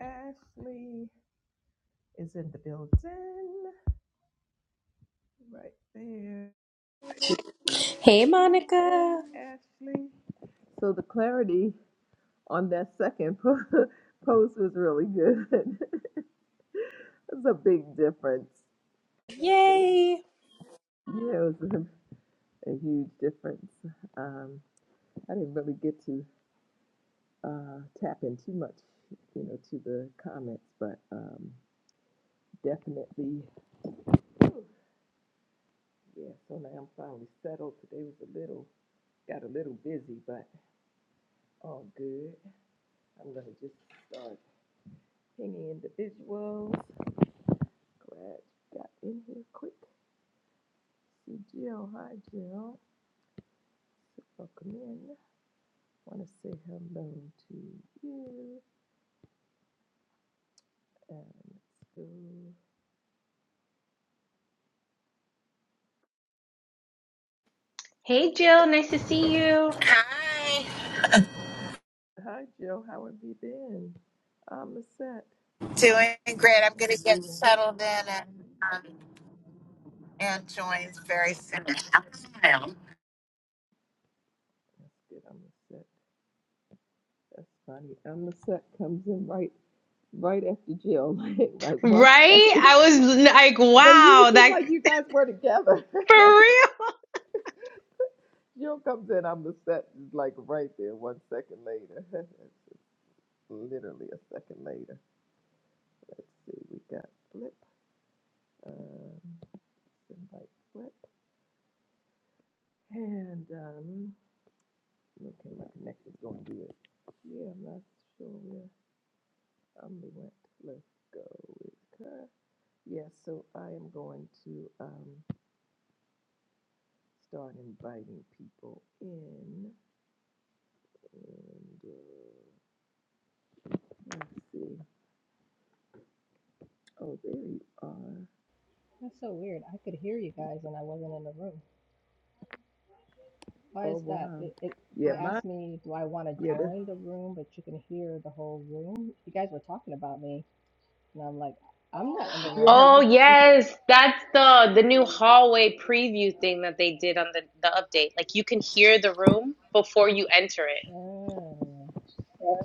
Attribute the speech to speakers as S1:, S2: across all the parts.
S1: Ashley is in the building right there.
S2: Hey,
S1: Hey,
S2: Monica.
S1: Ashley. So the clarity on that second po- post was really good. It's a big difference.
S2: Yay.
S1: Yeah, it was a, a huge difference. Um, I didn't really get to uh, tap in too much, you know, to the comments, but um, definitely, yeah. So now I'm finally settled. Today was a little, got a little busy, but all good. I'm gonna just start pinging individuals. Glad you got in here quick. See Jill, hi Jill. So Welcome in. Wanna say hello to you and let's go.
S2: Hey Jill, nice to see you.
S3: Hi.
S1: Hi Jill, how have you been? I'm the set.
S3: Doing great. I'm going to get
S1: Yeah.
S3: settled in and um, and join very soon.
S1: That's good, I'm the set. That's funny. I'm the set comes in right right after Jill. Like like one
S2: Right?
S1: second.
S2: I was like,
S1: But you
S2: wow,
S1: seem
S2: that
S1: like you guys were together.
S2: for real.
S1: Jill comes in, I'm the set is like right there, one second later. it's literally a second later. Let's see, we got Flip, um, invite Flip, and um, okay, my connection's going good. Yeah, I'm not sure where um, we went. Let's go with her. Yeah, so I am going to um, start inviting people in, and uh, let's see. Oh, there you are.
S4: That's so weird. I could hear you guys and I wasn't in the room. Why
S1: Oh
S4: is that?
S1: wow.
S4: It it,
S1: Yeah,
S4: it
S1: my
S4: asked me, do I want to join the room, but you can hear the whole room. You guys were talking about me, and I'm like, I'm not in the room.
S1: Yeah, we
S2: Oh yes, that's the the new hallway preview thing that they did on the the update. Like you can hear the room before you enter it.
S4: Oh,
S1: was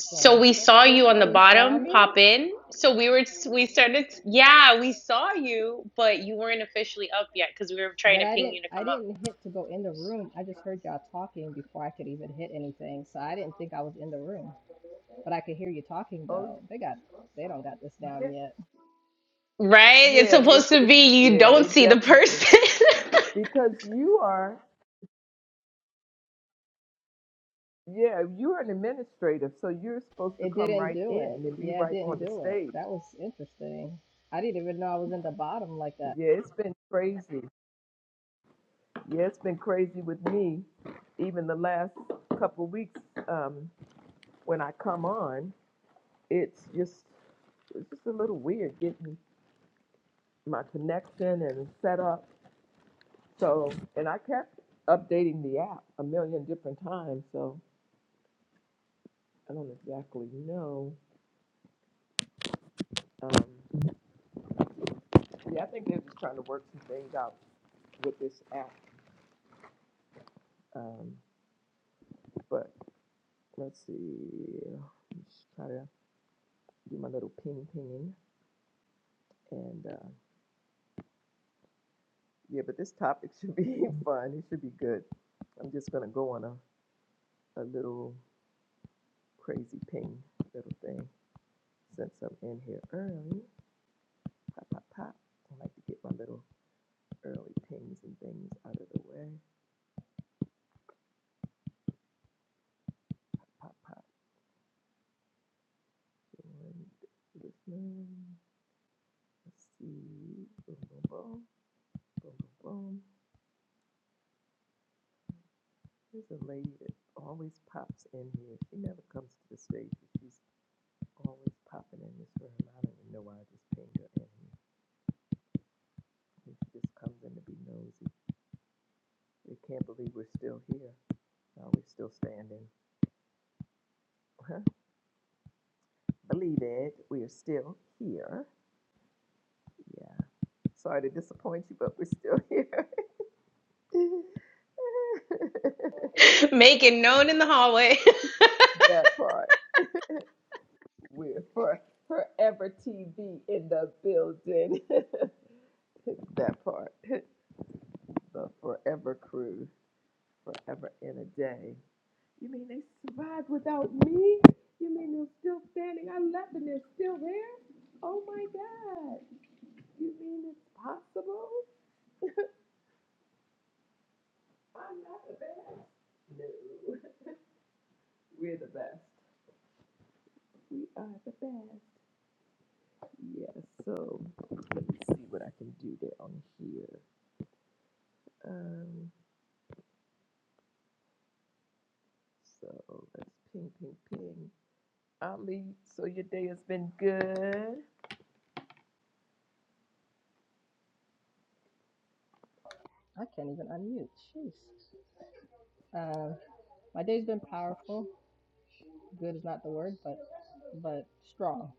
S2: So we saw you
S1: traveling.
S2: on
S4: Oh,
S2: the
S4: you saw
S2: bottom
S4: me,
S2: pop in. So we were we started yeah, we saw you, but you weren't officially up yet because we were trying
S4: but
S2: to
S4: I
S2: ping
S4: didn't.
S2: you to
S4: I
S2: come up.
S4: didn't hit to go in the room. I just heard y'all talking before I could even hit anything, so I didn't think I was in the room. But I could hear you talking
S1: Oh
S4: though. They got. They don't got this
S1: yeah,
S4: down yet.
S2: Right? It's
S1: yeah, they,
S2: supposed to
S1: they,
S2: be you
S1: yeah,
S2: don't
S1: they
S2: see the
S1: definitely
S2: person.
S1: because you are, yeah, you're an administrative, so you're supposed to
S4: It
S1: come
S4: didn't
S1: right
S4: do
S1: in
S4: it.
S1: and be
S4: Yeah, it
S1: right
S4: didn't
S1: on the
S4: do it.
S1: stage.
S4: That was interesting. I didn't even know I was in the bottom like that.
S1: Yeah, it's been crazy. Yeah, it's been crazy with me. Even the last couple weeks, um, when I come on, it's just it's just a little weird getting my connection and set up. So, and I kept updating the app a million different times. So. I don't exactly know. Um, yeah, I think they're just trying to work some things out with this app. Um, but let's see. Just try to do my little ping ping, And uh, yeah, but this topic should be fun. It should be good. I'm just going to go on a, a little crazy ping little thing since I'm in here early. Pop, pop, pop. I like to get my little early pings and things out of the way. Pop, pop. And listening. Let's see. Boom, boom, boom. Boom, boom, boom. There's a lady that always pops in here. She never comes to the stage, but she's always popping in this room. I don't even know why I just pinged her in here. she just comes in to be nosy. They can't believe we're still here. Uh, we're still standing. believe it. We are still here. Yeah. Sorry to disappoint you, but we're still here.
S2: making known in the hallway.
S1: that part. We're for forever TV in the building. that part. The forever crew, forever in a day. You mean they survived without me? You mean they're still standing? I left and they're still there? Oh my God. You mean it's possible? I'm not the best. No. We're the best. We are the best. Yes, so let me see what I can do there on here. Um, So let's ping, ping, ping. Ali, so your day has been good.
S4: I can't even unmute. Jeez. Um, my day's been powerful. Good is not the word, but but strong.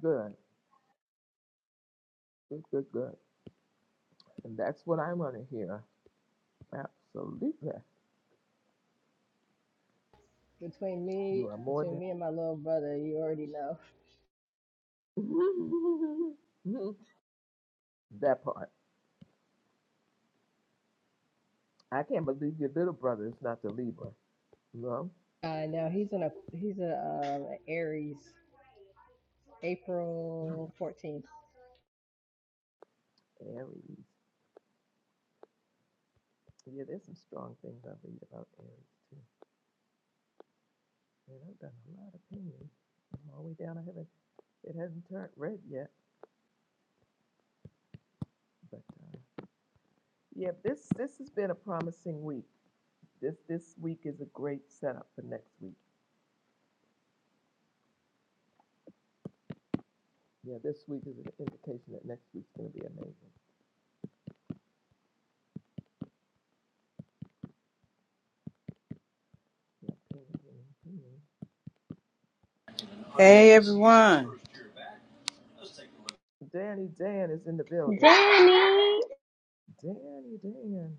S1: Good, good, good, good. And that's what I want to hear. Absolutely.
S4: Between me,
S1: You are more
S4: between
S1: than
S4: me and my little brother, you already know.
S1: that part. I can't believe your little brother is not the Libra. No?
S4: Uh, now he's in a he's a uh, Aries. April fourteenth.
S1: Aries. Yeah, there's some strong things I read about Aries too. Man, I've done a lot of painting. I'm all the way down. I haven't it hasn't turned red yet. But uh, yeah, this this has been a promising week. This, this week is a great setup for next week. Yeah, this week is an indication that next week's gonna be amazing. Yeah, ping, ping, ping.
S5: Hey everyone,
S1: Danny Dan is in the building.
S2: Danny.
S1: Danny Dan.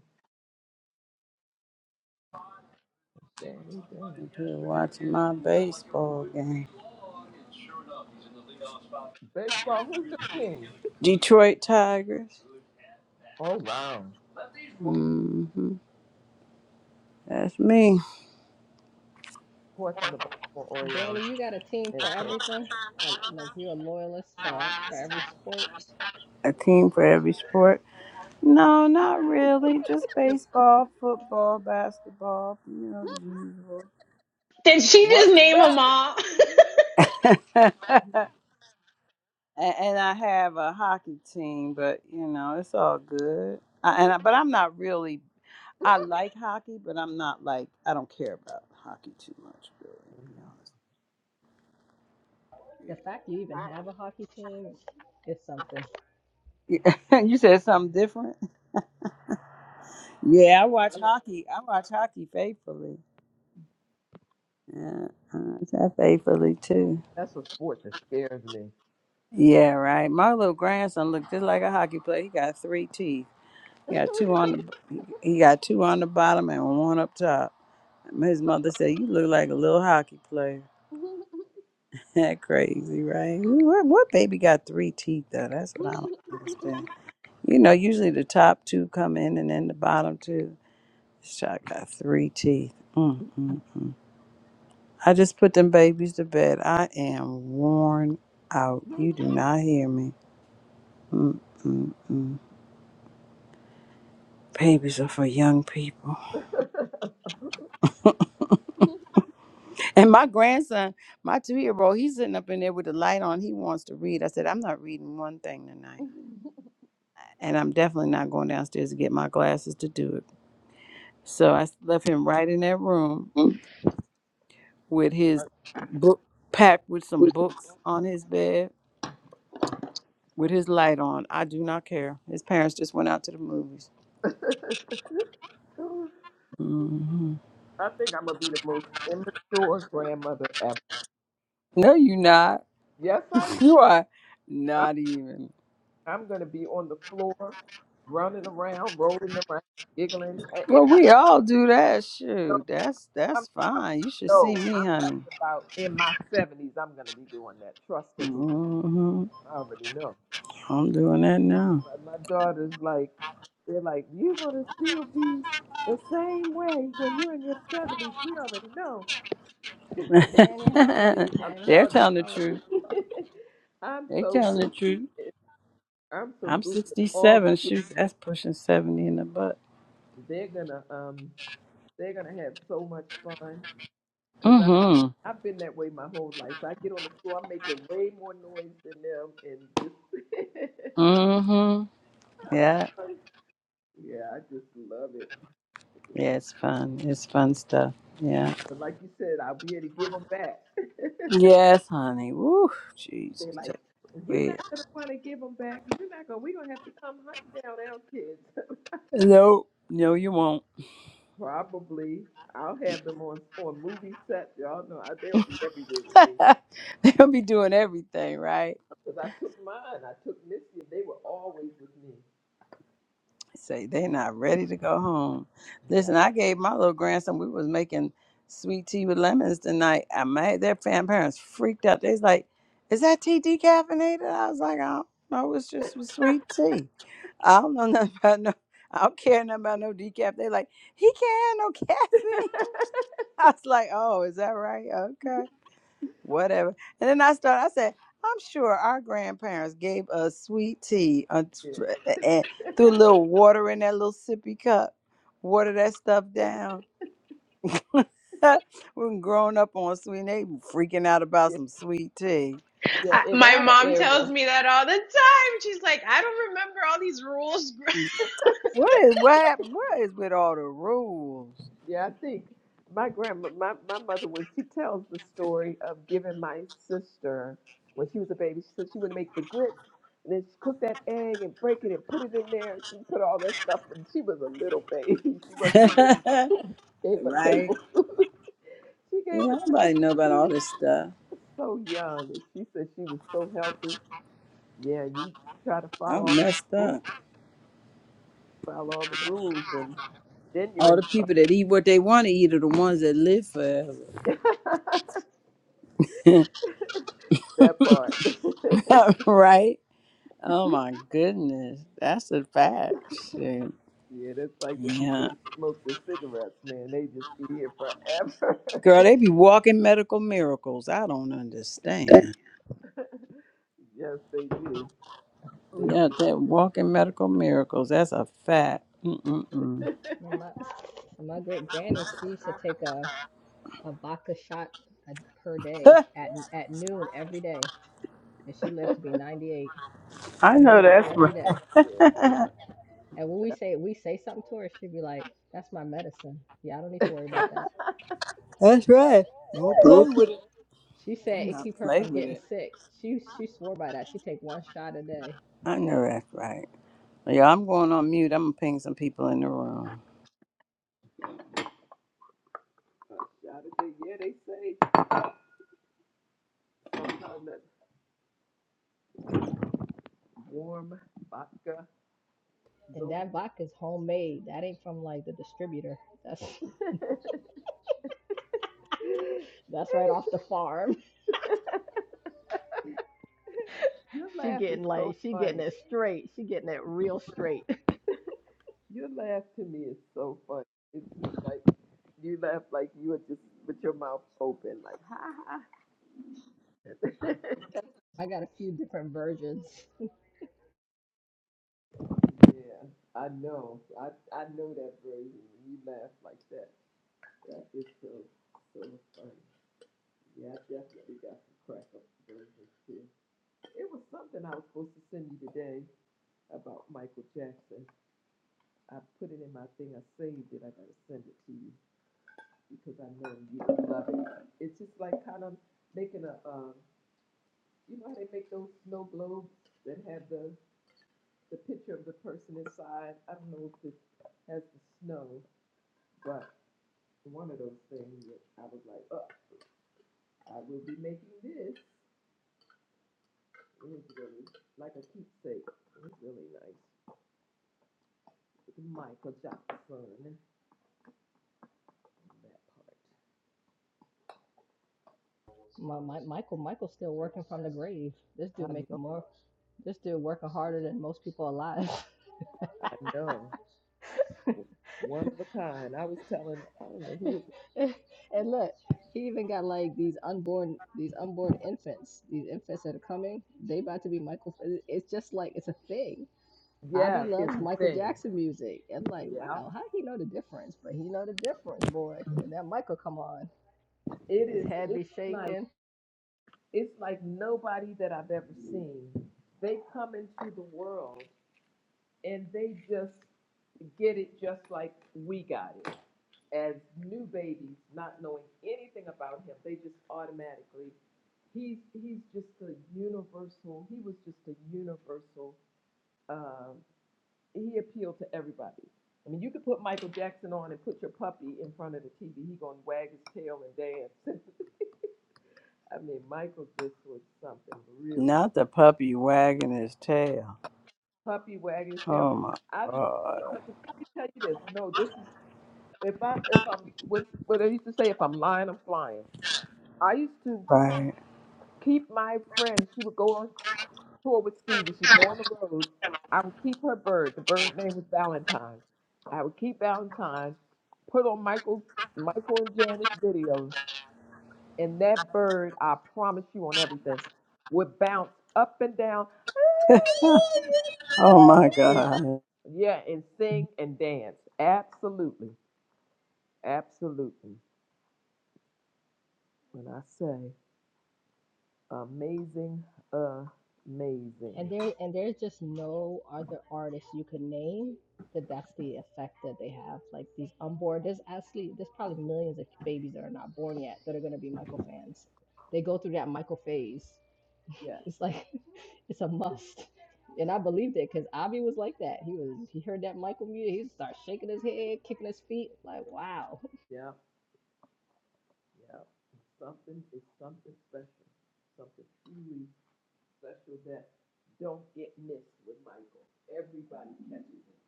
S1: Danny Dan.
S5: I'm here watching my baseball game.
S1: Baseball, who's your team?
S5: Detroit Tigers.
S1: Oh wow. Of
S5: hmm That's me.
S1: course I'm the Baltimore Orioles
S4: Danny, you got a team
S1: and
S4: for
S1: I can't
S4: everything. Uh, like you're a loyalist uh, for every sport.
S5: A team for every sport. No, not really. Just baseball, football, basketball. You know the usual.
S2: Did she
S1: what's
S2: just name them
S1: that?
S2: all?
S5: and, and I have a hockey team, but you know it's all good. I, and I, but I'm not really. I like hockey, but I'm not like I don't care about hockey too much, really. To be
S1: Mhm.
S5: honest.
S4: The fact you even have a hockey team is something.
S5: you said something different. Yeah, I watch hockey. I watch hockey faithfully. Yeah, I watch that faithfully too.
S1: That's a sport that scares me.
S5: Yeah, right. My little grandson looked just like a hockey player. He got three teeth. He got two on the he got two on the bottom and one up top. And His mother said, "You look like a little hockey player." That crazy, right? What, what baby got three teeth though? That's what I don't understand. You know, usually the top two come in and then the bottom two. Shot got three teeth. Mm, mm, mm. I just put them babies to bed. I am worn out. You do not hear me. Mm, mm, mm. Babies are for young people. And my grandson, my two year old, he's sitting up in there with the light on. He wants to read. I said, I'm not reading one thing tonight. And I'm definitely not going downstairs to get my glasses to do it. So I s- left him right in that room with his book packed with some books on his bed with his light on. I do not care. His parents just went out to the movies. hmm
S1: I think I'm gonna be the most immature grandmother ever.
S5: No, you not.
S1: Yes, I am.
S5: You are not even.
S1: I'm gonna be on the floor, running around, rolling around, giggling. And In
S5: Well,
S1: my,
S5: we all do that.
S1: no,
S5: Shoot, that's
S1: I'm,
S5: that's fine. You should see
S1: no,
S5: me,
S1: I'm
S5: honey.
S1: talking about in my 70s. I'm gonna be doing that. Trust and believe.
S5: hmm
S1: I already know.
S5: I'm doing that now.
S1: But my daughter's like, they're like, you're gonna still be the same way when you're in your 70s. We already know.
S4: Danny, how old are you,
S1: I'm
S4: Danny?
S5: They're
S1: telling
S5: telling the
S4: How old?
S5: truth.
S1: you. I'm
S5: They
S1: so
S5: telling the
S1: goofy.
S5: truth.
S1: I'm so
S5: I'm
S1: goofy. All the
S5: 67.
S1: kids,
S5: Shoot, that's pushing 70 in the butt.
S1: they're gonna um. They're gonna have so much fun because I
S5: Mm-hmm.
S1: I've been that way my whole life. I get on the floor, I'm making way more noise than them, and just
S5: Mm-hmm. Yeah.
S1: yeah, I just love it. Love
S5: Yeah,
S1: it.
S5: it's fun. It's fun stuff. Yeah.
S1: But like you said, I'll be able to give them back.
S5: Yes, honey. Woo,
S1: they
S5: Jesus,
S1: like.
S5: take
S1: You're not
S5: it.
S1: gonna want to give them back. You're not gonna. We're gonna have to come hunting down our kids.
S5: No, no, you won't.
S1: Probably. I'll have them on on movie sets. Y'all know I, they'll be everywhere with me
S5: They'll be doing everything right.
S1: because I took mine. I took Missy, and they were always with me.
S5: Say they're not ready to go home.
S1: Yeah.
S5: Listen, I gave my little grandson. We was making sweet tea with lemons tonight. I made their fam parents freaked out. They's like, "Is that tea decaffeinated?" I was like, "I don't know. It's just some sweet tea. I don't know nothing about no. I don't care nothing about no decaf." They like, "He can't have no caffeine." I was like, "Oh, is that right? Okay." whatever. And then I started, I said, I'm sure our grandparents gave us sweet tea uh,
S1: Yeah,
S5: and threw a little water in that little sippy cup, water that stuff down. We're growing up on sweet, and they freaking out about
S1: yeah,
S5: some sweet tea.
S1: yeah.
S2: I,
S1: In
S2: my
S1: our
S2: mom tells
S1: era,
S2: me that all the time. She's like, I don't remember all these rules.
S5: What
S1: yeah,
S5: is what? hap- What is with all the rules?
S1: yeah. I think my grandma, my, my mother, when she tells the story of giving my sister when she was a baby, she said she would make the grits and then she cooked that egg and break it and put it in there and she put all that stuff. And she was a little baby. She wasn't even gave a
S5: Right?
S1: tablespoon. she gave
S5: Yeah,
S1: a
S5: nobody know about all
S1: tablespoon.
S5: this stuff.
S1: So young, and she said she was so healthy. Yeah, you try to follow
S5: I'm
S1: all
S5: messed
S1: the rules,
S5: up.
S1: follow all the rules, and then you're
S5: All the
S1: in
S5: people that eat what they want to eat are the ones that live forever.
S1: trouble. That part.
S5: right? Oh my goodness, that's a fact. Shit.
S1: yeah, that's like the people
S5: Yeah,
S1: that smoke the cigarettes, man. They just be here forever.
S5: girl, they be walking medical miracles. I don't understand.
S1: Damn. yes, they do. They'll
S5: Yeah,
S1: be.
S5: they're walking medical miracles. That's a fact. Mm-mm-mm.
S4: My, my, great granny, she used to take a, a vodka shot a, per day
S5: I
S4: at at noon every day, and she
S1: yeah,
S4: lived to be 98.
S5: know
S4: Noon
S5: that's
S4: every day,
S5: right.
S4: and when we say we say something to her, she'd be like, "That's my medicine. Yeah, I don't need to worry about that."
S5: that's right. Don't play with it.
S4: She
S5: Do
S4: said it
S5: not
S4: keep her
S5: play
S4: from
S5: with
S4: getting
S5: it.
S4: sick. She she swore by that. She take one shot a day,
S5: I know that's right. Yeah, I'm going on mute. I'm gonna ping some people in the room.
S1: How did they- yeah, they say sometimes that warm vodka
S4: and
S1: going.
S4: that vodka's homemade. That ain't from like the distributor. That's That's right off the farm.
S1: Your
S4: She
S1: laugh is
S4: getting
S1: so
S4: like she getting
S1: funny.
S4: it straight. She getting it real straight.
S1: Your laugh to me is so funny. It's just like you laugh like you are just with your mouth open, like ha ha.
S4: I got a few different versions.
S1: Yeah, I know. I I know that version. You laugh like that. That is so so funny. Yeah, I definitely got some crack up versions too. It was something I was supposed to send you today about Michael Jackson. I put it in my thing. I saved it. I gotta send it to you because I know you would love it. It's just like kind of making a, um, you know how they make those snow globes that have the the picture of the person inside. I don't know if this has the snow, but one of those things that I was like, oh, I will be making this. It was really like a keepsake. It was really nice. With Michael Jackson that
S4: My, my Michael Michael's still working from the grave. This dude
S1: part. I
S4: making
S1: know,
S4: more. This dude working harder than most people alive.
S1: I know. One of a kind. I was telling, I don't know who it
S4: and look, he even got like these unborn these unborn infants. These infants that are coming. They about to be Michael. It's just like it's a thing.
S1: was.
S4: Abby
S1: Yeah, it's
S4: loves
S1: a
S4: Michael
S1: thing.
S4: Jackson music, and like,
S1: Yeah.
S4: wow, how he know the difference? But he know the difference, boy. When that Michael come on.
S1: It
S4: His
S1: is,
S4: head
S1: it's
S4: be
S1: like,
S4: shaking.
S1: it's like nobody that I've ever seen. They come into the world and they just get it just like we got it. as new babies, not knowing anything about him, they just automatically he's he's just a universal. He was just a universal. Um, he appealed to everybody. I mean, you could put Michael Jackson on and put your puppy in front of the TV. He gonna wag his tail and dance. I mean, Michael just was something really
S5: Not the
S1: special.
S5: puppy wagging his tail.
S1: Puppy wagging his tail.
S5: Oh my
S1: I let me
S5: god.
S1: tell you this. No, this is if I if I'm what what I used to say. If I'm lying, I'm flying. I used to.
S5: Right.
S1: Keep my friend. She would go on tour with Stevie. She'd go on the road. I would keep her bird. The bird name was Valentine. I would keep Valentine, put on Michael, Michael and Janet's videos, and that bird, I promise you on everything, would bounce up and down.
S5: oh my
S1: And-
S5: god.
S1: yeah, and sing and dance. Absolutely. Absolutely. When I say amazing, amazing.
S4: and there and there's just no other artist you can name that that's the effect that they have like these unborn there's actually there's probably millions of babies that are not born yet that are going to be michael fans they go through that michael phase
S1: Yes.
S4: it's like it's a must and i believed it because Avi was like that he was he heard that michael music he started shaking his head kicking his feet like wow
S1: Yeah. Yeah, something is something special, something truly special that don't get missed with Michael. Everybody catches it.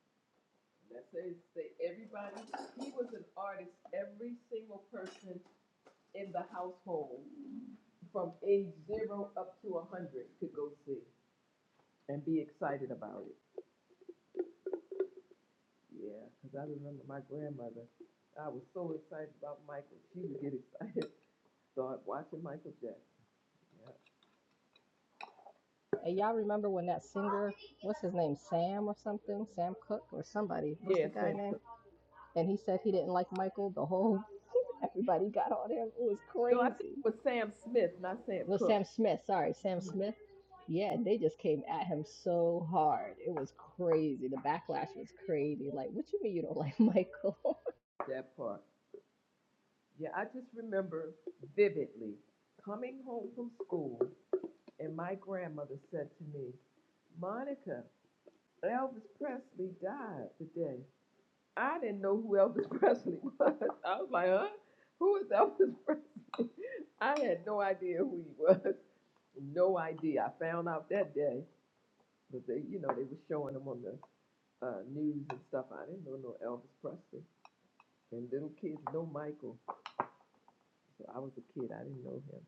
S1: And that says say everybody. He was an artist. Every single person in the household, from age zero up to a hundred, could go see and be excited about it. Yeah, because I remember my grandmother. I was so excited about Michael. She would get excited, start watching Michael Jackson.
S4: and y'all remember when that singer what's his name sam or something sam cook or somebody what's
S1: Yeah, yeah
S4: the guy
S1: same.
S4: name and he said he didn't like Michael. The whole everybody got on him. It was
S1: No, I think
S4: crazy.
S1: it was Sam Smith, not Sam
S4: Well,
S1: Cooke.
S4: Sam Smith, sorry, Sam Smith. Yeah, they just came at him so hard. It was crazy. The backlash was crazy. Like, what you mean you don't like Michael?
S1: That part. Yeah, I just remember vividly coming home from school, and my grandmother said to me, Monica, Elvis Presley died today. I didn't know who Elvis Presley was. I was like, huh? Who is Elvis Presley? I had no idea who he was. No idea. I found out that day because they, you know, they were showing him on the uh, news and stuff. I didn't know no Elvis Presley. And little kids know Michael. So I was a kid. I didn't know him.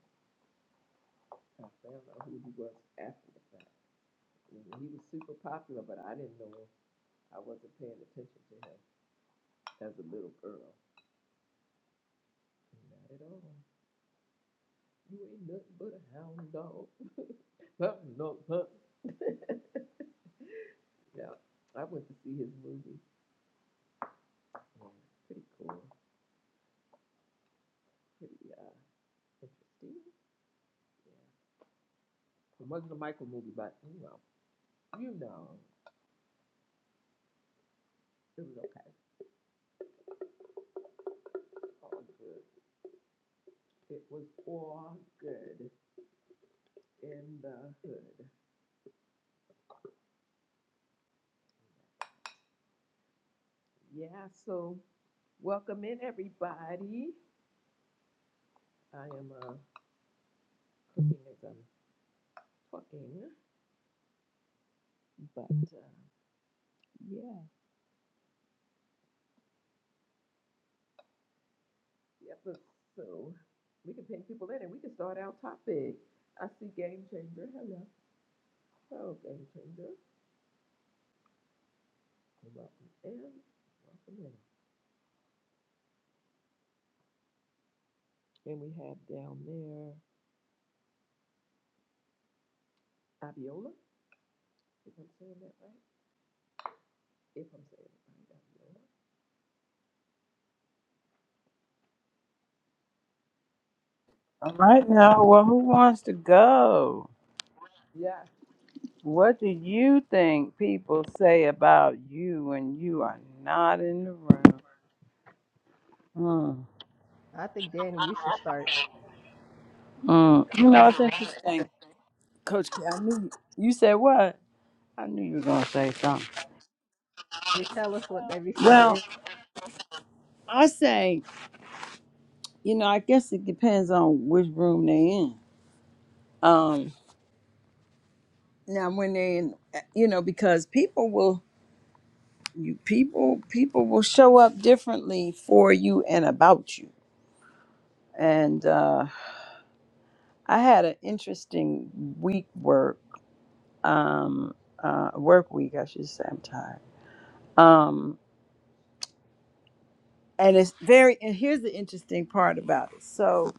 S1: I found out who he was after the fact. And he was super popular, but I didn't know him. I wasn't paying attention to him as a little girl. Not at all. You ain't nothing but a hound dog. Pup, no, pup. yeah, I went to see his movie. Yeah, pretty cool. Pretty uh, interesting. Yeah. It wasn't a Michael movie, but you know, you know, it was okay. All good. It was all good. in the hood. Yeah, so welcome in everybody. I am uh, cooking as I'm talking, but uh, yeah, yeah. so we can ping people in and we can start our topic. I see Game Changer. Hello, hello, Game Changer. Welcome in, welcome in. And we have down there Abiola. If I'm saying that right, if I'm saying it right,
S5: All right
S1: Abiola. Um,
S5: now, well, who wants to go?
S1: Yeah.
S5: What do you think people say about you when you are not in the room? Mm.
S4: I think Danny, you should start.
S5: Mm. You know, it's interesting, Coach. K, I knew you said what? I knew you were gonna say something.
S4: They tell us what they be
S5: Well,
S4: saying.
S5: I say, you know, I guess it depends on which room they're in. Um, now when they're in, eh, you know, because people will, you people, people will show up differently for you and about you, and. uh, I had an interesting week work, um, uh, work week, I should say. I'm tired. Um, and it's very, and here's the interesting part about it. So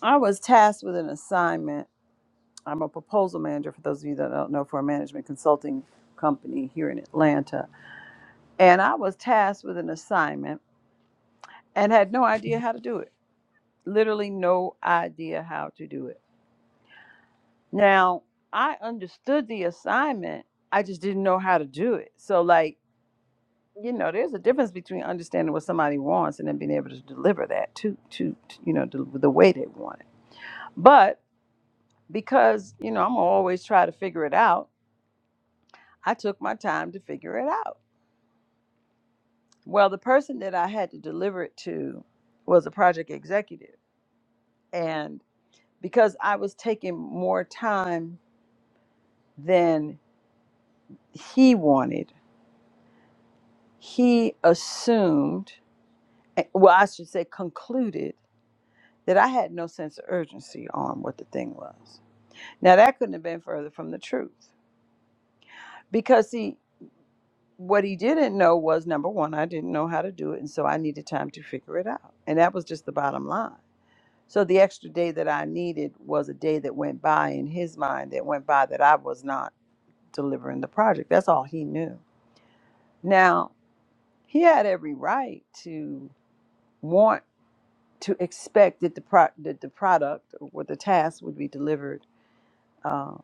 S5: I was tasked with an assignment. I'm a proposal manager, for those of you that don't know, for a management consulting company here in Atlanta. And I was tasked with an assignment and had no idea how to do it. Literally, no idea how to do it. Now, I understood the assignment, I just didn't know how to do it. So, like, you know, there's a difference between understanding what somebody wants and then being able to deliver that to, to, to, you know, the, the way they want it. But because, you know, I'm always try to figure it out, I took my time to figure it out. Well, the person that I had to deliver it to was a project executive. And because I was taking more time than he wanted, he assumed, eh, well, I should say concluded, that I had no sense of urgency on what the thing was. Now, that couldn't have been further from the truth. Because, see, what he didn't know was number one, I didn't know how to do it. And so I needed time to figure it out. And that was just the bottom line. So the extra day that I needed was a day that went by in his mind, that went by that I was not delivering the project. That's all he knew. Now, he had every right to want to expect that the, pro- that the product or what the task would be delivered uh,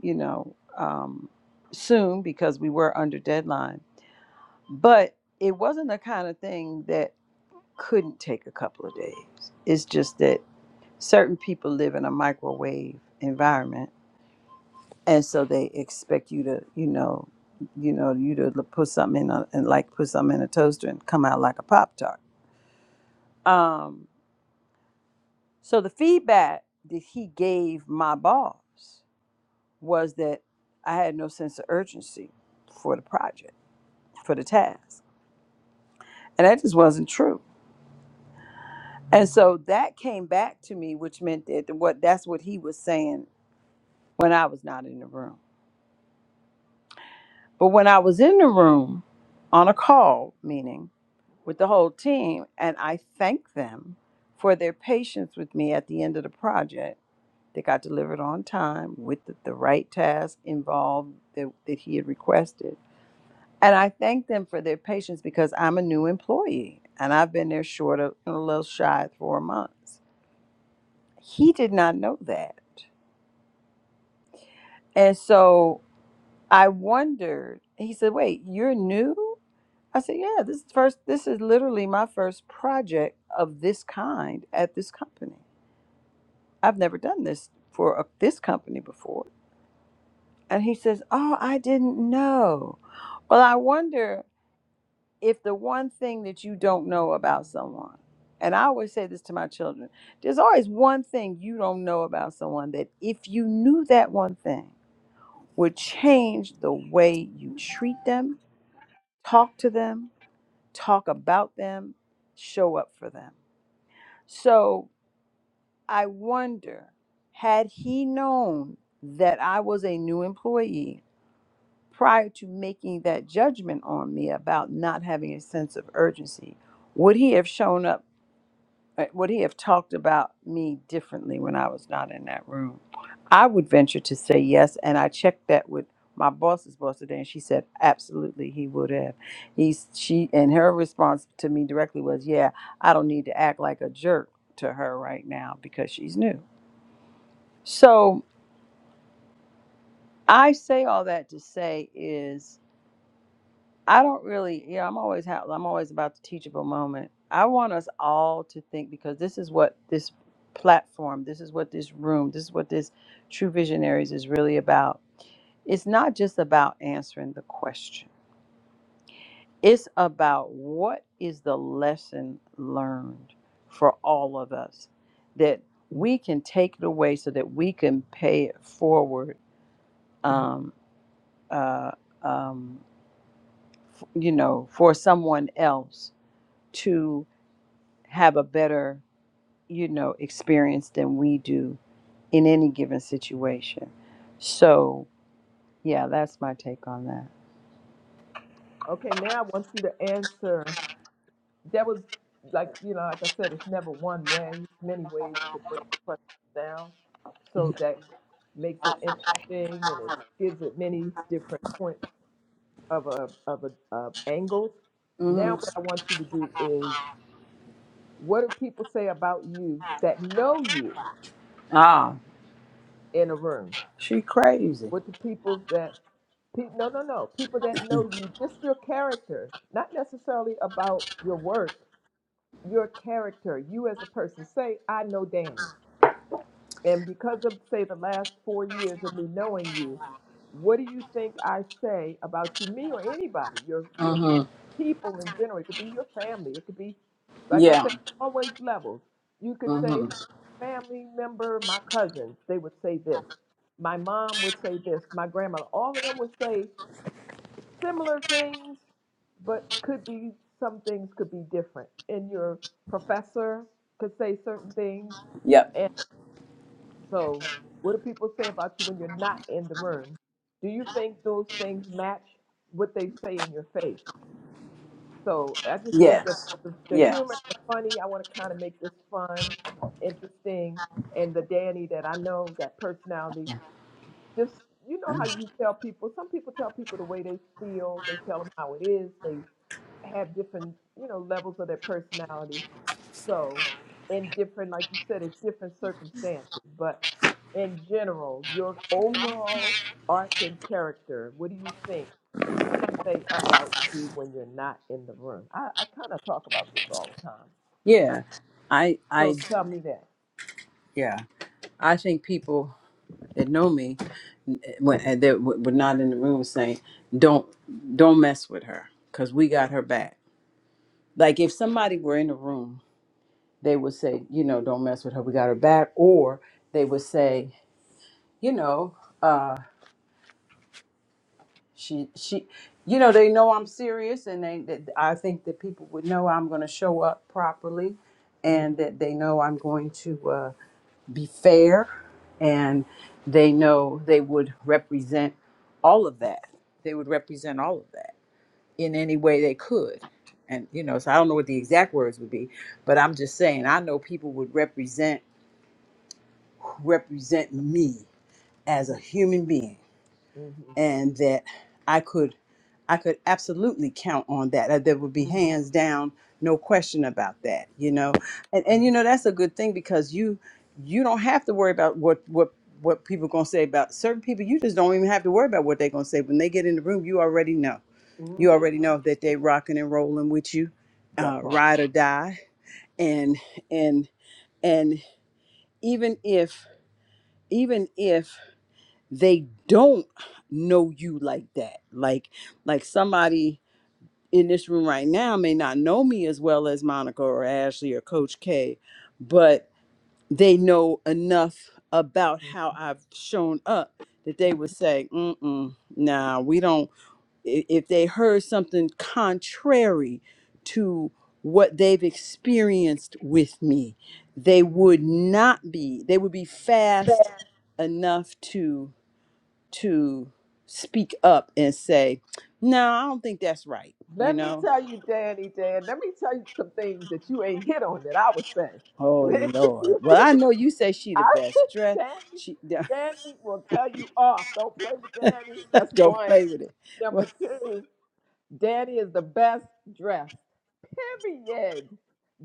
S5: you know, um, soon because we were under deadline. But it wasn't the kind of thing that couldn't take a couple of days. It's just that certain people live in a microwave environment, and so they expect you to, you know, you know, you to l- put something in a, and like put something in a toaster and come out like a pop tart. Um, so the feedback that he gave my boss was that I had no sense of urgency for the project for the task. And that just wasn't true. And so that came back to me, which meant that what that's what he was saying when I was not in the room. But when I was in the room on a call meeting with the whole team, and I thanked them for their patience with me at the end of the project. that got delivered on time with the, the right task involved that, that he had requested. And I thanked them for their patience because I'm a new employee and I've been there short of a little shy of four months. he did not know that. And so I wondered, he said, Wait, you're new? I said, Yeah, this is first this is literally my first project of this kind at this company. I've never done this for a, this company before. And he says, Oh, I didn't know. Well, I wonder if the one thing that you don't know about someone, and I always say this to my children, there's always one thing you don't know about someone that if you knew that one thing, would change the way you treat them, talk to them, talk about them, show up for them. So I wonder had he known that I was a new employee prior to making that judgment on me about not having a sense of urgency, would he have shown up? uh, would he have talked about me differently when I was not in that room? I would venture to say yes, and I checked that with my boss's boss today, and she said absolutely he would have. He's she and her response to me directly was, "Yeah, I don't need to act like a jerk to her right now because she's new." So I say all that to say is I don't really, you know, I'm always ha- I'm always about the teachable moment. I want us all to think because this is what this platform, this is what this room, this is what this True Visionaries is really about. It's not just about answering the question. It's about what is the lesson learned for all of us that we can take it away so that we can pay it forward, um, uh, um, f- you know, for someone else to. have a better, you know, experience than we do in any given situation. So, yeah, that's my take on that.
S1: Okay. Now I want you to answer. That was like you know, like I said, it's never one way. Many ways to break the question down, so that makes it interesting and it gives it many different points of a of a of angles. Now,
S5: hmm
S1: what I want you to do is, what do people say about you that know you
S5: Ah,
S1: in a room?
S5: she crazy.
S1: What do people that pe- no no no people that know you just your character, not necessarily about your work, your character, you as a person. Say, I know Danny. And because of, say, the last four years of me knowing you, what do you think I say about you, me or anybody, your your
S5: hmm
S1: people in general? It could be your family. It could be, like I
S5: Yeah.
S1: said, always levels. You could say
S5: hmm
S1: family member, my cousins. They would say this. My mom would say this. My grandma. All of them would say similar things, but could be some things could be different. And your professor could say certain things
S5: Yep.
S1: so, what do people say about you when you're not in the room? Do you think those things match what they say in your face? So, I just think that
S5: Yes.
S1: the, the
S5: Yeah.
S1: humor, the funny, I want to kind of make this fun, interesting, and the Danny that I know, that personality, just you know how you tell people. Some people tell people the way they feel. They tell them how it is. They have different, you know, levels of their personality. So, in different, like you said, it's different circumstances, but in general, your overall arc and character, what do you think people say about you when you're not in the room? I, I kind of talk about this all the time. Uh,
S5: Yeah. I. I.
S1: so tell me that.
S5: Yeah. I think people that know me eh, when eh, that w- were not in the room saying, "Don't, don't mess with her, cause we got her back." Like if somebody were in the room they would say, you know, don't mess with her. We got her back. Or they would say, you know, uh, she she, you know, they know I'm serious, and they that I think that people would know I'm going to show up properly,
S1: mm
S5: and that they know I'm going to uh, be fair, and they know they would represent all of that. They would represent all of that in any way they could. And you know, so I don't know what the exact words would be, but I'm just saying I know people would represent represent me
S1: hmm
S5: as a human being
S1: mm hmm
S5: and that I could I could absolutely count on that. Uh, There would be
S1: hmm
S5: hands down, no question about that, you know. And
S1: hmm
S5: and you know that's a good thing because you you don't have to worry about what what what people going to say about certain people. You just don't even have to worry about what they're going to say when they get in the room. You already know.
S1: mm
S5: You
S1: hmm
S5: already know that they rocking and rolling with you,
S1: That
S5: uh,
S1: part.
S5: ride or die. And and and even if even if they don't know you like that like like somebody in this room right now may not know me as well as monica or ashley or coach k but they know enough about how i've shown up that
S1: Mm-hmm.
S5: they would say mm-mm nah we don't i- if they heard something contrary to what they've experienced with me they would not be they would be fast enough to to speak up and say, "No, I don't think that's right." You
S1: Let me
S5: know?
S1: tell you, Danny, Dan, let me tell you some things that you ain't hit on that I would say.
S5: Oh
S1: If
S5: Lord.
S1: you
S5: Well,
S1: get in
S5: I
S1: the room.
S5: know you say she the
S1: I,
S5: best dressed.
S1: Danny,
S5: She
S1: Danny will tell you off. Don't play with Danny. That's
S5: don't
S1: one.
S5: play with it. Well,
S1: Number two, Danny is the best dressed. Period.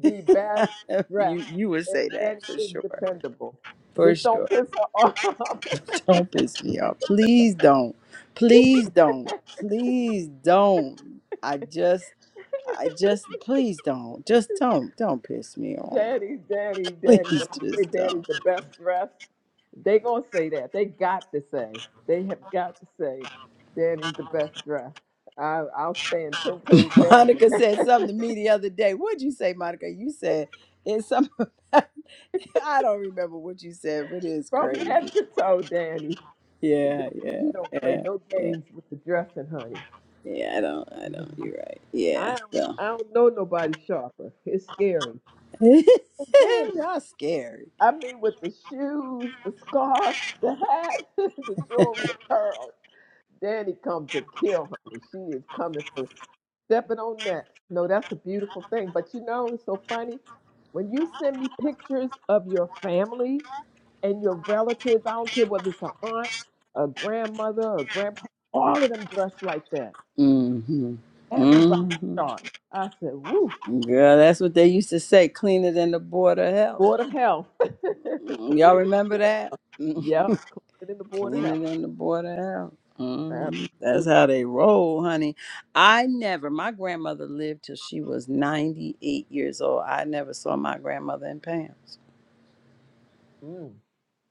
S1: The best
S5: you
S1: dressed.
S5: you would
S1: And
S5: say
S1: Danny
S5: that for
S1: is
S5: sure,
S1: dependable.
S5: for
S1: Just don't
S5: sure.
S1: piss her off.
S5: Don't piss me
S1: she is
S5: off. Please
S1: dependable.
S5: don't. Please don't. Please don't. I just. I just please don't. Just don't. Don't piss me off.
S1: Danny, Danny,
S5: Please
S1: Danny. When I say
S5: just don't.
S1: Danny's the best dressed, They gonna say that. They got to say. They have got to say. Danny's the best dressed. I, I'll stand ten toes down on
S5: Monica said
S1: that.
S5: something to me the other day. What'd you say, Monica? You said it's something. I don't remember what you said, but it's
S1: From
S5: crazy.
S1: head to toe, Danny.
S5: Yeah, yeah,
S1: You don't play
S5: yeah,
S1: no
S5: yeah,
S1: games with the dressing, honey.
S5: yeah. I don't, I don't. You're right. Yeah,
S1: I don't.
S5: so
S1: I don't know nobody sharper. It's scary.
S5: y'all
S1: But Danny,
S5: scary.
S1: I mean, with the shoes, the scarf, the hat, the jewelry, the pearls. Danny come to kill, honey. She is coming for stepping on that. No, that's a beautiful thing. But you know, it's so funny. When you send me pictures of your family and your relatives, I don't care whether it's an aunt, a grandmother, a grandpa, all of them dressed like that.
S5: Mm-hmm.
S1: Everybody
S5: Mm-hmm.
S1: sharp. I said, woo,
S5: Girl, that's what they used to say. Cleaner than the board of health.
S1: board of health.
S5: Mm,
S1: Clean
S5: Y'all
S1: it in the
S5: remember
S1: board.
S5: that?
S1: Yep, clean it in the board of
S5: Cleaner
S1: health.
S5: than the board of Mm, that's
S1: Absolutely.
S5: how they roll, honey. I never, my grandmother lived till she was 98 years old. I never saw my grandmother in pants.
S1: Mm.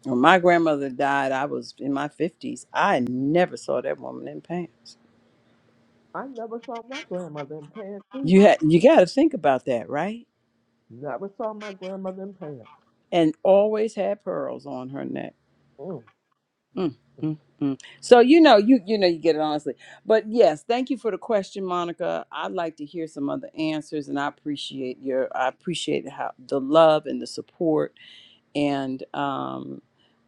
S5: When my grandmother died, I was in my 50s. I never saw that woman in pants.
S1: I never saw my grandmother in pants either.
S5: You had you got to think about that, right?
S1: Never saw my grandmother in pants.
S5: And always had pearls on her neck.
S1: Mm.
S5: Mm, mm, mm. So you know, you you know, you get it honestly. But yes, thank you for the question, Monica. I'd like to hear some other answers, and I appreciate your I appreciate how the love and the support and um,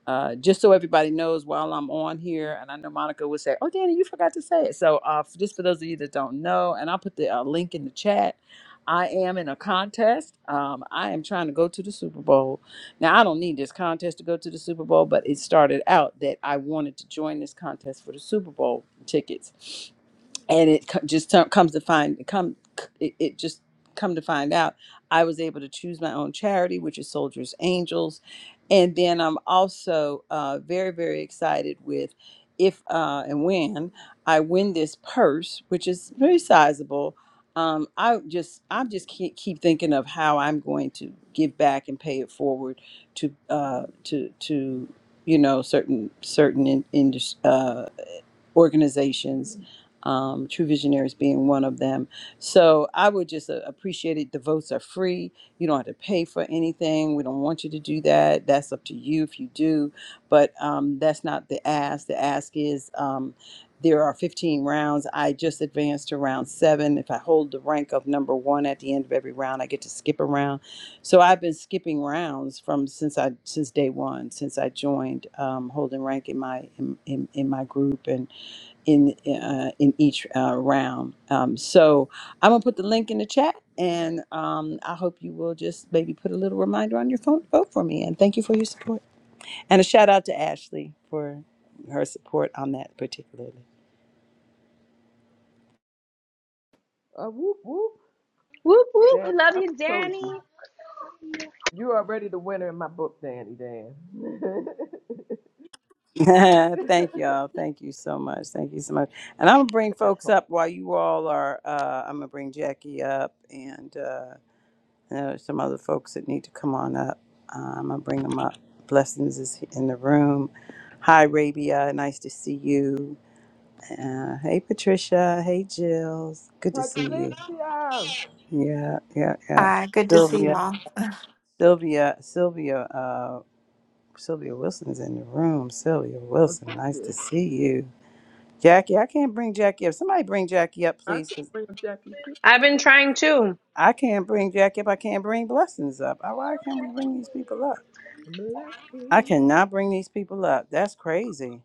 S5: uh, just so everybody knows, while I'm on here, and I know Monica would say, "Oh, Danny, you forgot to say it." So, uh, f- just for those of you that don't know, and I'll put the uh, link in the chat. I am in a contest. Um, I am trying to go to the Super Bowl. Now, I don't need this contest to go to the Super Bowl, but it started out that I wanted to join this contest for the Super Bowl tickets and it co- just t- comes to find it come it, it just come to find out i was able to choose my own charity which is soldiers angels and then i'm also uh, very very excited with if uh, and when i win this purse which is very sizable um, i just i just keep, keep thinking of how i'm going to give back and pay it forward to uh, to to you know certain certain in, industry organizations, um, True Visionaries being one of them. So I would just uh, appreciate it. The votes are free. You don't have to pay for anything. We don't want you to do that. That's up to you if you do. But um, that's not the ask. The ask is um, there are 15 rounds. I just advanced to round seven. If I hold the rank of number one at the end of every round, I get to skip a round. So I've been skipping rounds from since I since day one, since I joined um, holding rank in my in, in, in my group and in uh, in each uh, round. Um, so I'm gonna put the link in the chat, and um, I hope you will just maybe put a little reminder on your phone to vote for me. And thank you for your support. And a shout out to Ashley for her support on that particularly.
S1: Uh, whoop, whoop.
S2: whoop, whoop.
S1: There,
S2: We love
S1: I
S2: you,
S1: told
S2: Danny.
S1: you. You are already the winner in my book, Danny Dan.
S5: thank y'all. Thank you so much. Thank you so much. And I'm gonna bring
S1: that
S5: folks
S1: part.
S5: up while you all are. Uh, I'm gonna bring Jackie up and. Uh, There are some other folks that need to come on up. Um, I'll bring them up. Blessings is in the room. Hi, Rabia. Nice to see you. Uh, hey, Patricia. Hey, Jills. Good to see you.
S1: Patricia.
S5: Yeah, yeah, yeah.
S3: Hi. Good to see
S5: Sylvia,
S3: y'all.
S5: Sylvia, Sylvia, uh, Sylvia Wilson's in the room. Sylvia Wilson. Nice
S1: Okay.
S5: to see you. Jackie, I can't bring Jackie up. Somebody bring Jackie up,
S1: I can
S5: please, because
S1: bring up Jackie too.
S2: I've been trying too.
S5: I can't bring Jackie up. I can't bring Blessings up. Uh, Why can't we bring these people up?
S1: Bless
S5: I
S1: me.
S5: cannot bring these people up. That's crazy.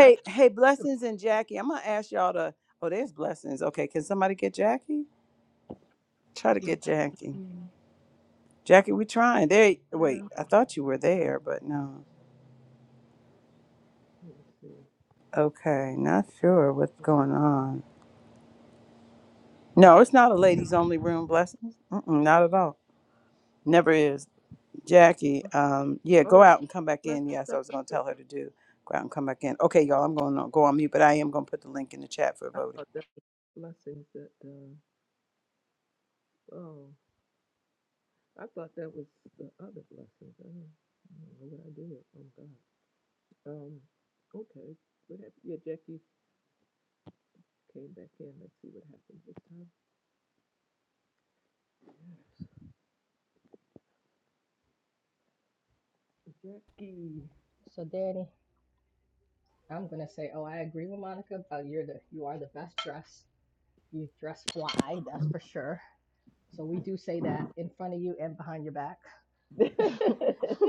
S1: I can
S5: hey, blessings and Jackie. I'm gonna ask y'all to. Oh, there's blessings. Okay, can somebody get Jackie? Try to get Jackie.
S1: bring
S5: Jackie, we trying. There.
S1: yeah.
S5: Wait, I thought you were there, but no.
S1: Let's see.
S5: Okay, not sure what's going on. No, it's not a ladies only room. Blessings. Mm-mm, not at all. Never is. Jackie. Um. Yeah,
S1: Oh,
S5: go
S1: that's
S5: out and come back
S1: blessed
S5: in. Yes, I
S1: stuff.
S5: was gonna tell her to do. Go out and come back in. Okay, y'all. I'm going to go on mute, but I am gonna put the link in the chat for
S1: I
S5: voting.
S1: thought that was blessings that uh oh. I thought that was the other blessings. I don't, I don't know what I did. Oh god. Um okay. What happened? Yeah, Jackie came back in. Let's see what happened this time. Jackie.
S4: So Danny, I'm gonna say, oh, I agree with Monica about you're the you are the best dressed. You dress fly, that's for sure. So we do say that in front of you and behind your back.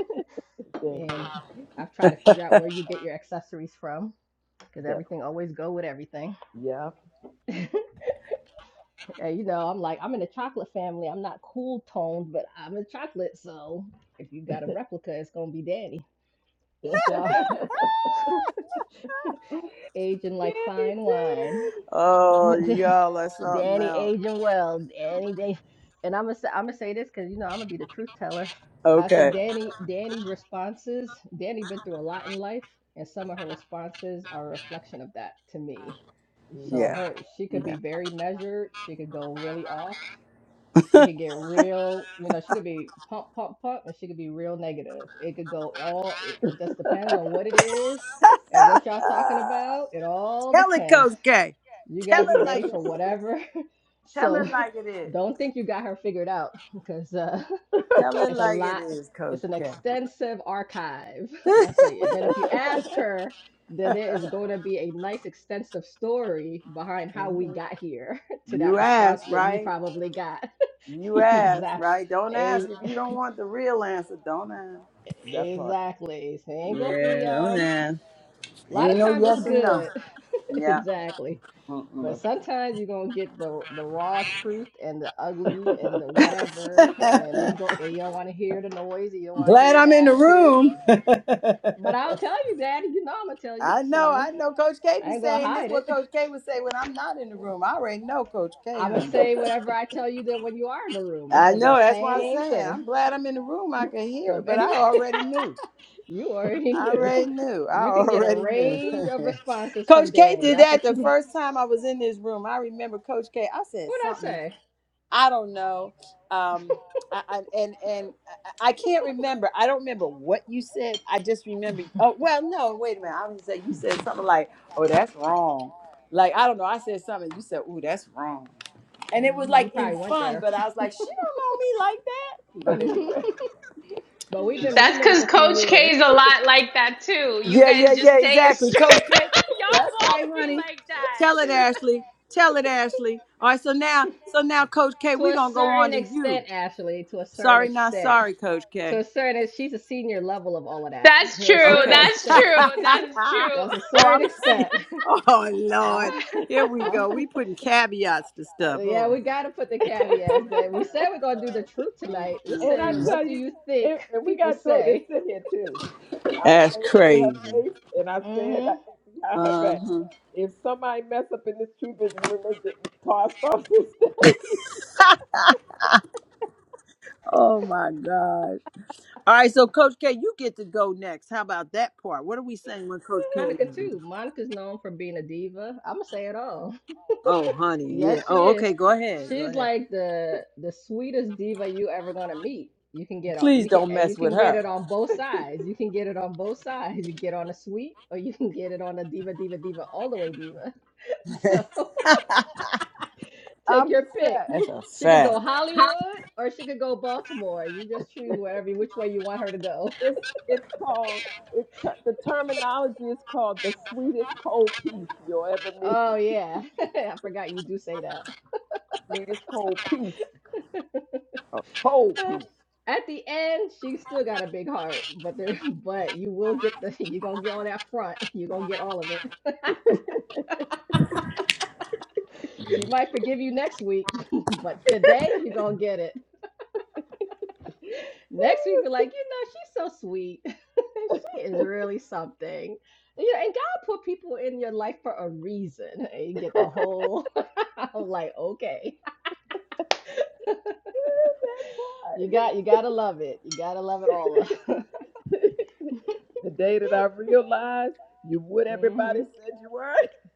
S4: and
S1: did.
S4: I've tried to figure out where you get your accessories from because
S1: Dep-
S4: everything always go with everything.
S1: yeah.
S4: and you know, I'm like, I'm in the chocolate family. I'm not cool toned, but I'm a chocolate. So if you got a replica, it's gonna be daddy.
S1: Sandy
S4: So aging like fine
S1: did.
S4: wine.
S5: Oh, yeah, that's not
S4: Danny
S5: else.
S4: aging well. Danny, they, and I'm gonna say, I'm gonna say this because you know I'm gonna be the truth teller. I
S5: Okay.
S4: said Danny, Danny's responses. Danny been through a lot in life, and some of her responses are a reflection of that to me.
S1: hmm
S4: So
S5: Yeah.
S4: her, she could
S5: Yeah.
S4: be very measured. She could go really off. She could get real, you know, she could be pump, pump, pump, and she could be real negative. It could go all, it just depends on what it is and what y'all talking about. It all
S5: Tell it,
S4: depends.
S5: Coach K.
S4: You
S5: Tell
S4: gotta be
S5: it
S4: ready
S5: like it
S4: for
S5: is.
S4: whatever.
S5: Tell
S4: So
S5: it like it is.
S4: don't think you got her figured out because uh,
S5: Tell it
S4: it's a
S5: like it
S4: lot.
S5: is, Coach
S4: It's an
S5: K.
S4: extensive archive. That's why. Then if you ask her, then there is going to be a nice extensive story behind how we
S1: hmm
S4: got here to that
S5: you
S4: response
S5: asked,
S4: that you
S5: right?
S4: probably got.
S5: You asked, right? Don't ask
S4: exactly.
S5: if you don't want the real answer. Don't ask.
S1: That part.
S4: Exactly. So it ain't gonna
S5: Yeah,
S4: be
S5: don't
S4: um.
S5: ask.
S4: A lot
S5: Ain't
S4: of
S5: no
S4: times it's
S5: yes or no.
S4: good.
S5: Yeah.
S4: exactly.
S5: Mm-mm.
S4: But
S1: That part.
S4: sometimes you're gonna get the the raw truth and the ugly and the whatever, and ain't go and you don't want to hear the noise, and you don't want to
S5: Glad
S4: hear
S5: I'm
S4: the
S5: in the
S4: attitude.
S5: room.
S4: But I'll tell you, Daddy. You know I'm gonna tell you,
S5: I know,
S4: so
S5: I know. Coach K
S4: I
S5: be
S4: ain't gonna
S5: saying this.
S4: hide it.
S5: What Coach K would say when I'm not in the room. I already know Coach K,
S4: I'm gonna
S5: honey.
S4: say whatever I tell you that when you are in the room, it's
S5: I
S4: gonna be the
S5: know. That's what I'm
S4: same
S5: saying.
S4: thing.
S5: I'm glad I'm in the room. I can
S4: So
S5: hear it,
S4: if
S5: but I
S4: anybody,
S5: already knew.
S4: you already
S5: I
S4: knew,
S5: already knew. I
S4: you can get a
S5: already knew.
S4: range of responses from
S5: Coach K
S4: Daddy.
S5: did
S4: That's
S5: that
S4: what you
S5: the
S4: need.
S5: first time I was in this room. I remember Coach K. I said
S4: What'd I
S5: something.
S4: say?
S5: I don't know. Um, I, I, and and I I can't remember. I don't remember what you said. I just remember. Oh well, no. Wait a minute. I was say you said something like, "Oh, that's wrong." Like I don't know. I said something. You said, "Ooh, that's wrong," and it was
S4: hmm you
S5: like in
S4: probably went
S5: fun.
S4: there.
S5: But I was like, "She don't know me like that." But
S4: Mm-hmm.
S5: anyway.
S4: but we've been
S2: That's
S4: roommates
S2: because
S4: a few
S2: Coach K is a
S4: years
S2: lot like that too. You
S5: Yeah, yeah,
S2: guys
S5: yeah.
S2: just say it
S5: Exactly,
S2: straight.
S5: Coach K.
S2: Y'all
S5: That's
S2: both
S5: right,
S2: be
S5: honey.
S2: like
S5: Tell it,
S2: that.
S5: Ashley. Tell it, Ashley. All right. So now, so now, Coach K,
S4: to
S5: we're
S4: a
S5: gonna go on
S4: certain
S5: to you.
S4: extent, Ashley. To a certain
S5: Sorry, not
S4: extent,
S5: sorry, Coach
S4: to
S5: K.
S4: a certain, she's a senior level of all of that.
S2: That's
S4: To a
S2: true.
S4: certain
S5: Okay.
S2: That's
S4: extent,
S5: oh,
S2: true. That's true.
S4: that's a
S5: I'm
S4: certain
S5: see.
S4: extent.
S5: Oh
S4: I'll,
S5: Lord, here we go. We
S4: I'll,
S5: putting caveats to
S4: uh,
S5: stuff.
S4: yeah,
S5: Oh
S4: we
S5: my
S4: got to put the caveats that we said we're gonna do the
S5: God.
S4: truth tonight. This
S1: and I
S4: said,
S5: Mm-mm-mm.
S4: what
S1: tell
S4: do
S1: you,
S4: you
S1: and,
S4: think
S1: and we
S4: people
S1: got to throw this
S4: say?
S1: in here too. I
S5: That's
S1: say it in her
S5: crazy.
S1: face, and I say it
S4: hmm
S1: behind her back.
S5: Uh-huh.
S1: If somebody mess up in this true vision room, they getting tossed off the stage.
S5: Oh my God. All right, so Coach K, you get to go next. How about that part? What are we saying when Coach K? is
S4: Monica
S5: in?
S4: too. Monica's known for being a diva. I'ma say it all.
S5: Oh, honey, yeah.
S4: Yes, she
S5: Oh,
S4: is.
S5: okay. Go ahead. Go
S4: She's
S5: ahead.
S4: like the the sweetest diva you ever gonna meet. You can get on
S5: Please
S4: you can
S5: don't
S4: and you
S5: mess with
S4: can get
S5: her.
S4: it on both sides. You can get it on both sides. You get on a sweet or you can get it on a diva diva diva all the way diva. So
S5: That's
S4: take
S1: I'm
S4: your
S1: the
S4: pick.
S1: set.
S5: a
S4: She could go
S5: fact.
S4: Hollywood or she could go Baltimore. You just choose wherever which way you want her to go.
S1: It's it's called it's t- the terminology is called the sweetest cold piece you'll ever meet.
S4: Oh yeah. I forgot you do say that.
S1: sweetest cold piece, a cold
S4: Uh,
S1: piece.
S4: at the end, she still got a big heart, but there, but you will get the you gonna get on that front. you gonna get all of it.
S1: that
S4: She might forgive you next week, but today you gonna get it. Next week, be like, you know, she's so sweet. she is really something. You know, and God put people in your life for a reason. And you get the whole. I'm like, okay,
S1: part.
S4: you got you gotta love it. You gotta love it all.
S1: the day that I realized you would
S4: Mhm.
S1: everybody said you were.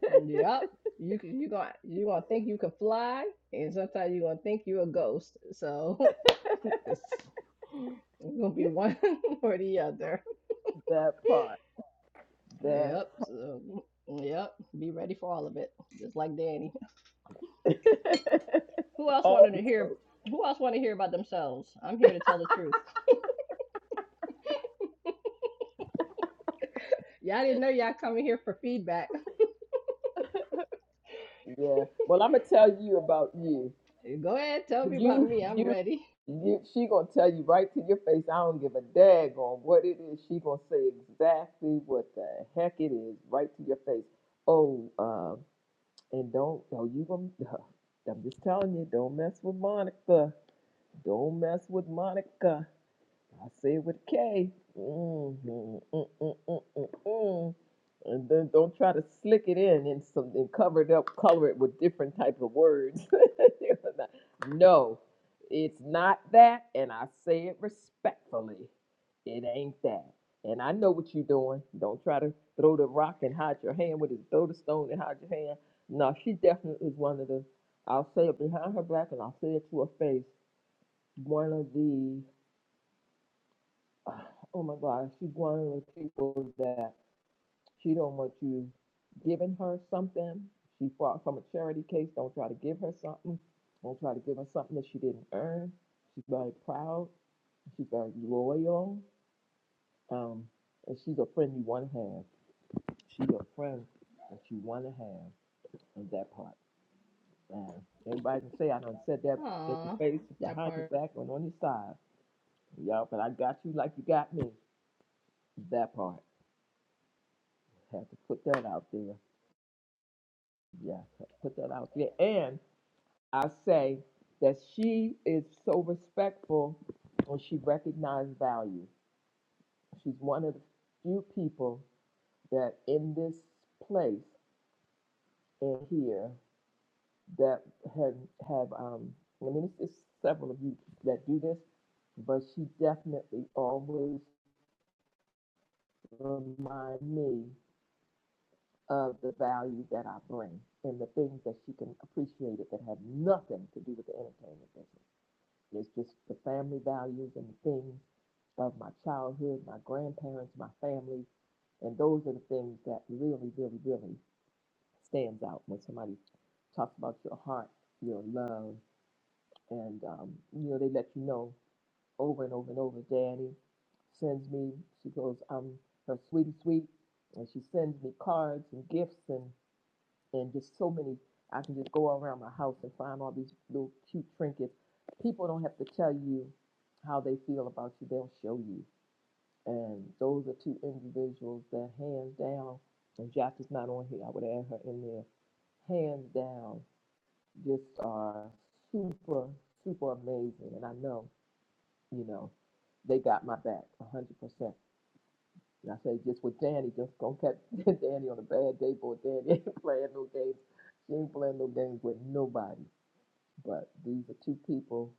S4: Yep. You c- you gonna you gonna think you can fly, and sometimes you are gonna think you're a ghost. So it's, it's gonna be one or the other.
S1: That part. That
S4: Yep. So yep. Be ready for all of it, just like Danny. Who else
S1: all
S4: wanted
S1: the
S4: to hear?
S1: smoke.
S4: Who else want to hear about themselves? I'm here to tell the truth. Y'all didn't know y'all coming here for feedback.
S1: Yeah. Well, I'm gonna tell you about you.
S4: Go ahead, tell me about
S1: You,
S4: me. I'm
S1: you,
S4: ready.
S1: you, she gonna tell you right to your face. I don't give a daggone what it is. She gonna say exactly what the heck it is, right to your face. Oh, uh, and don't, oh, you gonna. I'm just telling you, don't mess with Monica. Don't mess with Monica. I say it with a K. Mm, mm, mm, mm, mm, mm, mm. And then don't try to slick it in and some and cover it up, color it with different type of words. no, it's not that, and I say it respectfully. It ain't that. And I know what you're doing. Don't try to throw the rock and hide your hand with it. Throw the stone and hide your hand. No, she definitely is one of the. I'll say it behind her back, and I'll say it to her face. One of the oh my God, she's one of those people that she don't want you giving her something. She fought from a charity case. Don't try to give her something. Don't try to give her something that she didn't earn. She's very proud. She's very loyal. Um, and she's a friend you want to have. She's a friend that you want to have in that part. And everybody can say I done said that in your
S4: Aw,
S1: face,
S4: that
S1: behind your
S4: part.
S1: back, and on your side. Y'all, but I got you like you got me. That part. Have to put that out there Yes, let's put that out there. And I say that she is so respectful when she recognizes value. She's one of the few people that in this place and here that have have um I mean it's, it's several of you that do this, but she definitely always remind me of the value that I bring and the things that she can appreciate it that have nothing to do with the entertainment business. It's just the family values and the things of my childhood, my grandparents, my family, and those are the things that really, really, really stands out when somebody talks about your heart, your love, and um, you know they let you know over and over and over. Danny sends me. She goes, "I'm her sweetie sweet," and she sends me cards and gifts and and just so many. I can just go around my house and find all these little cute trinkets. People don't have to tell you how they feel about you; they'll show you. And those are two individuals that, hands down, and Jackie's not on here. I would add her in there. Hands down, just are super, super amazing. And I know, you know, they got my back 100%. And I say, just with Danny, just gonna catch Danny on a bad day, boy. Danny ain't playing no games. She ain't playing no games with nobody. But these are two people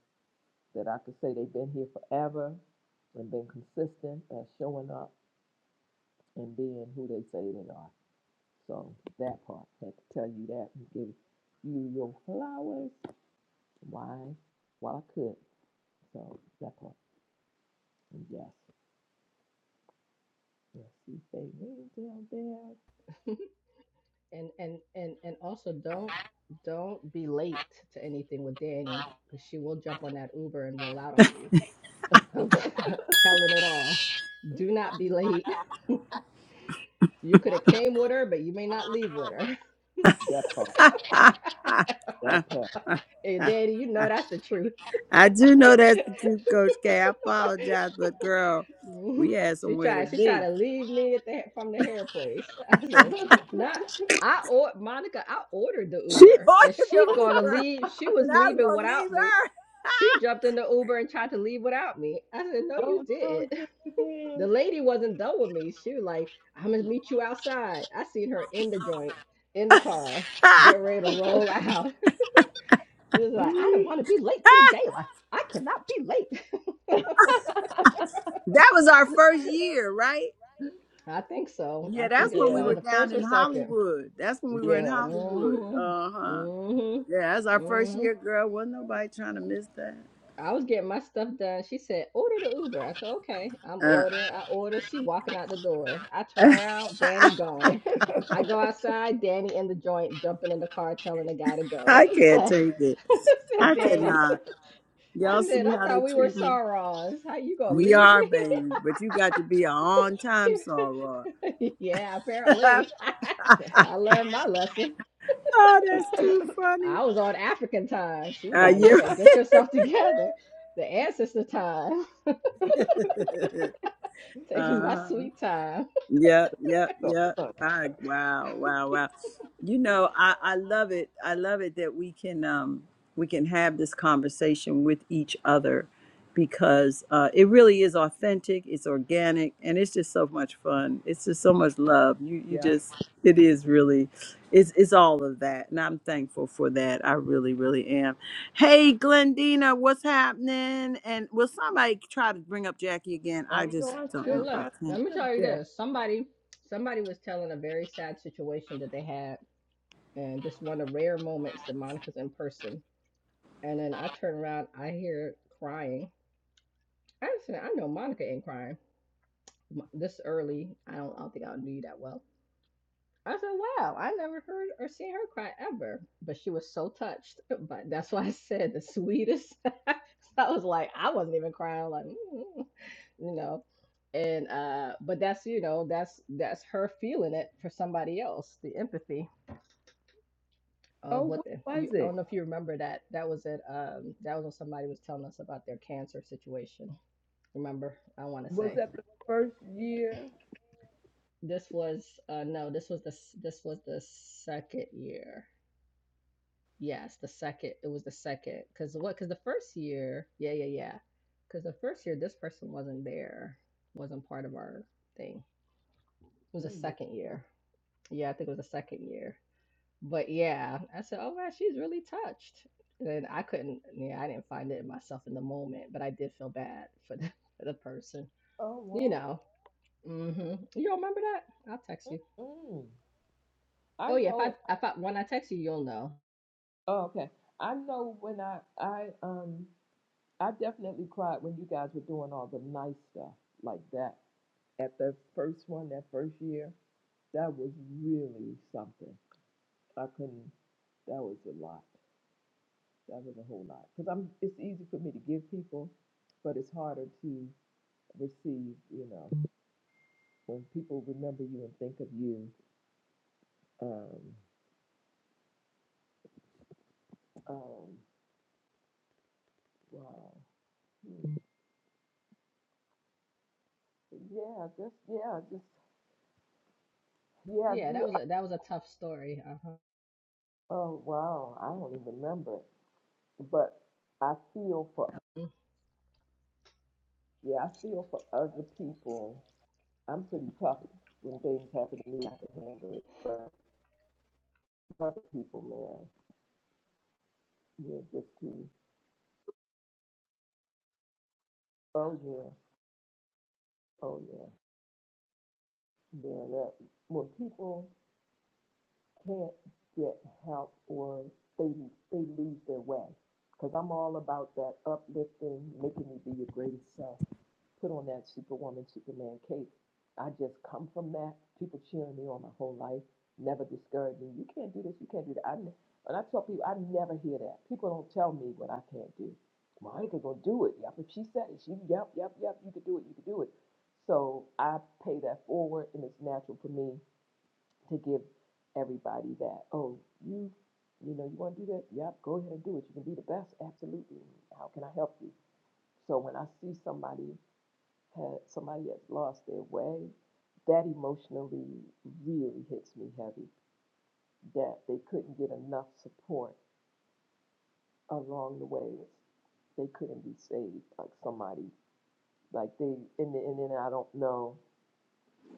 S1: that I could say they've been here forever and been consistent at showing up and being who they say they are. So that part, had to tell you that and give you your flowers. Why? While I could. So that part. And yes, yes, you say me down
S4: and and and and also don't don't be late to anything with Danny because she will jump on that Uber and roll out on you. I'm
S1: there.
S4: t- telling it all. Do not be late. You could have came with her, but you may not leave with her.
S1: that part. That part.
S4: And Danny, you know that's the truth.
S5: I do know that's the truth, Coach K. I apologize, but girl, we had
S4: she
S5: somewhere
S4: tried.
S5: to
S4: She tried
S5: be.
S4: to leave me at the from the hair place. I said, not. I or Monica. I ordered the
S5: She
S4: Uber, and
S5: ordered the
S4: she gonna
S5: Uber,
S4: leave. She
S5: but
S4: was
S5: I was
S4: leaving
S5: gonna leave
S4: without me. She jumped in the Uber and tried to leave without me. I said, no,
S1: Oh
S4: you
S1: no,
S4: didn't.
S1: Jimmy
S4: The
S1: Dan.
S4: lady wasn't done with me. She was like, I'm gonna meet you outside. I seen her in the joint, in the car,
S5: her.
S4: get ready to roll out. She was like, I don't want to be late to the gala. I cannot be late.
S5: that was our first year, right?
S4: I think so. I
S5: Yeah, that's
S4: think
S5: when we
S4: was
S1: yeah,
S4: it
S5: were
S4: the
S5: down
S4: first or
S5: in
S4: second?
S5: Hollywood. That's when we were in
S1: yeah.
S5: Hollywood.
S4: Mhm.
S5: Uh huh.
S4: Mhm.
S5: Yeah, that's our first
S4: Mhm.
S5: year, girl. Wasn't nobody trying to miss that.
S4: I was getting my stuff done. She said, "Order the Uber." I said, "Okay." I'm
S5: Uh,
S4: ordering. I order. She walking out the door. I turn around. Danny gone. I go outside. Danny in the joint, jumping in the car, telling the guy to go.
S5: I
S4: I'm
S5: can't
S4: like,
S5: take it.
S4: I said,
S5: I
S4: "Danny."
S5: cannot.
S4: I
S5: Y'all
S4: said,
S5: see
S4: "I
S5: how they
S4: thought we were
S5: treat me.
S4: Saurons. How you gonna
S5: We
S4: leave
S5: are,
S4: me?"
S5: baby, but you got to be an on time
S4: She-
S5: soror.
S4: yeah,
S5: oh,
S4: apparently. I learned my lesson.
S5: that's too funny.
S4: I was on African time. She's
S5: Uh,
S4: like, you
S5: yeah.
S4: better get yourself together. The ancestor time. Taking my
S5: uh-huh.
S4: sweet time.
S5: Yep, yep,
S1: so
S5: yep.
S1: fun.
S5: I wow, wow, wow. You know, I I love it. I love it that we can um we can have this conversation with each other because uh it really is authentic, it's organic, and it's just so much fun. It's just so much love. You you
S1: Yeah.
S5: just it is really it's it's all of that. And I'm thankful for that. I really, really am. Hey Glendina, what's happening? And will somebody try to bring up Jackie again?
S1: I
S5: I
S1: know
S5: just
S1: I'm
S5: don't
S1: still
S5: know
S4: And
S5: if I
S4: look,
S1: trying to
S5: can.
S4: let me tell you
S1: yeah.
S4: this. Somebody somebody was telling a very sad situation that they had and just one of the rare moments that Monica's in person. And then I turn around, I hear crying. I said, I know Monica ain't crying. This early, I don't I don't think I'll do you that well. I said, wow, I never heard or seen her cry ever. But she was so touched. But that's why I said the sweetest. I was like, I wasn't even crying, like, mm, you know. And uh, but that's you know, that's that's her feeling it for somebody else, the empathy of
S1: Oh,
S4: what
S1: what
S4: the,
S1: was
S4: you I
S1: it?
S4: don't know if you remember that. That was it, um, that was when somebody was telling us about their cancer situation. Remember, I wanna
S1: Was
S4: say.
S1: that the first year?
S4: This was uh no, this was the this was the second year Yes, the second. It was the second. Because what? Because the first year, yeah, yeah, yeah. Because the first year, this person wasn't there, wasn't part of our thing. It was the
S1: Mm, wow.
S4: second year. Yeah, I think it was the second year. But yeah, I said, oh man, she's really touched. And then I couldn't, yeah, I didn't find it in myself in the moment, but I did feel bad for the, for the person.
S1: Oh
S4: You
S1: wow.
S4: know, hmm you don't remember that? I'll text you.
S1: Mm. I
S4: Oh yeah, if I
S1: know
S4: if I when I text you, you'll know.
S1: oh, okay. I know when I I um I definitely cried when you guys were doing all the nice stuff like that. At the first one, that first year, that was really something. I couldn't. That was a lot. That was a whole lot. Because I'm. It's easy for me to give people, but it's harder to receive. You know, when people remember you and think of you. Um. Um. Wow. Hmm. Yeah. Just. Yeah. Just. Yeah. I
S4: Yeah, that
S1: Do.
S4: was a that was a tough story. Uh huh.
S1: Oh. Wow. I don't even remember it. But I feel for. Yeah. I feel for other people. I'm pretty tough when things happen to me. I can handle it. But other people, man. Yeah. Just to Oh, yeah. Oh, yeah. Yeah, that. When people can't get help or they, they lose their way. Because I'm all about that uplifting, making you be your greatest self. put on that Superwoman, Superman cape. I just come from that. People cheering me on my whole life, never discouraging. You can't do this. You can't do that. I, ne- and I tell people, I never hear that. People don't tell me what I can't do. Monica gonna do it. Yep, if she said it, she yep, yep, yep. You could do it. You could do it. So I pay that forward, and it's natural for me to give everybody that. Oh, you, you know, you want to do that? Yep, go ahead and do it. You can be the best. Absolutely. How can I help you? So when I see somebody had somebody has lost their way, that emotionally really hits me heavy. That they couldn't get enough support along the way. They couldn't be saved like somebody like they and then- and then I don't know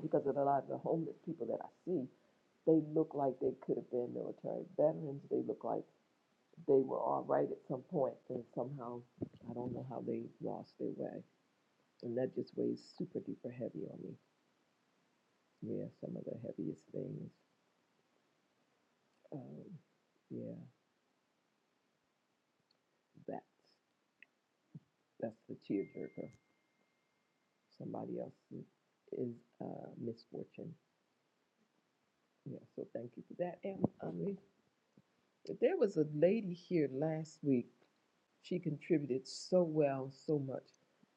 S1: because of a lot of the homeless people that I see, they look like they could have been military veterans. They look like they were all right at some point, and somehow I don't know how they lost their way. And that just weighs super duper heavy on me. Yeah, some of the heaviest things. Um, yeah, that's that's the tearjerker. Somebody else is is, uh, misfortune. Yeah, so thank you for that. And I mean, there was a lady here last week. She contributed so well, so much.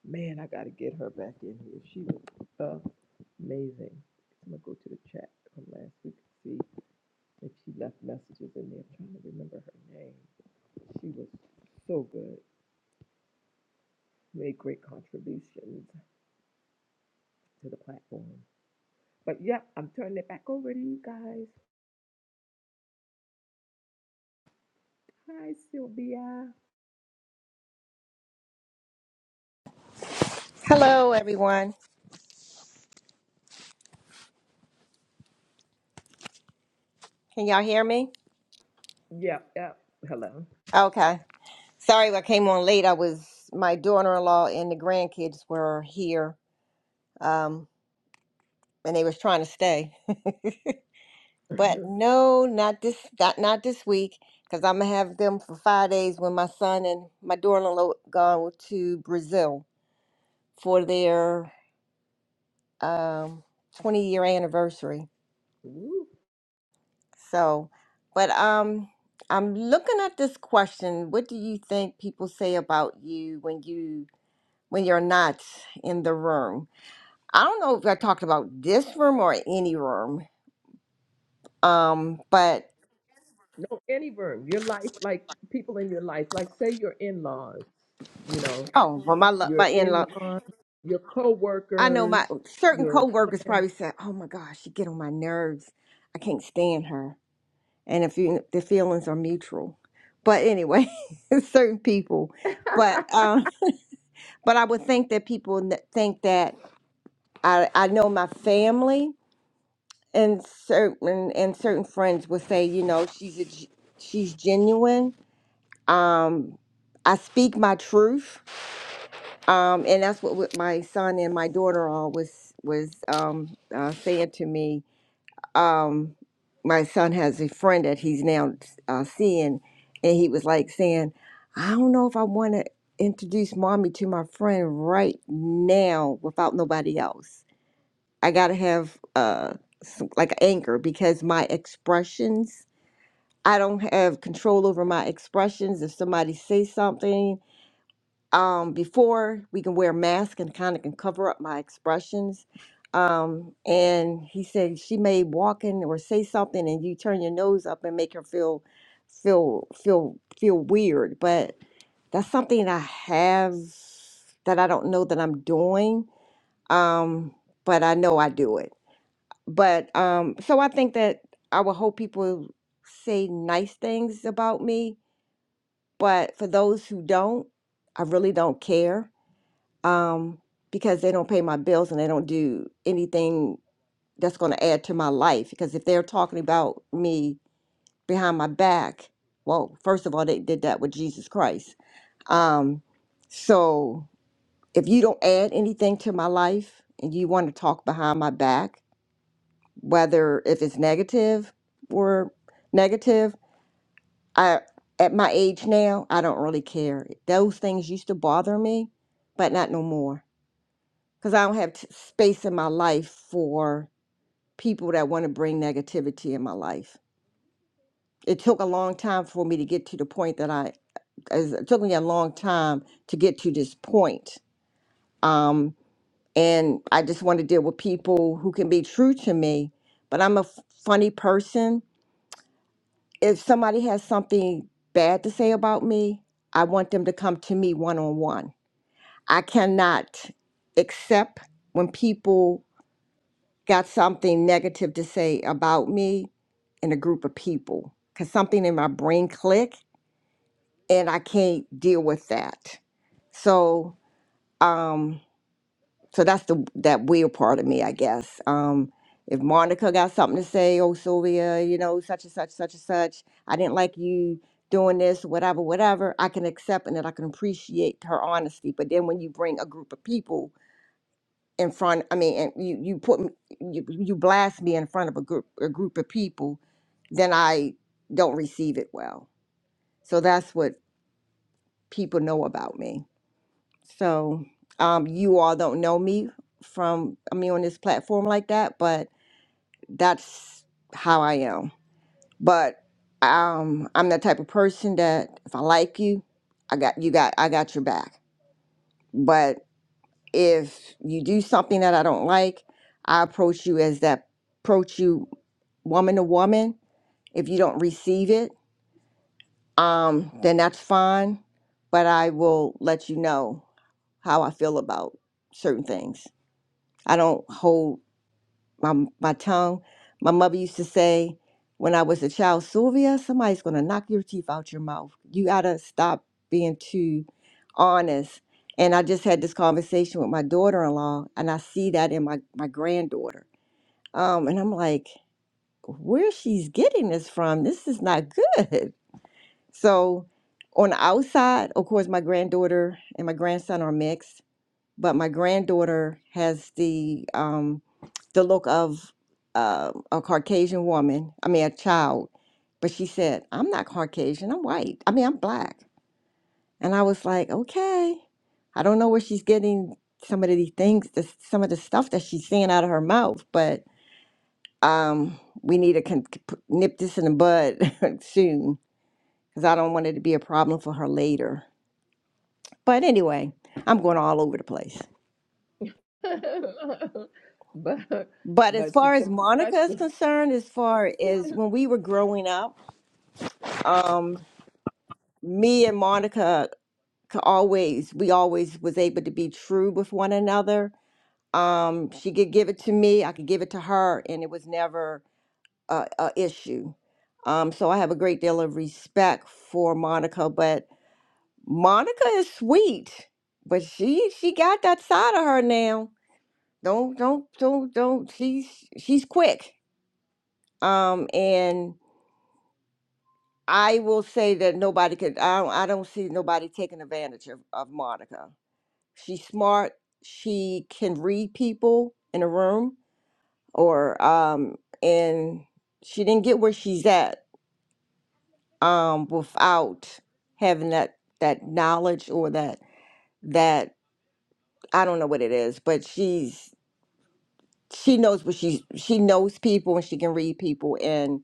S1: Man, I got to get her back in here. She was uh, amazing. I'm gonna go to the chat from last week and see if she left messages in there. I'm trying to remember her name. She was so good. made great contributions to the platform. But yep, I'm turning it back over to you guys. Hi, Sylvia.
S6: Hello, everyone. Can y'all hear me?
S1: Yep, yep. Hello.
S6: Okay. Sorry, I came on late. I was my daughter-in-law and the grandkids were here, um, and they was trying to stay. but no, not this, not not this week, because I'm gonna have them for five days when my son and my daughter-in-law gone to Brazil for their um, 20-year anniversary.
S1: Woo.
S6: So, but um, I'm looking at this question. What do you think people say about you when you? when you're not in the room. I don't know if I talked about this room or any room. Um, but
S1: No, any room. Your life, like people in your life, like say your in laws, you know,
S6: oh, well, my lo-
S1: your
S6: my in
S1: in
S6: law,
S1: laws, your co
S6: I know my
S1: workers,
S6: certain
S1: your
S6: coworkers
S1: friends.
S6: probably said, "Oh my gosh, she get on my nerves. I can't stand her." And if you, the feelings are mutual, but anyway, certain people. But um, but I would think that people n- think that I I know my family and certain and certain friends would say, you know, she's a, g- she's genuine Um, I speak my truth, um, and that's what, what my son and my daughter all was was um, uh, saying to me. Um, my son has a friend that he's now uh, seeing, and he was like saying, "I don't know if I want to introduce mommy to my friend right now without nobody else. I gotta have uh, some, like anger because my expressions." I don't have control over my expressions. If somebody says something, um, before we can wear masks and kind of can cover up my expressions. Um, and he said she may walk in or say something, and you turn your nose up and make her feel feel feel feel weird. But that's something I have that I don't know that I'm doing. Um, but I know I do it. But um, so I think that I would hope people say nice things about me. But for those who don't, I really don't care um, because they don't pay my bills and they don't do anything that's going to add to my life. Because if they're talking about me behind my back, well, first of all, they did that with Jesus Christ. Um, so if you don't add anything to my life and you want to talk behind my back, whether if it's negative or negative, I at my age now, I don't really care. Those things used to bother me, but not no more. because I don't have t- space in my life for people that want to bring negativity in my life. It took a long time for me to get to the point that I, as- it took me a long time to get to this point. Um, and I just want to deal with people who can be true to me, but I'm a f- funny person. If somebody has something bad to say about me, I want them to come to me one on one. I cannot accept when people got something negative to say about me in a group of people because something in my brain click and I can't deal with that. So, um, so that's the that weird part of me, I guess. Um, if Monica got something to say, oh Sylvia, you know, such and such, such and such, I didn't like you doing this, whatever, whatever, I can accept and that I can appreciate her honesty. But then when you bring a group of people in front i mean and you you put me, you, you blast me in front of a group a group of people then i don't receive it well so that's what people know about me so um you all don't know me from i mean on this platform like that but that's how i am but um i'm the type of person that if i like you i got you got i got your back But if you do something that I don't like, I approach you as that approach you woman to woman. If you don't receive it, um, then that's fine. But I will let you know how I feel about certain things. I don't hold my my tongue. My mother used to say when I was a child, Sylvia, somebody's gonna knock your teeth out your mouth. You gotta stop being too honest. And I just had this conversation with my daughter-in-law, and I see that in my my granddaughter. Um, and I'm like, where she's getting this from? This is not good. So on the outside, of course, my granddaughter and my grandson are mixed, but my granddaughter has the um, the look of uh, a Caucasian woman, I mean, a child. But she said, I'm not Caucasian, I'm white. I mean, I'm black. And I was like, okay. I don't know where she's getting some of these things, this, some of the stuff that she's saying out of her mouth, but um, we need to con- c- p- nip this in the bud soon because I don't want it to be a problem for her later. But anyway, I'm going all over the place.
S1: but
S6: But as
S1: but you
S6: far as
S1: took the
S6: Monica is
S1: question.
S6: concerned, as far as when we were growing up, um, me and Monica could always we always was able to be true with one another. Um, she could give it to me, I could give it to her, and it was never a, a issue. Um, so I have a great deal of respect for Monica, but Monica is sweet, but she she got that side of her now. Don't don't don't don't. She's she's quick. Um, and I will say that nobody could. I don't, I don't see nobody taking advantage of, of Monica She's smart. She can read people in a room or um and she didn't get where she's at um without having that that knowledge or that that I don't know what it is, but she's she knows what she's she knows people and she can read people and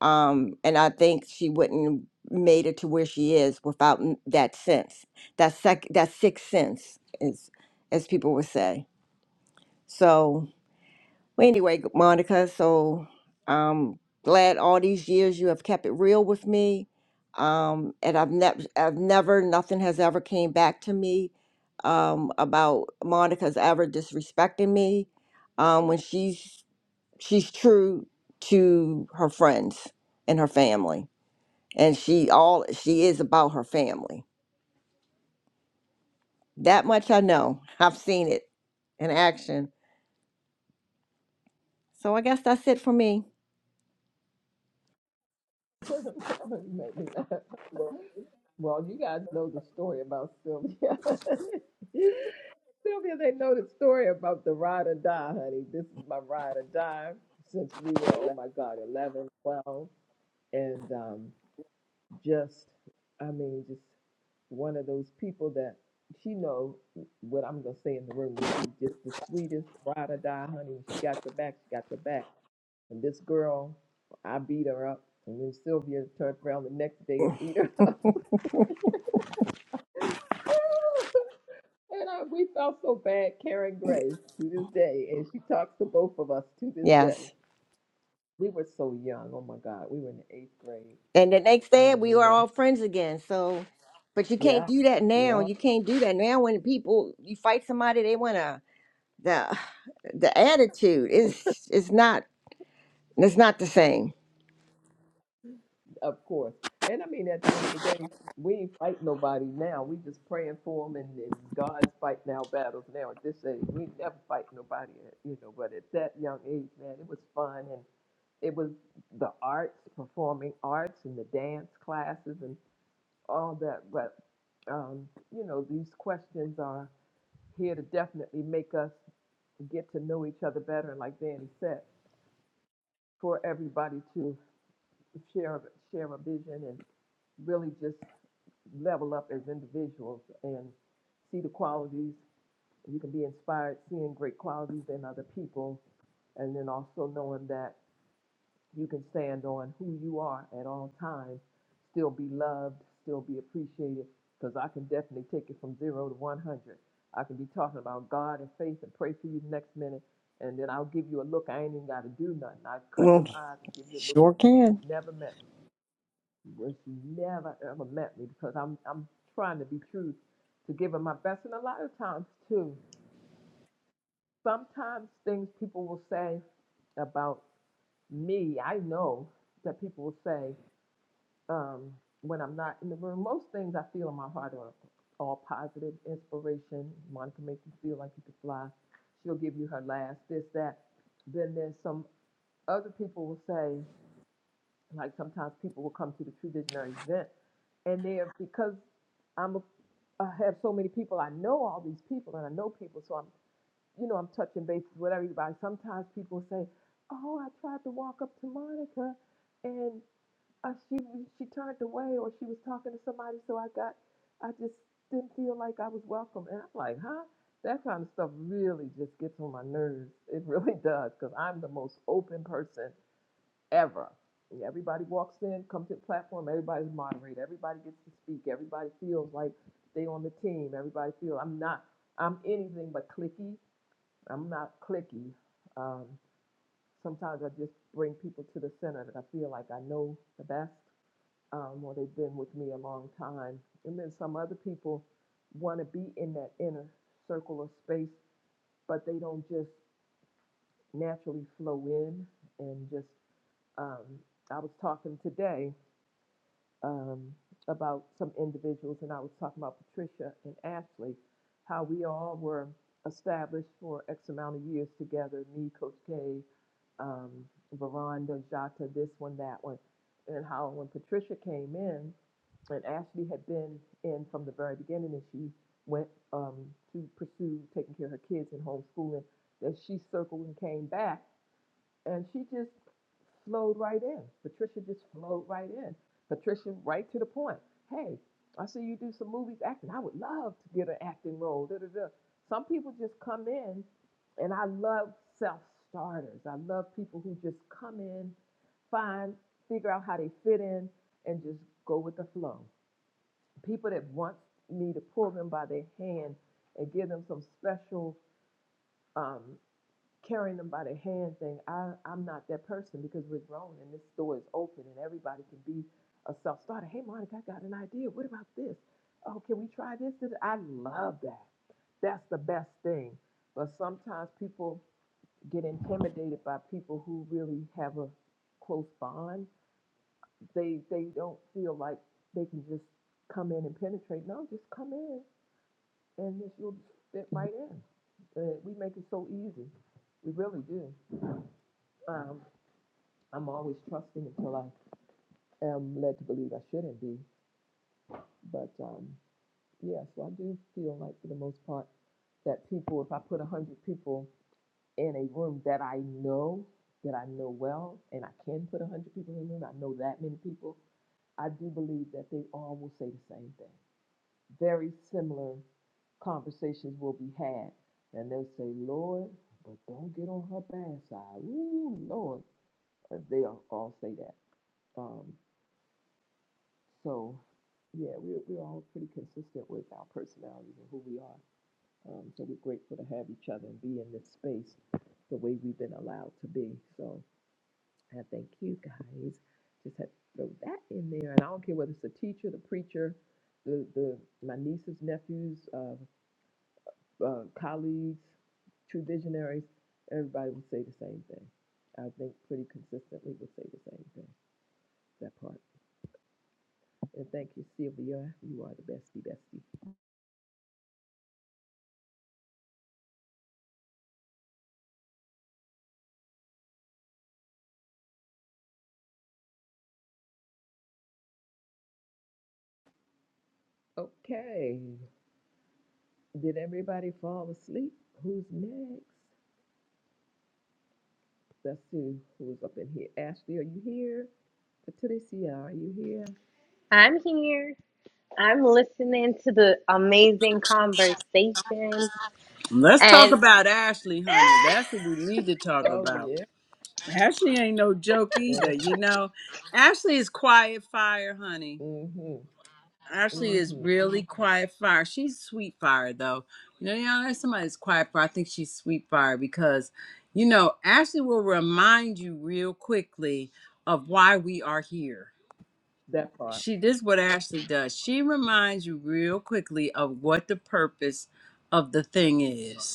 S6: um and I think she wouldn't made it to where she is without n- that sense. That sec that sixth sense is as people would say. So Well, anyway, g- Monica, so I'm glad all these years you have kept it real with me. Um, and I've never, I've never, nothing has ever came back to me um, about Monica's ever disrespecting me um, when she's she's true to her friends and her family, and she all she is about her family. That much I know. I've seen it in action. So I guess that's it for me.
S1: Maybe not. Well, you guys know the story about Sylvia. Sylvia, they know the story about the ride or die, honey. This is my ride or die since we were, oh my God, 11, 12, And um, just, I mean, just one of those people that she know what I'm going to say in the room. She's just the sweetest ride or die, honey. She got your back. She got your back. And this girl, I beat her up. And then Sylvia turned around the next day and beat her up. And I, we felt so bad, Karen Gray, to this day, and she talks to both of us to this
S6: Yes.
S1: day. We were so young. Oh my God, we were in the eighth grade
S6: And the next day
S1: um,
S6: we
S1: when
S6: were
S1: that.
S6: all friends again. So, but you can't
S1: Yeah,
S6: do that now.
S1: yeah,
S6: You can't do that now when people you fight somebody, they want to the the attitude is is not it's not the same.
S1: of course. And I mean, at the end of the day, we ain't fight nobody now. We just praying for them, and, and God's fighting our battles now. At this age, we never fight nobody, uh, you know. But at that young age, man, it was fun, and it was the arts, performing arts, and the dance classes, all that. But um, you know, these questions are here to definitely make us get to know each other better, and like Danny said, for everybody to share share a vision and really just level up as individuals and see the qualities. You can be inspired seeing great qualities in other people, and then also knowing that You can stand on who you are at all times, still be loved, still be appreciated, because I can definitely take it from zero to 100. I can be talking about God and faith and pray for you the next minute, and then I'll give you a look. I ain't even got to do nothing. I cut
S6: Well,
S1: them eyes and give you a look. You
S6: sure can.
S1: never met me. Well, she never ever met me because I'm I'm trying to be true to give her my best. And a lot of times too, sometimes things people will say about me, I know that people will say um, when I'm not in the room. Most things I feel in my heart are all positive, inspiration. Monica make you feel like you can fly. She'll give you her last, this, that. Then there's some other people will say, like sometimes people will come to the True Visionary event, and they're because I'm a, I have so many people. I know all these people, and I know people, so I'm you know I'm touching bases with everybody. Sometimes people say, "Oh, I tried to walk up to Monica." and uh, she she turned away or she was talking to somebody so i got i just didn't feel like i was welcome and i'm like huh that kind of stuff really just gets on my nerves it really does because i'm the most open person ever And everybody walks in comes to the platform everybody's moderated everybody gets to speak everybody feels like they on the team everybody feels i'm not i'm anything but clicky i'm not clicky um, sometimes i just bring people to the center that i feel like i know the best um, or they've been with me a long time. And then some other people want to be in that inner circle of space, but they don't just naturally flow in and just. Um, I was talking today um, about some individuals, and I was talking about Patricia and Ashley, how we all were established for X amount of years together me, Coach K, um, Veranda, Jata, this one, that one. And how when Patricia came in, and Ashley had been in from the very beginning, and she went um, to pursue taking care of her kids and homeschooling. That she circled and came back, and she just flowed right in. Patricia just flowed right in. Patricia, right to the point. Hey, I see you do some movies acting. I would love to get an acting role. Da, da, da. Some people just come in, and I love self starters. I love people who just come in, find, figure out how they fit in, and just go with the flow people that want me to pull them by their hand and give them some special um, carrying them by their hand thing. I, I'm not that person because we're grown and this store is open and everybody can be a self starter. Hey, Monica, I got an idea. What about this? Oh, can we try this? This- I love that. That's the best thing. But sometimes people get intimidated by people who really have a close bond. They they don't feel like they can just come in and penetrate. No, just come in and then she'll fit right in. Uh, we make it so easy. We really do. Um, I'm always trusting until I am led to believe I shouldn't be. But um, yeah, so I do feel like for the most part that people, if I put 100 people in a room that I know, that I know well, and I can put 100 people in a room, I know that many people, I do believe that they all will say the same thing. Very similar conversations will be had. And they'll say, Lord, but don't get on her bad side. Ooh, Lord. Uh, They'll all say that. Um, so, yeah, we're, we're all pretty consistent with our personalities and who we are. Um, so we're grateful to have each other and be in this space the way we've been allowed to be. So I thank you guys. Just had to throw that in there. And I don't care whether it's the teacher, the preacher, the, the my nieces, nephews. uh, uh, colleagues, true visionaries, everybody would say the same thing. I think pretty consistently would say the same thing, that part. And thank you, Sylvia. You are the bestie, bestie. Okay. Did everybody fall asleep? Who's next? Let's see who's up in here. Ashley, are you here? Patricia, are you here?
S2: I'm here. I'm listening to the amazing conversations
S5: Let's talk
S2: and
S5: about Ashley, honey. That's what we need to talk
S1: Oh,
S5: about.
S1: yeah.
S5: Ashley ain't no joke either.
S1: yeah.
S5: You know, Ashley is quiet fire, honey.
S1: Mm-hmm.
S5: Ashley is
S1: Mm-hmm.
S5: really quiet fire. She's sweet fire, though. You know, you know, there's somebody that's quiet fire. I think she's sweet fire because, you know, Ashley will remind you real quickly of why we are here.
S1: That part.
S5: She this is what Ashley does. She reminds you real quickly of what the purpose of the thing is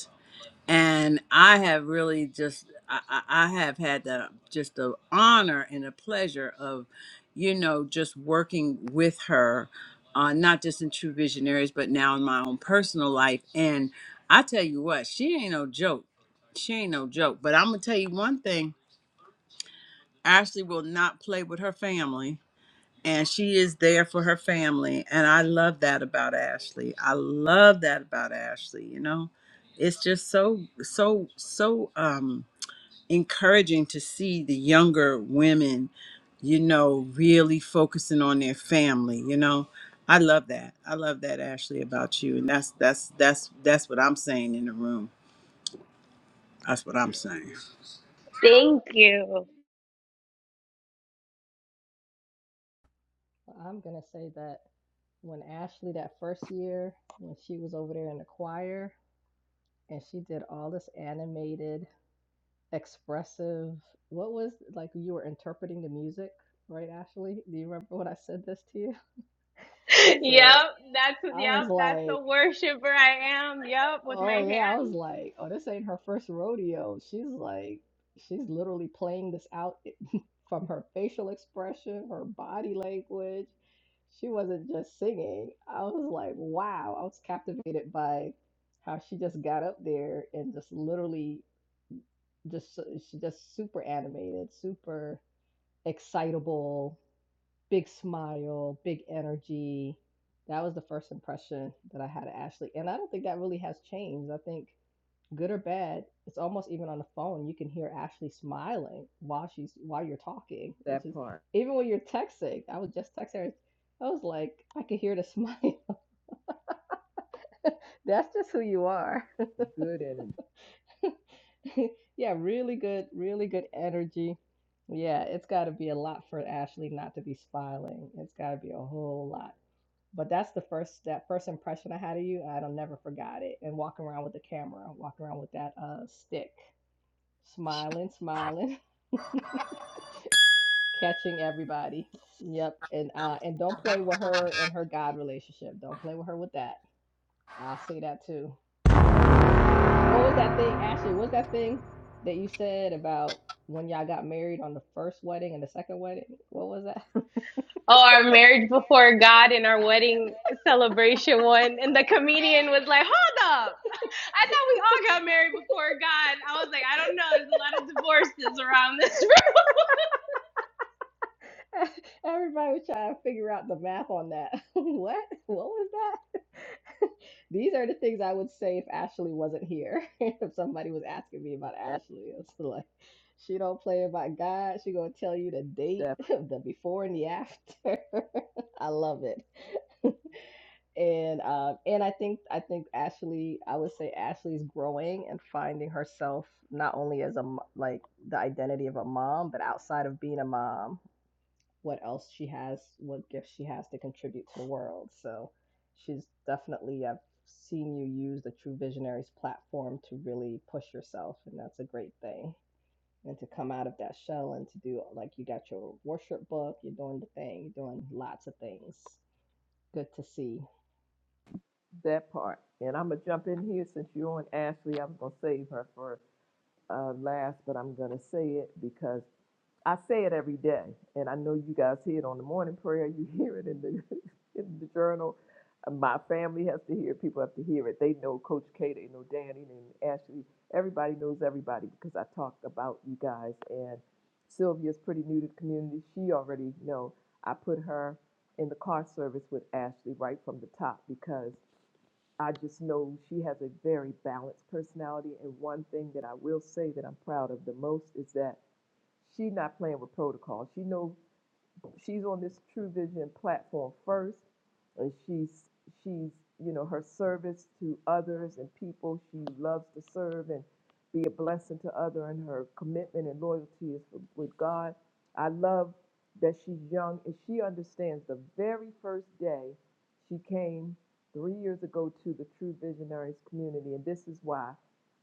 S5: and I have really just I, I I have had the just the honor and the pleasure of, you know, just working with her, uh, not just in True Visionaries, but now in my own personal life. And I tell you what, she ain't no joke. She ain't no joke. But I'm gonna tell you one thing: Ashley will not play with her family and she is there for her family and i love that about ashley i love that about ashley you know it's just so so so um encouraging to see the younger women you know really focusing on their family you know i love that i love that ashley about you and that's that's that's that's what i'm saying in the room that's what i'm saying
S2: thank you.
S4: I'm gonna say that when Ashley that first year when she was over there in the choir and she did all this animated, expressive. What was like you were interpreting the music, right, Ashley? Do you remember when I said this to you? I
S2: yep.
S4: said
S2: That's
S4: I was
S2: yep. That's the
S4: like,
S2: worshiper I am. Yep. With my
S4: oh yeah, I was
S2: hands.
S4: like, oh this ain't her first rodeo. She's like, she's literally playing this out from her facial expression, her body language. She wasn't just singing. I was like, wow, I was captivated by how she just got up there and just literally just so- she just super animated, super excitable, big smile, big energy. That was the first impression that I had of Ashley. And I don't think that really has changed. I think good or bad, it's almost even on the phone. You can hear Ashley smiling while she's while you're talking, which
S1: That
S4: is
S1: part.
S4: even when you're texting. I was just texting her. I was like, I could hear the smile. That's just who you are.
S1: Good energy.
S4: yeah, really good, really good energy. Yeah, it's got to be a lot for Ashley not to be smiling. It's got to be a whole lot. But that's the first that first impression I had of you. I don't never forgot it. And walking around with the camera, walking around with that uh stick, smiling, smiling. catching everybody. Yep, and uh, and don't play with her and her God relationship. Don't play with her with that. I'll say that too. What was that thing, Ashley? What's that thing that you said about when y'all got married on the first wedding and the second wedding? What was that?
S2: Oh, our marriage before God and our wedding celebration one, and the comedian was like, "Hold up." I thought we all got married before God. I was like, I don't know. There's a lot of divorces around this
S4: everybody was trying to figure out the math on that. what? What was These are the things I would say if Ashley wasn't here. if somebody was asking me about
S1: That.
S4: Ashley, it's like she don't play about God. She gonna tell you the date,
S1: That.
S4: the before and the after. I love it. And um, and I think I think Ashley, I would say Ashley's growing and finding herself not only as a m- like the identity of a mom, but outside of being a mom what else she has, what gifts she has to contribute to the world. So she's definitely, I've seen you use the True Visionaries platform to really push yourself, and that's a great thing. And to come out of that shell and to do, like, you got your worship book, you're doing the thing, you're doing lots of things. Good to see.
S1: That part. And I'm gonna jump in here since you're on Ashley. I was gonna save her for uh, last, but I'm gonna say it because I say it every day, and I know you guys hear it on the morning prayer. You hear it in the in the journal. Uh, My family has to hear. it, People have to hear it. They know Coach K. They know Danny and Ashley. Everybody knows everybody because I talk about you guys. And Sylvia's pretty new to the community. She already know. I put her in the car service with Ashley right from the top because I just know she has a very balanced personality. And one thing that I will say that I'm proud of the most is that she's not playing with protocol. She knows she's on this True Vision platform first, and she's she's you know her service to others and people she loves to serve and be a blessing to other and her commitment and loyalty is for- with God. I love that she's young and she understands the very first day she came three years ago to the True Visionaries community, and this is why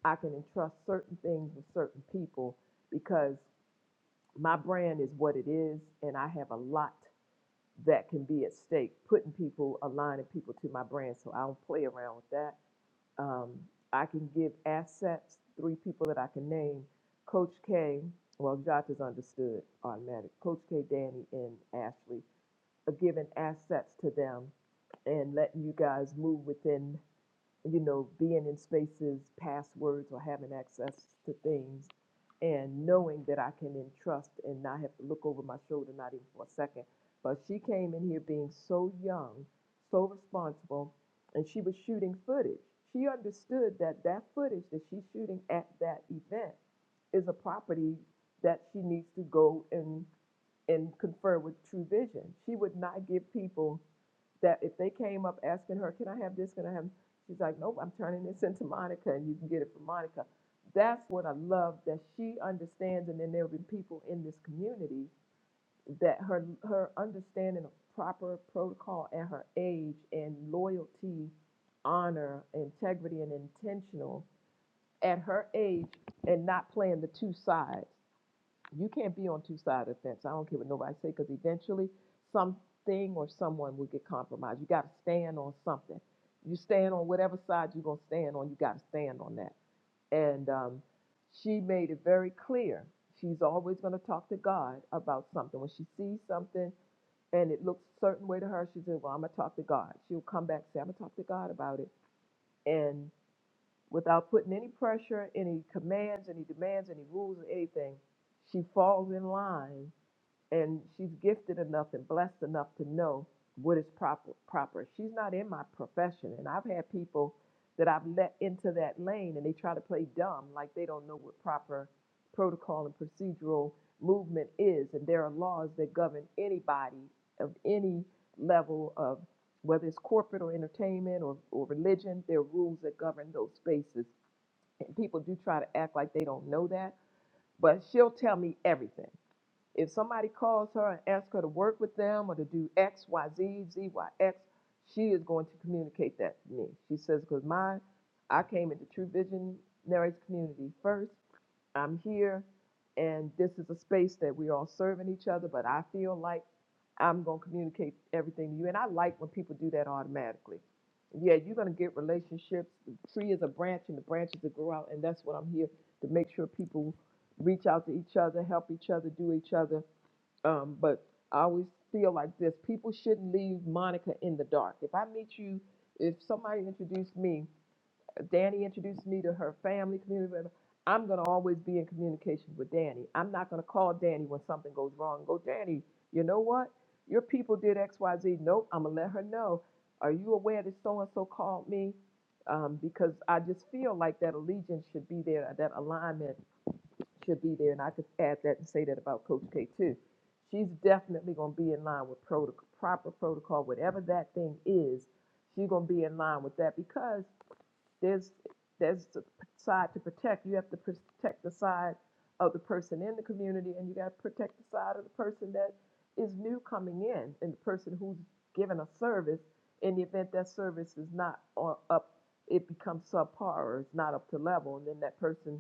S1: I can entrust certain things with certain people because my brand is what it is, and I have a lot that can be at stake, putting people, aligning people to my brand. So I don't play around with that. Um, I can give assets, three people that I can name Coach K, well, Josh is understood automatic, Coach K, Danny, and Ashley, are giving assets to them and letting you guys move within you know, being in spaces, passwords, or having access to things, and knowing that I can entrust and not have to look over my shoulder, not even for a second. But she came in here being so young, so responsible, and she was shooting footage. She understood that that footage that she's shooting at that event is a property that she needs to go and and confer with True Vision. She would not give people that if they came up asking her, "Can I have this? Can I have?" She's like, "Nope, I'm turning this into Monica, and you can get it from Monica." That's what I love that she understands, and then there will be people in this community that her her understanding of proper protocol and her age and loyalty, honor, integrity, and intentional at her age, and not playing the two sides. You can't be on two sides of the fence. I don't care what nobody say because eventually something or someone will get compromised. You got to stand on something. You stand on whatever side you're gonna stand on. You got to stand on that. And um, she made it very clear. She's always gonna talk to God about something. When she sees something and it looks a certain way to her, she says, "Well, I'm gonna talk to God." She'll come back and say, "I'm gonna talk to God about it," and without putting any pressure, any commands, any demands, any rules, or anything, she falls in line and she's gifted enough and blessed enough to know what is proper proper she's not in my profession and i've had people that i've let into that lane and they try to play dumb like they don't know what proper protocol and procedural movement is and there are laws that govern anybody of any level of whether it's corporate or entertainment or, or religion there are rules that govern those spaces and people do try to act like they don't know that but she'll tell me everything if somebody calls her and asks her to work with them or to do X, Y, Z, Z, Y, X, she is going to communicate that to me. She says, because my, I came into True Visionaries community first. I'm here, and this is a space that we're all serving each other, but I feel like I'm going to communicate everything to you. And I like when people do that automatically. Yeah, you're going to get relationships. The tree is a branch, and the branches that grow out, and that's what I'm here to make sure people reach out to each other, help each other, do each other um, but I always feel like this: people shouldn't leave Monica in the dark. If I meet you, if somebody introduced me, uh, Danny introduced me to her family, community, whatever, I'm gonna always be in communication with Danny. I'm not gonna call Danny when something goes wrong. and Go, Danny. You know what? Your people did X, Y, Z. Nope. I'm gonna let her know. Are you aware that so and so called me? Um, because I just feel like that allegiance should be there, that alignment should be there, and I could add that and say that about Coach K too. She's definitely going to be in line with protocol, proper protocol, whatever that thing is. She's going to be in line with that because there's there's the p- side to protect. You have to protect the side of the person in the community, and you got to protect the side of the person that is new coming in, and the person who's given a service. In the event that service is not on, up, it becomes subpar or it's not up to level, and then that person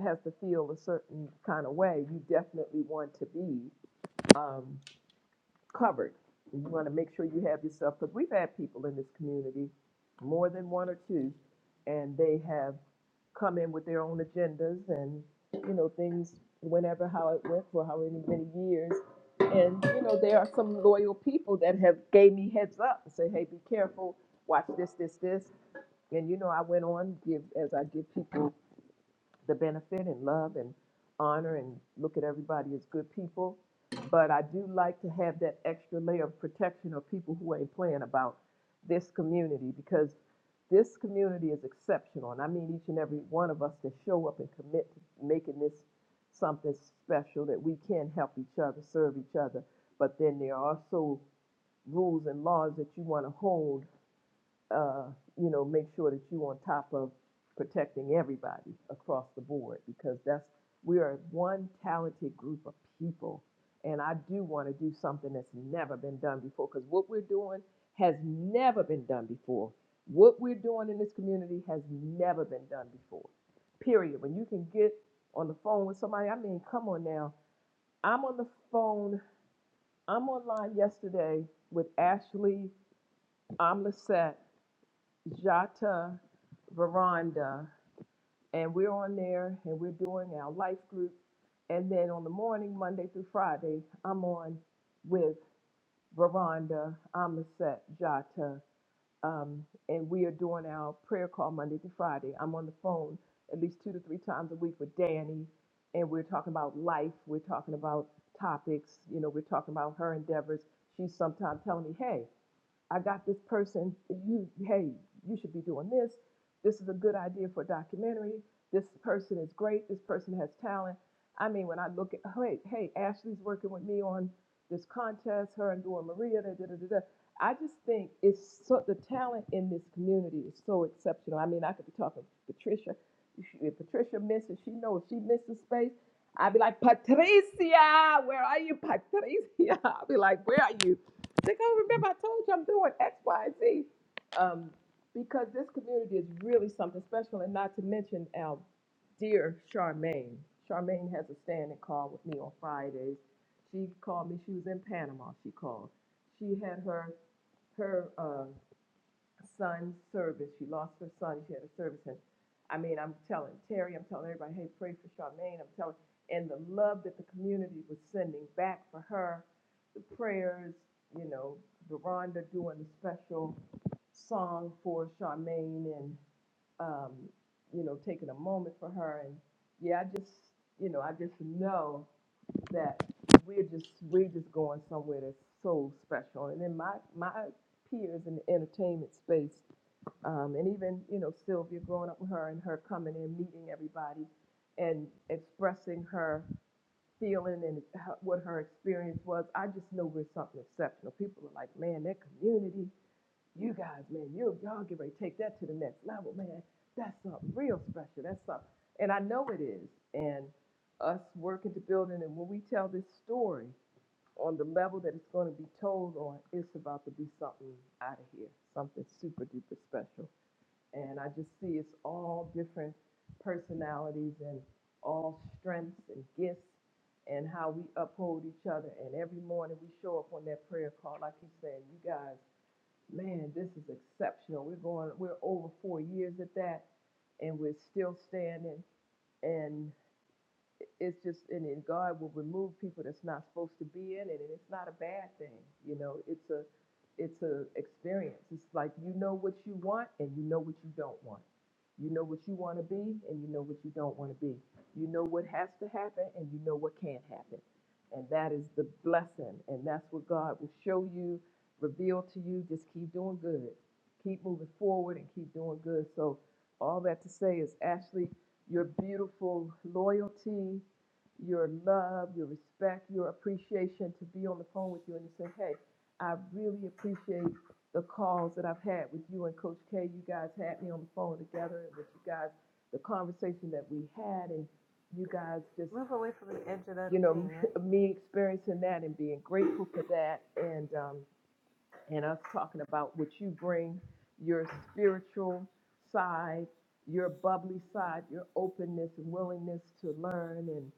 S1: has to feel a certain kind of way, you definitely want to be um, covered. You want to make sure you have yourself, because we've had people in this community, more than one or two, and they have come in with their own agendas and, you know, things whenever how it went for however many many years. And, you know, there are some loyal people that have gave me heads up and say, hey, be careful, watch this, this, this. And, you know, I went on, give as I give people the benefit and love and honor and look at everybody as good people. But I do like to have that extra layer of protection of people who ain't playing about this community because this community is exceptional. And I mean each and every one of us to show up and commit to making this something special that we can help each other, serve each other. But then there are also rules and laws that you want to hold uh, you know, make sure that you are on top of protecting everybody across the board because that's we are one talented group of people, and I do want to do something that's never been done before because what we're doing has never been done before. What we're doing in this community has never been done before. Period. When you can get on the phone with somebody, I mean, come on now. I'm on the phone. I'm online yesterday with Ashley Omlissette Jata Veranda, and we're on there and we're doing our life group. And then on the morning, Monday through Friday, I'm on with Veranda, Amaset, Jata, um, and we are doing our prayer call Monday through Friday. I'm on the phone at least two to three times a week with Danny, and we're talking about life. We're talking about topics. You know, we're talking about her endeavors. She's sometimes telling me, hey, I got this person, you, hey, you should be doing this. This is a good idea for a documentary. This person is great. This person has talent. I mean, when I look at, hey, hey, Ashley's working with me on this contest, her and Dora Maria, da, da, da, da. I just think it's so, the talent in this community is so exceptional. I mean, I could be talking to Patricia. If Patricia misses, she knows if she misses space. I'd be like, Patricia, where are you, Patricia? I'd be like, where are you? They go, remember I told you I'm doing X, Y, Z. Um, because this community is really something special, and not to mention our dear Charmaine. Charmaine has a standing call with me on Fridays. She called me. She was in Panama. She called. She had her her. uh, son's service. She lost her son. She had a service, and I mean, I'm telling Terry, I'm telling everybody, hey, pray for Charmaine. I'm telling, and the love that the community was sending back for her, the prayers, you know, Veranda doing the special song for Charmaine, and um, you know, taking a moment for her, and yeah, I just, you know, I just know that we're just we're just going somewhere that's so special. And then my my peers in the entertainment space, um, and even you know Sylvia growing up with her and her coming in, meeting everybody, and expressing her feeling and her, what her experience was. I just know we're something exceptional. People are like, man, their community you guys, man, you y'all get ready to take that to the next level, man. That's something real special. That's something, and I know it is. And us working to build it, and when we tell this story on the level that it's going to be told on, it's about to be something out of here, something super duper special. And I just see it's all different personalities and all strengths and gifts and how we uphold each other. And every morning we show up on that prayer call, like you said, you guys. Man, this is exceptional. We're going, we're over four years at that, and we're still standing. And it's just and then God will remove people that's not supposed to be in it, and it's not a bad thing. You know, it's a it's a experience. It's like you know what you want and you know what you don't want. You know what you want to be and you know what you don't want to be. You know what has to happen and you know what can't happen. And that is the blessing. And that's what God will show you, reveal to you. Just keep doing good. Keep moving forward and keep doing good. So all that to say is Ashley, your beautiful loyalty, your love, your respect, your appreciation to be on the phone with you and to say, hey, I really appreciate the calls that I've had with you and Coach K. You guys had me on the phone together and with you guys, the conversation that we had, and you guys just,
S7: Move away from the edge of that
S1: you know,
S7: thing, right?
S1: me experiencing that and being grateful for that. And, um, and us talking about what you bring your spiritual side, your bubbly side, your openness and willingness to learn. and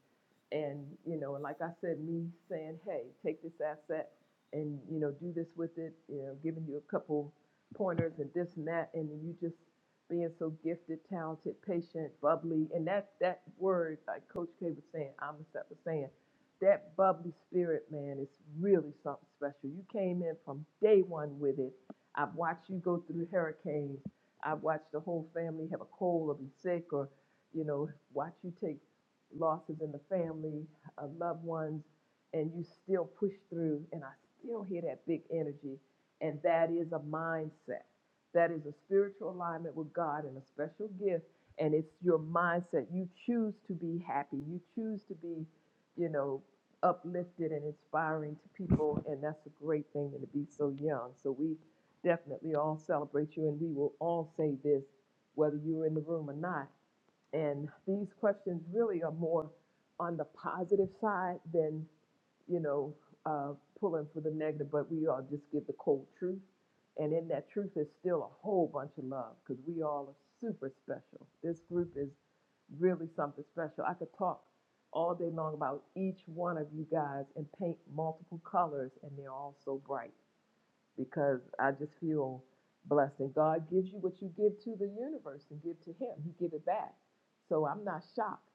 S1: and you know and like i said me saying hey take this asset and you know do this with it you know giving you a couple pointers and this and that and you just being so gifted talented patient bubbly and that that word like coach k was saying amistad was saying that bubbly spirit man is really something special you came in from day one with it i've watched you go through hurricanes i've watched the whole family have a cold or be sick or you know watch you take losses in the family, uh, loved ones, and you still push through. And I still hear that big energy. And that is a mindset. That is a spiritual alignment with God and a special gift. And it's your mindset. You choose to be happy. You choose to be, you know, uplifted and inspiring to people. And that's a great thing and to be so young. So we definitely all celebrate you. And we will all say this, whether you're in the room or not and these questions really are more on the positive side than, you know, uh, pulling for the negative, but we all just give the cold truth. And in that truth is still a whole bunch of love because we all are super special. This group is really something special. I could talk all day long about each one of you guys and paint multiple colors, and they're all so bright because I just feel blessed. And God gives you what you give to the universe and give to Him. He give it back. So I'm not shocked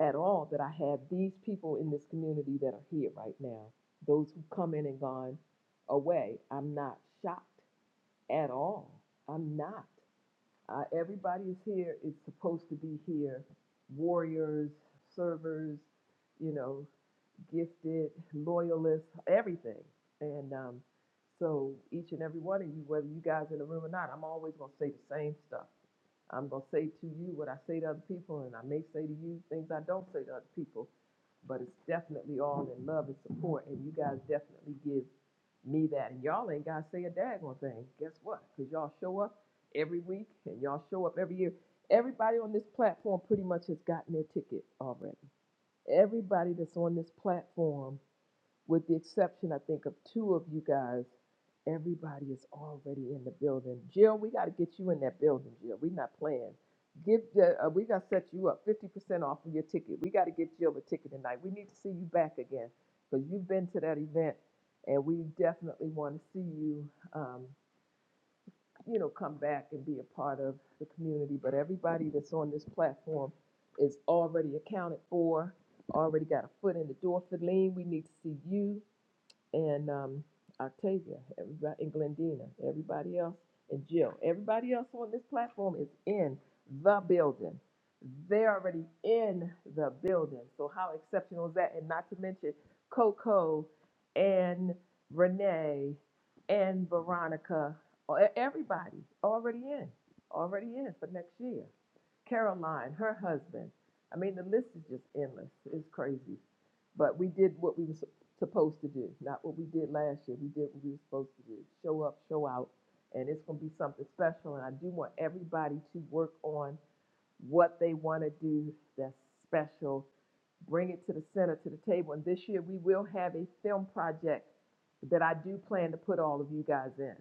S1: at all that I have these people in this community that are here right now. Those who come in and gone away. I'm not shocked at all. I'm not. Uh, everybody is here. It's supposed to be here. Warriors, servers, you know, gifted, loyalists, everything. And um, so each and every one of you, whether you guys in the room or not, I'm always gonna say the same stuff. I'm gonna say to you what I say to other people, and I may say to you things I don't say to other people. But it's definitely all in love and support, and you guys definitely give me that. And y'all ain't gotta say a daggone thing. Guess what? Cause y'all show up every week, and y'all show up every year. Everybody on this platform pretty much has gotten their ticket already. Everybody that's on this platform, with the exception, I think, of two of you guys, everybody is already in the building. Jill, we got to get you in that building, Jill. We're not playing. Give the, uh, we got to set you up 50% off of your ticket. We got to get Jill a ticket tonight. We need to see you back again because you've been to that event and we definitely want to see you. Um, you know, come back and be a part of the community. But everybody that's on this platform is already accounted for, already got a foot in the door. Feline, we need to see you and um, Octavia, everybody, and Glendina, everybody else, and Jill. Everybody else on this platform is in the building. They're already in the building. So how exceptional is that? And not to mention Coco and Renee and Veronica, or e- everybody already in, already in for next year. Caroline, her husband. I mean, the list is just endless. It's crazy. But we did what we were supposed to do, not what we did last year. We did what we were supposed to do show up, show out, and it's going to be something special. And I do want everybody to work on what they want to do that's special, bring it to the center, to the table. And this year we will have a film project that I do plan to put all of you guys in.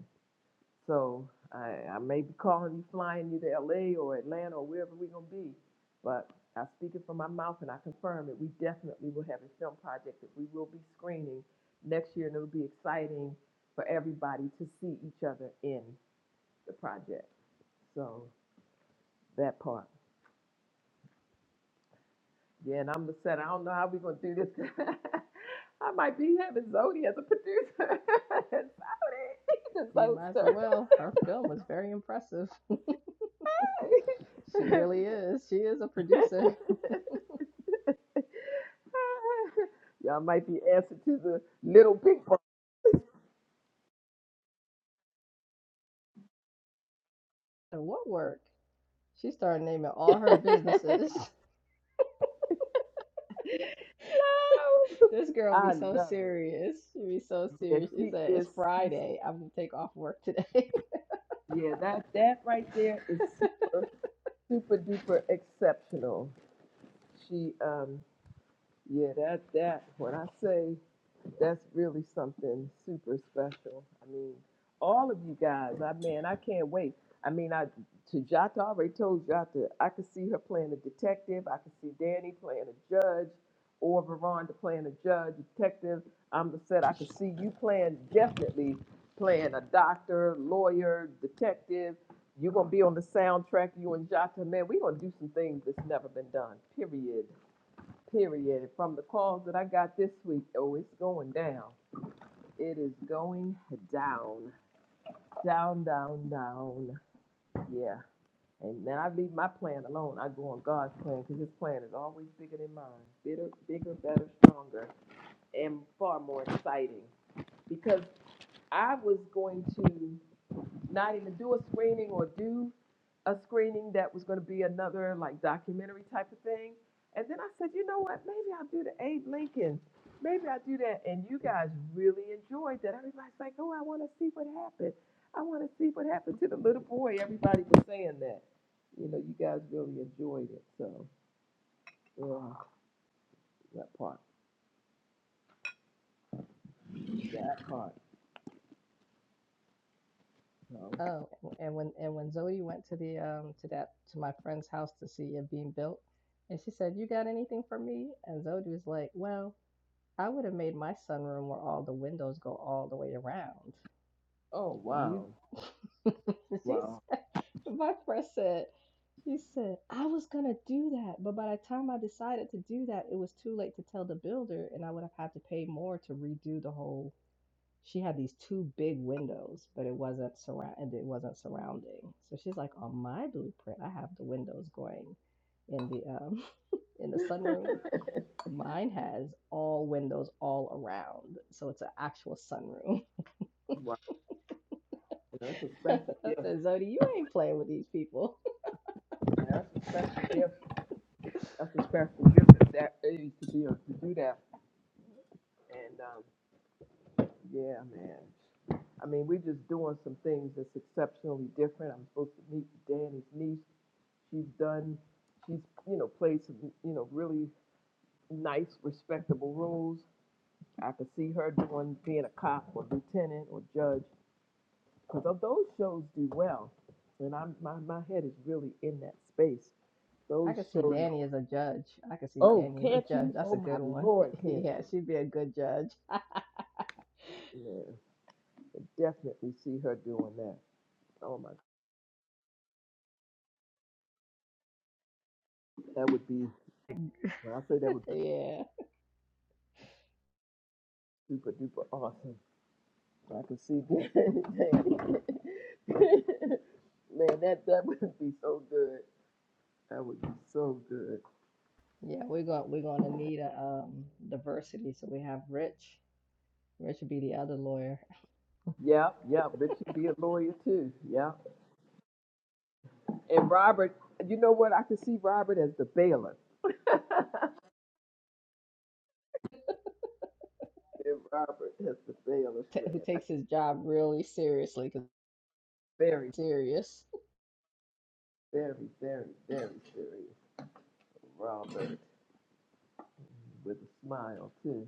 S1: So I, I may be calling you, flying you to LA or Atlanta or wherever we're gonna be. But I speak it from my mouth and I confirm it. We definitely will have a film project that we will be screening next year, and it'll be exciting for everybody to see each other in the project. So that part. Yeah, and I'm the set. I don't know how we're gonna do this. I might be having Zodi as a producer.
S4: You
S1: Zodi,
S4: might as well. Her film was very impressive. she
S1: the
S4: really
S1: Zodster.
S4: is. She is a producer.
S1: Y'all might be answer to the little pink one.
S4: And what work? She started naming all her businesses. This girl be
S1: I
S4: so
S1: love it.
S4: serious. She be so
S1: Yeah,
S4: serious. She
S1: she
S4: said, "It's
S1: is.
S4: Friday. I'm gonna take off work today."
S1: Yeah, that that right there is super super duper exceptional. She um yeah that that when I say that's really something super special. I mean, all of you guys, I mean, I can't wait. I mean, I to Jata I already told Jata, I could see her playing a detective. I could see Danny playing a judge, or Veronda playing a judge, detective. I'm the set. I could see you playing definitely playing a doctor, lawyer, detective. You're gonna be on the soundtrack. You and Jata, man, we're gonna do some things that's never been done. Period period. From the calls that I got this week, oh, it's going down. It is going down, down, down, down. Yeah. And then I leave my plan alone. I go on God's plan because His plan is always bigger than mine, bigger, bigger, better, stronger, and far more exciting. Because I was going to. not even do a screening or do a screening that was going to be another like documentary type of thing. And then I said, you know what? Maybe I'll do the Abe Lincoln. Maybe I'll do that. And you guys really enjoyed that. Everybody's like, oh, I want to see what happened. I want to see what happened to the little boy. Everybody was saying that. You know, you guys really enjoyed it. So, yeah, that part, that part. So,
S4: oh, and when and when Zoe went to the um to that to my friend's house to see it being built, and she said, "You got anything for me?" And Zoe was like, "Well, I would have made my sunroom where all the windows go all the way around."
S1: oh, wow.
S4: You, she
S1: Wow.
S4: said, my friend said, she said, I was gonna do that, but by the time I decided to do that, it was too late to tell the builder, and I would have had to pay more to redo the whole. She had these two big windows, but it wasn't surround, it wasn't surrounding. So she's like, on my blueprint, I have the windows going in the um in the
S1: wow.
S4: sunroom. Mine has all windows all around, so it's an actual sunroom.
S1: You know, That's a
S4: I
S1: special gift.
S4: said, Zodi, you ain't playing with these people.
S1: That's a special gift That's a special gift at that age to be able to do that. And um, yeah, man. I mean, we're just doing some things that's exceptionally different. I'm supposed to meet Danny's niece. She's done. She's you know played some you know really nice, respectable roles. I could see her doing being a cop or lieutenant or judge because of those shows do well. And I'm my my head is really in that space.
S4: I
S1: Those
S4: could see
S1: shows.
S4: Danny as a judge. I could see
S1: Oh,
S4: Danny as a
S1: can't
S4: judge.
S1: you?
S4: That's
S1: Oh
S4: a
S1: my
S4: good one.
S1: lord, can't
S4: yeah,
S1: you?
S4: she'd be a good judge.
S1: Yeah. can definitely see her doing that. Oh my, that would be, when I say that would be
S4: yeah,
S1: super duper awesome. so I can see that. Man, that, that would be so good. That would be so good.
S4: yeah. We're going. We're going to need a um, diversity. So we have Rich. Rich would be the other lawyer
S1: Yeah, yeah, Rich be a lawyer too. Yeah. And Robert, you know what? I can see Robert as the bailiff. And Robert as the bailiff,
S4: who
S1: man. I
S4: takes his job really seriously. 'cause
S1: very,
S4: it's serious.
S1: very, very, very serious. Robert with a smile too.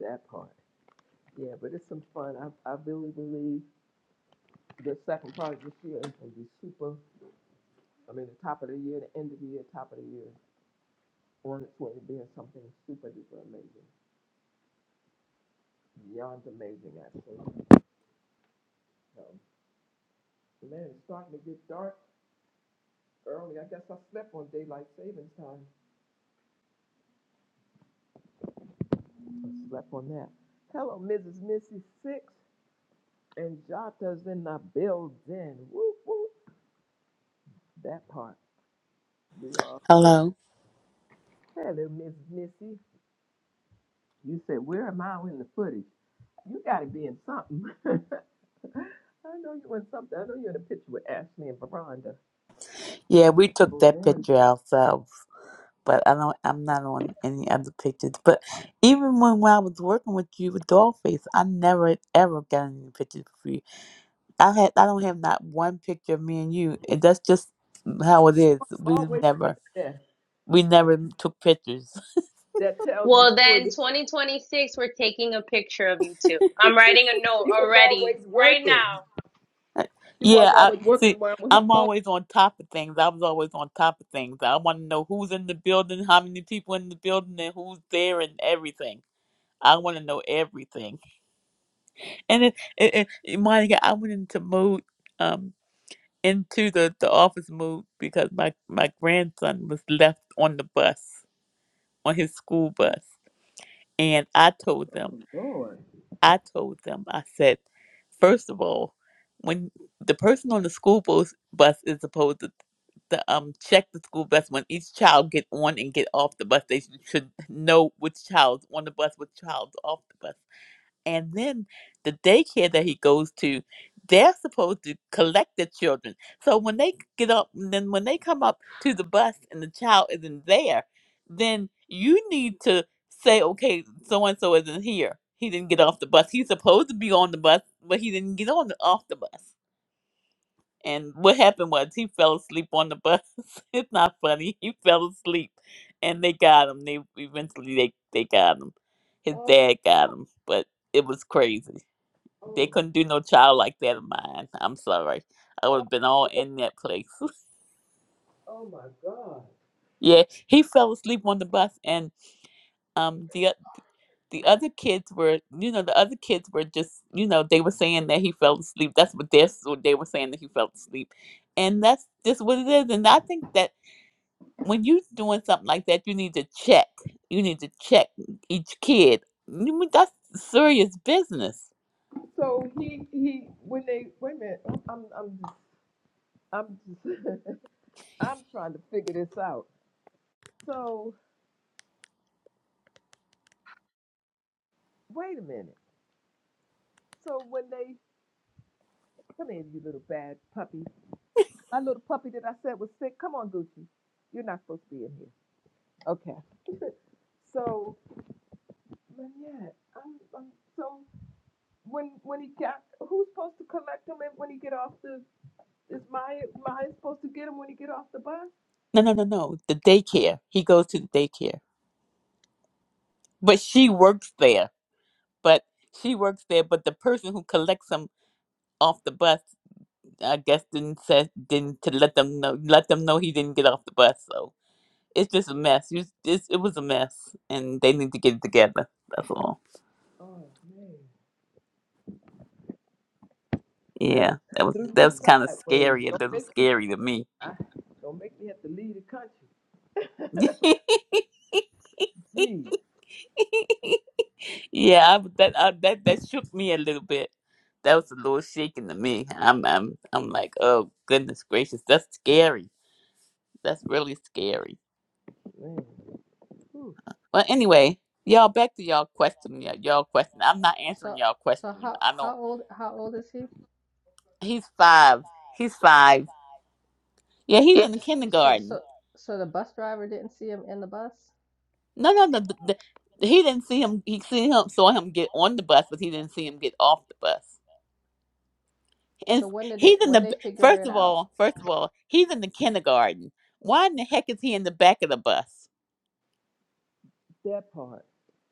S1: That part. Yeah, but it's some fun. I, I really believe the second part of this year is going to be super. I mean, the top of the year, the end of the year, top of the year, on its way to being something super duper amazing, beyond amazing, actually. So, man, it's starting to get dark early. I guess I slept on daylight savings time. I slept on that. Hello, Mrs. Missy Six, and Jata's in the building. Whoop whoop. That part we are. in.
S8: Hello.
S1: Hello, Mrs. Missy. You said, where am I in the footage? You got to be in something. I know you in something. I know you're in a picture with Ashley and Veranda.
S8: Yeah, we took that
S1: Veranda.
S8: picture ourselves, but I don't. I'm not on any other pictures. But even when, when I was working with you with Dollface, I never ever got any pictures for you. I had. I don't have not one picture of me and you. And that's just how it is. We
S1: Always
S8: never.
S1: there.
S8: We never took pictures.
S1: That tells the
S2: Well,
S1: story.
S2: then
S1: that
S2: 2026, we're taking a picture of you too. I'm writing a note
S1: She was
S2: already,
S1: always
S2: right
S1: working.
S2: now.
S1: She
S8: yeah.
S1: was
S8: I
S1: always working
S8: see.
S1: around with her
S8: I'm
S1: phone.
S8: always on top of things. I was always on top of things. I want to know who's in the building, how many people in the building, and who's there, and everything. I want to know everything. And it, it, it it- Monica, I went into mood, um, into the, the office mood because my, my grandson was left on the bus, on his school bus. And I told them,
S1: Lord.
S8: I told them, I said, first of all, when the person on the school bus, bus is supposed to, to um check the school bus when each child get on and get off the bus, they should should know which child's on the bus, which child's off the bus. And then the daycare that he goes to, they're supposed to collect the children. So when they get up, and then when they come up to the bus and the child isn't there, then you need to say, okay, so and so isn't here. He didn't get off the bus. He's supposed to be on the bus, but he didn't get on the, off the bus. And what happened was he fell asleep on the bus. it's not funny. He fell asleep, and they got him. They eventually they they got him. His
S1: Oh,
S8: dad got him, but it was crazy. They
S1: oh,
S8: couldn't do no child like that of mine. I'm sorry. I would
S1: oh,
S8: have been all in that place.
S1: oh my God.
S8: Yeah, he fell asleep on the bus, and um, the o- the other kids were, you know, the other kids were just, you know, they were saying that he fell asleep. That's what they what they were saying that he fell asleep, and that's just what it is. And I think that when you doing something like that, you need to check. You need to check each kid. You mean, That's serious business.
S1: So he, he, when they, wait a minute. Oh, I'm, I'm, just, I'm, just, I'm trying to figure this out. So wait a minute. So when they, come in, you little bad puppy. My little puppy that I said was sick. Come on, Gucci. You're not supposed to be in here. Okay. So, but yeah, I'm, I'm so when when he got who's supposed to collect him if- when he get off the is Maya Maya supposed to get him when he get off the bus?
S8: No, no, no, no. The daycare. He goes to the daycare, but she works there but she works there. But the person who collects them off the bus, I guess, didn't say didn't to let them know let them know he didn't get off the bus. So it's just a mess. You it's, it was a mess, and they need to get it together. That's all.
S1: Oh man, that done
S8: Yeah, that was
S1: threw
S8: that
S1: me
S8: was kind of
S1: sideways.
S8: scary, a
S1: Don't
S8: little
S1: make me
S8: scary to me.
S1: I, don't make me have to leave the country. Jeez,
S8: yeah, I, that I, that that shook me a little bit. That was a little shaking to me. I'm I'm I'm like, oh goodness gracious, that's scary. That's really scary.
S1: man, Whew,
S8: Well, anyway, y'all back to y'all question. Y'all, y'all question. I'm not answering
S4: So,
S8: y'all
S4: so
S8: question.
S4: how
S8: I don't.
S4: how old how old is he?
S8: He's five. He's five. Yeah, he's in the
S4: So
S8: kindergarten.
S4: so so the bus driver didn't see him in the bus.
S8: No, no, no. The, the, he didn't see him. He see him saw him get on the bus, but he didn't see him get off the bus. And
S4: So when did they
S8: he's in
S4: when
S8: the
S4: they figure
S8: first
S4: it
S8: of
S4: out?
S8: all. First of all, he's in the kindergarten. Why in the heck is he in the back of the bus?
S1: that part.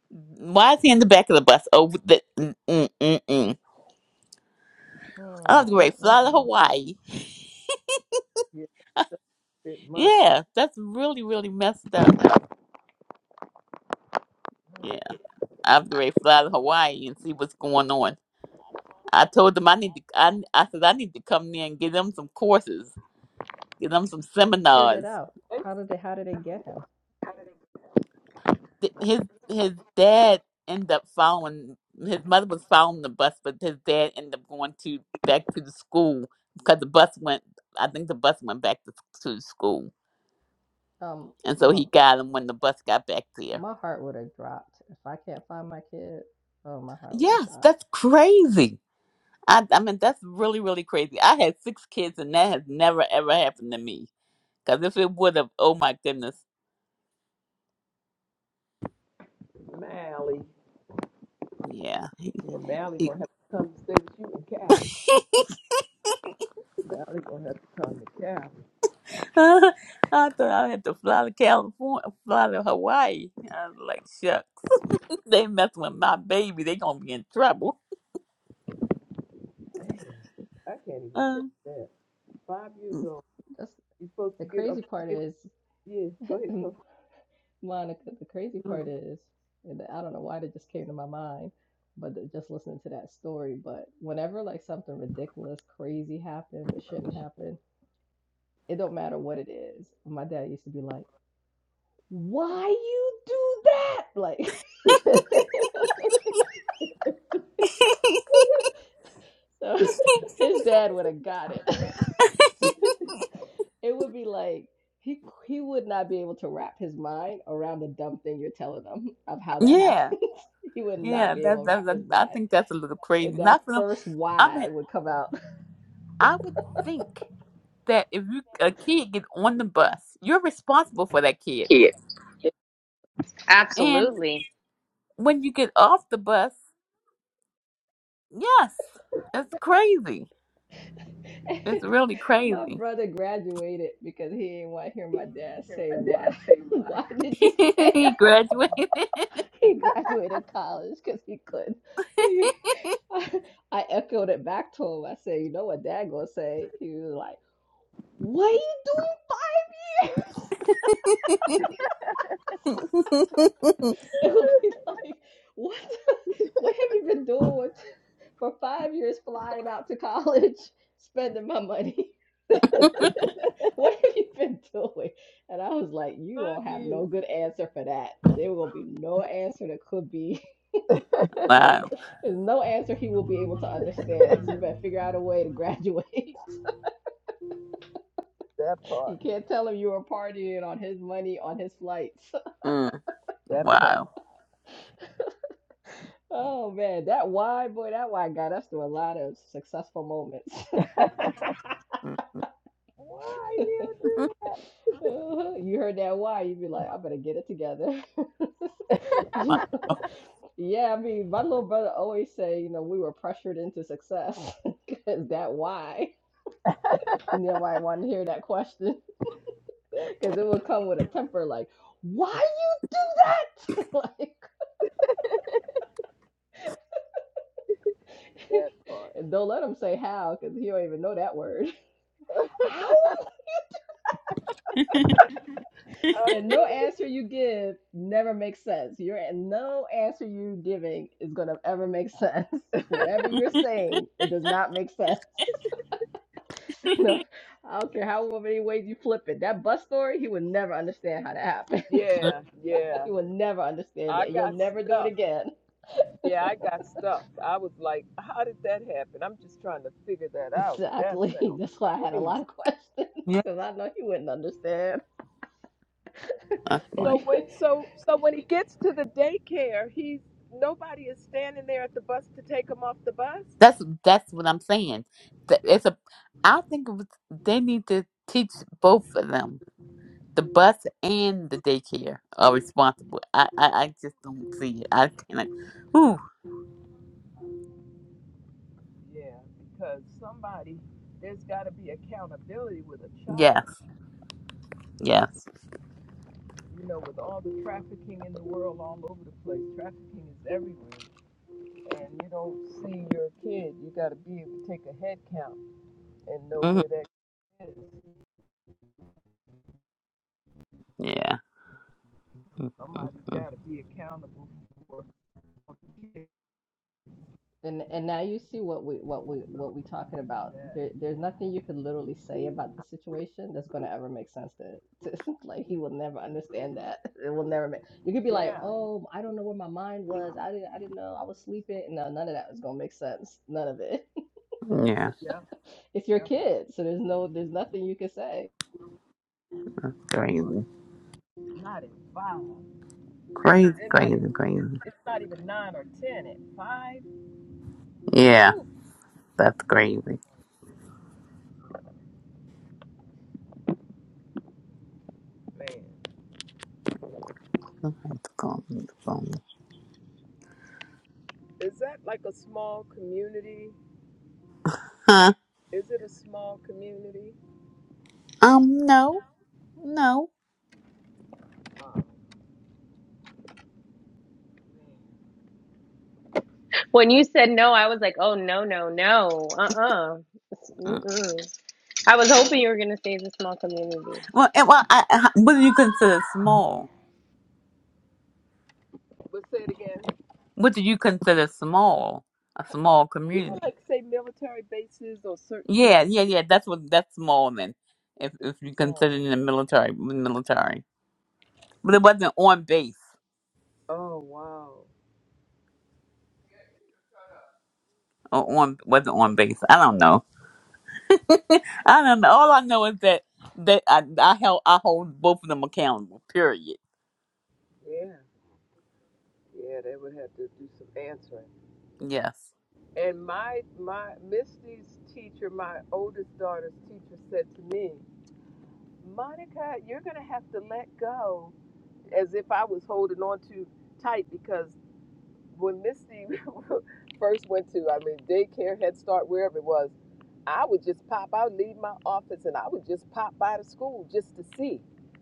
S8: Why is he in the back of the bus? Oh, the mm mm mm. mm.
S4: Hmm,
S8: I was great.
S4: mm,
S8: Fly
S4: mm,
S8: to
S4: mm.
S8: Hawaii.
S1: Yeah, bit months.
S8: Yeah, that's really really messed up Yeah, I'm ready to fly to Hawaii and see what's going on. I told them I need to. I, I said I need to come there and give them some courses, give them some
S4: Figured it
S8: seminars.
S4: out.
S1: Hey,
S4: How did they how did they get him?
S8: Th- His his dad ended up following. His mother was following the bus, but his dad ended up going to back to the school because the bus went. I think the bus went back to, to the school,
S4: Um,
S8: and so
S4: Ma-
S8: he got him when the bus got back there.
S4: My heart would have dropped if I can't find my kid. Oh, my heart would have
S8: Yes,
S4: dropped.
S8: that's crazy. I, I mean, that's really, really crazy. I had six kids, and that has never, ever happened to me Because if it would have, oh my goodness,
S1: Mally,
S8: yeah.
S1: yeah, Mally gonna have to come stay with you in Cali. Valley gonna have to come to Cal.
S8: I thought I had to fly to California, fly to Hawaii. I was like, shucks, they messing with my baby. They gonna be in trouble.
S1: Man, I can't even
S8: Uh,
S1: picture that. Five years old.
S4: That's
S1: You're supposed
S4: the
S1: to get
S4: crazy
S1: up.
S4: part
S1: Get,
S4: is,
S1: yeah, go ahead, Coach.
S4: Monica. The crazy part
S1: Mm.
S4: is, and I don't know why that just came to my mind, but just listening to that story. But whenever like something ridiculous, crazy happens that shouldn't happen, it don't matter what it is. My dad used to be like, "Why you do that?" Like, so his dad would have got it. It would be like he he would not be able to wrap his mind around the dumb thing you're telling him of how that happens.
S8: yeah,
S4: he would not
S8: yeah.
S4: be able
S8: That's
S4: to
S8: that's.
S4: wrap
S8: That,
S4: his
S8: I
S4: mind.
S8: think that's a little
S4: And
S8: crazy.
S4: that
S8: Not for them.
S4: first
S8: I
S4: why
S8: mean,
S4: would come out.
S8: I would think that if you a kid get on the bus, you're responsible for that kid,
S1: Kid.
S8: and
S2: Absolutely.
S8: when you get off the bus, yes, it's crazy. It's really
S4: my
S8: crazy.
S4: brother graduated because he didn't want to hear my dad say
S1: I
S4: why.
S1: dad say why.
S4: Why did you fail?
S8: he graduated.
S4: He graduated college because he couldn't. He, I, I echoed it back to him. I said, "You know what Dad gonna say?" He was like, "What are you doing?" here?" It would be like, what, the- what have you been doing for five years flying out to college, spending my money? What, what have you been doing? And I was like, you
S1: Five
S4: don't have no
S1: years.
S4: good answer for that. There will be no answer that could be like,
S8: wow.
S4: there's no answer he will be able to understand. So you better figure out a way to graduate.
S1: That
S4: You
S1: part.
S4: can't tell him you were partying on his money on his flights.
S8: Mm,
S1: That part.
S8: wow.
S4: Oh man, that wine boy, that wine got us through a lot of successful moments.
S8: Mm,
S1: Why you do that?
S4: Uh-huh. You heard that why? You'd be like, I better get it together. You-
S8: wow.
S4: yeah, I mean, my little brother always say, you know, we were pressured into success. Is that why? Nobody wanted to hear that question
S1: That part.
S4: because it would come with a temper like, why you do that?
S1: That
S4: like,
S1: part.
S4: and don't let him say how because he don't even know that word. How? And no
S1: Oh,
S4: answer you give never makes sense. Your no answer you're giving is gonna ever make sense. Whatever you're saying, it does not make sense. No, I don't care how many ways you flip it. That bus story, he would never understand how that happened.
S1: yeah, yeah.
S4: he would never understand it,
S1: I
S4: and you'll
S1: got
S4: never do it
S1: stuck.
S4: again.
S1: Yeah, I got stuck. I was like, how did that happen? I'm just trying to figure that out. That
S4: Exactly.
S1: sounds
S4: That's why I had a lot
S1: crazy.
S4: of questions
S8: yeah.
S4: because I know he wouldn't understand
S8: That's
S4: if
S8: like
S1: So
S4: you.
S1: when so so when he gets to the daycare, he's nobody is standing there at the bus to take him off the bus?
S8: that's that's what I'm saying. Th- It's a. I think it was, they need to teach both of them. The bus and the daycare are responsible. I I, I just don't see it. I cannot. Ooh.
S1: Yeah, because somebody there's got to be accountability with a
S8: Yes.
S1: child.
S8: Yes.
S1: You know, with all the trafficking in the world all over the place, trafficking is everywhere. And you don't see your kid, you got to be able to take a head count and know
S8: hmm
S1: where that kid is.
S8: Yeah. Mm,
S1: Somebody's
S8: mm,
S1: got to be accountable for that.
S4: And and now you see what we what we what we talking about.
S1: Yeah.
S4: There, there's nothing you could literally say about the situation that's gonna ever make sense to, to like he will never understand that. It will never make. You could be like,
S1: Yeah.
S4: oh, I don't know where my mind was. I didn't I didn't know I was sleeping. No, none of that is gonna make sense. None of it.
S8: mm.
S1: Yeah.
S4: It's your
S1: Yeah.
S4: kid, so there's no there's nothing you can say.
S1: That part.
S8: Crazy.
S1: Not at 5 It's
S8: Crazy,
S1: not
S8: crazy,
S1: even.
S8: crazy.
S1: It's not even nine or ten at five.
S8: Yeah,
S1: Oof,
S8: that's crazy.
S1: man.
S8: I have to call him the phone.
S1: Is that like a small community?
S8: Huh?
S1: Is it a small community?
S8: Um, no. No.
S1: Oh, man.
S2: When you said no, I was like, oh, no, no, no. Uh uh
S8: Mm.
S2: Mm-mm. I was hoping you were going to say it's a small community.
S8: Well, eh, well I, I- what do you consider small?
S1: But say it again.
S8: What do you consider small? A
S1: Uh,
S8: small
S1: You know,
S8: community?
S1: like say military bases or certain
S8: Yeah, yeah, yeah. That's what that's small then. If if you
S1: communities.
S8: consider it in the military military, but it wasn't on base
S1: Oh wow.
S8: or on wasn't on base. I don't know. I don't know. All I know is that that I I held I hold both of them accountable. Period.
S1: Yeah. Yeah. They would have to do some answering.
S8: Yes.
S1: And my my Misty's teacher, my oldest daughter's teacher, said to me, Monica, you're gonna have to let go, as if I was holding on too tight because when Misty first went to, I mean, daycare, Head Start, wherever it was, I would just pop. I would leave my office and I would just pop by the school just to see,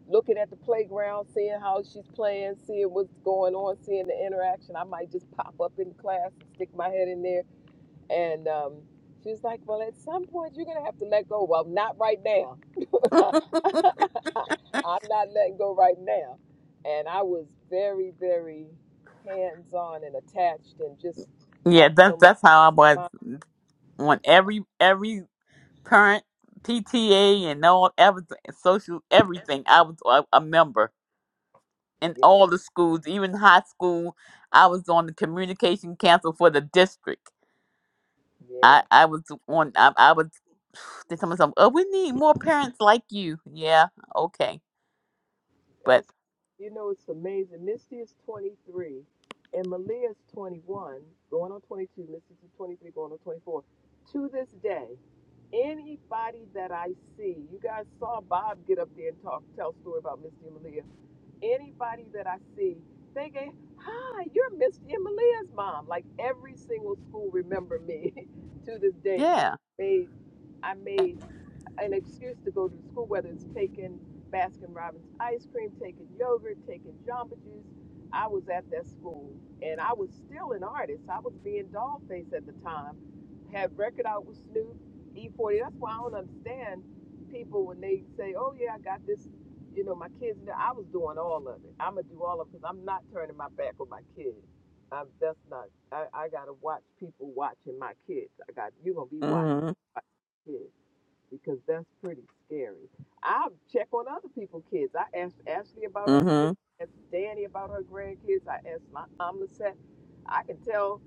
S1: looking at the playground, seeing how she's playing, seeing what's going on, seeing the interaction. I might just pop up in class and stick my head in there and um, she was like, Well, at some point, you're going to have to let go. Well, not right now. I'm not letting go right now. And I was very, very hands on and attached and just, I
S8: Yeah,
S1: don't know,
S8: that's
S1: my
S8: that's how I
S1: peace of
S8: was
S1: mind.
S8: when every every parent PTA and all everything social everything I was a, a member in
S1: Yeah.
S8: all
S1: they-
S8: the schools, even high school. I was on the communication council for the district.
S1: Yeah.
S8: I I was on I, I was they tell myself, oh, we need more parents like you. Yeah, okay,
S1: And I,
S8: but
S1: s- you know, it's amazing. Misty is 23 and Malia is 21, going on 22. Misty's 23, going on 24. To this day, Anybody that I see, you guys saw Bob get up there and talk, tell a story about Misty and Malia. Anybody that I see thinking, hi, you're Misty and Malia's mom. Like every single school remember me to this day because
S8: yeah,
S1: I made, I
S8: Eh,
S1: made, an excuse to go to school, whether it's taking Baskin Robbins ice cream, taking yogurt, taking Jamba Juice. I was at that school and I was still an artist. I was being Dollface at the time. Had record out with Snoop, E40. That's why I don't understand people when they say, oh, yeah, I got this. You know, my kids, I was doing all of it. I'm going to do all of it because I'm not turning my back on my kids. I'm, that's not, I, I got to watch people watching my kids. I got, you going to be watching
S8: mm-hmm,
S1: kids because that's pretty scary. I check on other people's kids. I asked Ashley about her
S8: mm-hmm,
S1: kids. I asked Danny about her grandkids. I asked my mom Lisette. I can tell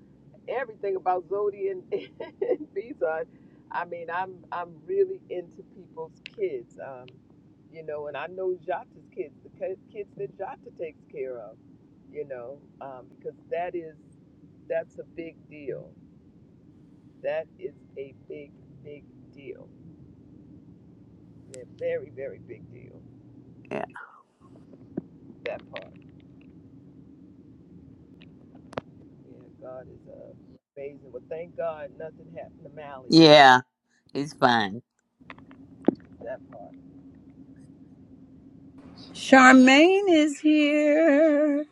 S1: everything about Zodi and, and Bison. I mean, I'm I'm really into people's kids. Um, you know, and I know Jata's kids, the ki- kids that Jata takes care of. You know, um, because that is that's a big deal. That is a big big deal they're very, very big deal.
S8: yeah,
S1: That part. Yeah, God is uh, amazing. Well, thank God nothing happened to Mally.
S8: yeah, he's fine.
S1: That part.
S5: Charmaine is here.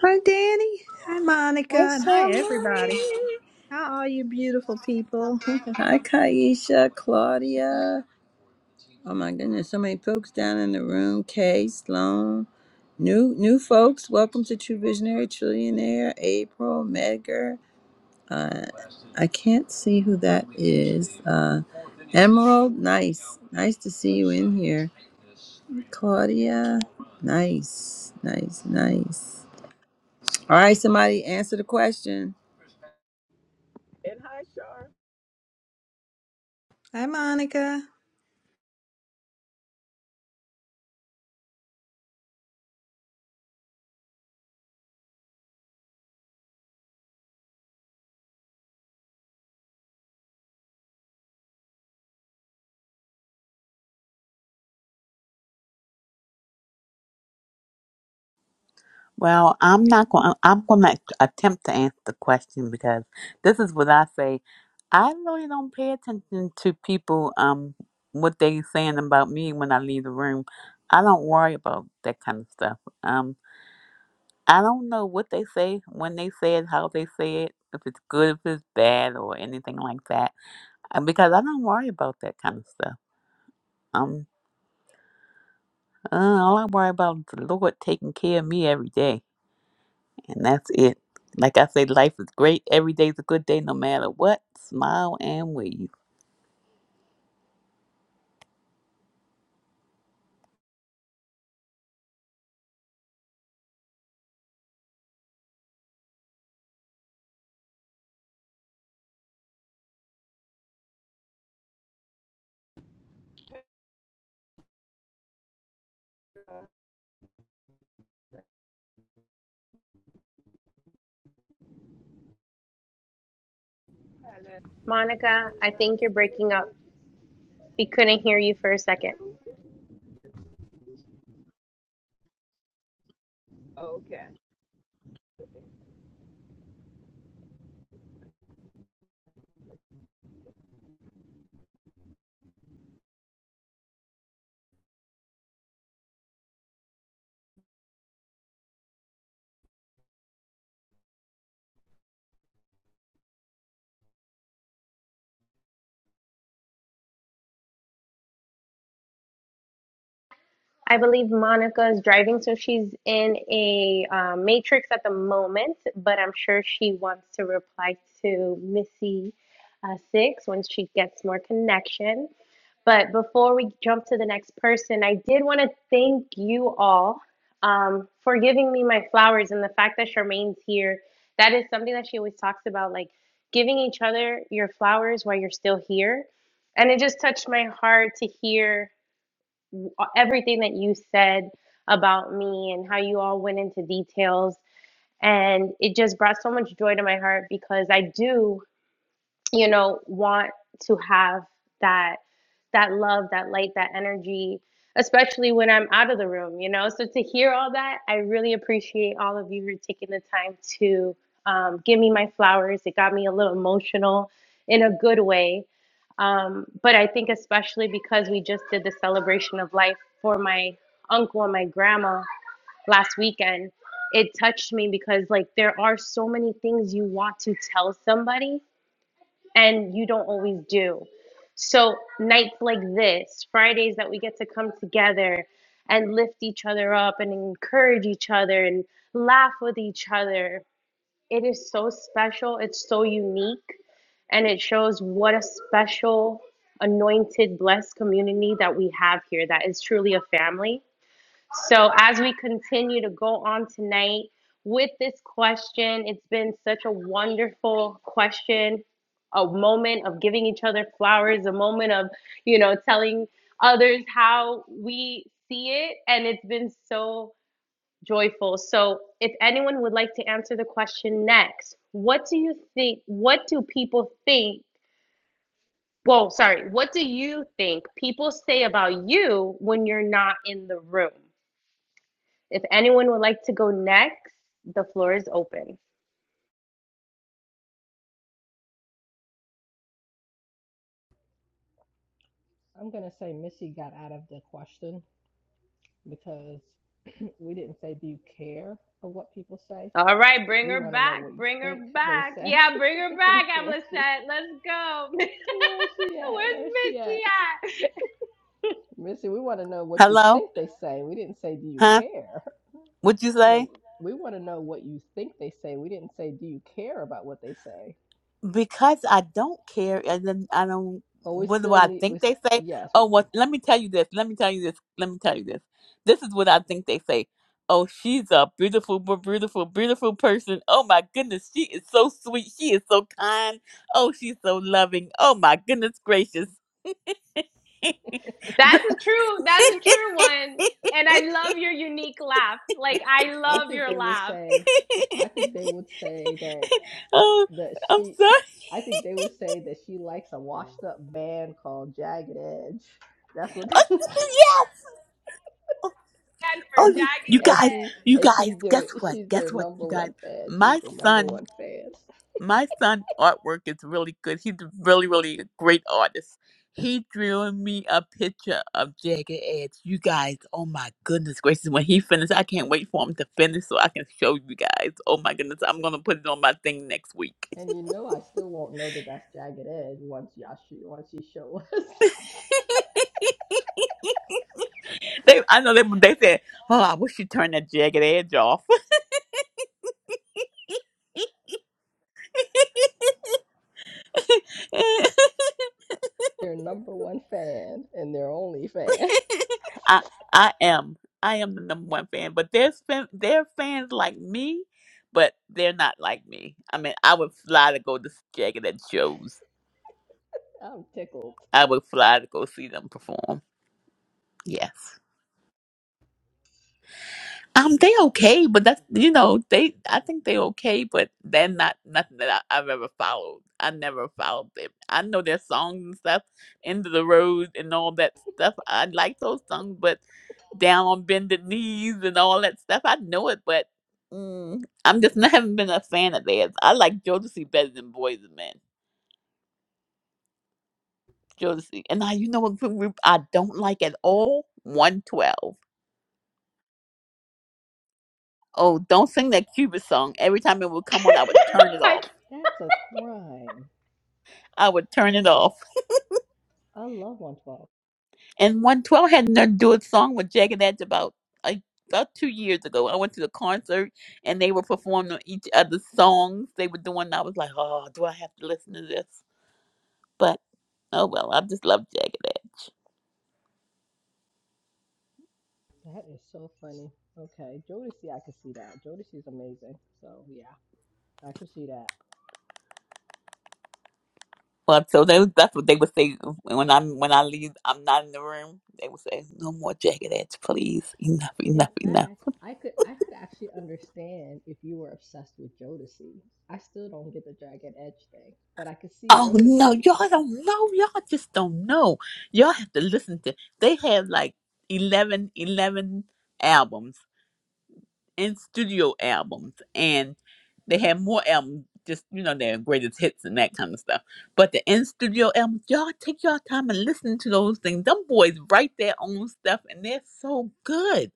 S9: Hi, Danny. Hi, Monica. And hi, everybody. How are you, beautiful people?
S5: Claudia. Oh my goodness, so many folks down in the room. Kay, Sloan, new new folks. Welcome to True Visionary Trillionaire, April, Medgar. Uh, I can't see who that is. Uh, Emerald, nice. Nice to see you in here. Claudia, nice, nice, nice. All right, somebody answer the question.
S1: And hi, Shar.
S9: hi, Monica.
S8: Well, I'm not going. I'm going to attempt to answer the question because this is what I say. I really don't pay attention to people. Um, what they saying about me when I leave the room. I don't worry about that kind of stuff. Um, I don't know what they say when they say it, how they say it, if it's good, if it's bad, or anything like that. Uh, Because I don't worry about that kind of stuff. Um, uh, all I worry about is the Lord taking care of me every day. And that's it. Like I say, life is great. Every day's a good day, no matter what. Smile and wave.
S1: Uh, hi,
S2: Monica,
S1: You
S2: I
S1: guys
S2: think you're breaking up.
S1: still
S2: We couldn't hear you for a second.
S1: here? Okay.
S2: I believe Monica's driving, so she's in a uh, matrix at the moment, but I'm sure she wants to reply to Missy uh, Six when she gets more connection. But before we jump to the next person, I did want to thank you all um, for giving me my flowers and the fact that Charmaine's here. That is something that she always talks about, like giving each other your flowers while you're still here. And it just touched my heart to hear uh, everything that you said about me and how you all went into details. And it just brought so much joy to my heart because I do you know want to have that that love that light that energy especially when i'm out of the room you know so to hear all that i really appreciate all of you who are taking the time to um, give me my flowers it got me a little emotional in a good way um, but i think especially because we just did the celebration of life for my uncle and my grandma last weekend it touched me because like there are so many things you want to tell somebody and you don't always do. So, nights like this, Fridays that we get to come together and lift each other up and encourage each other and laugh with each other, it is so special. It's so unique. And it shows what a special, anointed, blessed community that we have here that is truly a family. So, as we continue to go on tonight with this question, it's been such a wonderful question, a moment of giving each other flowers, a moment of, you know, telling others how we see it. And it's been so joyful. So, if anyone would like to answer the question next, what do you think? What do people think? Whoa, sorry. What do you think people say about you when you're not in the room? If anyone would like to go next, the floor is open.
S4: I'm gonna say Missy got out of the question because we didn't say do you care of what people say.
S2: All right, bring
S4: We
S2: her
S4: want to know
S2: back.
S4: what you
S2: Bring her
S4: think they
S2: back.
S4: say.
S2: Yeah, bring her back,
S4: where she?
S2: Amlisette. Let's go. Where's
S4: Where is she at? Where is she
S2: Missy
S4: at?
S2: at?
S4: Missy, we want to know what you
S8: Hello?
S4: think they say. We didn't say, do you
S8: Huh?
S4: care?
S8: What'd you
S4: Yeah,
S8: say?
S4: we want to know what you think they say. We didn't say, do you care about what they say?
S8: Because I don't care, and then I don't.
S4: But we
S8: What do
S4: still
S8: I
S4: need, we,
S8: think
S4: s-
S8: they say?
S4: yes.
S8: Oh, well, let me tell you this. Let me tell you this. Let me tell you this. This is what I think they say. Oh, she's a beautiful, bu- beautiful, beautiful person. Oh my goodness, she is so sweet. She is so kind. Oh, she's so loving. Oh my goodness gracious.
S2: That's a true, that's a true one. And I love your unique laugh.
S4: I
S2: Like I love
S4: think
S2: your
S4: they would
S2: laugh.
S4: say, I think they would say that,
S8: Oh,
S4: that
S8: I'm
S4: she,
S8: sorry.
S4: I think they would say that she likes a washed up band called Jagged Edge. That's what they
S8: yes.
S2: And for
S8: Oh,
S4: and
S8: you, you
S4: and
S8: guys,
S4: she
S8: you
S4: and
S8: guys.
S4: she's their
S8: Guess what?
S4: she's
S8: Guess
S4: their
S8: what?
S4: number
S8: You guys.
S4: one fan. She's
S8: My
S4: their number
S8: son,
S4: one fan.
S8: my son artwork is really good. He's really, really a great artist. He drew me a picture of Jagged Edge. You guys, oh my goodness gracious! When he finished, I can't wait for him to finish so I can show you guys. Oh my goodness, I'm gonna put it on my thing next week.
S4: And you know, I still won't know that that's Jagged Edge once y'all shoot, once you show us
S8: they, I know they, they said, "Oh, I wish you turned that Jagged Edge off."
S4: their number one fan and their only fan.
S8: I I am I am the number one fan, but there's fan there are fans like me, but they're not like me. I mean, I would fly to go to Jagged Edge shows.
S4: I'm tickled.
S8: I would fly to go see them perform. Yes. Um, they okay, but that's you know they. I think they okay, but they're not nothing that I, I've ever followed. I never followed them. I know their songs and stuff, "End of the Road" and all that stuff. I like those songs, but "Down on Bended Knees" and all that stuff. I know it, but mm, I'm just not haven't been a fan of theirs. I like Jodeci better than Boys and Men. Jodeci, and I, you know what group group I don't like at all? One Twelve. Oh, don't sing that Cuba song. Every time it would
S2: jagged
S8: come on, I would
S2: edge.
S8: turn it
S2: I,
S8: off.
S4: That's a crime.
S8: I would turn it off.
S4: I love 112.
S8: And 112 had nothing to do with song with Jagged Edge about like about two years ago. I went to the concert and they were performing each other's songs they were doing. And I was like, oh, do I have to listen to this? But oh well, I just love Jagged Edge.
S4: That is so funny. Okay, Jodeci, I could see that. Jodeci's amazing. So yeah, I could see that.
S8: Well, so they, that's what they would say when I'm when I leave. I'm not in the room. They would say, "No more jagged edge, please. Enough,
S4: In
S8: enough, enough."
S4: fact, I could I could actually understand if you were obsessed with Jodeci. I still don't get the Jagged Edge thing, but I could see
S8: Oh no,
S4: Jodeci.
S8: y'all don't know. Y'all just don't know. Y'all have to listen to. They have like 11, 11 albums and studio albums, and they have more albums. Just you know, their greatest hits and that kind of stuff. But the in studio albums, y'all take y'all time and listen to those things. Them boys write their own stuff, and they're so good.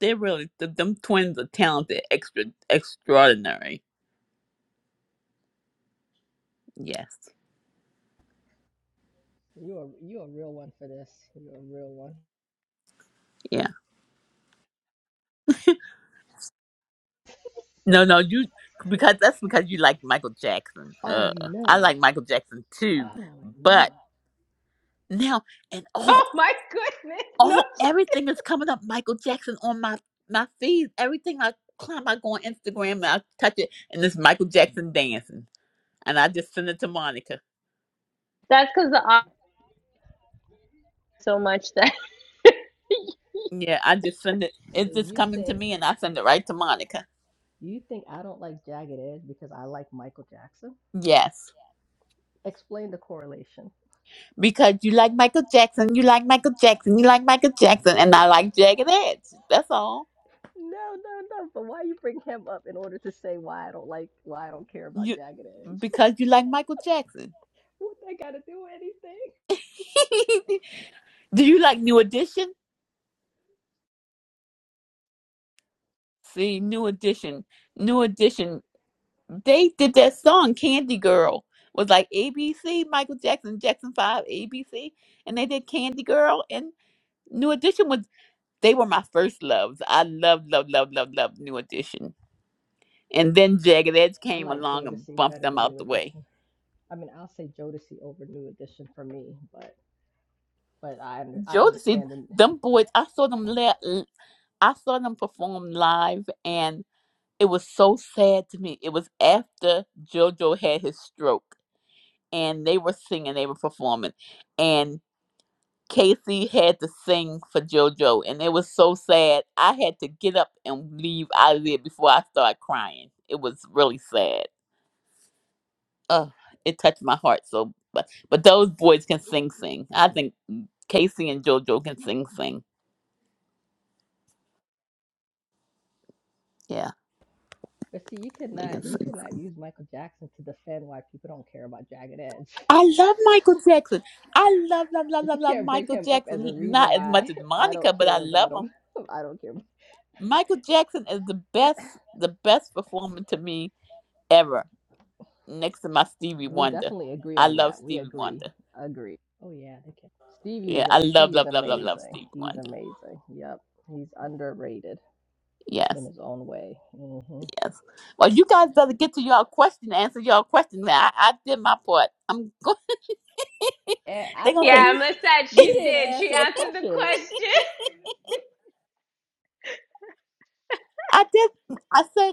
S8: They're really th- them twins are talented, extra extraordinary. Yes,
S4: You are you a real one for this. You're a real one.
S8: yeah. No, no, you because that's because you like Michael Jackson.
S4: Oh
S8: Uh, I
S4: no.
S8: like Michael Jackson too,
S4: Oh no.
S8: but now and all
S2: oh my goodness. No,
S8: all
S2: she-
S8: everything is coming up Michael Jackson on my my feed. Everything I climb, I go on Instagram and I touch it, and it's Michael Jackson dancing, and I just send it to Monica.
S2: that's because the off so much that
S8: Yeah, I just send it.
S4: So
S8: It's just
S4: you
S8: coming to
S4: think
S8: me, and I send it right to Monica.
S4: you think I don't like Jagged Edge because I like Michael Jackson?
S8: Yes,
S4: Explain the correlation.
S8: because you like Michael Jackson, you like Michael Jackson, you like Michael Jackson, and I like Jagged Edge. That's all.
S4: No, no, no. But why you bring him up in order to say why I don't like why I don't care about Jagged Edge?
S8: Because you like Michael Jackson.
S4: what that got to do with anything?
S8: Do you like New Edition? See, New Edition. New Edition. They did that song, Candy Girl. Was like ABC, Michael Jackson, Jackson 5, ABC. And they did Candy Girl. And New Edition was, they were my first loves. I love, love, love, love, love New Edition. And then Jagged Edge
S4: I
S8: came
S4: like
S8: along and
S4: Jodeci
S8: bumped
S4: better
S8: them
S4: than
S8: out
S4: New
S8: the way.
S4: Edition. I mean, I'll say Jodeci over New Edition for me, but but I un- I
S8: Jodeci,
S4: understand. the
S8: them boys, I saw them, la- I saw them perform live and. it was so sad to me. It was after JoJo had his stroke and they were singing, they were performing, and Casey had to sing for JoJo, and it was so sad. I had to get up and leave out of there before I started crying. It was really sad. Oh, it touched my heart so but but those boys can sing sing. I think Casey and JoJo can sing sing. Yeah,
S4: But see, you could
S8: they can
S4: not you
S8: sing.
S4: could not use Michael Jackson to defend why people don't care about Jagged Edge.
S8: I love Michael Jackson. I love, love, love,
S4: but you
S8: love, love
S4: can't bring
S8: Michael
S4: him up as
S8: Jackson.
S4: a
S8: He-
S4: reason
S8: Not as much
S4: why
S8: as
S4: I don't
S8: Monica, but I
S4: care
S8: love
S4: about him.
S8: him.
S4: I don't care.
S8: Michael Jackson is the best, the best performer to me ever. Next to my Stevie
S4: We
S8: Wonder.
S4: definitely agree
S8: I
S4: on
S8: love
S4: that. We
S8: Stevie
S4: agree.
S8: Wonder.
S4: Agree. Oh yeah, they can. Stevie's
S8: Yeah, I love,
S4: Stevie's
S8: love, love, love, love
S4: amazing.
S8: Stevie
S4: He's
S8: Wonder.
S4: amazing. Yep. He's underrated in
S8: Yes,
S4: his own way. hmm
S8: yes. Well, you guys better get to y'all question, answer y'all question. Now I, I did my part. I'm going.
S4: And I
S8: They're gonna
S4: told
S8: say
S2: yeah,
S4: you,
S2: Amlissette,
S4: you
S2: she
S4: didn't
S2: did. She
S4: answer the
S2: answered the
S4: question.
S2: question.
S8: I did. I said.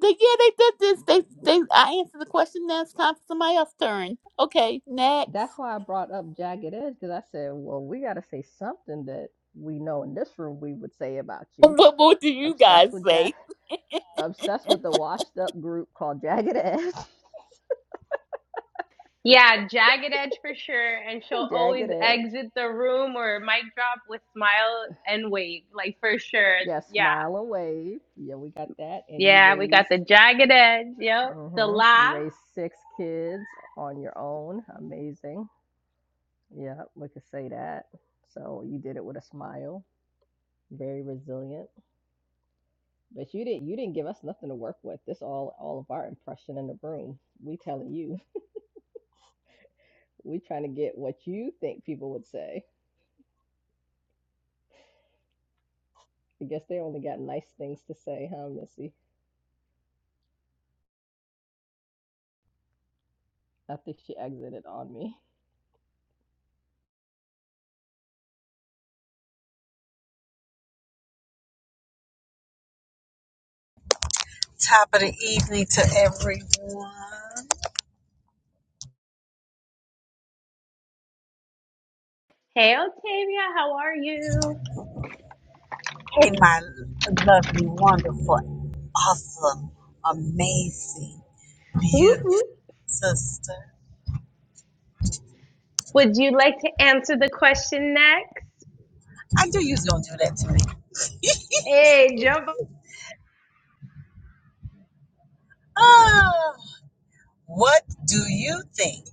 S8: They, yeah, they did this. They, they. I answered the question. Now it's time for somebody else's turn. Okay, next.
S4: That's why I brought up Jagged Edge because I said, well, we got to say something that we know in this room we would say about you.
S8: What more do you
S4: Obsessed
S8: guys
S4: with Jack,
S8: say?
S4: obsessed with the washed up group called Jagged Edge.
S2: Yeah, jagged edge for sure. And she'll
S4: Jagged
S2: always
S4: Edge.
S2: exit the room or mic drop with smile and wave, like for sure.
S4: Yeah,
S2: Yeah.
S4: smile and wave. Yeah, we got that. And you
S2: Yeah, we got
S4: raised,
S2: the jagged edge. Yep. The
S4: hmm you
S2: laugh.
S4: raised six kids on your own. Amazing. Yeah, we could say that. So you did it with a smile. Very resilient. But you didn't you didn't give us nothing to work with. This all all of our impression in the room. We telling you. We trying to get what you think people would say. I guess they only got nice things to say, huh, Missy? I think she exited on me.
S10: Top of the evening to everyone.
S2: Hey, Octavia, how are you?
S10: Hey, my lovely, wonderful, awesome, amazing,
S2: Woo
S10: beautiful
S2: woo.
S10: sister.
S2: Would you like to answer the question next?
S10: I knew you was gonna do that to me.
S2: Hey, jump.
S10: Ah, what do you think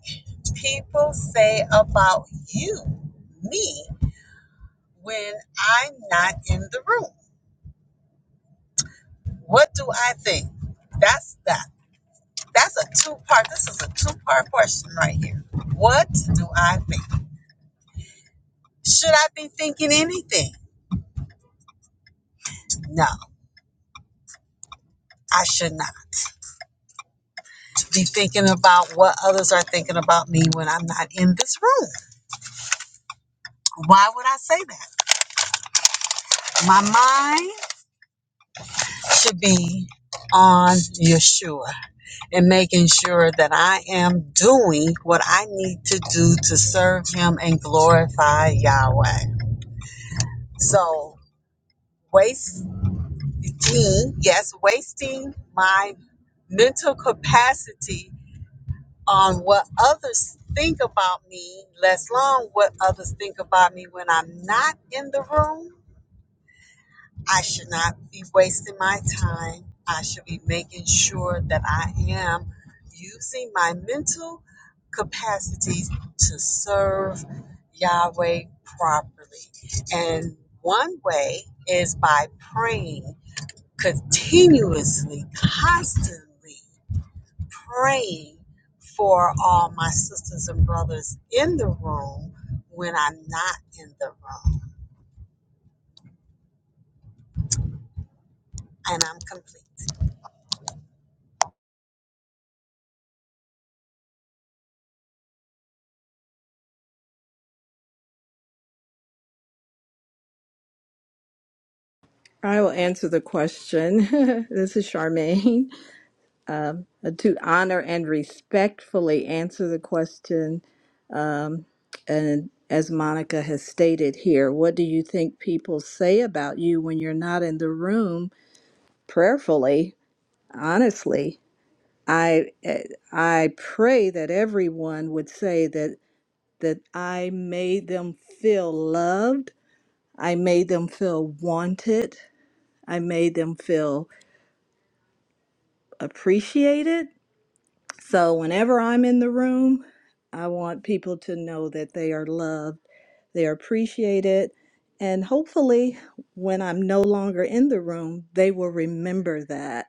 S10: people say about you, me, when I'm not in the room? What do I think? That's that. That's a two part. This is a two part question right here. What do I think? Should I be thinking anything? No, I should not be thinking about what others are thinking about me when I'm not in this room. Why would I say that? My mind should be on Yeshua and making sure that I am doing what I need to do to serve Him and glorify Yahweh. So, wasting, yes, wasting my mental capacity on what others think about me, less long what others think about me when I'm not in the room. I should not be wasting my time. I should be making sure that I am using my mental capacities to serve Yahweh properly. And one way is by praying continuously, constantly praying for all my sisters and brothers in the room when I'm not in the room. And I'm complete.
S9: I will answer the question. this is Charmaine. Uh, To honor and respectfully answer the question. And as Monica has stated here, what do you think people say about you when you're not in the room prayerfully? Honestly, I eh, I pray that everyone would say that that I made them feel loved I made them feel wanted. I made them feel appreciated. So whenever I'm in the room, I want people to know that they are loved, they are appreciated, and hopefully when I'm no longer in the room, they will remember that,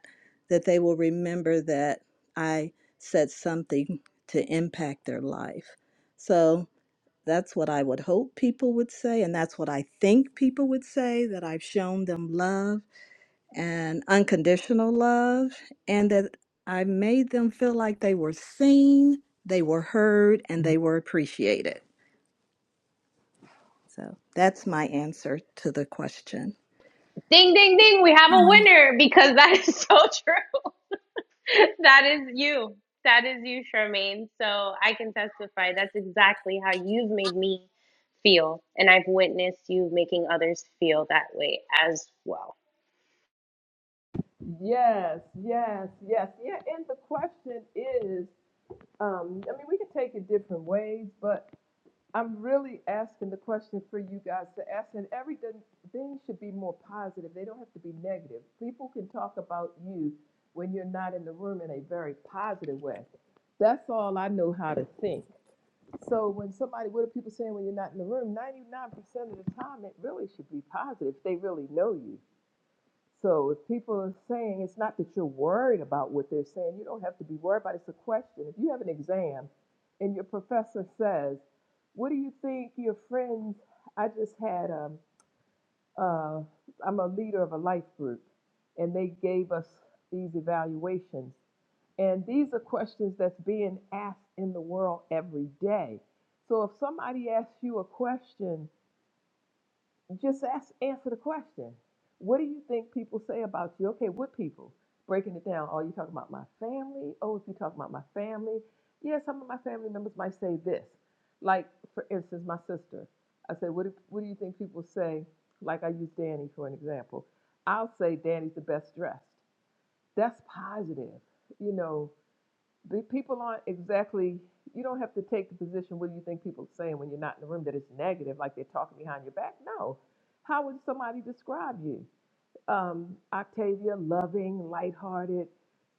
S9: that they will remember that I said something to impact their life. So that's what I would hope people would say, and that's what I think people would say that I've shown them love and unconditional love, and that I made them feel like they were seen, they were heard, and they were appreciated. So that's my answer to the question.
S2: Ding, ding, ding. We have a winner because that is so true. that is you. That is you, Charmaine. So I can testify that's exactly how you've made me feel. And I've witnessed you making others feel that way as well.
S1: Yes, yes, yes. Yeah, and the question is, um, I mean, we can take it different ways, but I'm really asking the question for you guys to ask, and everything thing should be more positive. They don't have to be negative. People can talk about you when you're not in the room in a very positive way. That's all I know how to think. So when somebody, what are people saying when you're not in the room? 99% of the time, it really should be positive. They really know you. So if people are saying, it's not that you're worried about what they're saying, you don't have to be worried about it. It's a question. If you have an exam and your professor says, what do you think your friends, I just had, um, uh, I'm a leader of a life group and they gave us these evaluations. And these are questions that's being asked in the world every day. So if somebody asks you a question just ask, answer the question. What do you think people say about you? Okay, what people? Breaking it down. Oh, you talking about my family? Oh, if you talking about my family, yeah, some of my family members might say this. Like, for instance, my sister. I said, what do, what do you think people say? Like, I use Danny for an example. I'll say Danny's the best dressed. That's positive. You know, the people aren't exactly you don't have to take the position what do you think people are saying when you're not in the room that it's negative like they're talking behind your back no how would somebody describe you um, Octavia, loving, lighthearted.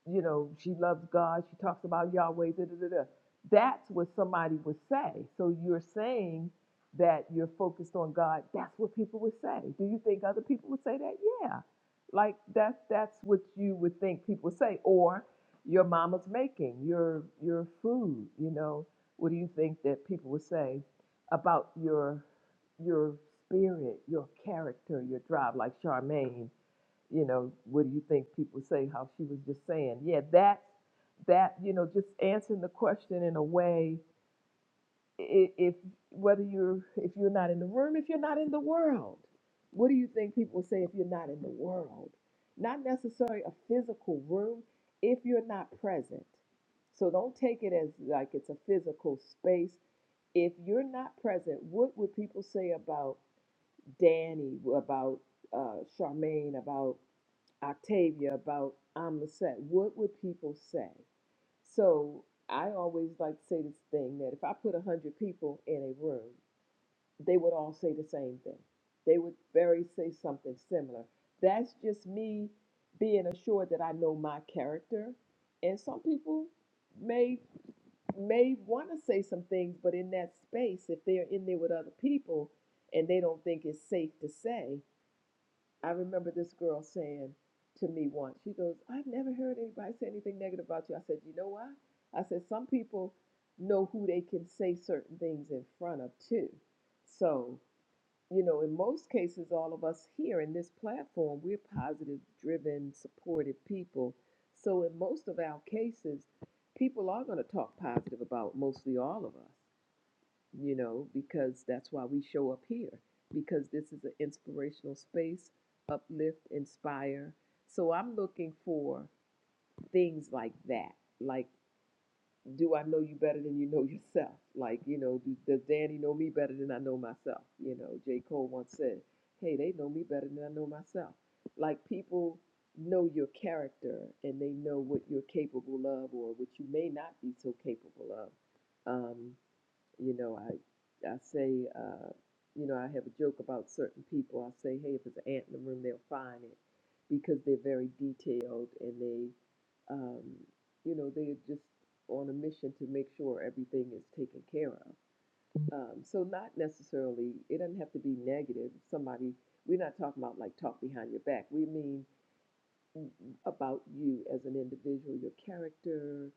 S1: You know, she loves God. She talks about Yahweh. Da, da, da, da. That's what somebody would say. So you're saying that you're focused on God. That's what people would say. Do you think other people would say that? Yeah, like that's that's what you would think people would say. Or your mama's making your your food. You know, what do you think that people would say about your your spirit, your character, your drive? Like Charmaine you know, what do you think people say? How she was just saying, yeah, that, that, you know, just answering the question in a way, i- if whether you're if you're not in the room, if you're not in the world, what do you think people say if you're not in the world? Not necessarily a physical room, if you're not present. So don't take it as like it's a physical space. If you're not present, what would people say about Danny, about uh, Charmaine, about Octavia about I'm the set. What would people say? So I always like to say this thing that if I put a hundred people in a room, they would all say the same thing. They would very say something similar. That's just me being assured that I know my character. And some people may may want to say some things, but in that space, if they're in there with other people and they don't think it's safe to say, I remember this girl saying to me once, she goes, I've never heard anybody say anything negative about you. I said, You know why? I said, Some people know who they can say certain things in front of, too. So, you know, in most cases, all of us here in this platform, we're positive, driven, supportive people. So, in most of our cases, people are going to talk positive about mostly all of us you know, because that's why we show up here, because this is an inspirational space, uplift, inspire. So I'm looking for things like that. Like, do I know you better than you know yourself? Like, you know, do, does Danny know me better than I know myself? You know, J. Cole once said, hey, they know me better than I know myself. Like, people know your character and they know what you're capable of or what you may not be so capable of. Um, you know, I I say, uh, you know, I have a joke about certain people. I say, hey, if there's an ant in the room, they'll find it because they're very detailed and they, um, you know, they're just on a mission to make sure everything is taken care of. Um, so not necessarily, it doesn't have to be negative. Somebody, we're not talking about like talk behind your back. We mean about you as an individual, your character,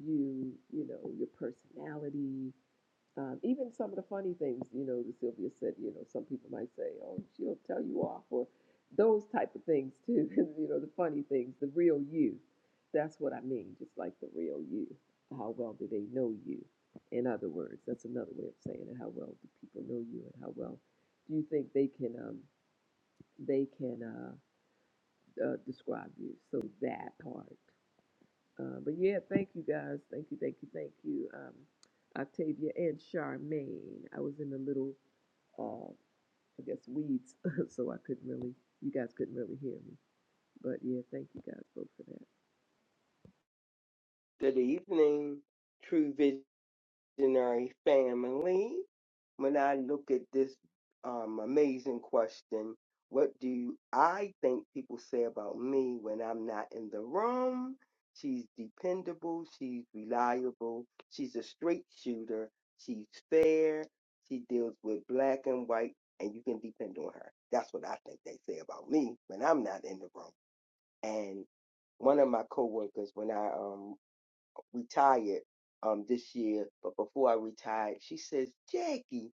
S1: you, you know, your personality, um, even some of the funny things, you know, that Sylvia said, you know, some people might say, oh, she'll tell you off, or those type of things too. you know, the funny things, the real you. That's what I mean, just like the real you. How well do they know you? In other words, that's another way of saying it. How well do people know you, and how well do you think they can um, they can uh, uh, describe you? So that part. Uh, but yeah, thank you guys. Thank you, thank you, thank you. Um, Octavia and Charmaine. I was in the little, uh, I guess, weeds, so I couldn't really, you guys couldn't really hear me. But yeah, thank you guys both for
S11: Good evening, True Visionary family. When I look at this um, amazing question, what do I think people say about me when I'm not in the room? She's dependable, she's reliable, she's a straight shooter, she's fair, she deals with black and white, and you can depend on her. That's what I think they say about me when I'm not in the room. And one of my coworkers, when I um retired um this year, but before I retired, she says, Jackie,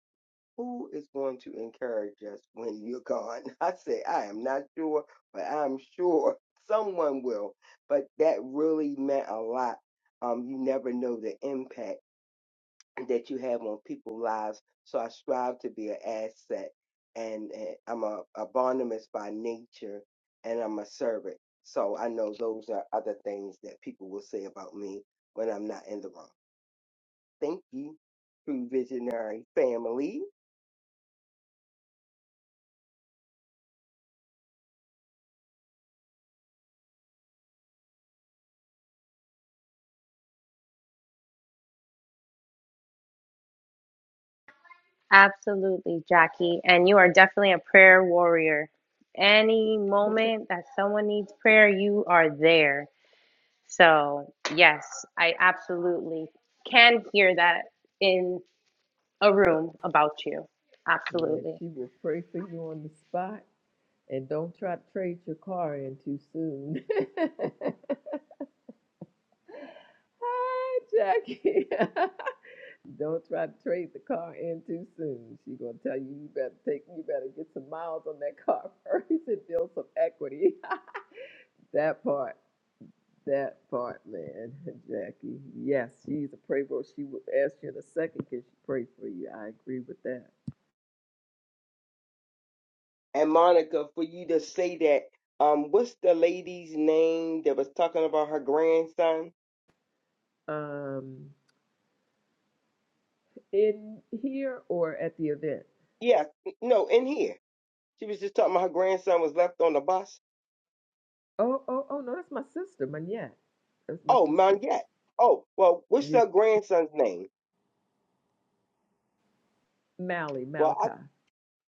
S11: who is going to encourage us when you're gone? I said, I am not sure, but I'm sure someone will. But that really meant a lot. Um, you never know the impact that you have on people's lives. So I strive to be an asset and, and I'm a, a Barnabas by nature and I'm a servant. So I know those are other things that people will say about me when I'm not in the room. Thank you, True Visionary family.
S2: Absolutely, Jackie. And you are definitely a prayer warrior. Any
S1: that.
S2: moment that someone needs prayer, you are there. So, yes, I absolutely can hear that in a room about you.
S1: Yeah,
S2: Absolutely.
S1: she will pray for you on the spot. And don't try to trade your car in too soon. Hi, Jackie. Don't try to trade the car in too soon. She gonna tell you you better take you better get some miles on that car first and build some equity. that part, that part, man, Jackie. Yes, she's a prayer bro. She will ask you in a second, can she pray for you? I agree with that.
S11: And Monica, for you to say that, um, what's the lady's name that was talking about her grandson?
S1: Um, in here or at the event?
S11: Yeah, no, in here. She was just talking about her grandson was left on the bus.
S1: Oh, oh, oh no, that's my sister, Manette. That's my
S11: Oh,
S1: sister.
S11: Monette. Oh, well, what's
S1: Yeah,
S11: her grandson's name?
S1: Mally
S11: Well, I.
S1: Malachi.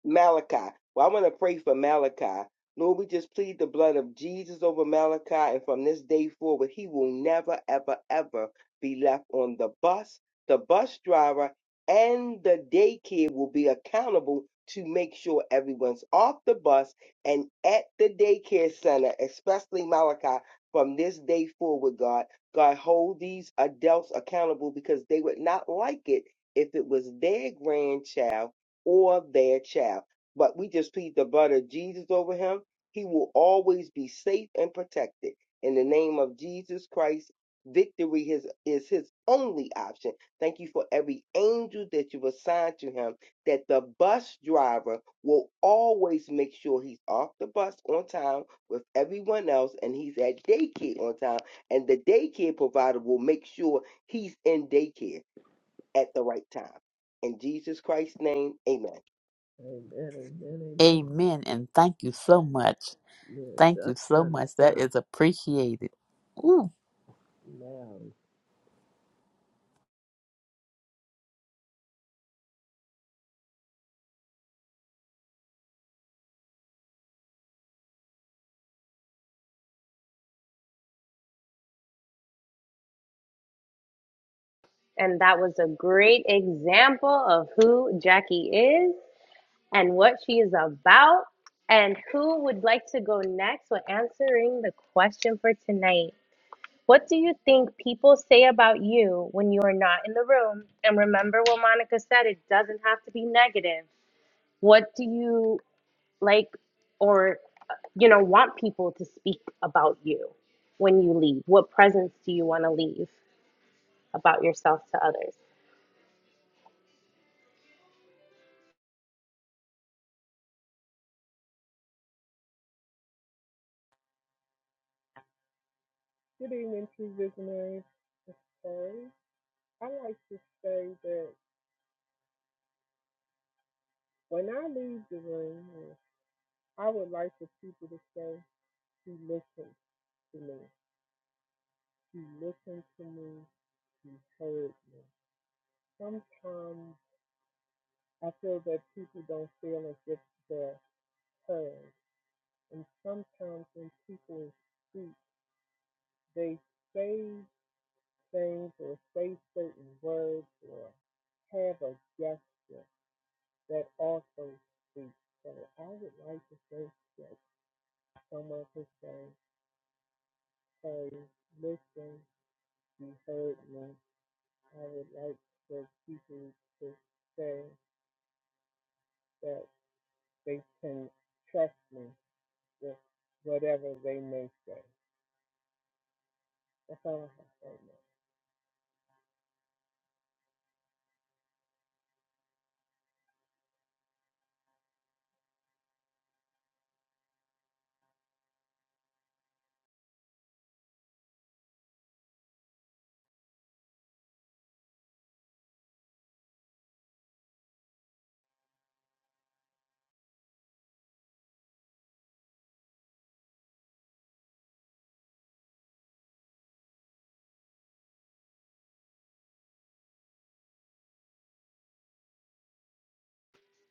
S11: Malachi. Well, I want to pray for Malachi. Lord, we just plead the blood of Jesus over Malachi, and from this day forward, he will never, ever, ever be left on the bus. The bus driver and the daycare will be accountable to make sure everyone's off the bus and at the daycare center, especially Malachi, from this day forward, God. God, hold these adults accountable because they would not like it if it was their grandchild or their child. But we just plead the blood of Jesus over him. He will always be safe and protected. In the name of Jesus Christ, victory is, is his only option. Thank you for every angel that you've assigned to him, that the bus driver will always make sure he's off the bus on time with everyone else and he's at daycare on time. And the daycare provider will make sure he's in daycare at the right time. In Jesus Christ's name, amen.
S1: Amen, amen, amen.
S8: Amen, and thank you so much.
S1: Yeah,
S8: Thank
S1: done,
S8: you so
S1: done,
S8: much. That
S1: done.
S8: is appreciated. Ooh,
S1: Now,
S2: And that was a great example of who Jackie is and what she is about. And who would like to go next with answering the question for tonight? What do you think people say about you when you are not in the room? And remember what Monica said, it doesn't have to be negative. What do you like or you know want people to speak about you when you leave? What presence do you want to leave about yourself to others?
S12: Good evening, two visionaries. Hey, I like to say that when I leave the room, I would like for people to say, "He listened to me. He listened to me. He heard me." Sometimes I feel that people don't feel as if they're heard, and sometimes when people speak, they say things or say certain words or have a gesture that also speaks. So I would like to say that someone could say, hey, listen, you heard me. I would like for people to say that they can trust me with whatever they may say. That's all I have to say. now.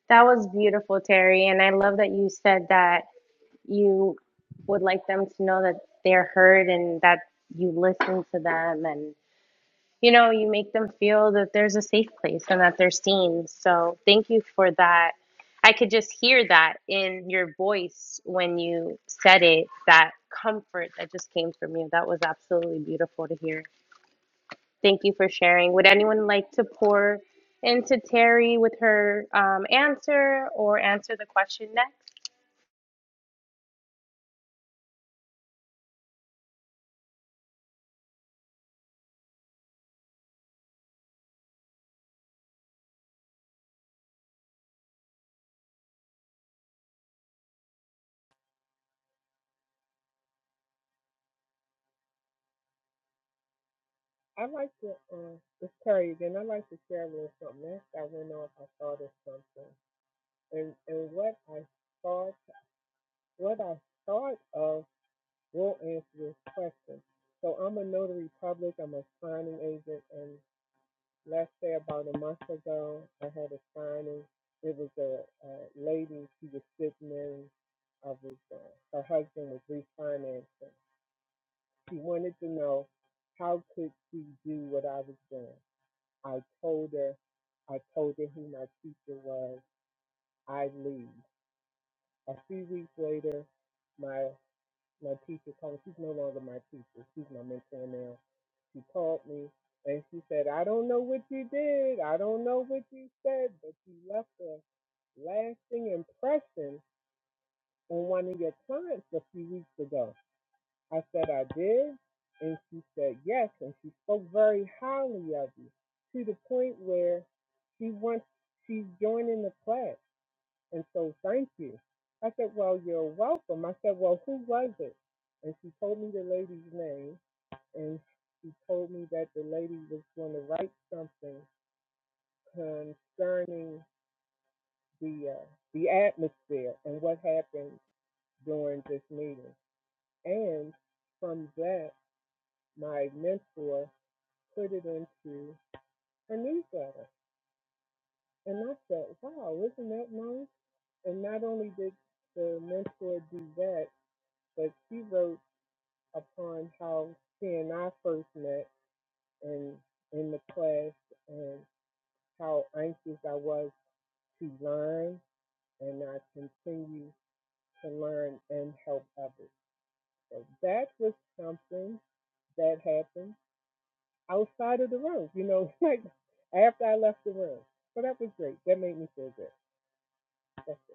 S2: That was beautiful, Terry. And I love that you said that you would like them to know that they're heard and that you listen to them and you know, you make them feel that there's a safe place and that they're seen. So thank you for that. I could just hear that in your voice when you said it, that comfort that just came from you. That was absolutely beautiful to hear. Thank you for sharing. Would anyone like to pour into Terry with her um, answer or answer the question next?
S12: I like to, uh, it's Terry again. I like to share a little something else I went off. I thought of something. And, and what I thought, what I thought of will answer this question. So I'm a notary public, I'm a signing agent, and let's say about a month ago, I had a signing. It was a, a lady, she was sitting in, I was, uh, her husband was refinancing. She wanted to know how could she do what I was doing. I told her, I told her who my teacher was, I leave. A few weeks later, my my teacher called, she's no longer my teacher, she's my mentor now She called me and she said, I don't know what you did. I don't know what you said, but you left a lasting impression on one of your clients a few weeks ago. I said, I did. And she said, yes. And she spoke very highly of you to the point where she wants, she's joining the class. And so thank you. I said, well, you're welcome. I said, well, who was it? And she told me the lady's name and she told me that the lady was going to write something concerning the uh, the atmosphere and what happened during this meeting. And from that, my mentor put it into a newsletter, and I thought, wow, isn't that nice? And not only did the mentor do that, but she wrote upon how she and I first met and in the class and how anxious I was to learn and I continue to learn and help others. So that was something that happened outside of the room, you know, like after I left the room. So that was great. That made me feel good. That's it.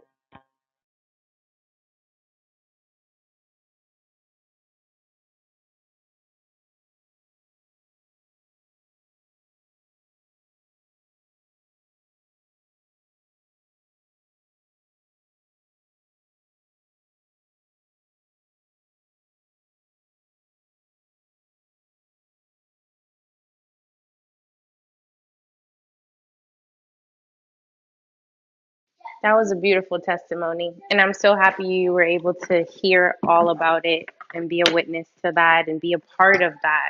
S2: That was a beautiful testimony. And I'm so happy you were able to hear all about it and be a witness to that and be a part of that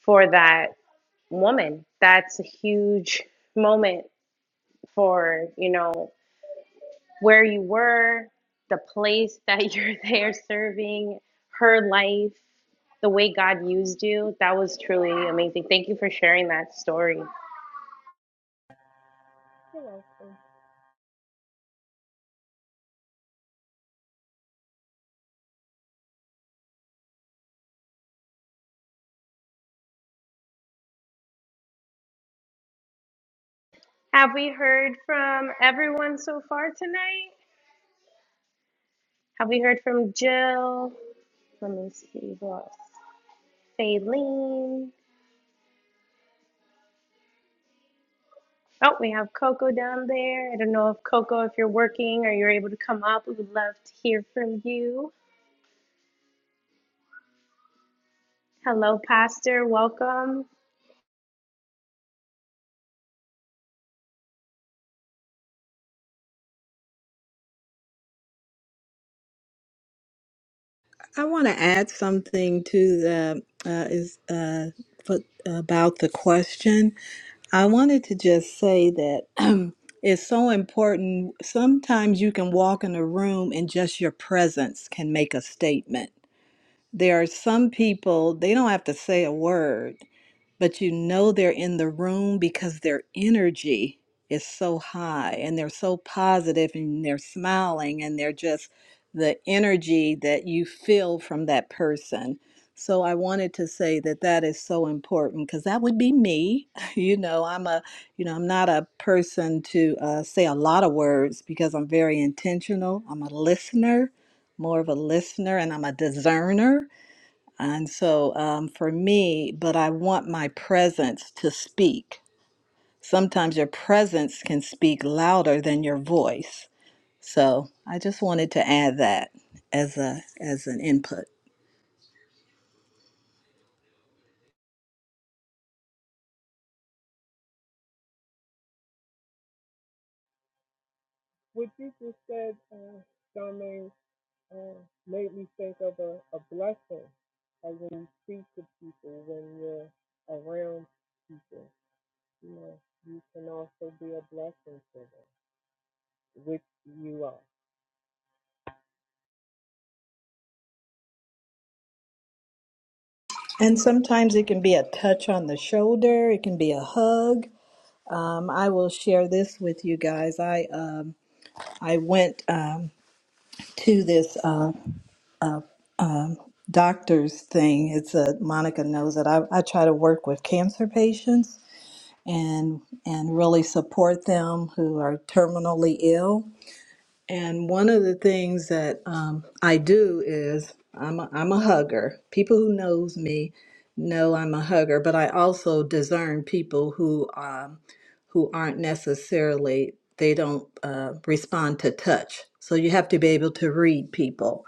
S2: for that woman. That's a huge moment for, you know. where you were, the place that you're there serving, her life, the way God used you. That was truly amazing. Thank you for sharing that story.
S12: You're welcome.
S2: Have we heard from everyone so far tonight? Have we heard from Jill? Let me see who else. Faylene. Oh, we have Coco down there. I don't know if Coco, if you're working or you're able to come up, we would love to hear from you. Hello, Pastor. Welcome.
S9: I want to add something to the uh, is uh, for, about the question. I wanted to just say that it's so important. Sometimes you can walk in a room and just your presence can make a statement. There are some people they don't have to say a word, but you know they're in the room because their energy is so high and they're so positive and they're smiling and they're just the energy that you feel from that person. So I wanted to say that that is so important because that would be me. You know, I'm a, you know, I'm not a person to uh, say a lot of words because I'm very intentional. I'm a listener, more of a listener, and I'm a discerner and so um, for me, but I want my presence to speak. Sometimes your presence can speak louder than your voice. So I just wanted to add that as a as an input.
S12: What you just said, uh, Charmaine, uh, made me think of a, a blessing. Like when you speak to people, when you're around people, you know, you can also be a blessing to them, which you are.
S9: And sometimes it can be a touch on the shoulder. It can be a hug. Um, I will share this with you guys. I um, I went um, to this uh, uh, um, doctor's thing. It's a Monica knows that I, I try to work with cancer patients. and and really support them who are terminally ill. And one of the things that um, I do is I'm a, I'm a hugger. People who knows me know I'm a hugger, but I also discern people who um, who aren't necessarily they don't uh, respond to touch. So you have to be able to read people.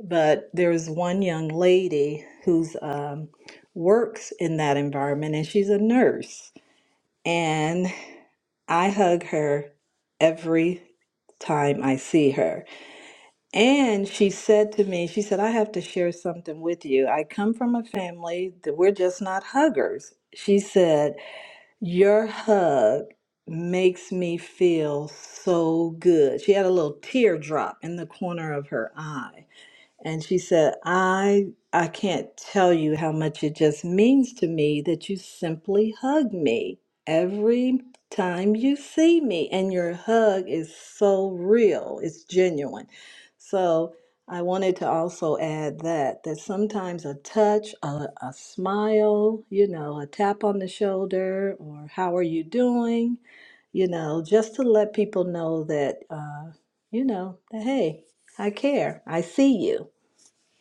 S9: But there's one young lady who's um, works in that environment, and she's a nurse and. I hug her every time I see her. And she said to me, she said, I have to share something with you. I come from a family that we're just not huggers. She said, Your hug makes me feel so good. She had a little teardrop in the corner of her eye. And she said, I I can't tell you how much it just means to me that you simply hug me every time you see me. And your hug is so real, it's genuine. So I wanted to also add that that sometimes a touch, a, a smile, you know, a tap on the shoulder, or how are you doing, you know, just to let people know that, uh, you know, that hey, I care, I see you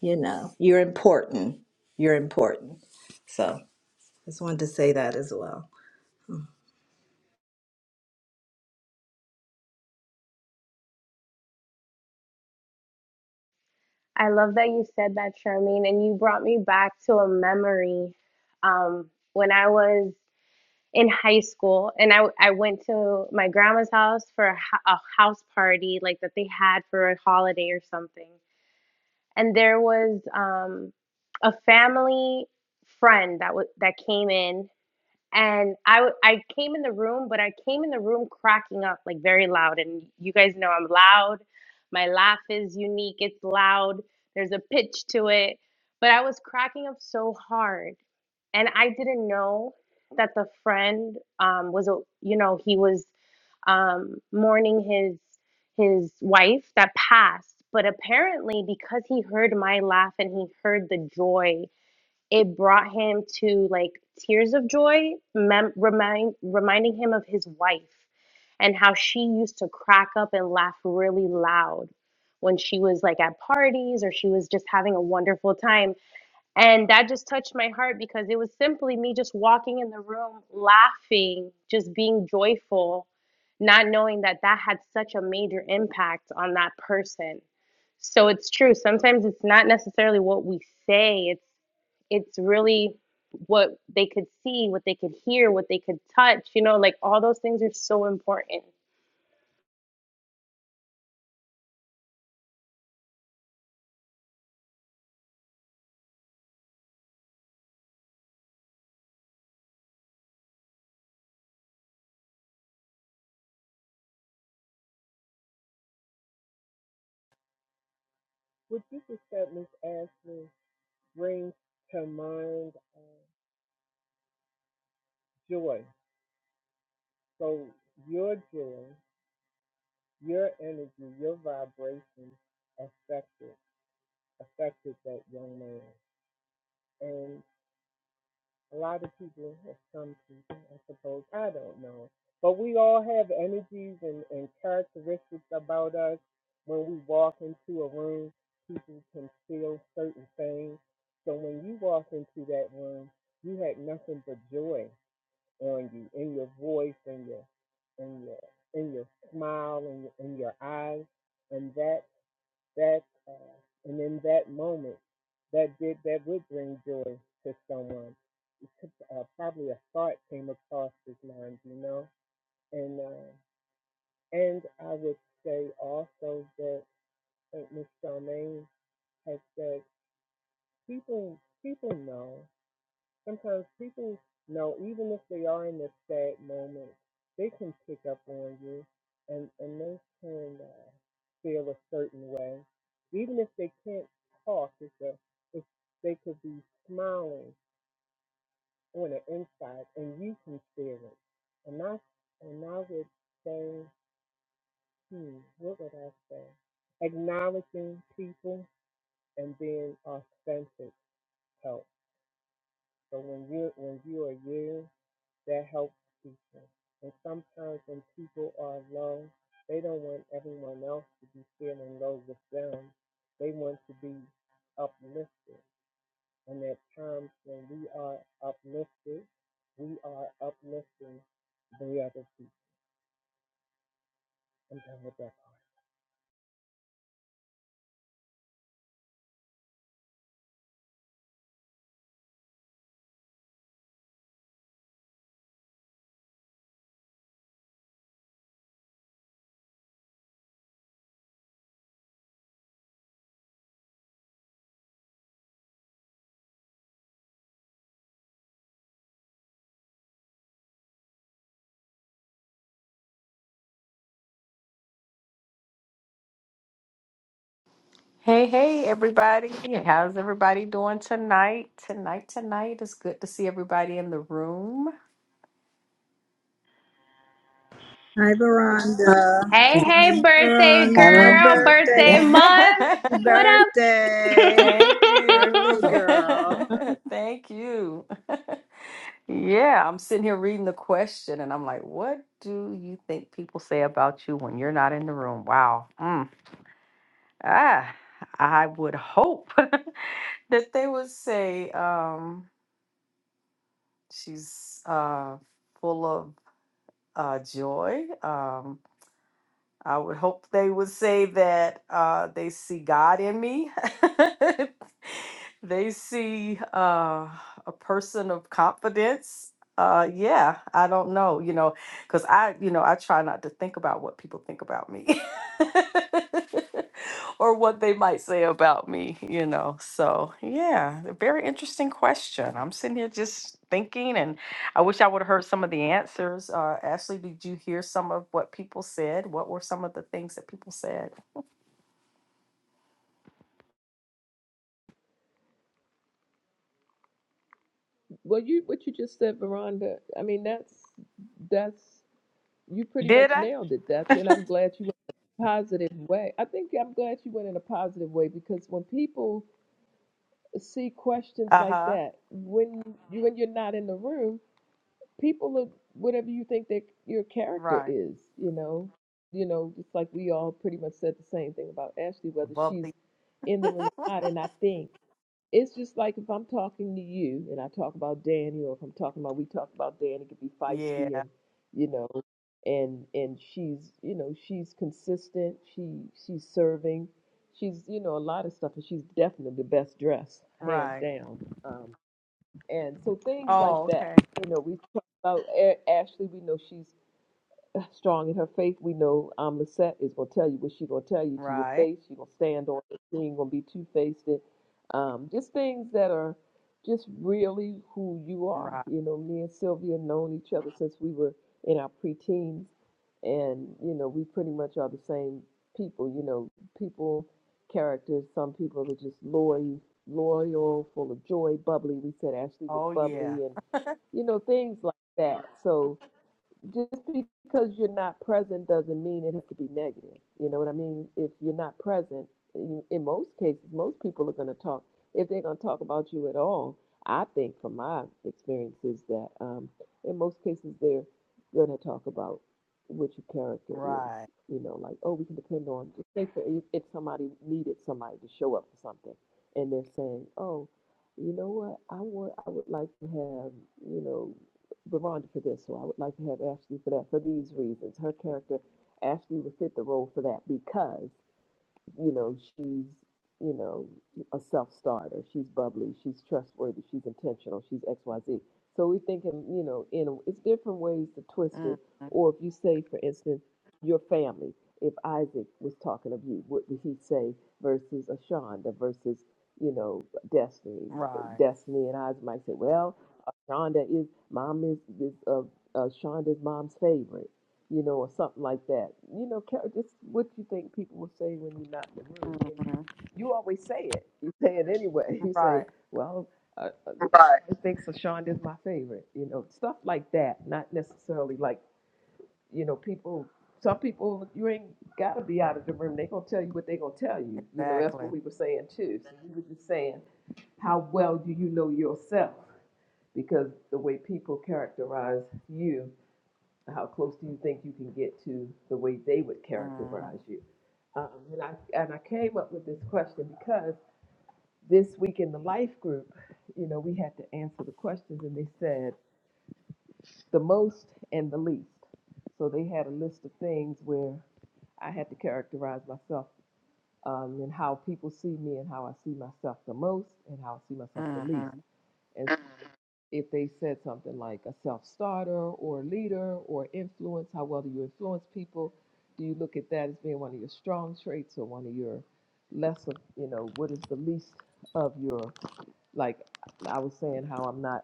S9: you know, you're important. You're important. So just wanted to say that as well.
S2: I love that you said that, Charmaine, and you brought me back to a memory um, when I was in high school, and I I went to my grandma's house for a, ho- a house party like that they had for a holiday or something, and there was um, a family friend that was that came in and I w- I came in the room, but I came in the room cracking up like very loud. And you guys know I'm loud. My laugh is unique. It's loud. There's a pitch to it. But I was cracking up so hard, and I didn't know that the friend um, was a you know he was um, mourning his his wife that passed. But apparently, because he heard my laugh and he heard the joy it brought him to like tears of joy, mem- remind reminding him of his wife and how she used to crack up and laugh really loud when she was like at parties or she was just having a wonderful time. And that just touched my heart because it was simply me just walking in the room, laughing, just being joyful, not knowing that that had such a major impact on that person. So it's true. Sometimes it's not necessarily what we say, It's it's really what they could see, what they could hear, what they could touch, you know, like all those things are so important.
S12: What you just said, Miss Ashley, brings to mind uh, joy. So your joy, your energy, your vibration affected affected that young man. And a lot of people, or some people, I suppose, I don't know, but we all have energies and, and characteristics about us. When we walk into a room, people can feel certain things. So when you walk into that room, you had nothing but joy on you in your voice in your in your in your smile and your, in your eyes and that that uh, and in that moment that did that would bring joy to someone uh, probably a thought came across his mind you know and uh, and I would say also that Saint Miss Charmaine has said people people know Sometimes people know, even if they are in this sad moment, they can pick up on you and, and they can uh, feel a certain way. Even if they can't talk, it's a, it's, they could be smiling on the inside and you can feel it. And I, and I would say, hmm, what would I say? Acknowledging people and being authentic helps. So when you when you are you that helps people. And sometimes when people are low, they don't want everyone else to be feeling low with them. They want to be uplifted. And at times when we are uplifted, we are uplifting the other people. I'm done with that part.
S13: Hey, hey, everybody. How's everybody doing tonight? Tonight, tonight. It's good to see everybody in the room.
S9: Hi, Veranda.
S2: Hey,
S9: Hi,
S2: hey, birthday
S9: Veron- Hi,
S8: hello.
S2: girl,
S9: birthday.
S2: birthday month.
S9: Happy
S2: What
S13: Thank
S2: up?
S9: birthday.
S13: you.
S9: Birthday girl.
S13: Thank you. Yeah, I'm sitting here reading the question and I'm like, what do you think people say about you when you're not in the room? Wow. Mm. Ah, I would hope that they would say um, she's uh, full of uh, joy. Um, I would hope they would say that uh, they see God in me. they see uh, a person of confidence. Uh, yeah, I don't know, you know, because I, you know, I try not to think about what people think about me or what they might say about me, you know. So, yeah, a very interesting question. I'm sitting here just thinking and. I wish I would have heard some of the answers. Uh, Ashley, did you hear some of what people said? What were some of the things that people said?
S1: Well, you what you just said, Veranda. I mean, that's that's you pretty
S13: Did
S1: much
S13: I?
S1: nailed it. That's and I'm glad you went in a positive way. I think I'm glad you went in a positive way because when people see questions
S13: Uh
S1: like
S13: huh.
S1: that, when when you're not in the room, people look whatever you think that your character
S13: Right.
S1: is. You know, you know, just like we all pretty much said the same thing about Ashley, whether she's
S13: Bubbly.
S1: in the room or not. And I think. It's just like if I'm talking to you and I talk about Danny, or if I'm talking about we talk about Danny could be feisty
S13: Yeah.
S1: and you know, and and she's you know she's consistent. She she's serving. She's you know a lot of stuff, and she's definitely the best dressed, hands
S13: Right.
S1: down. Um, and so things like
S13: Oh,
S1: that.
S13: okay.
S1: You know, we talk about A- Ashley. We know she's strong in her faith. We know um, Lisette is going to tell you what she's going to tell you to your
S13: Right.
S1: face. She's going to stand on it. She ain't going to be two faced. It, Um, just things that are just really who you are.
S13: Right.
S1: You know, me and Sylvia have known each other since we were in our preteens, and you know, we pretty much are the same people. You know, people characters. Some people are just loyal, loyal, full of joy, bubbly. We said Ashley was
S13: Oh, yeah.
S1: bubbly, and you know, things like that. So just because you're not present doesn't mean it has to be negative. You know what I mean? If you're not present, in, most cases, most people are going to talk. If they're going to talk about you at all, I think from my experiences that um, in most cases they're going to talk about what your character is.
S13: Right.
S1: You know, like oh, we can depend on. Say for if if somebody needed somebody to show up for something, and they're saying, oh, you know what? I would I would like to have you know Veronda for this, so I would like to have Ashley for that, for these reasons. Her character, Ashley would fit the role for that because, you know, she's, you know, a self-starter. She's bubbly, she's trustworthy, she's intentional, she's XYZ. So we're thinking, you know, in it's different ways to twist
S13: hmm
S1: it. Or if you say, for instance, your family, if Isaac was talking of you, what would he say versus Ashonda versus, you know, Destiny?
S13: Right.
S1: Destiny and Isaac might say, well, Shonda is mom is this uh, uh Shonda's mom's favorite, you know, or something like that. You know, Car- just what you think people will say when you're not in the room, and
S13: hmm
S1: you always say it. You say it anyway. You say,
S13: Right.
S1: "Well, uh, uh, Right. I think so. Shonda's my favorite." You know, stuff like that. Not necessarily like you know people. Some people you ain't gotta be out of the room. They gonna tell you what they gonna tell you. You know, that's
S13: Exactly.
S1: what we were saying too. So we were just saying, how well do you know yourself? because the way people characterize you, how close do you think you can get to the way they would
S13: hmm
S1: characterize you? Um, and I and I came up with this question because this week in the life group, you know, we had to answer the questions, and they said the most and the least. So they had a list of things where I had to characterize myself um, and how people see me and how I see myself the most and how I see myself the
S13: hmm
S1: least. if they said something like a self-starter or leader or influence, how well do you influence people? Do you look at that as being one of your strong traits or one of your lesser? you know, what is the least of your, like I was saying, how I'm not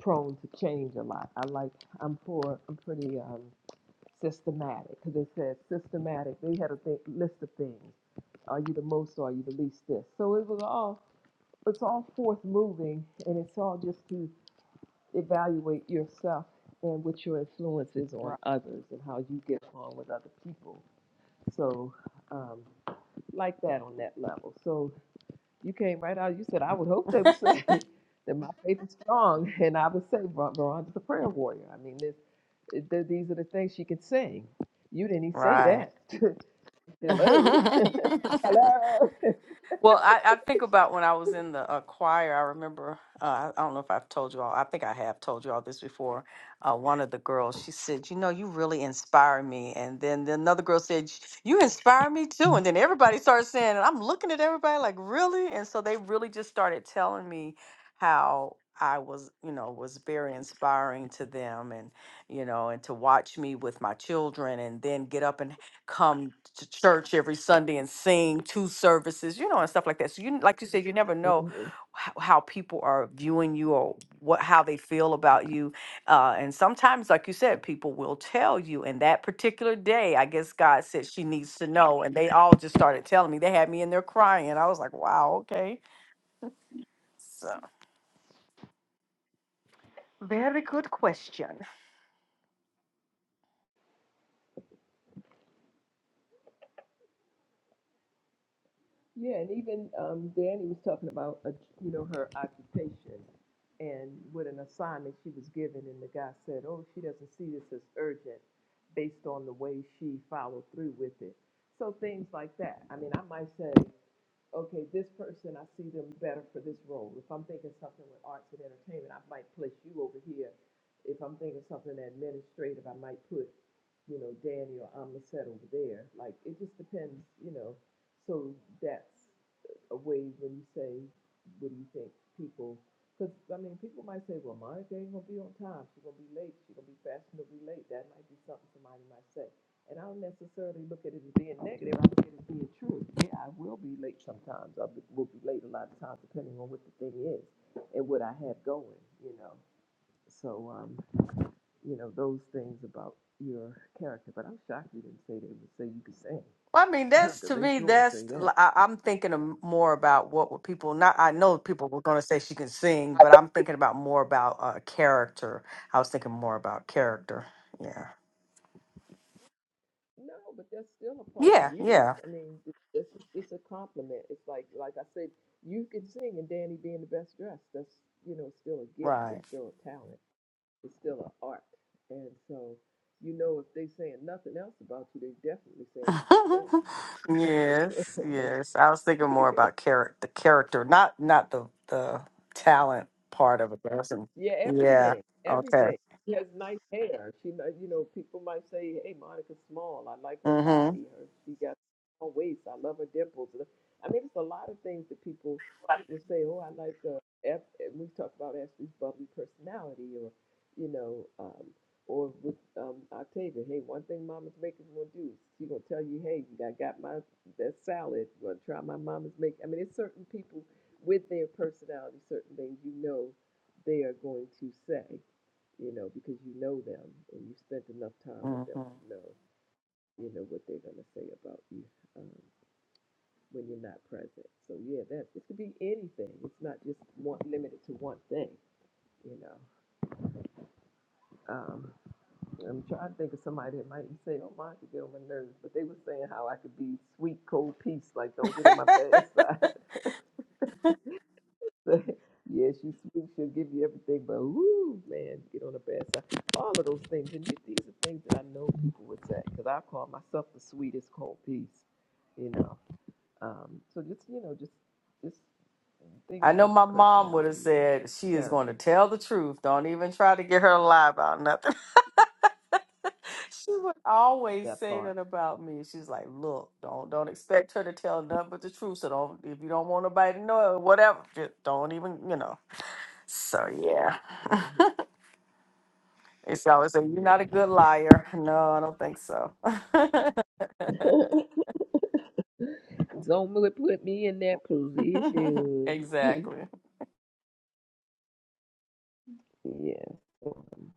S1: prone to change a lot. I like, I'm for I'm pretty um, systematic because they said systematic. They had a th- list of things. Are you the most or are you the least this? So it was all, it's all forth moving and it's all just to evaluate yourself and what your influence is on
S13: Right.
S1: others and how you get along with other people. So, um, like that on that level. So, you came right out. You said, I would hope they would say that my faith is strong. And I would say, "Ver- Veronica's a prayer warrior. I mean, this, it- th- these are the things she could sing. You didn't even say that.
S13: Right.
S1: Hello. Hello.
S13: Well, I, I think about when I was in the uh, choir. I remember, uh, I I don't know if I've told you all, I think I have told you all this before. Uh, one of the girls, she said, You know, you really inspire me. And then the- another girl said, You inspire me too. And then everybody started saying, and I'm looking at everybody like, Really? And so they really just started telling me how I was, you know, was very inspiring to them and, you know, and to watch me with my children and then get up and come to church every Sunday and sing two services, you know, and stuff like that. So you, like you said, you never know how, how people are viewing you or what how they feel about you. Uh, and sometimes, like you said, people will tell you. And that particular day, I guess God said she needs to know, and they all just started telling me. They had me in there crying. I was like, wow, okay. So very good question.
S1: Yeah, and even um, Danny was talking about, uh, you know, her occupation and what an assignment she was given, and the guy said, "Oh, she doesn't see this as urgent, based on the way she followed through with it." So things like that. I mean, I might say, "Okay, this person, I see them better for this role." If I'm thinking something with arts and entertainment, I might place you over here. If I'm thinking something administrative, I might put, you know, Danny or Amistad over there. Like it just depends, you know. So that's away when you say, what do you think people, because I mean, people might say, well, Monica ain't going to be on time. She's going to be late. She's going to be fashionably late. That might be something somebody might say. And I don't necessarily look at it as being negative. I look at it as being true. Yeah, I will be late sometimes. I will be late a lot of times, depending on what the thing is and what I have going, you know. So, um, you know, those things about your character. But I'm shocked you didn't say they would say you could sing,
S13: Well, I mean, that's to
S1: because they
S13: me,
S1: sure would
S13: that's
S1: say that.
S13: I, I'm thinking of more about what were people not. I know people were going to say she can sing, but I'm thinking about more about uh, character. I was thinking more about character. Yeah.
S1: No, but that's still a part of
S13: Yeah.
S1: you.
S13: Yeah.
S1: I mean, th- this is- it's a compliment. It's like like I said, you can sing, and Danny being the best dressed, that's you know still a gift.
S13: Right.
S1: It's still a talent. It's still an art. And so, you know, if they saying nothing else about you, they definitely saying you can
S13: yes.
S1: sing.
S13: Yes. I was thinking more about character, the character, not not the the talent part of a person.
S1: Yeah,
S13: Yeah.
S1: everything,
S13: Okay.
S1: everything. She Yeah. has nice hair. She, might- you know, people might say, "Hey, Monica's small. I like her
S13: Mm-hmm.
S1: body. Her, she got a small waist. I love her dimples." I mean, it's a lot of things that people will say. Oh, I like uh, F. And we talk about Ashley's bubbly personality, or you know, um, or with um, Octavia. Hey, one thing Mama's making gonna do is she gonna tell you, "Hey, I got my that salad. You gonna try my Mama's make?" I mean, it's certain people with their personality, certain things you know they are going to say, you know, because you know them and you spent enough time with them
S13: Mm-hmm.
S1: to know, you know, what they're going to say about you um, when you're not present. So yeah, that it could be anything. It's not just one limited to one thing. You know, um, I'm trying to think of somebody that might say, "Oh, mine could get on my nerves," but they were saying how I could be sweet, cold peace. Like, don't get on my bad side. yeah, she's sweet. She'll give you everything, but woo, man, get on the bad side. All of those things, and you, these are things that I know people would say because I call myself the sweetest cold piece, you know. Um, so just you know, just just things
S13: I know
S1: about
S13: my
S1: your
S13: mom would have
S1: personality and
S13: said she is going
S1: character,
S13: to tell the truth. Don't even try to get her to lie about nothing. she would always
S1: that
S13: say
S1: part.
S13: that about me. She's like, "Look, don't don't expect her to tell nothing but the truth. So don't if you don't want nobody to know it, whatever, just don't even you know." So yeah,
S1: hmm
S13: it's always say you're not a
S1: Yeah,
S13: good liar. No, I don't think so.
S1: Zoma put me in that position.
S13: exactly.
S1: yeah. Um,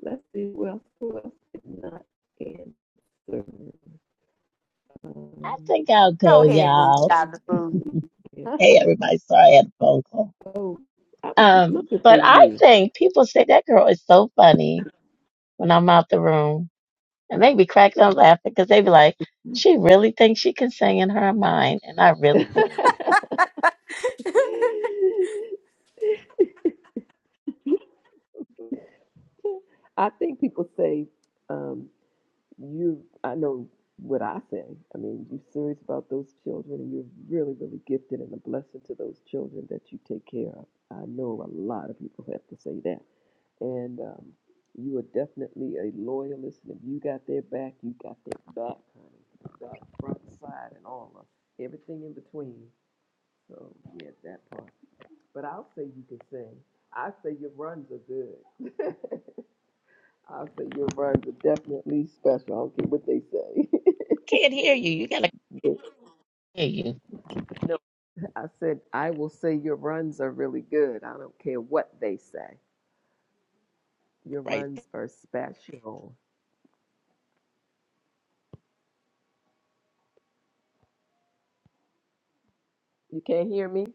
S1: let's see what else, who else did not answer.
S14: I
S1: Um,
S14: think I'll
S13: Go
S14: go,
S1: Mhm.
S13: ahead, Miss
S14: y'all.
S13: Jonathan.
S1: Yeah.
S14: Hey, everybody. Sorry, I had a phone call.
S1: Oh, I was just
S14: Um,
S1: looking for
S14: but I
S1: you.
S14: think people say that girl is so funny when I'm out the room. And they be cracking up laughing because they be like, she really thinks she can sing in her mind. And I really do.
S1: I think people say, um, you, I know what I say. I mean, you're serious about those children and you're really, really gifted and a blessing to those children that you take care of. I know a lot of people have to say that. And um, you are definitely a loyalist. And if you got their back, you got their back, honey. Back, front, side, and all of everything in between. So yeah, that part. But I'll say you can sing. I say your runs are good. I'll say your runs are definitely special. I don't care what they say.
S14: Can't hear you. You got to
S1: But
S14: hear you
S1: I said I will say your runs are really good. I don't care what they say. Your
S14: right there.
S1: runs are special. You can't hear me?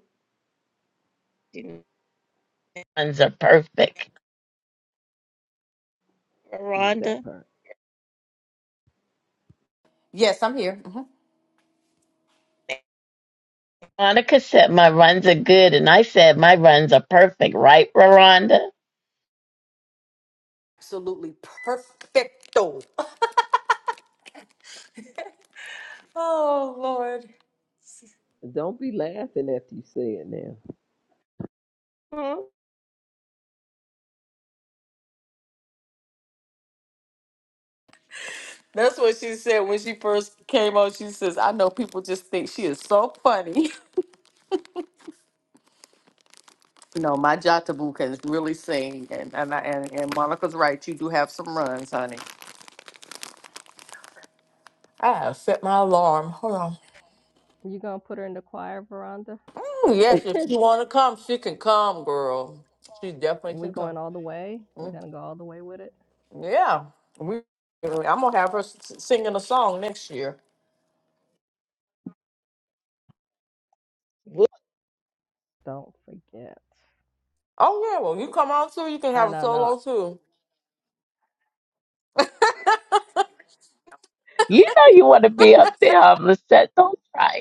S14: Runs are perfect.
S1: Mm, That
S14: Rhonda?
S1: part.
S13: yes, I'm here. Mhm.
S14: Monica said my runs are good. And I said my runs are perfect, right, Rhonda?
S13: Absolutely perfecto. Oh Lord.
S1: Don't be laughing after you say it now.
S14: Mhm.
S13: That's what she said when she first came on. She says, I know people just think she is so funny. no, my Jatabu can really sing. And, and, I, and, and Monica's right. You do have some runs, honey. I have set my alarm. Hold on.
S4: You gonna put her in the choir, Veranda?
S13: Mm, yes, if she want to come,
S4: Oh,
S13: she can
S4: yes, if you
S13: come,
S4: wanna come,
S13: girl.
S4: you can
S13: She
S4: come,
S13: definitely
S4: girl. We
S13: can come.
S4: going all the way? We're
S13: Mm,
S4: gonna go all the way with it?
S13: yeah. We, I'm going to have her s- singing a song next year.
S4: Don't forget.
S13: Oh, yeah. Well, you come on too. You can
S4: No,
S13: have a
S4: no, no.
S13: solo too.
S14: You know you want to be up there, um, Lisette. Don't try it.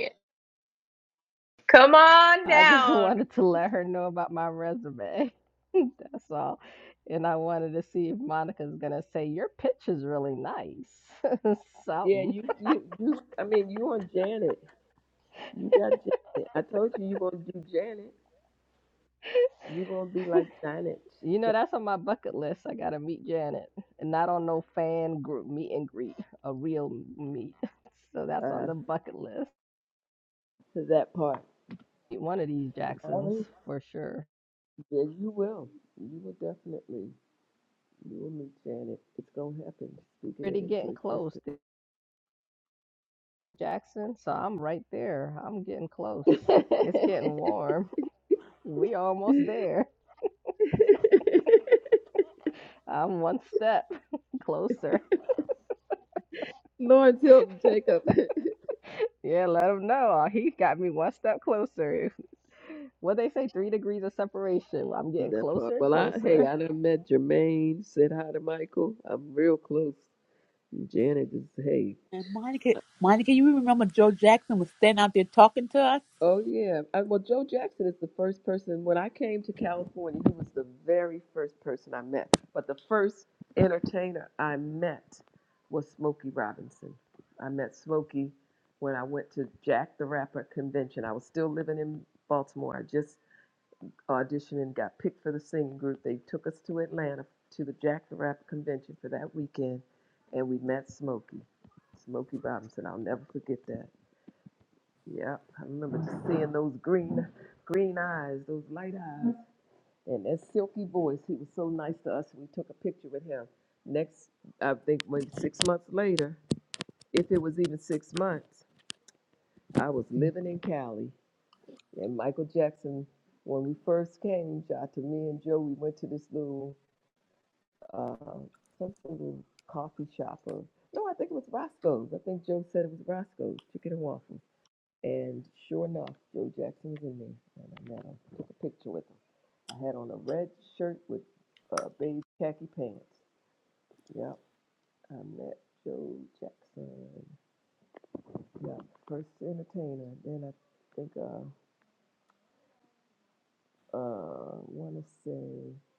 S2: Come on
S4: I just
S2: down.
S4: wanted to let her know about my resume. So, and I wanted to see if Monica's gonna say your pitch is really nice.
S1: yeah,
S4: Something.
S1: you, you, you. I mean, you on Janet. You got Janet. I told you you gonna do Janet. You're gonna be like Janet
S4: You know,
S1: Ja-
S4: that's on my bucket list. I gotta meet Janet, and not on no fan group meet and greet, a real meet. So that's on
S1: uh,
S4: the bucket list.
S1: to that part.
S4: Meet One of these Jacksons
S1: Always,
S4: for sure.
S1: yeah, you will. You will definitely. You will meet Janet. It's gonna happen. Speaking
S4: Pretty
S1: it
S4: getting
S1: into
S4: close to Jackson, so I'm right there. I'm getting close.
S1: existence.
S4: It's getting warm. We almost there. I'm one step closer.
S1: Lawrence Hilton Jacob.
S4: Yeah, let him know. Uh, He got me one step closer. What they say, three degrees of separation. Well, I'm getting
S1: that part.
S4: closer and
S1: Well, I hey,
S4: closer.
S1: I done met Jermaine. Said hi to Michael. I'm real close. Janet is hey.
S8: And Monica, Monica, you remember Joe Jackson was standing out there talking to us?
S1: Oh yeah. I, well, Joe Jackson is the first person. When I came to California, he was the very first person I met. But the first entertainer I met was Smokey Robinson. I met Smokey when I went to Jack the Rapper convention. I was still living in Baltimore. I just auditioned and got picked for the singing group. They took us to Atlanta to the Jack the Rapper convention for that weekend, and we met Smokey, Smokey Robinson. I'll never forget that. Yeah, I remember just seeing those green, green eyes, those light eyes, and that silky voice. He was so nice to us. We took a picture with him. Next, I think maybe six months later, if it was even six months, I was living in Cali, and Michael Jackson. When we first came, Jota, to me and Joe, we went to this little, uh, some sort of coffee shop or no, I think it was Roscoe's. I think Joe said it was Roscoe's Chicken and Waffles And sure enough, Joe Jackson was in there, and I met him. Took a picture with him. I had on a red shirt with uh, beige khaki pants. Yep, I met Joe Jackson. Yep, first entertainer. Then I think I uh uh want to say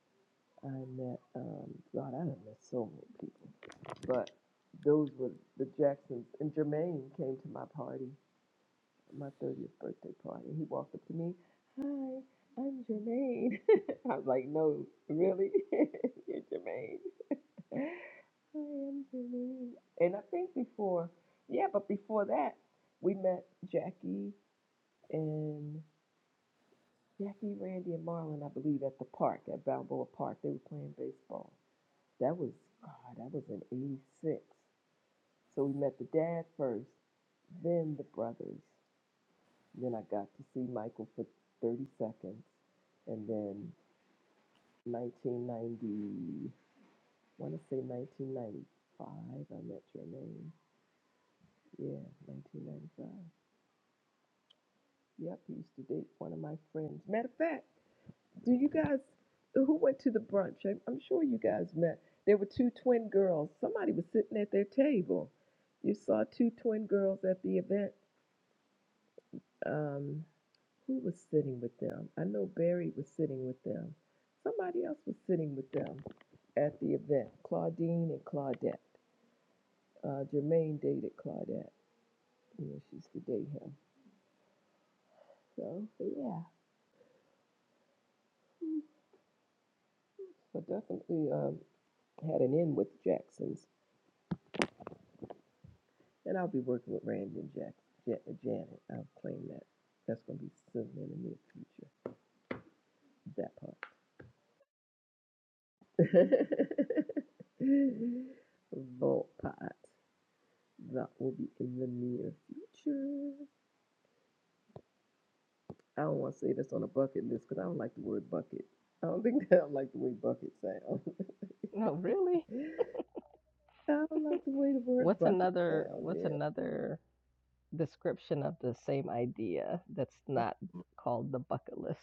S1: I met um God, I done met so many people, but those were the Jacksons. And Jermaine came to my party. my 30th birthday party. He walked up to me, Hi, I'm Jermaine. I was like, No, really? You're Jermaine. Hi, I'm Jermaine. And I think before, yeah, but before that, we met Jackie and Jackie, Randy, and Marlon, I believe, at the park, at Balboa Park. They were playing baseball. That was, God, that was in 86. So we met the dad first, then the brothers. Then I got to see Michael for 30 seconds. And then 1990, I want to say 1995, I met your name. Yeah, 1995. Yep, he used to date one of my friends. Matter of fact, do you guys, who went to the brunch? I'm, I'm sure you guys met. There were two twin girls. Somebody was sitting at their table. You saw two twin girls at the event. Um, Who was sitting with them? I know Barry was sitting with them. Somebody else was sitting with them at the event. Claudine and Claudette. Uh, Jermaine dated Claudette. You know, she used to date him. So, so yeah. Mm. But definitely um, had an in with Jackson's. And I'll be working with Randy and Jack, Ja- uh, Janet. I'll claim that. That's going to be soon in the near future. That part. Vault pot. That will be in the near future. I don't want to say this on a bucket list because I don't like the word bucket. I don't think I don't like the way bucket sounds.
S4: No, really?
S1: I don't like the way the word
S4: What's
S1: bucket
S4: another
S1: sounds.
S4: what's
S1: Yeah,
S4: another description of the same idea that's
S1: I
S4: not called the bucket list?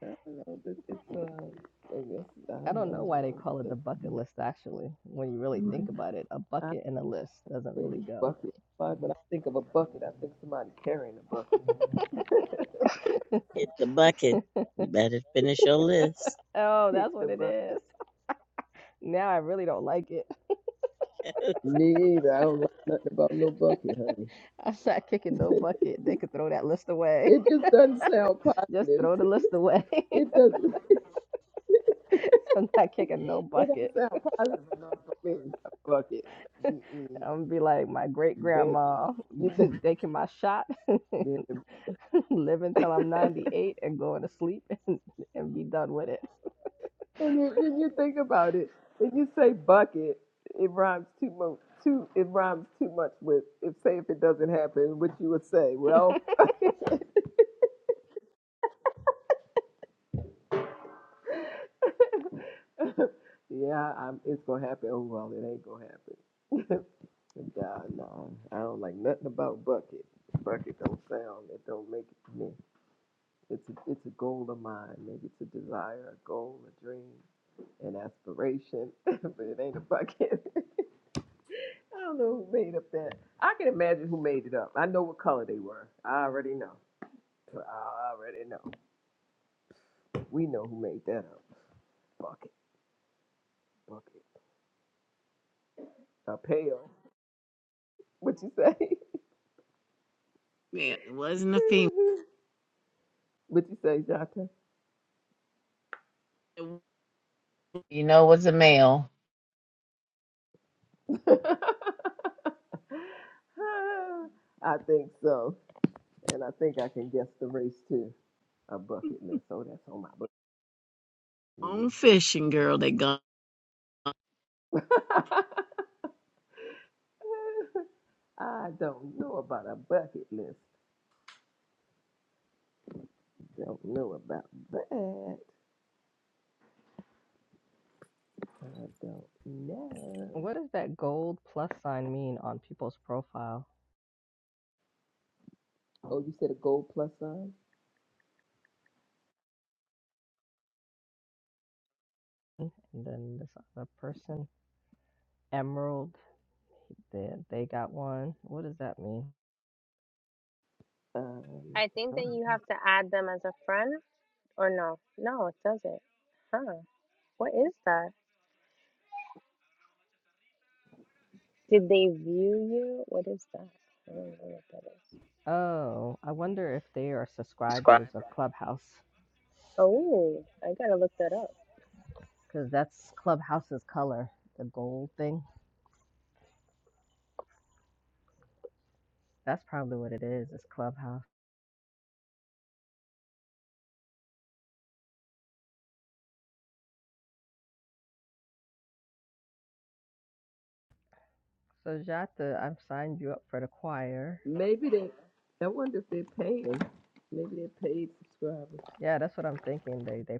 S1: don't know. This it's uh, I guess I
S4: I
S1: don't
S4: don't know
S1: know.
S4: why they
S1: It's,
S4: call it the
S1: it's,
S4: bucket list actually. When you really
S1: Mhm.
S4: think about it, a
S1: I
S4: bucket and a list doesn't
S1: say
S4: really
S1: it's
S4: go.
S1: bucket, but when I think of a bucket, I think somebody carrying a bucket.
S14: Get the bucket. You better finish your list.
S4: Oh,
S1: Kick
S4: that's what
S1: the
S4: it
S1: bucket.
S4: is. Now I really don't like it.
S1: Me either. I don't like nothing about no bucket, honey.
S4: I'm not kicking no bucket. They could throw that list away.
S1: it just doesn't sound
S4: Just
S1: positive.
S4: throw the list away.
S1: It does.
S4: I'm not kicking no
S1: It don't
S4: bucket.
S1: sound positive enough for me. Fuck it. Mm-mm.
S4: I'm gonna be like my great
S1: Becky.
S4: grandma,
S1: You th-
S4: taking my shot,
S1: man.
S4: living till I'm 98 and going to sleep and, and be done with it.
S1: and you, and you think about it, and you say bucket, it rhymes too much. Too, it rhymes too much with if say if it doesn't happen, what you would say? Well, yeah, I'm, it's gonna happen. Oh well, it ain't gonna happen. God, no, I don't like nothing about bucket. Bucket don't sound. It don't make it. It's a, it's a goal of mine. Maybe it's a desire, a goal, a dream, an aspiration, but it ain't a bucket. I don't know who made up that. I can imagine who made it up. I know what color they were. I already know. I already know. We know who made that up. Bucket, bucket, a pail. What you say?
S14: Man, it wasn't a female.
S1: what you say, Jata?
S14: It was You know it was a male?
S1: I think so. And I think I can guess the race too. A bucket list. Oh, that's on my
S14: on fishing girl.
S1: bucket.
S14: They gone.
S1: I don't know about a bucket list. Don't know about that. I don't know.
S4: What does that gold plus sign mean on people's profile?
S1: Oh, you said a gold plus sign?
S4: And then this other person, Emerald, they, they got one. What does that mean?
S1: Um,
S2: I think that you have to add them as a friend or no. No, it doesn't. Huh. What is that? Did they view you? What is that? I don't know what that is.
S4: Oh, I wonder if they are subscribers of
S1: Subscriber.
S4: Clubhouse
S2: Oh, I gotta look that up.
S4: because that's Clubhouse's color, the gold thing. That's probably what it is. It's Clubhouse. So Jota, I've signed you up for the choir.
S1: maybe they. I wonder if they're paying. Maybe they're paid subscribers.
S4: Yeah, that's what I'm thinking. They they.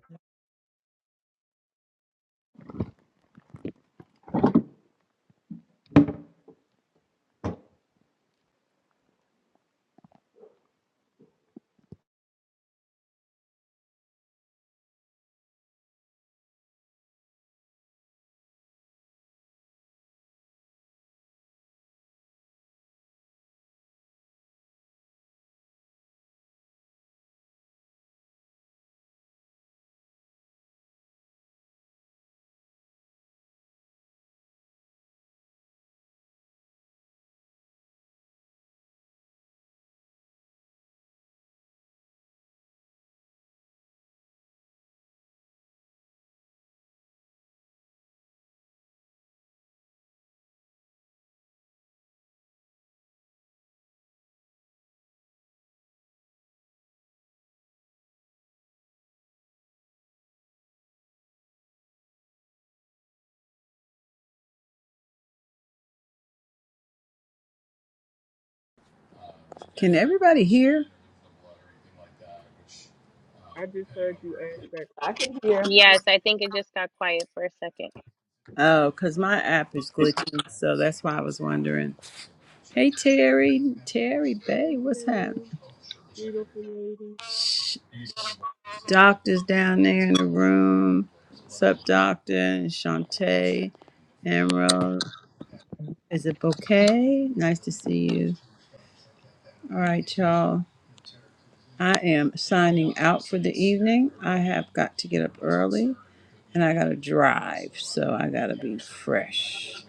S5: Can everybody hear?
S12: I just heard you ask that
S1: I can hear.
S2: Yes, I think it just got quiet for a second.
S5: Oh, because my app is glitching, so that's why I was wondering. Hey Terry, Terry Bay,
S12: pretty
S5: what's happening?
S12: beautiful lady.
S5: doctors down there in the room. Sup, doctor, and Shantae, Emerald. Is it Bouquet? Nice to see you. All right, y'all. I am signing out for the evening. I have got to get up early and I got to drive, so I got to be fresh.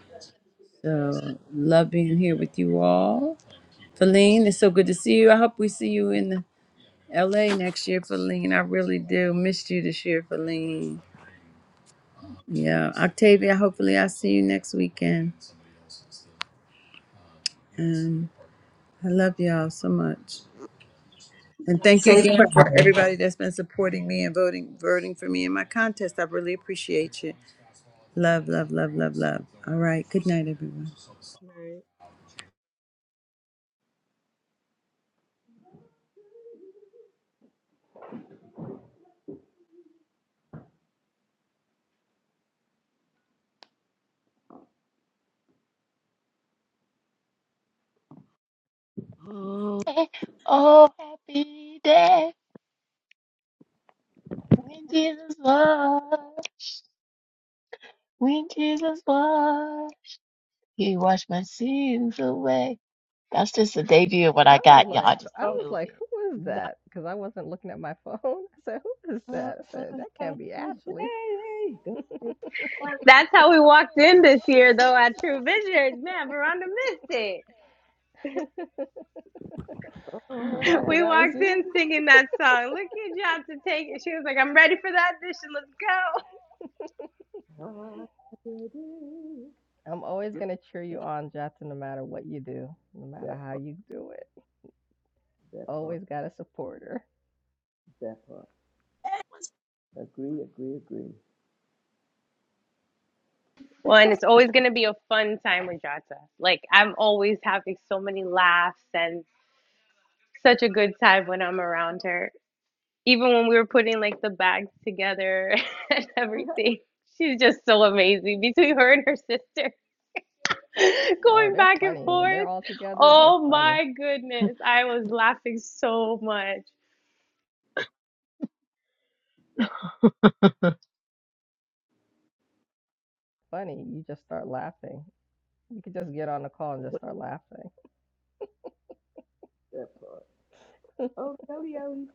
S5: So, love being here with you all. Feline, it's so good to see you. I hope we see you in LA next year, Feline. I really do. Missed you this year, Feline. Yeah, Octavia, hopefully I see you next weekend. And I love y'all so much. And thank you
S10: Safe
S5: again for
S10: Travel.
S5: everybody that's been supporting me and voting voting for me in my contest. I really appreciate you. Love, love, love, love, love. All right. Good night, everyone.
S14: Oh, Oh, happy day when Jesus was, when Jesus was, He washed my sins away. That's just a debut of what
S4: I
S14: I
S4: was
S14: got,
S4: like,
S14: y'all, just
S4: I
S14: a
S1: Oh,
S4: was
S14: little
S4: like,
S14: bit.
S4: who is
S1: not
S4: that? Because I wasn't looking at my phone. I said, who is that? I said, that
S1: happy
S4: can't be Ashley.
S1: day. Don't you
S2: That's how we walked in this year, though, at True Visions. Man, Veranda missed it.
S1: wanna have
S4: Jota,
S2: We
S4: that was
S2: walked
S4: you.
S2: in singing that song. Look at y'all to take it. She was like, I'm ready for the audition. Let's go.
S1: a happy day?
S4: I'm always gonna cheer you
S1: That,
S4: on, Jota, no matter what you do, no
S1: that
S4: matter how
S1: part.
S4: you do it.
S1: That part.
S4: Always got a supporter.
S1: That part. Agree. Agree. Agree.
S2: Well, and it's always going to be a fun time with Jata. Like, I'm always having so many laughs and such a good time when I'm around her. Even when we were putting like the bags together and everything, she's just so amazing between her and her sister.
S4: Oh,
S2: going
S4: they're
S2: back and
S4: funny. When they're
S2: forth.
S4: all together, they're
S2: Oh
S4: funny.
S2: my goodness. I was laughing so much.
S4: Funny. You just start laughing. You could just get on the call and just start laughing.
S1: That part. Oh, Kelly, Ellie.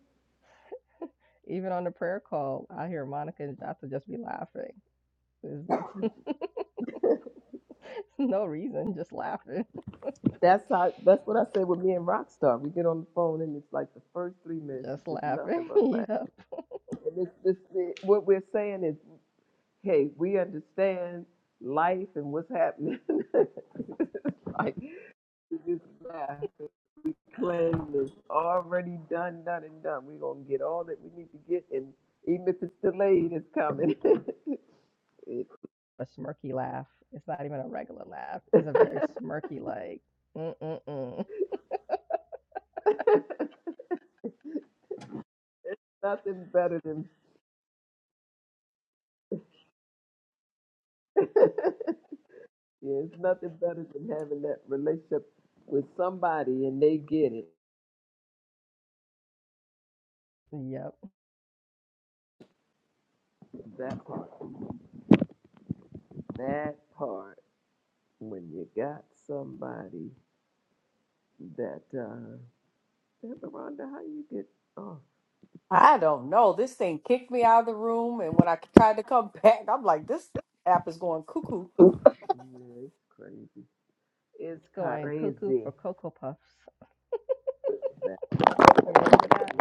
S4: Even on the prayer call, I hear Monica and Jota just be laughing. no reason, just laughing.
S1: That's how. That's what I say with me and Rockstar. We get on the phone and it's like the first three minutes is
S4: Just
S1: just nothing
S4: laughing.
S1: but laughter.
S4: yep.
S1: And it's this. It, what we're saying is, hey, we understand life and what's happening. like we just laugh. and We claim it's already done, done and done. We're gonna get all that we need to get, and even if it's delayed, it's coming. It-
S4: A smirky laugh. It's not even a regular laugh. It's a very smirky, like, mm-mm-mm.
S1: nothing better than. Yeah, it's nothing better than having that relationship with somebody and they get it.
S4: Yep.
S1: That part. That part. When you got somebody that uh that Miranda, how you get oh
S13: I don't know. This thing kicked me out of the room, and when I tried to come back, I'm like, this app is going cuckoo.
S1: yeah, it's crazy. It's
S4: It's going cuckoo for
S1: crazy.
S4: Cocoa Puffs.
S1: That
S4: You remember that?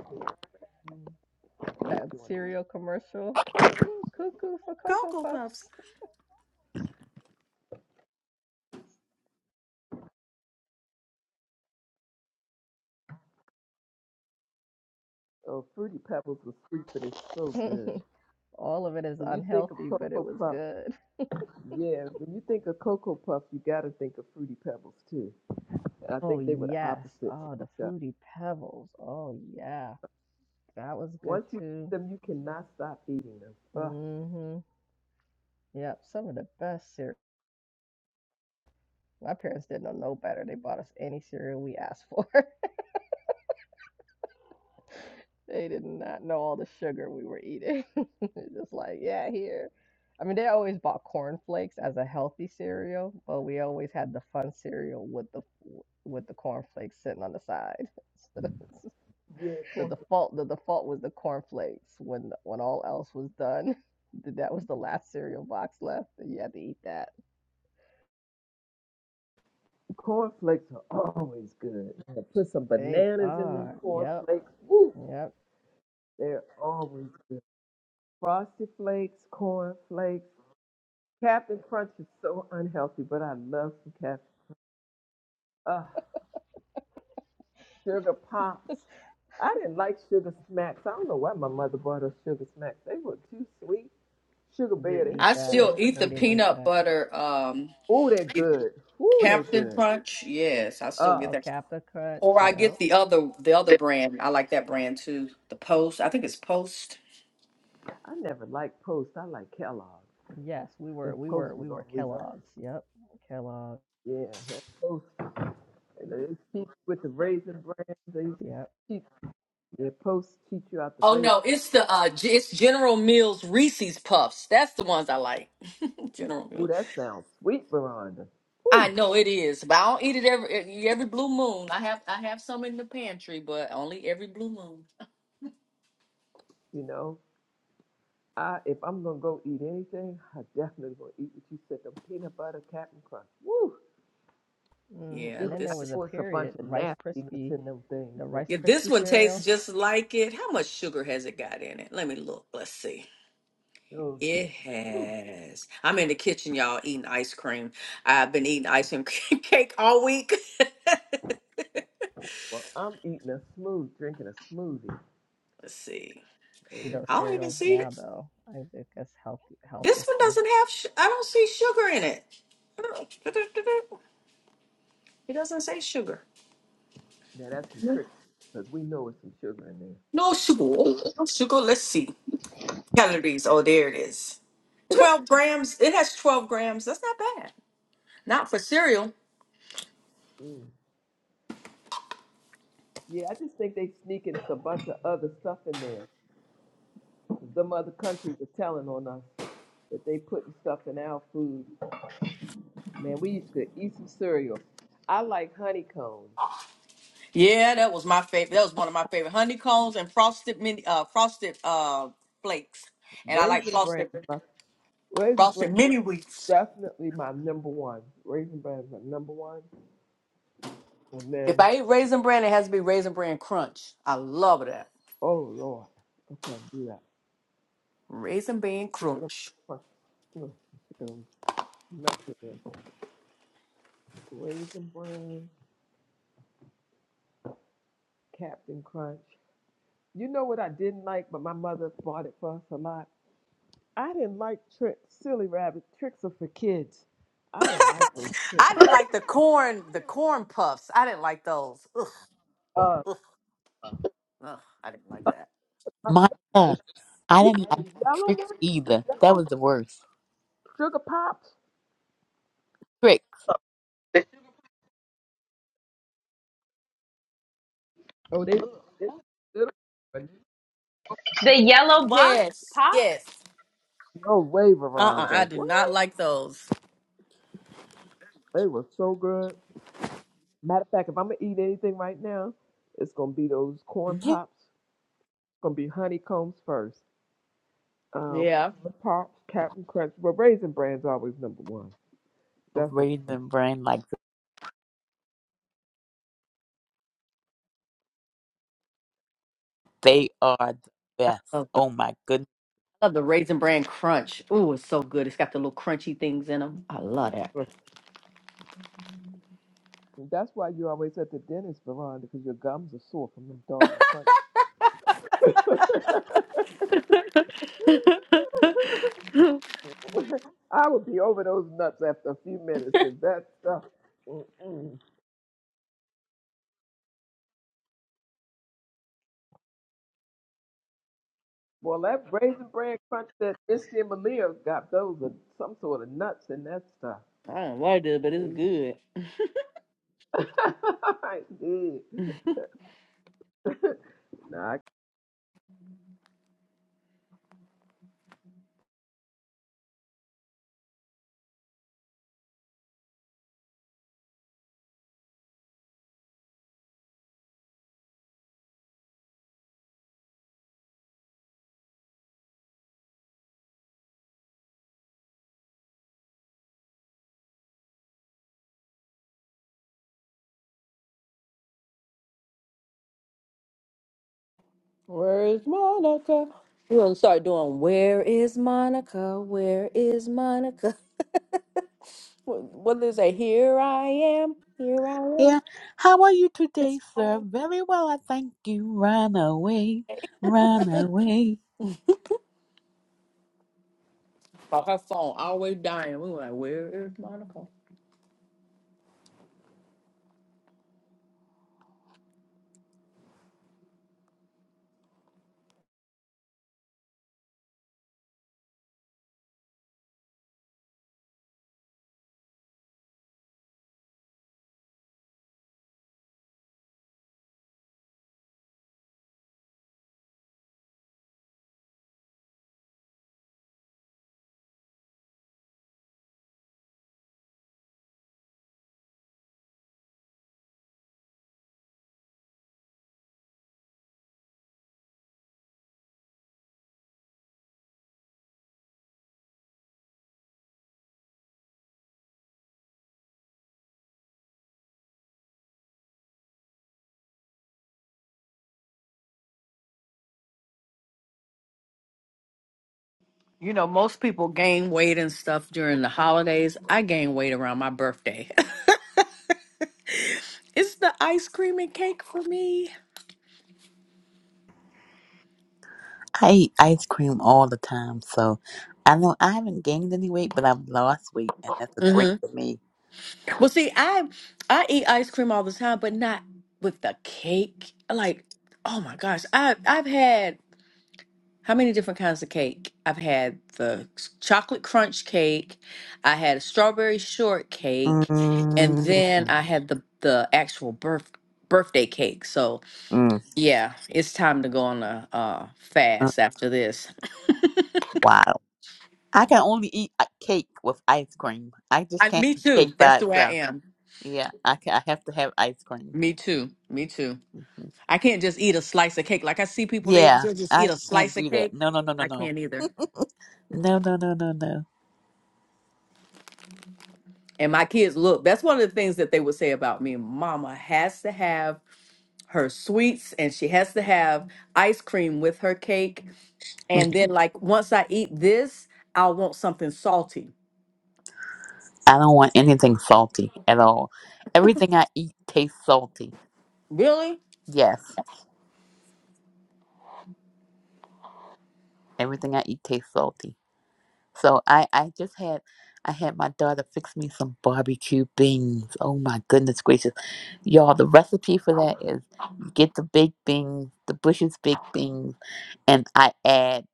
S4: That
S1: doing it.
S4: cereal commercial? cuckoo for Cocoa
S13: Cocoa Puffs.
S4: Puffs.
S1: Oh, fruity pebbles was sweet, but it's so good.
S4: All of it is
S1: When you think of
S4: unhealthy, but it
S1: cocoa
S4: was
S1: puff,
S4: good.
S1: yeah, when you think of cocoa puff, you gotta think of fruity pebbles too. I
S4: Oh,
S1: think they were the
S4: yes.
S1: opposites of
S4: Oh, the
S1: each other.
S4: Fruity Pebbles. Oh, yeah. That was good
S1: Once you eat
S4: too.
S1: them, you cannot stop eating them. Ugh.
S4: Mm hmm. Yep. Some of the best cereal My parents didn't know no better. They bought us any cereal we asked for. They did not know all the sugar we were eating. It's Just like, yeah, here. I mean, they always bought cornflakes as a healthy cereal, but we always had the fun cereal with the with the cornflakes sitting on the side. So
S1: Yeah,
S4: the
S1: corn.
S4: default the default was the cornflakes when when all else was done. That was the last cereal box left, and you had to eat that.
S1: Cornflakes are always good. And put some
S4: They
S1: bananas in them
S4: are. Yep.
S1: cornflakes. Woo!
S4: Yep.
S1: They're always good. Frosted flakes, cornflakes. Captain Crunch is so unhealthy, but I love some Captain. Uh, sugar pops. I didn't like sugar smacks. I don't know why my mother bought us sugar smacks. They were too sweet. Sugar bear,
S4: Didn't
S1: they
S4: eat
S1: have
S13: I
S1: the
S4: that. We,
S1: bear
S13: still
S1: on.
S13: eat
S1: it.
S4: we
S13: the
S4: didn't eat
S13: peanut
S4: that.
S13: butter um
S1: Ooh, they're good. Ooh, they're
S13: Captain
S1: good.
S13: Crunch. Yes, I still
S1: Uh,
S13: get
S4: Oh,
S13: that.
S4: Captain Crunch.
S13: Or I
S4: Yeah,
S13: get the other the other brand. I like that brand too. The Post. I think it's Post.
S1: I never liked Post. I like Kellogg. I
S4: Yes, we were.
S1: think
S4: We
S1: Post
S4: were.
S1: was
S4: We were
S1: always on.
S4: Kellogg's. Yep. Kellogg's.
S1: Yeah, that Post. You know, they cheat you with the raisin bran. They
S4: Yep.
S1: cheat. Yeah, Post cheat you out the
S13: Oh
S1: raisin.
S13: no, it's the uh G- it's General Mills Reese's Puffs. That's the ones I like. General Mills.
S1: Ooh, that sounds sweet, Veronda.
S13: I
S1: Ooh,
S13: know it is, but I don't eat it every e-, every blue moon. I have I have some in the pantry, but only every blue moon.
S1: you know, I if I'm gonna go eat anything, I definitely gonna eat what you said. Them peanut butter Captain Crunch. Woo!
S4: hmm
S13: Yeah,
S4: And
S1: Even
S4: then
S1: I
S4: there
S13: this
S4: was
S13: is
S4: a
S1: know it's a bunch
S4: period
S1: of
S4: Rice
S1: nastiness
S4: Krispie,
S1: in them things
S4: the
S1: now.
S4: Rice
S13: yeah, this
S4: Krispie
S13: one tastes
S4: cereal.
S13: just like it. How much sugar has it got in it? Let me look. Let's see.
S1: Those things.
S13: It has. I'm in the kitchen, y'all, eating ice cream. I've been eating ice cream cake all week.
S1: Well, I'm eating a smooth, drinking a smoothie,
S13: Let's see.
S1: and
S4: You know
S1: it's,
S13: I don't even
S4: cereals
S13: see
S4: now
S13: it.
S4: though, I think that's health health
S13: This one
S4: issue.
S13: doesn't have. Sh- I don't see sugar in it. It doesn't say sugar.
S1: now that's some trick because we know it's some sugar in there.
S13: No sugar. No sugar. Let's see. Calories. Oh, there it is. 12 grams. It has 12 grams. That's not bad. Not for cereal.
S1: Mm. Yeah, I just think they sneaking a bunch of other stuff in there. Some other countries are telling on us that they putting stuff in our food. Man, we used to eat some cereal. I like honeycombs.
S13: Yeah, that was my favorite. That was one of my favorite honeycombs and frosted mini uh frosted uh flakes. And I like
S1: Raisin bran,
S13: frosted
S1: my, raisin bran
S13: frosted mini wheats.
S1: definitely my number one. Raisin bran is my number one. And
S13: If
S1: then,
S13: I eat raisin bran, it has to be raisin bran crunch. I love that.
S1: oh Lord, I can't do that.
S13: Raisin bran
S1: Look at them
S13: crunch.
S1: crunch- look, look at them nuts in there. Raisin bran, Captain Crunch. You know what I didn't like, but my mother bought it for us a lot? I didn't like tricks. Silly rabbit. Tricks are for kids. I didn't like those tricks.
S13: I didn't like the corn, the corn puffs. I didn't like those. Ugh,
S1: Uh,
S13: ugh, I didn't like that.
S1: the
S8: Monica, I didn't like
S1: yellow
S8: tricks
S1: ones, the
S8: either. That
S1: yellow
S8: was the worst.
S1: sugar pops.
S8: Trick.
S1: Oh, they, they little, but
S2: The yellow box
S13: Yes,
S2: pop.
S13: yes.
S1: no way,
S13: Uh-uh,
S1: Veronda.
S13: I did
S1: What?
S13: not like those.
S1: They were so good. Matter of fact, if I'm gonna eat anything right now, it's gonna be those corn
S8: Yeah,
S1: pops. It's gonna be honeycombs first. Um,
S13: Yeah.
S1: corn pops, Captain Crunch. Well, Raisin Bran's always number one. That's gonna be number
S8: raisin brain like They are the best.
S13: Love the,
S8: Oh my goodness.
S13: love the Raisin Bran Crunch. Ooh, it's so good. It's got the little crunchy things in them. I love that.
S1: And That's why you're always at the dentist, Veronda, because your gums are sore from them doggone crunch.
S13: I
S1: I would be over those nuts after a few minutes because that stuff. Mm-mm. Well, that raisin bran crunch that Missy and Malia got, those are some sort of nuts in that stuff.
S13: don't like it, but it's
S1: They-
S13: good.
S1: I did. Nah, I-
S13: Where is Monica? We're gonna start doing Where is Monica? Where is Monica? What what is it? Here I am. Here I am.
S8: Yeah. How are you today,
S13: It's
S8: sir?
S13: fine.
S8: Very well, I thank you. Run away, run away.
S13: But her phone always dying. We were like, Where is Monica? You know, most people gain weight and stuff during the holidays. I gain weight around my birthday. it's the ice cream and cake for me.
S8: I eat ice cream all the time, so I know I haven't gained any weight, but I've lost weight, and that's a great
S13: hmm
S8: for me.
S13: Well, see, I I eat ice cream all the time, but not with the cake. Like, oh my gosh, I I've had how many different kinds of cake? I've had the chocolate crunch cake, I had a strawberry shortcake, and
S8: mm
S13: then
S8: mm
S13: I had the the actual birth birthday cake. So
S8: mm.
S13: Yeah, it's time to go on a uh, fast after this.
S8: Wow. I can only eat a cake with ice cream. I just
S13: I,
S8: can't
S13: me
S8: eat cake
S13: too. That's
S8: by
S13: the way I
S8: itself.
S13: am.
S8: Yeah, I can, I have to have ice cream.
S13: Me too. Me too.
S8: Mhm.
S13: I can't just eat a slice of cake. Like I see people, they
S8: Yeah,
S13: ju- just eat
S8: I
S13: a
S8: can't
S13: slice
S8: do
S13: of
S8: that.
S13: cake.
S8: No, no, no, no,
S13: I
S8: no.
S13: can't either.
S8: No, no, no, no, no.
S13: And my kids look, that's one of the things that they would say about me. Mama has to have her sweets and she has to have ice cream with her cake. And then, like, once I eat this, I want something salty.
S8: I don't want anything salty at all. Everything I eat tastes salty.
S13: Really?
S8: Yes, everything I eat tastes salty. So I, I just had, I had my daughter fix me some barbecue beans. Oh my goodness gracious, y'all! The recipe for that is you get the big beans, the Bush's big beans, and I add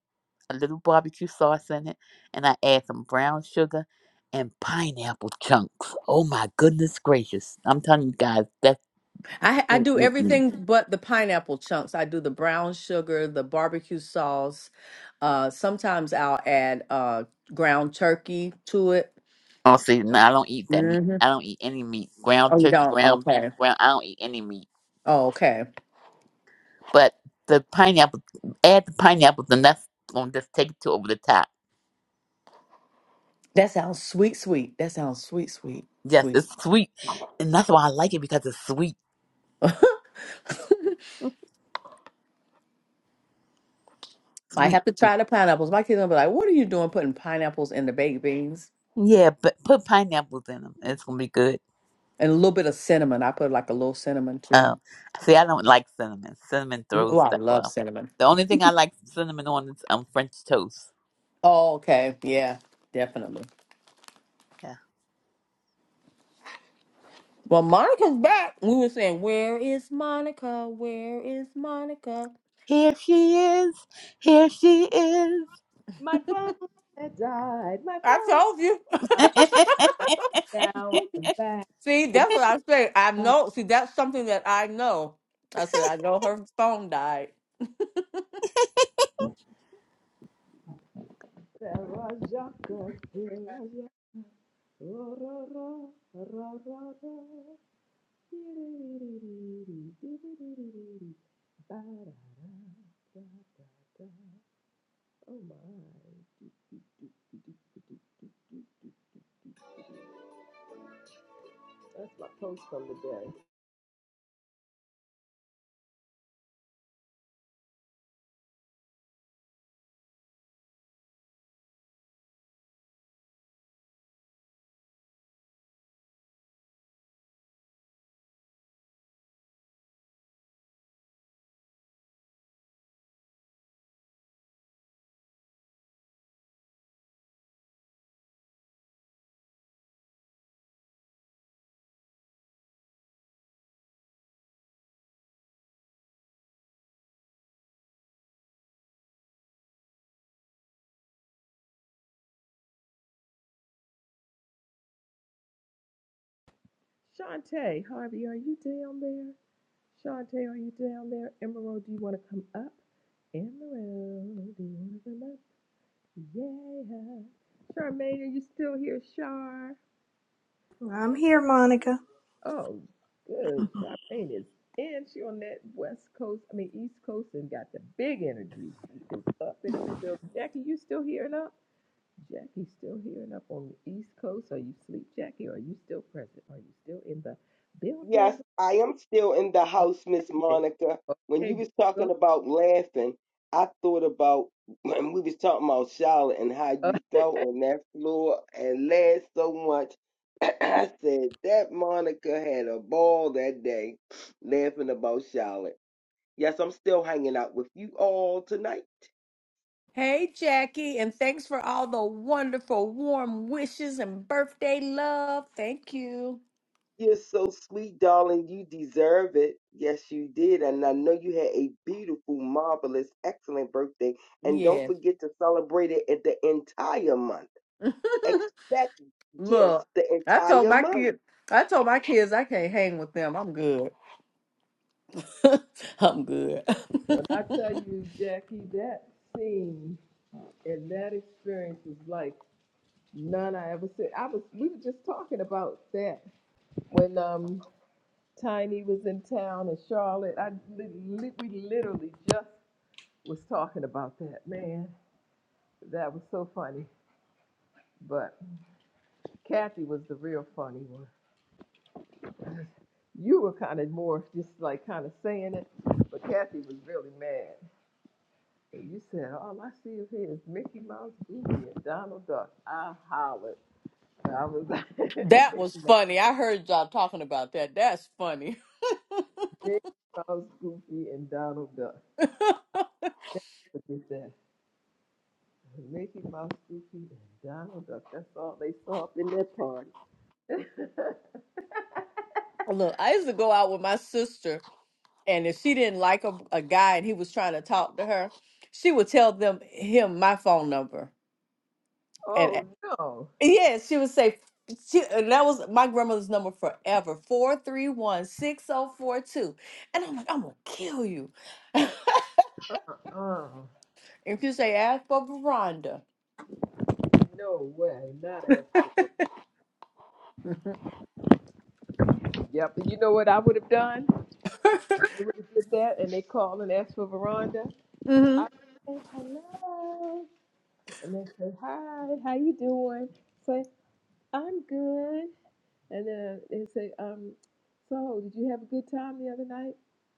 S8: a little barbecue sauce in it, and I add some brown sugar and pineapple chunks. Oh my goodness gracious! I'm telling you guys, that's
S13: I I do
S8: Mm-mm-mm.
S13: everything but the pineapple chunks. I do the brown sugar, the barbecue sauce. Uh, sometimes I'll add uh ground turkey to it.
S8: Oh, see, no, I don't eat that meat.
S13: hmm
S8: I don't eat any meat. Ground
S13: Oh, you
S8: turkey,
S13: don't?
S8: ground beef,
S13: Okay.
S8: ground. I don't eat any meat.
S13: Oh, okay.
S8: But the pineapple, add the pineapple, and that's gonna just take it to over the top.
S13: That sounds sweet, sweet. That sounds sweet, sweet,
S8: Yes,
S13: sweet.
S8: it's sweet, and that's why I like it because it's sweet,
S13: Might
S8: sweet.
S13: have to
S8: sweet.
S13: try the pineapples. My kids will be like, "What are you doing, putting pineapples in the baked beans?"
S8: Yeah, but put pineapples in them. It's gonna be good.
S13: And a little bit of cinnamon. I put like a little cinnamon too.
S8: Uh, see, I don't like cinnamon. Cinnamon
S13: Oh,
S8: throws
S13: I
S8: stuff
S13: love
S8: off.
S13: cinnamon.
S8: The only thing I like cinnamon on is um French toast.
S13: Oh, okay. Yeah, definitely.
S8: Yeah.
S13: Well, Monica's back. We were saying, Where is Monica? Where is Monica?
S8: Here she is. Here she is.
S1: my phone had died. My
S13: I
S1: phone
S13: told you.
S1: died. Now I'm back.
S13: see, that's what I say. I
S1: There
S13: know. See, that's something that I know. I said, I know her phone died.
S1: was Jacques. Oh my, that's my post from the day. Shantae, Harvey, are you down there? Shantae, are you down there? Emerald, do you want to come up? Emerald, do you want to come up? Yeah. Charmaine, are you still here, Char?
S9: I'm here, Monica.
S1: Oh, good. Charmaine is in. She on that West Coast, I mean East Coast, and got the big energy. She is up and in the building. Jackie, you still hearing up? Jackie still hearing up on the East Coast. Are you asleep, Jackie? Are you still present? Are you still in the
S11: Yes,
S1: building?
S11: I am still in the house, Miss
S1: Okay, then.
S11: Monica. When you
S1: okay.
S11: was
S1: Go.
S11: talking about laughing, I thought about when we was talking about Charlotte and how
S1: Uh,
S11: you felt on that floor and laughed so much. I said that Monica had a ball that day laughing about Charlotte. Yes, I'm still hanging out with you all tonight.
S13: Hey, Jackie, and thanks for all the wonderful, warm wishes and birthday love. Thank you.
S11: You're so sweet, darling. You deserve it. Yes, you did. And I know you had a beautiful, marvelous, excellent birthday. And don't
S13: Yes.
S11: forget to celebrate it at the entire month. Expect gifts
S13: Look,
S11: the
S13: I told
S11: entire
S13: my
S11: month.
S13: kid, I told my kids I can't hang with them. I'm good. I'm good.
S1: when I tell you, Jackie, that scene and that experience was like none I ever said. I was. We were just talking about that when um Tiny was in town in Charlotte. I li- li- we literally just was talking about that. Man, that was so funny. But Kathy was the real funny one. You were kind of more just like kind of saying it, but Kathy was really mad. And you said, "All I see of here is Mickey Mouse, Goofy, and Donald Duck." I hollered. I was like,
S13: That was
S1: "Mickey Mouse,
S13: funny. I heard y'all talking about that. That's funny.
S1: Mickey Mouse, Goofy, and Donald Duck." Look at that. Mickey Mouse, Goofy, and Donald Duck. That's all they saw up in their party.
S13: Look, I used to go out with my sister, and if she didn't like a, a guy and he was trying to talk to her, she would tell them him my phone number, and
S1: oh no.
S13: yeah, she would say, she, and that was my grandmother's number forever four three one six zero four two, and I'm like, I'm gonna kill you.
S1: Uh,
S13: if you say ask for Veranda,
S1: no way. Not ask for Ver- Yep. And you know what I would have done? They would have did that and they call and ask for Veranda.
S13: Hmm.
S1: I would say hello. And they say, Hi, how you doing? Say, I'm good. And then they say, um, so did you have a good time the other night?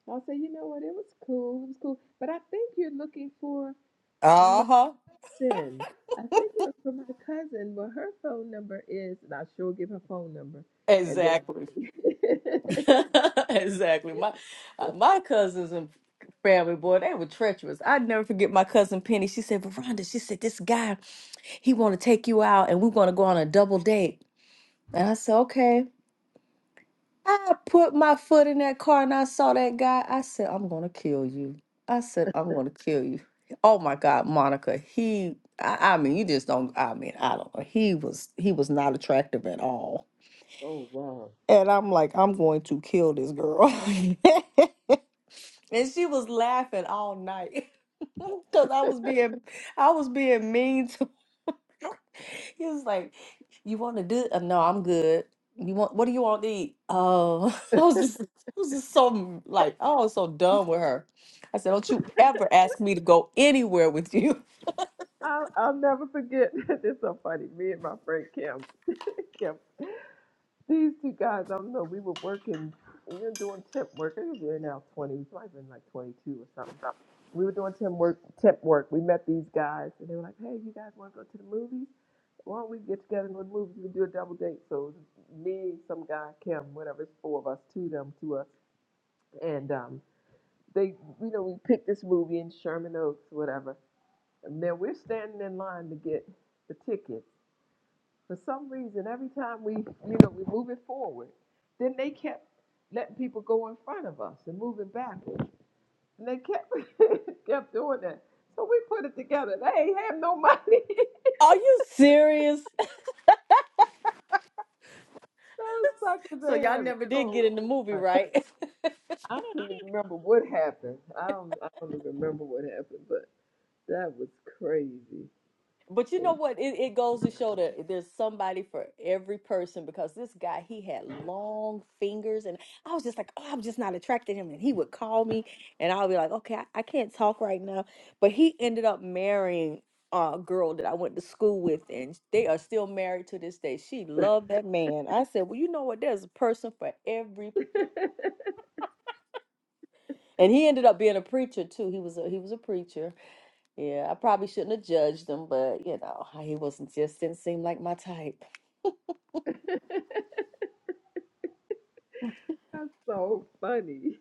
S1: I'll say, you know what, it was cool, it was cool. But I think you're looking for my
S13: Uh-huh.
S1: cousin. I think you're looking for my cousin. Well, her phone number is, and I sure give her phone number. And then,
S13: Exactly.
S1: I-
S13: exactly. My uh, my cousins and family, boy, they were treacherous. I'd never forget my cousin Penny. She said, Veranda, she said, this guy, he want to take you out and we are going to go on a double date. And I said, okay. I put my foot in that car and I saw that guy. I said, I'm going to kill you. I said, I'm going to kill you. Oh my God, Monica, he, I, I mean, you just don't, I mean, I don't know. He was, he was not attractive at all.
S1: Oh wow.
S13: And I'm like, I'm going to kill this girl. and she was laughing all night. Cause I was being I was being mean to her. He was like, You want to do uh, no, I'm good. You want what do you want to eat? Oh, I was just I was just so m- like I was so done with her. I said, Don't you ever ask me to go anywhere with you.
S1: I'll, I'll never forget. this is so funny. Me and my friend Kim, Kim, these two guys. I don't know. We were working. We were doing temp work. I think we were now twenty. We might have been like twenty-two or something we were doing temp work, temp work. We met these guys, and they were like, "Hey, you guys want to go to the movies? Why don't we get together and go to the movies? We can do a double date." So it was me, some guy, Kim, whatever, it's four of us, two of them, two us, and um, they, you know, we picked this movie in Sherman Oaks, whatever. And then we're standing in line to get the ticket. For some reason, every time we, you know, we move it forward, then they kept letting people go in front of us and moving backwards. And they kept kept doing that. So we put it together. They ain't have no money.
S13: Are you serious?
S1: Those suckers
S13: So
S1: ain't
S13: y'all
S1: have
S13: never did
S1: no
S13: get in the movie,
S1: money.
S13: right?
S1: I I don't even remember what happened. I don't I don't even remember what happened, but that was crazy.
S13: But you
S1: They
S13: know what? It, it goes to show that there's somebody for every person because this guy, he had long fingers. And I was just like, oh, I'm just not attracted to him. And he would call me and I'll be like, okay, I, I can't talk right now. But he ended up marrying a girl that I went to school with. And they are still married to this day. She loved that man. I said, well, you know what? There's a person for every. And he ended up being a preacher too. He was a, he was a preacher. Yeah, I probably shouldn't have judged him, but you know, he wasn't just didn't seem like my type.
S1: that's so funny.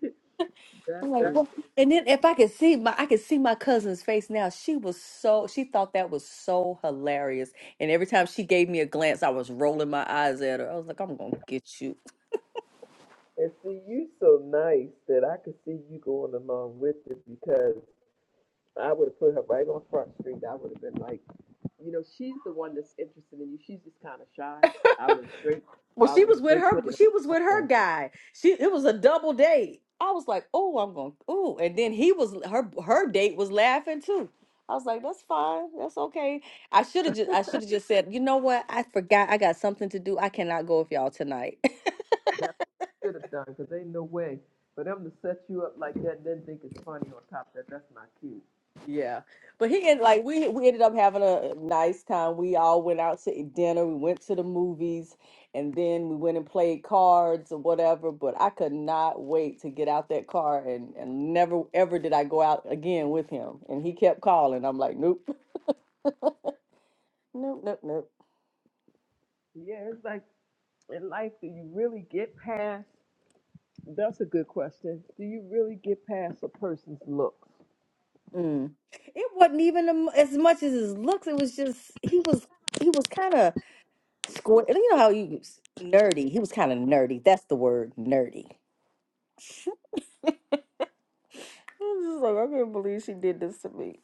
S1: that
S13: I'm like,
S1: is
S13: what? And then if I could see my, I could see my cousin's face now. She was so, she thought that was so hilarious. And every time she gave me a glance, I was rolling my eyes at her. I was like, I'm gonna get you.
S1: and see you so nice that I could see you going along with it because I would have put her right on Front Street. I would have been like you know, she's the one that's interested in you. She's just kind of shy. I would straight,
S13: Well,
S1: I
S13: she
S1: would
S13: was with
S1: straight play
S13: her,
S1: them
S13: she was
S1: like
S13: with her
S1: that.
S13: guy. She, it was a double date. I was like, oh, I'm gonna, oh. And then he was, her, her date was laughing too. I was like, that's fine, that's okay. I should have just, I should have just said, you know what? I forgot, I got something to do. I cannot go with y'all tonight.
S1: That should have done because ain't no way for them to set you up like that and then think it's funny on top of that. That's not cute.
S13: Yeah, but he ended like we we ended up having a nice time. We all went out to eat dinner. We went to the movies, and then we went and played cards or whatever. But I could not wait to get out that car, and and never ever did I go out again with him. And he kept calling. I'm like, nope, nope, nope, nope.
S1: Yeah, it's like in life, do you really get past? That's a good question. Do you really get past a person's looks?
S13: Mm. It wasn't even um, as much as his looks. It was just he was he was kind of square. You know how you nerdy. He was kind of nerdy. That's the word, nerdy. I'm just like, I can't believe she did this to me.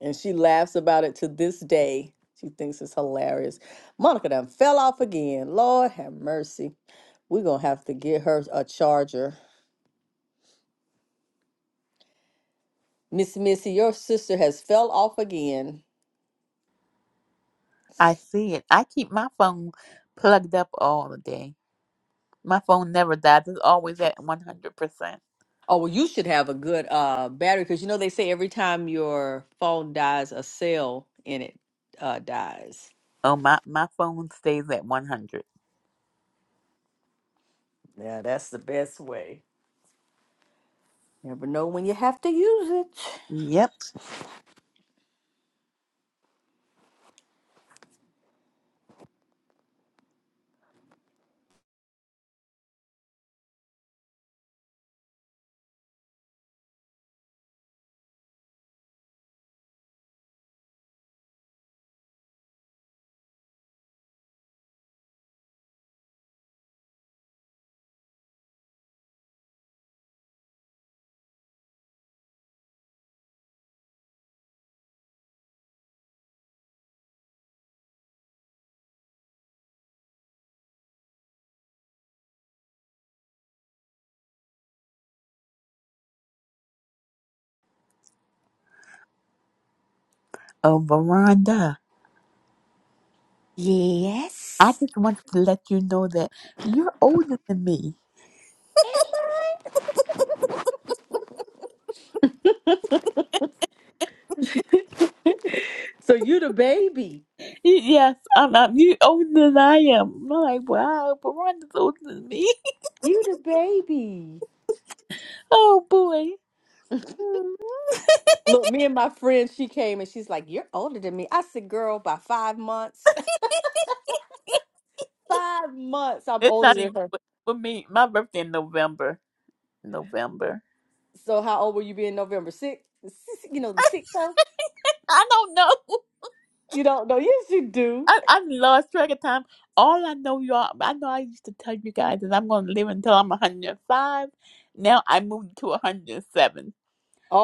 S13: And she laughs about it to this day. She thinks it's hilarious. Monica done fell off again. Lord have mercy. We're going to have to get her a charger. Miss Missy, your sister has fell off again.
S8: I see it. I keep my phone plugged up all the day. My phone never dies. It's always at 100%.
S13: Oh, well, you should have a good uh, battery because you know they say every time your phone dies, a cell in it uh, dies.
S8: Oh, my, my phone stays at 100.
S13: Yeah, that's the best way. Never know when you have to use it.
S8: Yep. Oh, Veranda, I
S13: Yes.
S8: just want to let you know that you're older than me.
S13: so you the baby.
S8: Yes, I'm, I'm you older than I am. I'm like, wow, Veranda's older than me.
S13: You the baby.
S8: Oh, boy. Hmm.
S13: Look, me and my friend, she came and she's like, You're older than me. I said, Girl, by five months. five months. I'm
S8: It's
S13: older
S8: not
S13: than
S8: even
S13: her.
S8: for for me. My birthday in November. November.
S13: So how old will you be in November? Six? The Six- You know, the sixth, huh?
S8: I don't know.
S13: You don't know. Yes, you do.
S8: I, I lost track of time. All I know, y'all, I know I used to tell you guys is I'm going to live until I'm 105. Now I moved to 107.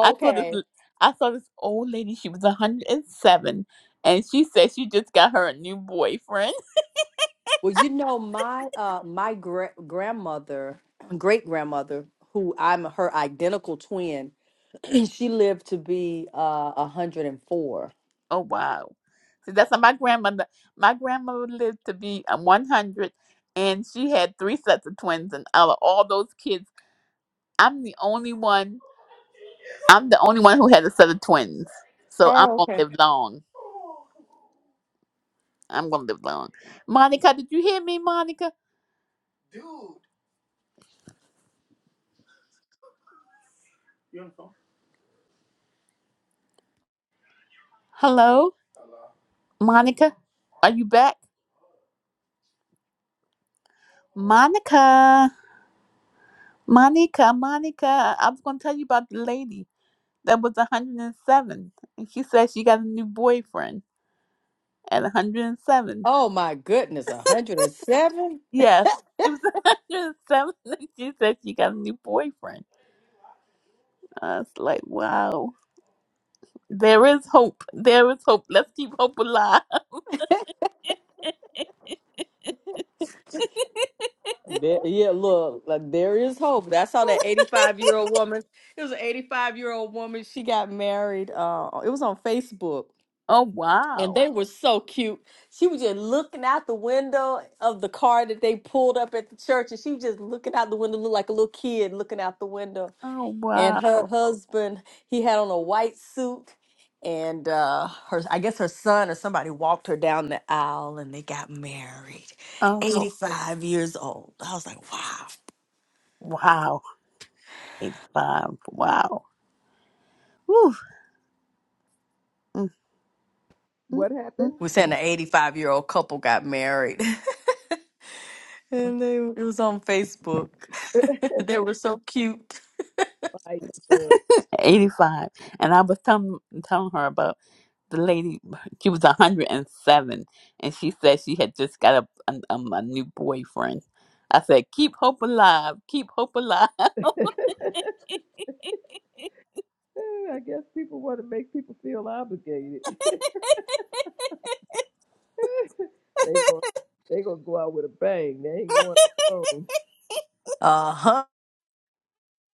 S8: I saw this, I saw this old lady. She was 107, and she said she just got her a new boyfriend.
S13: Well, you know, my uh my gra- grandmother, great grandmother, who I'm her identical twin. And she lived to be uh 104.
S8: Oh wow! See, that's not my grandmother. My grandmother lived to be um, 100, and she had three sets of twins, and out of all those kids, I'm the only one. I'm the only one who had a set of twins. So I'm
S13: Oh,
S8: gonna
S13: okay.
S8: live long. I'm gonna live long. Monica, did you hear me, Monica? Hello, Monica. Are you back, Monica? Monica, Monica. I was gonna tell you about the lady that was 107, and she said she got a new boyfriend at 107.
S13: Oh my goodness, 107?
S8: Yes, she was 107, and she said she got a new boyfriend. I was like, wow, there is hope. There is hope. Let's keep hope alive.
S13: There, yeah, look, like, there is hope. I saw that 85 year old woman, it was an 85 year old woman. She got married. Uh, it was on Facebook,
S8: Oh
S13: and
S8: wow.
S13: they were so cute. She was just looking out the window of the car that they pulled up at the church, and she was just looking out the window, looked like a little kid looking out the window
S8: Oh
S13: and
S8: wow.
S13: her husband he had on a white suit and uh her i guess her son or somebody walked her down the aisle and they got married
S8: Oh
S13: 85 years old i was like wow
S8: wow. 85. Wow. Whew. Mm, mm,
S1: What
S8: mm,
S1: happened?
S13: we're saying
S8: mm.
S13: an 85 year old couple got married and they it was on facebook they were so cute
S1: Like, uh,
S8: 85. And I was telling, telling her about the lady, she was 107, and seven, and she said she had just got a, a, um, a new boyfriend. I said, keep hope alive, keep hope alive.
S1: I guess people want to make people feel obligated. they going they gonna go out with a bang. They ain't going alone.
S13: uh-huh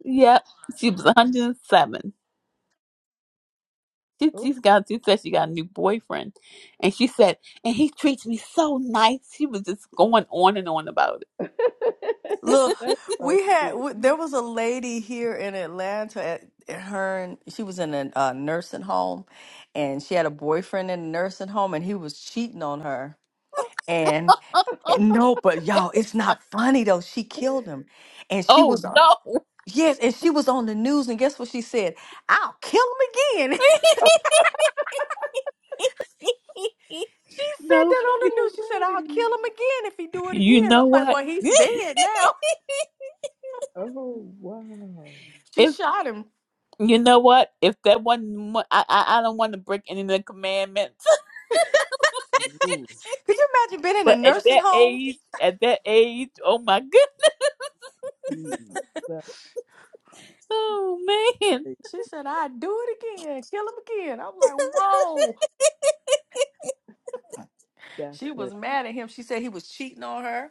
S8: Yep, she was 107. She,
S1: Oh,
S8: she's got, she said she got a new boyfriend. And she said, and he treats me so nice. She was just going on and on about
S13: Look,
S8: it.
S1: so
S13: we had
S1: cute.
S13: w there was a lady here in Atlanta at, at her and she was in a uh, nursing home and she had a boyfriend in a nursing home and he was cheating on her.
S1: Oh,
S13: And, and no, but y'all, it's not funny though. She killed him. And she
S8: Oh
S13: was on-
S8: no.
S13: yes, and she was on the news and guess what she said? I'll kill him again. She said
S8: no.
S13: that on the
S1: oh,
S13: news. She said, I'll
S1: wait.
S13: kill him again if he do it
S8: You
S13: again.
S8: know
S13: I'm like,
S8: what?
S13: well, he's dead now.
S1: Oh, wow.
S13: She
S8: If
S13: shot him.
S8: you know what? If that one I I, I don't want to break any of the commandments.
S1: Ooh,
S13: Could you imagine being in a
S8: But at
S13: nursing
S8: that
S13: home?
S8: age, at that age, oh my goodness.
S1: gee, that's
S8: Oh man.
S1: crazy.
S13: She said, I do it again, kill him again. I'm like, whoa.
S1: That's
S13: She
S1: crazy.
S13: was mad at him. She said he was cheating on her.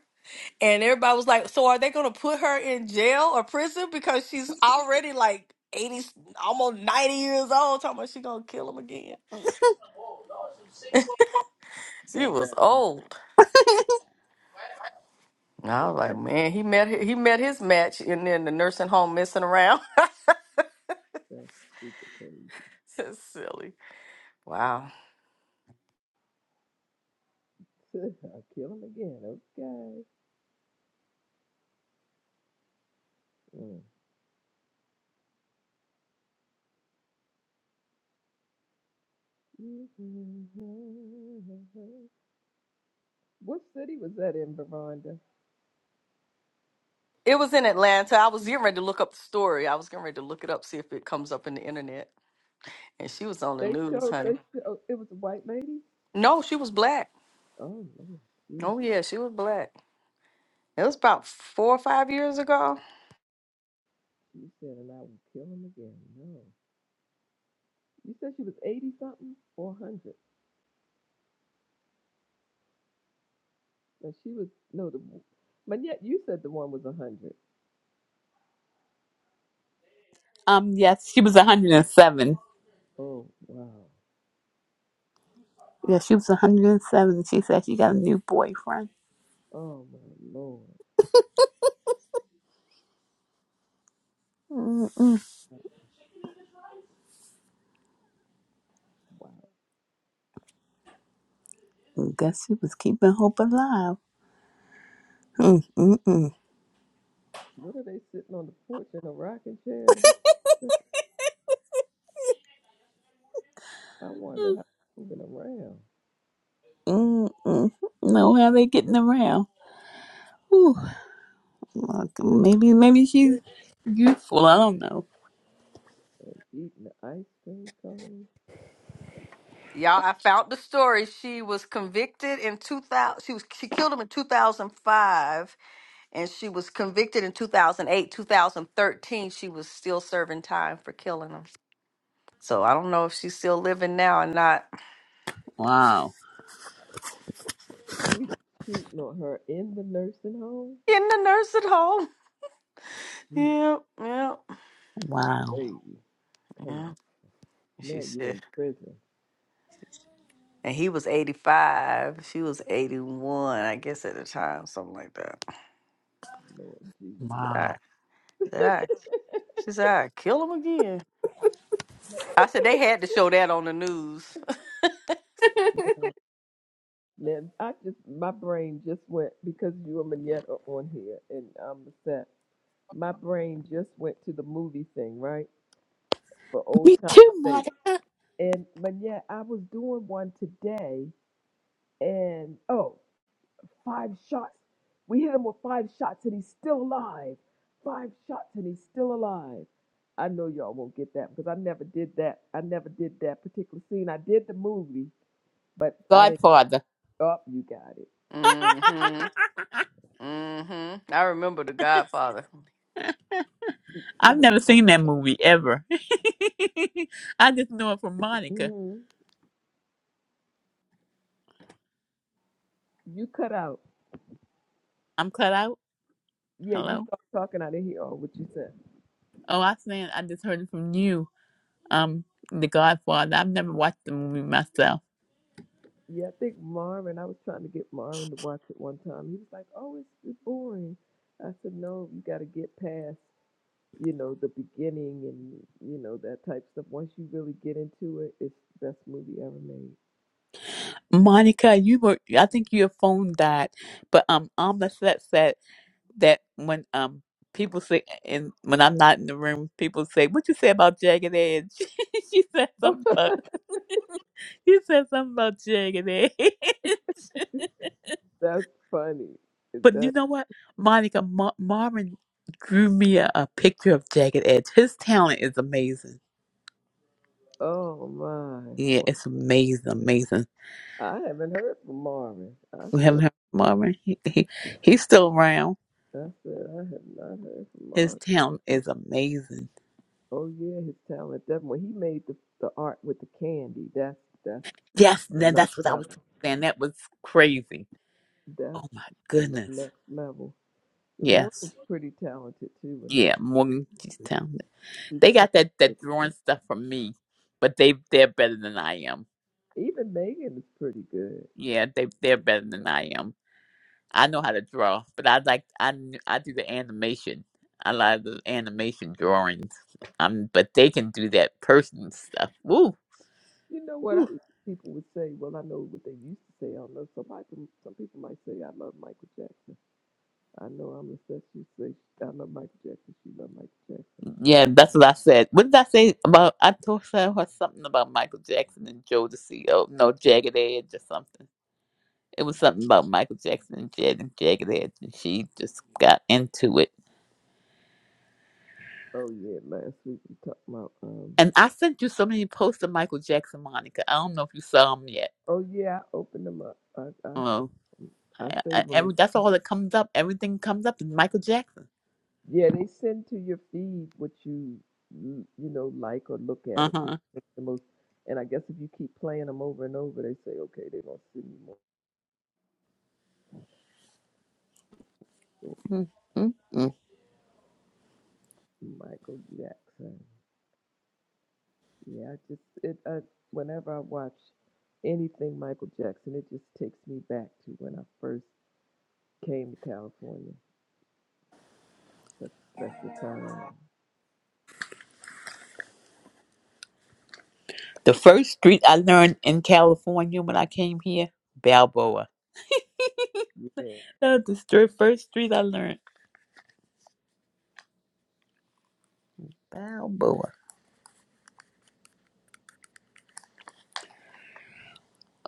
S13: And everybody was like, so are they going to put her in jail or prison because she's already like 80, almost 90 years old, talking about she going to kill him again. She
S1: That's
S13: was
S1: crazy.
S13: old. And I
S1: That's,
S13: was like, man, he met he met his match and then the nursing home messing around.
S1: that's super crazy.
S13: That's silly. Wow.
S1: I'll kill him again. Okay. Mm. What city was that in, Veronda?
S13: It was in Atlanta. I was getting ready to look up the story. I was getting ready to look it up, see if it comes up in the internet. And she was on the
S1: They
S13: news,
S1: showed.
S13: honey.
S1: They showed. It was a white lady.
S13: No, she was black.
S1: Oh Lord.
S13: Oh yeah, she was black. It was about four or five years ago.
S1: You said, and I will kill him again. No. You said she was 80 something or 100. No, she was, no, the, but yet you said the one was 100.
S8: Um yes, she was 107.
S1: Oh, wow.
S8: Yeah, she was 107. She said she got a new boyfriend.
S1: Oh, my Lord.
S8: Mm-mm.
S1: Wow.
S8: Guess she was keeping hope alive. Mm-mm-mm.
S1: What are they sitting on the porch in a rocking chair? at 100? I wonder how they're moving around.
S8: Mm-mm. Know how they getting around? Whew. Look,
S1: Sitting
S8: maybe, maybe she's
S1: there
S8: youthful. I don't know.
S1: and eating the ice cream cone.
S13: Y'all, I found the story. She was convicted in two thousand. She was she killed him in two thousand five, and she was convicted in two thousand eight, two thousand thirteen. She was still serving time for killing him. So I don't know if she's still living now or not.
S8: Wow,
S1: He's cheating on her in the nursing home.
S13: In the nursing home.
S1: Jeez,
S13: Yep, yep,
S8: wow,
S1: baby. Come
S13: yeah.
S1: on.
S13: She
S1: Now you're
S13: said,
S1: in prison.
S13: and he was eighty five. She was eighty one, I guess, at the time, something like that.
S1: Lord Jesus.
S8: wow.
S13: Said I, she said, I kill him again. I said they had to show that on the news.
S1: Now I just my brain just went because you and Manette are on here and I'm upset. My brain just went to the movie thing, right? For old
S8: Me
S1: time's
S8: too,
S1: sake.
S8: mother.
S1: And Manette, I was doing one today and oh, five shots. We hit him with five shots and he's still alive. Five shots and he's still alive. I know y'all won't get that because I never did that. I never did that particular scene. I did the movie, but I didn't.
S8: Godfather.
S1: Oh, you got
S13: mm-hmm. Mm-hmm. I remember the Godfather.
S8: I've never
S1: it.
S8: seen that movie ever. I just know it from Monica.
S1: hmm You cut out.
S8: I'm cut out.
S1: Yeah, you
S8: Hello.
S1: start talking. I didn't hear all what you said.
S8: Oh, I saying I just heard it from you. Um, The Godfather. I've never watched the movie myself.
S1: Yeah, I think Marvin. I was trying to get Marvin to watch it one time. He was like, "Oh, it's, it's boring." I said, "No, you got to get past, you know, the beginning and you know that type stuff. Once you really get into it, it's the best movie ever made."
S8: Monica, you were. I think your phone died, but um, Amla said. that when um people say and when I'm not in the room, people say, "What you say about jagged edge?" she said something about you said something about jagged edge.
S1: That's funny. Is
S8: but
S1: that?
S8: you know what, Monica Ma- Marvin drew me a, a picture of jagged edge. His talent is amazing.
S1: Oh my!
S8: Yeah,
S1: Well,
S8: it's amazing, amazing.
S1: I haven't heard from Marvin. I
S8: We haven't
S1: said,
S8: heard from Marvin. He, he he's still around.
S1: I said, I have not heard from
S8: His
S1: Marvin.
S8: talent is amazing.
S1: Oh yeah, his talent definitely. When he made the the art with the candy, that's that's
S8: Yes, now
S1: another
S8: that's what I was
S1: level.
S8: saying. That was crazy
S1: That's
S8: Oh my
S1: the
S8: goodness.
S1: next level. The
S8: Yes.
S1: Morgan's pretty talented too with her.
S8: Yeah, Morgantown.
S1: She's
S8: They
S1: quite
S8: got that that
S1: pretty
S8: drawing
S1: good.
S8: stuff from me, but they they're better than I am.
S1: Even Megan is pretty good.
S8: Yeah, they they're better than I am. I know how to draw, but I like I kn- I do the animation. I like the animation drawings. Um, but they can do that person stuff. Woo.
S1: You know what? I
S8: woo.
S1: know people would say. Well, I know what they used to say. I don't know. Some people, some people might say, "I love Michael Jackson." I know I'm obsessed. You say, "I love Michael Jackson." She love Michael Jackson.
S8: Yeah, that's what I said. What did I say about? I told her something about Michael Jackson and Joe the CEO. No, Jagged Edge or something. It was something about Michael Jackson and Jag and Jagged Edge, and she just got into it.
S1: Oh yeah, last week we talked about. um
S8: And I sent you so many posts of Michael Jackson, Monica. I don't know if you saw them yet.
S1: Oh yeah, I opened them up. I I
S8: Oh,
S1: I
S8: I, I,
S1: saved them and
S8: every, that's all that comes up. Everything comes up is Michael Jackson.
S1: Yeah, they send to your feed what you you you know like or look at
S8: Uh
S1: or pick
S8: huh.
S1: the most. And I guess if you keep playing them over and over, they say, okay, they're gonna send me more So,
S8: Mm-mm.
S1: Michael Jackson. Yeah, I just it. I, whenever I watch anything Michael Jackson, it just takes me back to when I first came to California. Such a special time.
S8: The first street I learned in California when I came here, Balboa.
S1: Yeah.
S8: That's the str- first street I learned. Balboa.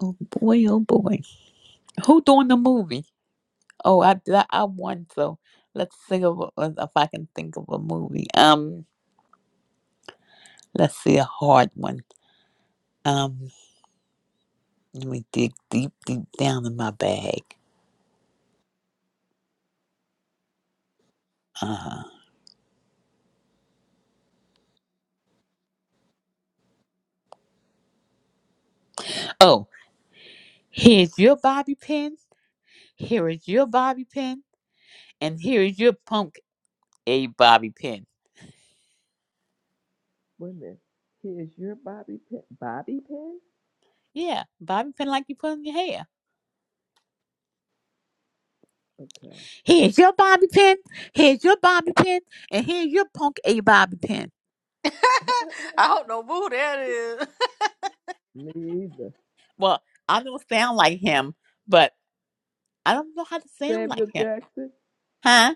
S8: Oh boy, oh boy. Who doing the movie? Oh, I that I won. So let's think of a- of- if I can think of a movie. Um, let's see a hard one. Um, let me dig deep, deep down in my bag. Uh, oh, here's your bobby pin. Here is your bobby pin, and here is your punk a bobby pin.
S1: Wait a minute. Here's your Bobby Pin. Bobby Pin?
S8: Yeah, bobby pin like you put in your hair.
S1: Okay.
S8: Here's your bobby pin. Here's your bobby pin, and here's your punk a bobby pin.
S13: I don't know who that is.
S1: Me either.
S8: Well, I don't sound like him, but I don't know how to sound like
S1: Samuel
S8: him,
S1: Jackson.
S8: huh?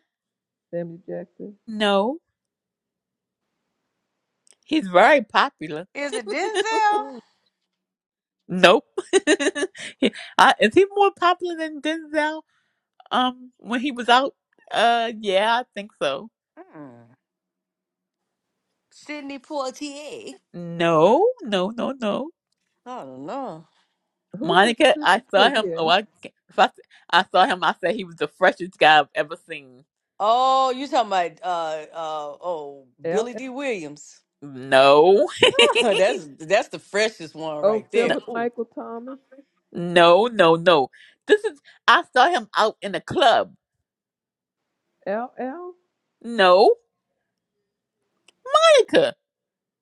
S1: Samuel Jackson.
S8: No, he's very popular.
S13: is it Denzel?
S8: Nope. He- I, is he more popular than Denzel? Um, when he was out. Uh, yeah, I think so.
S13: Mm. Sidney Poitier.
S8: No, no, no, no.
S13: I don't know.
S1: Who's the
S8: Monica, I
S1: city
S8: saw
S1: for
S8: him.
S1: there?
S8: Oh, I ca- if I, I saw him. I said he was the freshest guy I've ever seen.
S13: Oh, you talking about uh uh oh
S1: L
S13: Billy
S1: L
S13: D. Williams.
S8: No,
S13: that's that's the freshest one
S1: Oh,
S13: right
S8: no,
S13: there.
S1: Philip
S13: Ooh.
S1: Michael Thomas.
S8: no, no, no. This is. I saw him out in a club.
S1: L L
S8: No, Monica.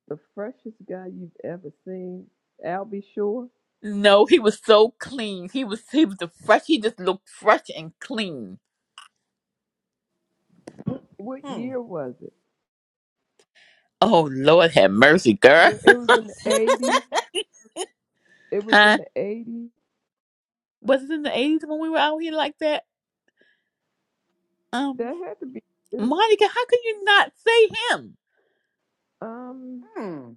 S1: the freshest guy you've ever seen. Albie Shore.
S8: No, he was so clean. He was he was the fresh. He just looked fresh and clean.
S1: What
S13: Hmm.
S1: year was it?
S8: Oh Lord, have mercy, girl.
S1: Well, It was in the 80s. It was in
S8: Huh?
S1: the 80s.
S8: Was it in the eighties when we were out here like that? Um,
S1: That had to be. It was,
S8: Monica, how could you not say him?
S1: um.
S13: Hmm.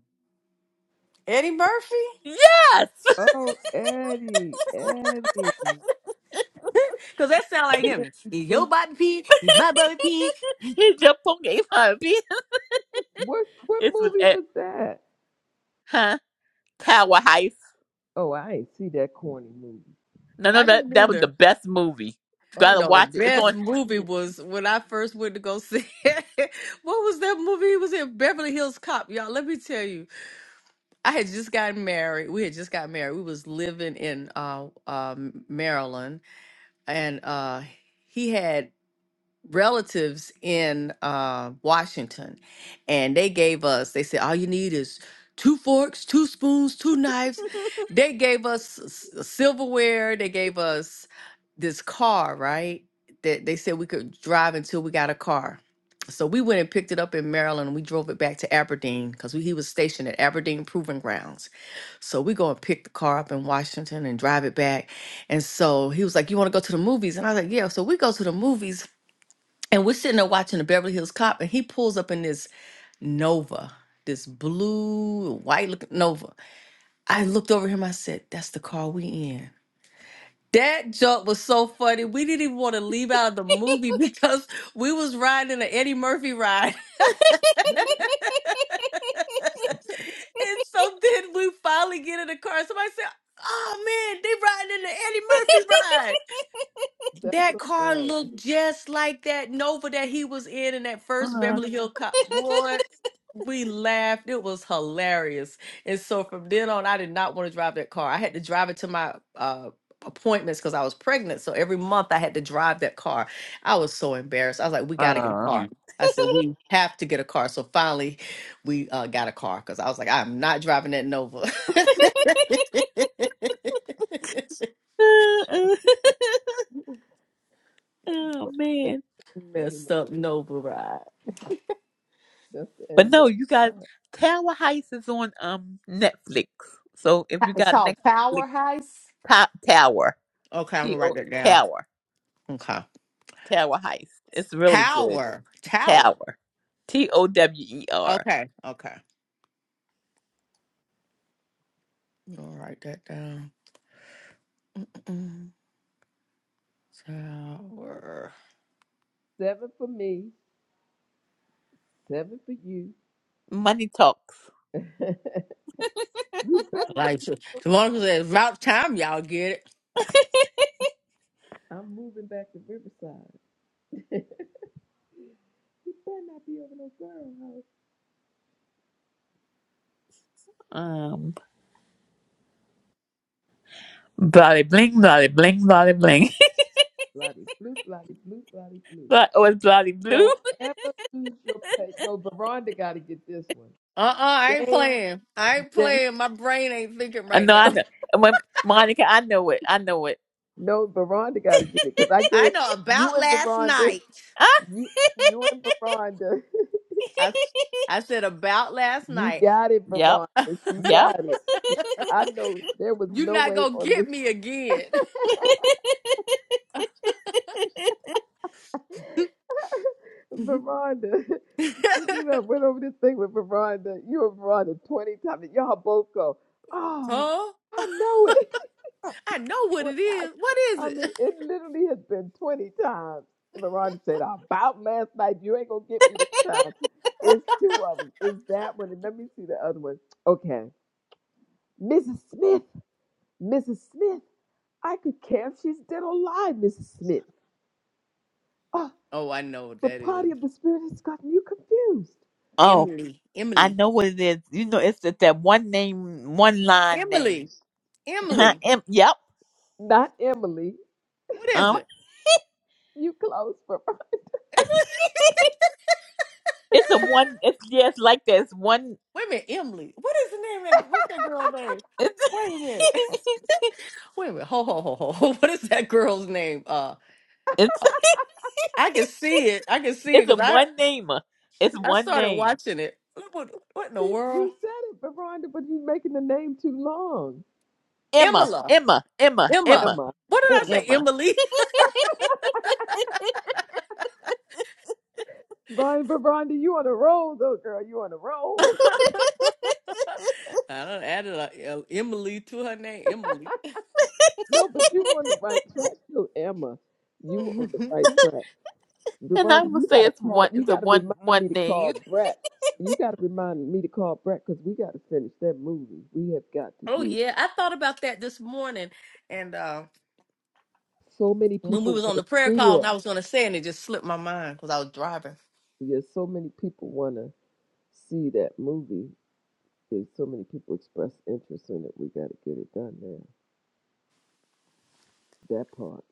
S13: Eddie Murphy?
S8: Yes,
S1: Oh, Eddie, Eddie.
S13: Because that sound like him.
S1: Yeah. he
S13: He's your
S1: did-
S13: Bobby P. He's my Bobby P.
S8: he jumped on gave her a beat.
S1: What what
S8: It was
S1: movie
S8: at
S1: was that?
S8: huh Tower Heist.
S1: Oh, I ain't see that corny movie.
S8: No, no,
S13: I
S8: that
S13: didn't
S8: that was the
S13: either.
S8: best movie. You
S1: Oh,
S8: gotta
S13: No,
S1: well,
S13: the
S8: watch it. It's
S1: I
S8: on.
S13: best
S1: gotta see
S13: movie was when I first went to go see it. What was that movie? It was in Beverly Hills Cop. Y'all, let me tell you. I had just gotten married. We had just got married. We was living in uh, um Maryland. And uh, he had relatives in uh, Washington, and they gave us. They said all you need is two forks, two spoons, two knives. They gave us s- s- silverware. They gave us this car, right? That they said we could drive until we got a car. So we went and picked it up in Maryland. and We drove it back to Aberdeen because he was stationed at Aberdeen Proving Grounds. So we go and pick the car up in Washington and drive it back. And so he was like, "You want to go to the movies?" And I was like, "Yeah." So we go to the movies, and we're sitting there watching the Beverly Hills Cop, and he pulls up in this Nova, this blue, white looking Nova. I looked over him, I said, That's the car we in. That joke was so funny. We didn't even want to leave out of the movie because we was riding an Eddie Murphy ride.
S1: it.
S13: And so then we finally get in the car. Somebody said, Oh man, they riding in the Eddie Murphy ride.
S1: That's
S13: That car
S1: hilarious.
S13: looked just like that Nova that he was in in that first
S8: Uh, uh.
S13: Beverly Hills Cop. Boy, We laughed. It was hilarious. And so from then on, I did not want to drive that car. I had to drive it to my uh, appointments because I was pregnant. So every month I had to drive that car. I was so embarrassed. I was like, we got to get a
S8: Uh, uh.
S13: car. I said, we have to get a car. So finally, we uh, got a car because I was like, I'm not driving that Nova.
S1: That's
S8: oh
S1: what they-
S8: man.
S1: Eddie
S13: Messed up Nova ride.
S1: That's the Eddie
S8: But no,
S1: Murphy.
S8: you
S1: All
S8: got
S1: right.
S8: Tower Heist is on um Netflix. So if you
S13: It's
S8: got
S13: called
S8: Netflix
S13: Power Heist.
S8: top Tower.
S13: Okay, I'm
S8: T
S13: going to
S8: O
S13: write that down.
S8: Tower.
S13: Okay.
S8: Tower Heist. It's really good.
S13: Power. Tower.
S8: Tower. T O W E R.
S13: Okay. Okay. Go write that down. Mm, Tower.
S1: Seven for me, seven for you.
S8: Money talks.
S1: you better not.
S13: Like, so- so Monica it's about time y'all get it.
S1: I'm moving back to Riverside. you better not be over no girl house.
S8: Um, bloody bling, bloody bling, bloody bling.
S1: Bloody blue, bloody blue, bloody blue.
S8: but it was bloody blue.
S1: Don't ever lose your place. No, Veronda got to get this one.
S13: Uh-uh, I ain't
S1: Dan,
S13: playing. I ain't
S1: Dan.
S13: playing. My brain ain't thinking
S8: I
S13: right
S8: know, I
S13: now.
S8: know. And when, Monica, I know it. I know it.
S1: No, Veronda got to get it because I
S13: I
S1: gave
S13: know
S1: you
S13: about
S1: and
S13: last
S1: Veronda.
S13: night.
S8: Ah.
S1: You, you and Veronda.
S13: I I said about last
S1: you
S13: night.
S1: got it,
S8: yep,
S1: Veronda. She
S8: yep.
S1: got it. I know there was
S13: you
S1: no
S13: not
S1: way
S13: gonna
S1: on
S13: get
S1: this
S13: me again.
S1: Veronda. You know, I went over this thing with Veronda. You and Veronda 20 times. and Y'all both go, oh,
S13: huh?
S1: I know it.
S13: I know what
S1: When
S13: it
S1: I,
S13: is. What is
S1: I
S13: it?
S1: mean, it literally has been 20 times. And Veronda said, about last night. You ain't going to get me this time. It's two of them. It's that one. And let me see the other one. Okay. Mrs. Smith. Mrs. Smith. I could care if she's dead or alive, Mrs. Smith. Oh,
S13: Oh, I know what
S1: the
S13: that is.
S1: party of the spirit has gotten you confused.
S8: oh,
S13: Emily.
S8: I
S13: Emily.
S8: know what it is. You know, it's, it's that one name, one line name.
S13: Emily.
S8: Huh,
S13: Emily.
S8: em- yep.
S1: Not Emily.
S13: What
S8: uh-huh.
S13: is it?
S1: You close,
S8: It's a one. It's yes, like that. It's one.
S13: Wait a minute, Emily. What is the name? Of that, what's that girl's name?
S8: It's
S13: Wait a minute. Wait a minute. Ho ho ho ho. ho. What is that girl's name? Uh,
S8: it's
S13: I can see it. I can see it
S8: it's a
S13: because I
S8: one name. It's
S13: I
S8: one
S13: started
S8: name.
S13: watching it. Look What what in the
S1: You,
S13: world?
S1: you said it, Veronda, but you're making the name too long.
S8: Emma.
S13: Emma.
S8: Emma. Emma.
S13: Emma.
S8: Emma.
S1: Emma.
S13: What did
S1: Emma.
S13: I say?
S8: Emma.
S13: Emily.
S1: But Veronda, you on a roll though, girl. You on a
S13: I
S1: roll.
S13: done added a, a Emily to her name. Emily.
S1: No, but you on the right track though, Emma. You were on the right track.
S8: And I
S1: Veronda,
S8: will
S1: you
S8: say
S1: gotta
S8: it's
S1: call
S8: one.
S1: you
S8: It's a
S1: gotta
S8: one
S1: remind me
S8: one
S1: to
S8: name.
S1: call Brett. You gotta remind me to call Brett because we gotta finish that movie. We have got to
S13: oh
S1: do
S13: yeah, I thought about that this morning, and uh,
S1: so many
S13: when we
S1: people
S13: was on
S1: wanna
S13: the prayer
S1: see
S13: call,
S1: it.
S13: and I was gonna say, it, and it just slipped my mind because I was driving.
S1: Yeah, so many people wanna see that movie. There's so many people express interest in it. We gotta get it done now. That part.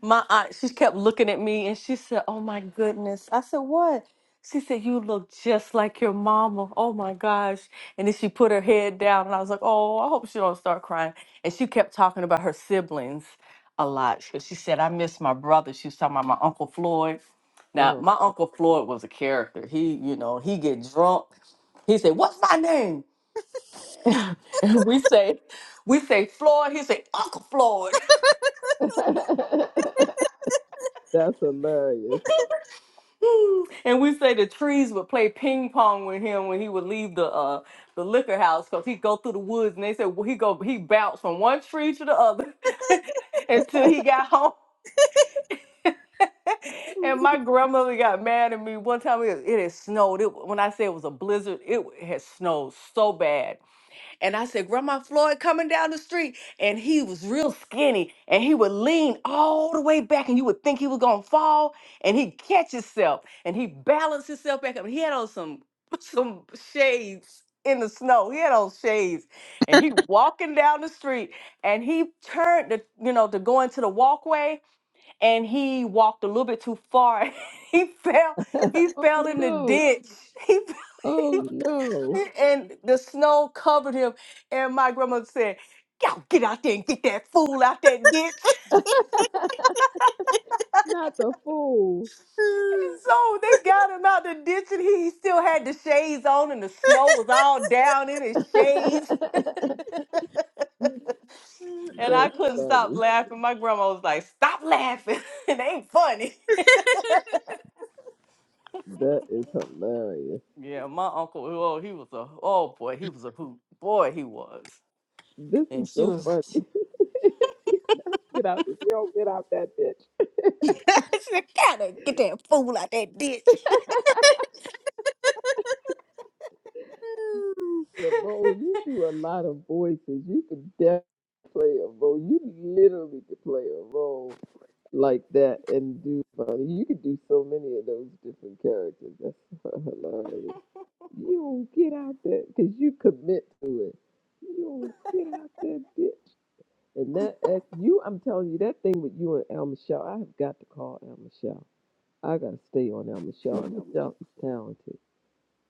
S13: My aunt, she kept looking at me and she said, Oh my goodness. I said, What? She said, You look just like your mama. Oh my gosh. And then she put her head down and I was like, Oh, I hope she don't start crying. And she kept talking about her siblings a lot. She she said, I miss my brother. She was talking about my Uncle Floyd. Now,
S1: Oh.
S13: my Uncle Floyd was a character. He, you know, he get drunk. He said, What's my name? And we say, we say Floyd. He said, Uncle Floyd.
S1: That's hilarious.
S13: and we say the trees would play ping pong with him when he would leave the uh the liquor house because he'd go through the woods and they said well, he go he bounced from one tree to the other until he got home. and my grandmother got mad at me one time. It, it had snowed. It, when I say it was a blizzard, it had snowed so bad and I said, Grandma Floyd coming down the street. And he was real skinny and he would lean all the way back and you would think he was gonna fall and he'd catch himself and he balanced himself back up. He had on some some shades in the snow. He had on shades and he walking down the street and he turned to, you know, to go into the walkway and he walked a little bit too far. he fell, he
S1: oh
S13: fell in the
S1: no.
S13: ditch. He,
S1: Oh no.
S13: and the snow covered him. And my grandmother said, Y'all get out there and get that fool out that ditch.
S1: Not the fool.
S13: And so they got him out the ditch, and he, he still had the shades on, and the snow was all down in his shades. And
S1: That's
S13: I couldn't stop
S1: funny.
S13: laughing. My grandma was like, Stop laughing. it ain't funny.
S1: That is hilarious.
S13: Yeah, my uncle, oh, he was a, oh boy, he was a hoot. Boy, he was.
S1: This is
S13: And she
S1: so
S13: was,
S1: funny. Get out! If you don't get out that bitch.
S13: she said, Gotta get that fool out that ditch.
S1: Yeah, bro, you do a lot of voices. You could definitely play a role. You literally could play a role like that and do funny. You could do so many of those different characters. That's hilarious. You don't get out that because you commit to it. You don't get out that bitch. And that ex, you, I'm telling you, that thing with you and El Michelle, I have got to call El Michelle. I gotta stay on El Michelle. El Michelle is talented,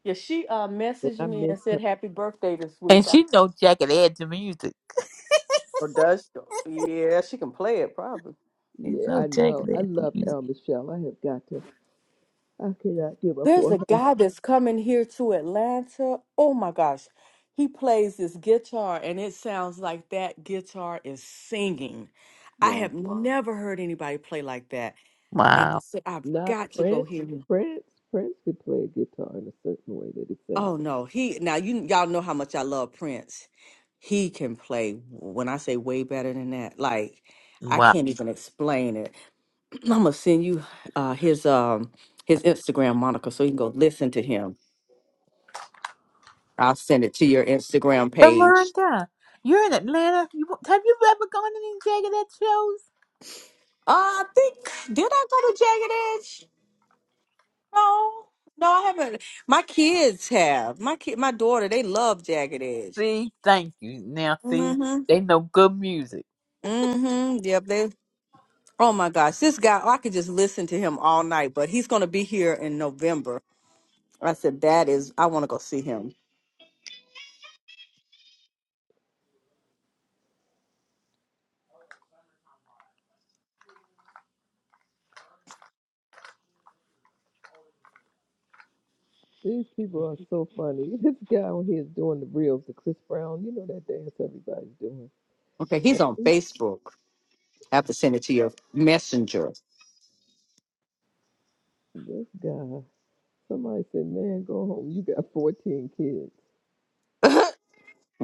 S13: Yeah, she uh
S1: and
S13: messaged
S1: I
S13: me
S1: miss
S13: and
S1: her.
S13: said happy birthday this
S8: And
S13: week. I,
S8: she know Jack and add to music.
S13: or does she? Yeah, she can play it probably.
S8: She
S1: Yeah,
S8: know
S1: I
S8: Jack
S1: know.
S8: and
S1: I
S8: add to
S1: love
S8: music.
S1: El Michelle. I have got to. I cannot give up
S13: There's
S1: on
S13: a
S1: her.
S13: guy that's coming here to Atlanta. Oh my gosh. He plays this guitar and it sounds like that guitar is singing. I
S1: Wow.
S13: have Wow. never heard anybody play like that. And I
S8: Wow.
S13: said, I've
S1: Not
S13: got to go
S1: Prince.
S13: hear him.
S1: Prince. Prince could play a guitar in a certain way that it sounds
S13: Oh
S1: like.
S13: no, he now you y'all know how much I love Prince. He can play when I say way better than that. Like I
S8: Wow.
S13: can't even explain it. I'm gonna send you uh, his um his Instagram, Monica, so you can go listen to him. I'll send it to your Instagram
S8: But
S13: page.
S8: Miranda, you're in Atlanta. You, have you ever gone to any Jack and Ed shows?
S13: Uh, I think did I go to Jagged Edge? No, no, I haven't. My kids have. My kid, my daughter, they love Jagged Edge.
S8: See, thank you. Now, see,
S13: Mm-hmm.
S8: they know good music.
S13: Mm-hmm. Yep. They. Oh my gosh, this guy! I could just listen to him all night. But he's gonna be here in November. I said that is. I want to go see him.
S1: These people are so funny. This guy on here is doing the reels, the Chris Brown. You know that dance everybody's doing.
S13: Okay, he's on Facebook. I have to send it to your messenger.
S1: This guy. Somebody said, "Man, go home. You got 14 kids."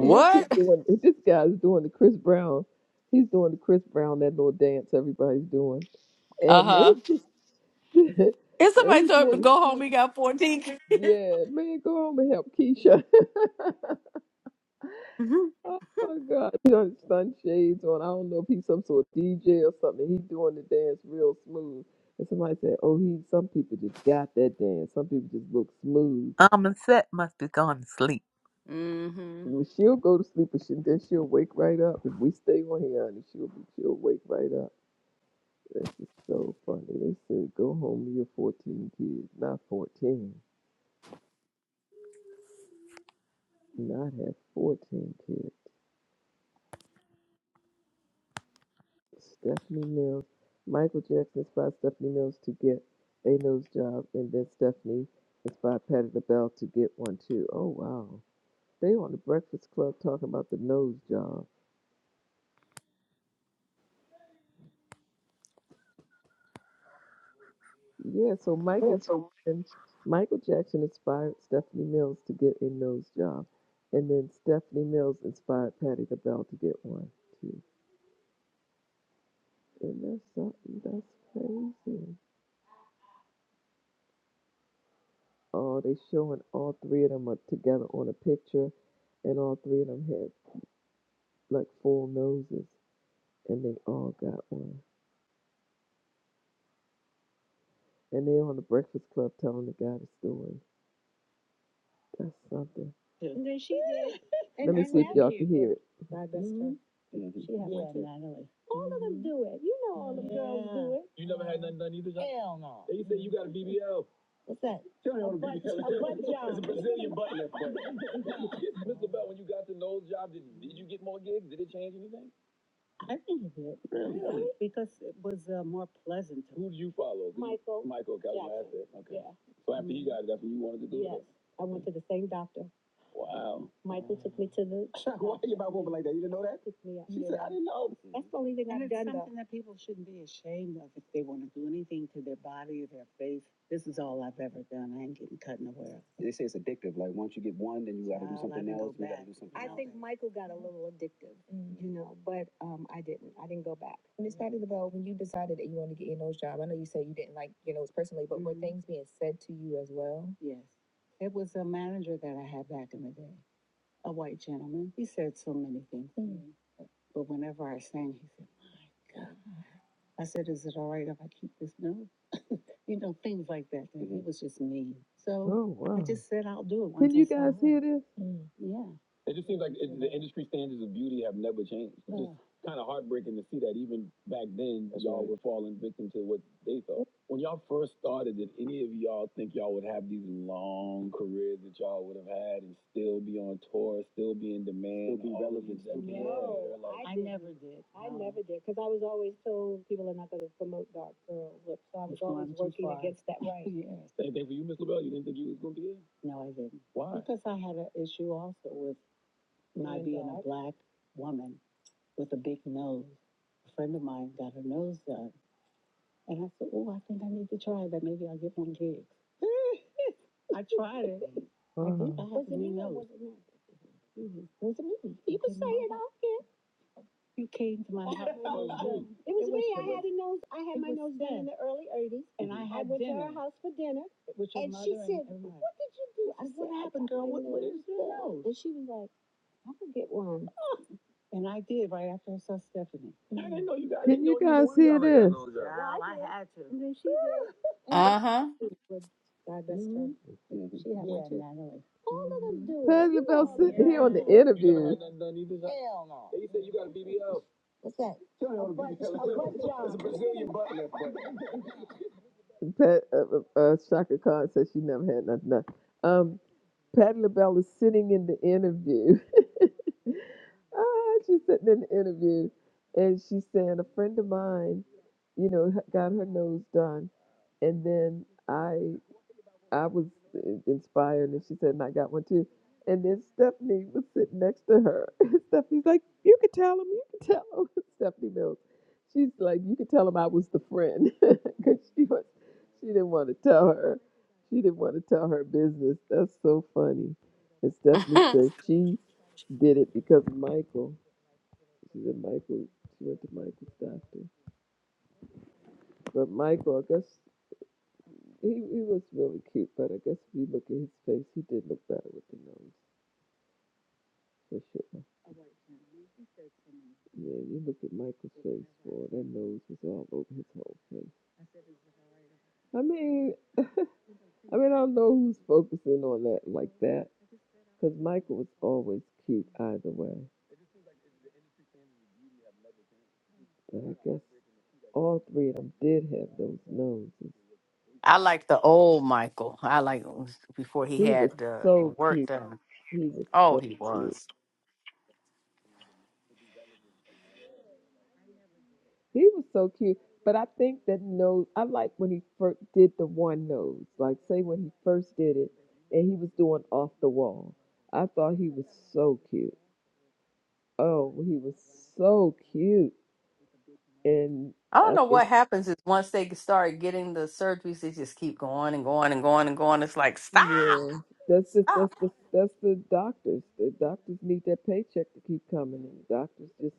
S1: He up here doing. This guy's doing the Chris Brown. He's doing the Chris Brown that little dance everybody's doing,
S13: Uh
S1: and
S13: huh.
S1: it just.
S13: If
S1: And
S13: somebody
S1: he
S13: told him to
S1: doing
S13: go home, he got 14.
S1: Yeah, man, go home and help Keisha. oh my God, he got done sunshades on. I don't know if he's some sort of DJ or something. He's doing the dance real smooth. And somebody said, "Oh, he." Some people just got that dance. Some people just look smooth.
S8: I'm a set must be gone to sleep.
S13: Mm-hmm.
S1: Well, she'll go to sleep, and she, then she'll wake right up. If we stay on here, honey, she'll be, she'll wake right up. That's just so funny. They said, "Go home, you're 14 kids, not 14, not have 14 kids." Stephanie Mills. Michael Jackson inspired Stephanie Mills to get a nose job, and then Stephanie inspired Patti LaBelle to get one too. Oh wow! They on the Breakfast Club talking about the nose job. Yeah, so Michael Jackson, Michael Jackson inspired Stephanie Mills to get a nose job, and then Stephanie Mills inspired Patti LaBelle to get one too. And that's something that's crazy. Oh, they showing all three of them are together on a picture and all three of them had like full noses, and they all got one. And they on the Breakfast Club telling the guy the story. That's something. Yeah. And then she did. Let me see if y'all can hear it. God bless her. She had yeah, one too. All of them do it. You know all the yeah. girls do it. You never had nothing done either, John? Hell no. They say you got a BBL. What's that? Tell me on a butt- BBL. a butt job. It's a Brazilian butt lift. Mr. Bell, when you got the nose job, did, did you get more gigs? Did it change anything? I think it did. Really? Yeah, Because it was uh, more pleasant. Who did you follow? Did you- Michael. Michael got what I Jackson. after. Okay. Yeah. So after you got it, that's what you wanted to do? Yes. I went to the same doctor. Wow. Michael took me to the. Why are you about woman like that? You didn't know that? Took me up She yeah. said, I didn't know. That's the only thing And I've it's done though. something though. that people shouldn't be ashamed of if they want to do anything to their body or their face. This is all I've ever done. I ain't getting cut nowhere. They say it's addictive. Like once you get one, then you gotta do something else. You gotta do something else. I think Michael got a little addictive, mm-hmm. you know, but, um, I didn't, I didn't go back. Miss Patty LaBelle, when you decided that you wanted to get your nose job, I know you said you didn't like your nose personally, but mm-hmm. were Mhm. things being said to you as well? Yes. It was a manager that I had back in the day a white gentleman. He said so many things to me. But whenever I sang, he said, My God. I said, Is it all right if I keep this note? You know, things like that. And he was just mean. So Oh I wow! just said, I'll do it once Did I you saw guys him. hear him." this? Mm. Yeah. It just seems like it, the industry standards of beauty have never changed. It just kind of heartbreaking to see that even back then That's y'all right. were falling victim to what they thought. When y'all first started, did any of y'all think y'all would have these long careers that y'all would have had and still be on tour, still be in demand, Still be relevant, No, like, I I never did. I no. never did, because I was always told people are not going to promote dark girl whip, so I was It's always working far. against that. Right. Yes. same thing for you, Miss LaBelle. You didn't think you was gonna be here? No, I didn't. Why? Because I had an issue also with my Being a black woman with a big nose. A friend of mine got her nose done. And I said, Oh, I think I need to try that. Maybe I'll get one gig. I tried it. Uh-huh. I think I had was a it new me nose. Was it, me? Mm-hmm. was it me? You can say it all again. You came to my house. for a It was me. I had a nose. I had my nose done in the early 80s. And I had I went dinner. to her house for dinner, with your and mother she said, everybody. "What did you do?" I What said, "I happened, girl? What- what is your nose? And she was like, "I could get one." And I did right after I saw Stephanie. And I didn't know you guys. Did you guys see like this? all Girl, I had to. And then she did. And I
S13: Uh huh.
S1: would divest her. Mhm. She had one too. Yeah, All of them do it. about sitting here on the interview. Hell no. They said you got a BBL. What's that? She a butt- BBL. It's a Brazilian butt lift. Pat, uh, uh, uh, Shaka Khan says she never had nothing. Um, Patti LaBelle is sitting in the interview. Ah, she's sitting in the interview, and she's saying a friend of mine, you know, h- got her nose done, and then I I was in- inspired, and she said, and I got one too. And then Stephanie was sitting next to her. And Stephanie's like, you could tell him, you could tell him. Stephanie Mills. She's like, you could tell him I was the friend because she was, she didn't want to tell her, she didn't want to tell her business. That's so funny. And Stephanie says she did it because of Michael. She said Michael. She went to Michael's doctor. But Michael, I guess he he was really cute. But I guess if you look at his face, he did look better with the nose for sure. Yeah, you look at Michael's face, boy, that nose was all over his whole face. I mean, I mean, I don't know who's focusing on that like that, because Michael was always cute either way. But I guess all three of them did have those noses.
S13: I like the old Michael. I like before he
S1: He was
S13: had the, the
S1: so
S13: work
S1: cute.
S13: done.
S1: He was
S13: Oh,
S1: so
S13: he
S1: cute.
S13: was.
S1: He was so cute. But I think that nose, I like when he first did the one nose. Like, say, when he first did it and he was doing off the wall. I thought he was so cute. Oh, he was so cute. And
S13: I don't
S1: I
S13: know
S1: think,
S13: what happens is once they start getting the surgeries, they just keep going and going and going and going. It's like stop,
S1: yeah, that's the,
S13: stop.
S1: that's the, that's the doctors. The doctors need that paycheck to keep coming. And the doctors just,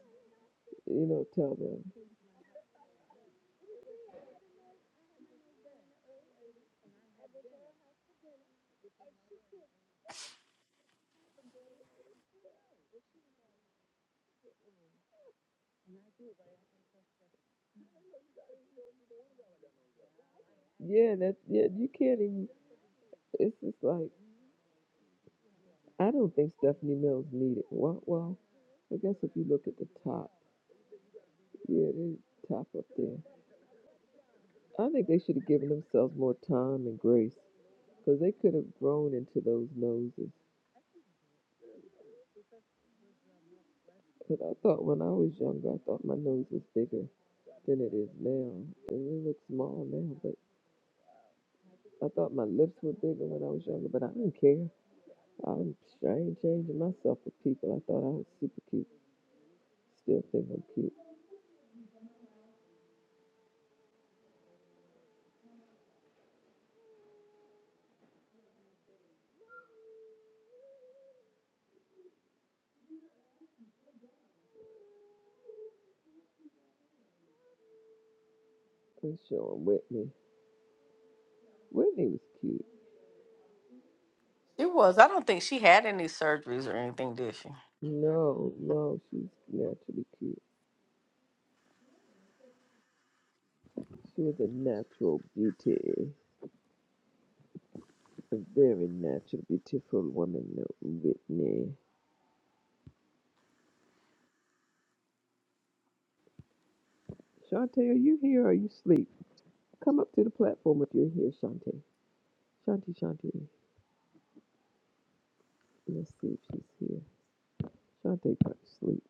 S1: you know, tell them, yeah, that, yeah, you can't even, it's just like, I don't think Stephanie Mills needed one. Well, I guess if you look at the top, yeah, the top up there. I think they should have given themselves more time and grace because they could have grown into those noses. Because I thought when I was younger, I thought my nose was bigger than it is now. And it looks small now, but I thought my lips were bigger when I was younger, but I don't care. I'm, I ain't changing myself for people. I thought I was super cute. Still think I'm cute. Let's show 'em Whitney. Whitney was cute.
S13: She was. I don't think she had any surgeries or anything, did she?
S1: No, no, she's naturally cute. She was a natural beauty, a very natural, beautiful woman, uh, Whitney. Shantae, are you here or are you asleep? Come up to the platform if you're here, Shantae. Shantae, Shantae, let's see if she's here. Shantae probably asleep.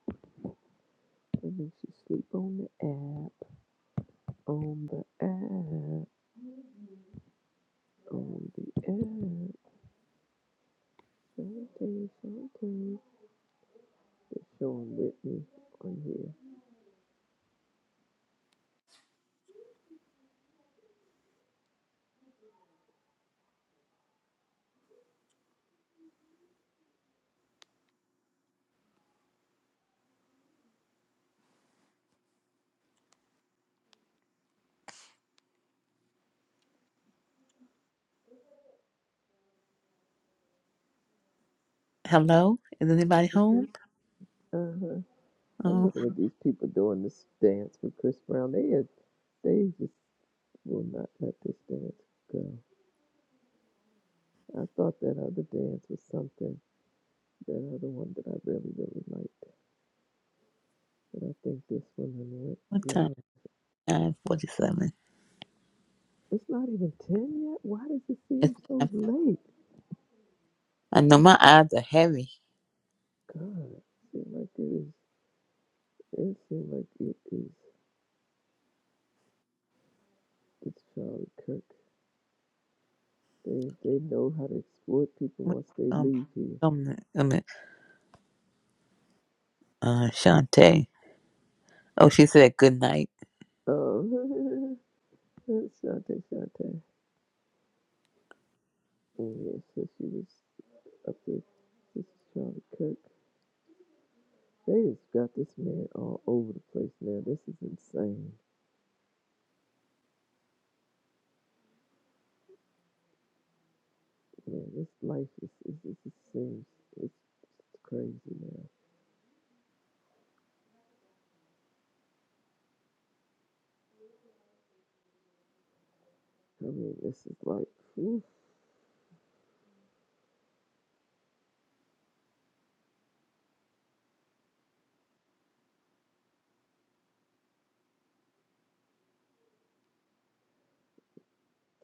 S1: And then she's Sleep on the app, on the app, on the app. Shantae, Shantae. Showing Whitney on here.
S8: Hello? Is anybody home?
S1: Uh-huh. I'm
S8: Oh,
S1: looking at these people doing this dance with Chris Brown. They had, they just will not let this dance go. I thought that other dance was something, that other one that I really, really liked. But I think this one done went
S8: what time?
S1: beyond.
S8: 9.47.
S1: It's not even 10 yet? Why does it
S8: It's
S1: seem so
S8: 9.
S1: late?
S8: I know my eyes are heavy.
S1: God, it seems like it is, it seems like it is, it's Charlie Kirk. They, they know how to exploit people
S8: What-
S1: once they
S8: Um,
S1: leave here.
S8: um, um, uh, Shantae. Oh, she said good night.
S1: Oh, Shante, Shante. Oh, Yeah, so she was. up there. This is Charlie Kirk. They just got this man all over the place now. This is insane. Yeah, this life is, is, is it seems it's, it's crazy now. I mean, this is like, oof,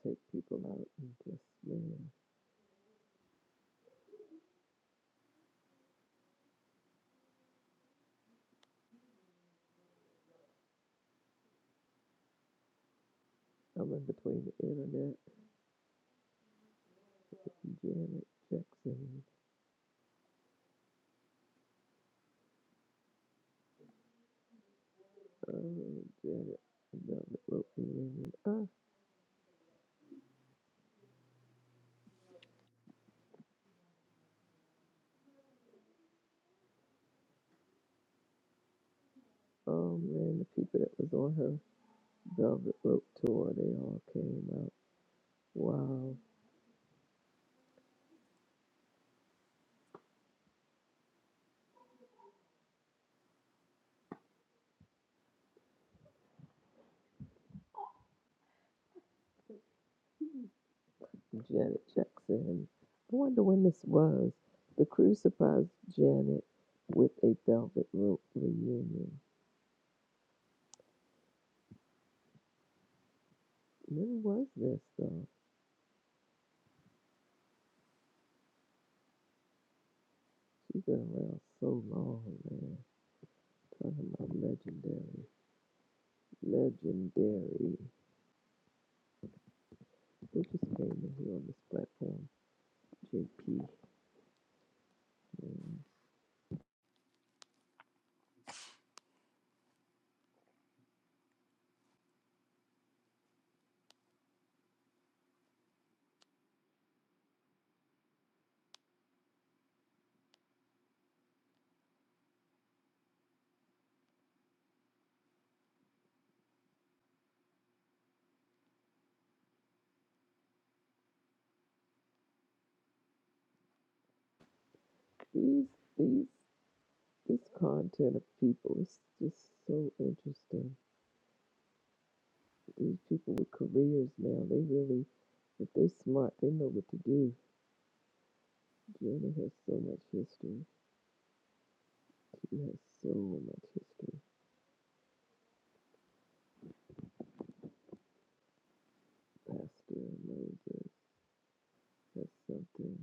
S1: take people out and just, man. I'm in between the internet, and Janet Jackson, oh Janet, Velvet Rope reunion. Ah, oh man, the people that was on her Velvet Rope tour, they all came out. Wow, Janet Jackson. I wonder when this was. The crew surprised Janet with a velvet rope reunion. When was this though? She's been around so long, man. Talking about legendary, legendary. Who just came in here on this platform? JP. man. These, these, this content of people is just so interesting. These people with careers now, they really, if they're smart, they know what to do Kiana has so much history. He has so much history. Pastor Moses, that's something.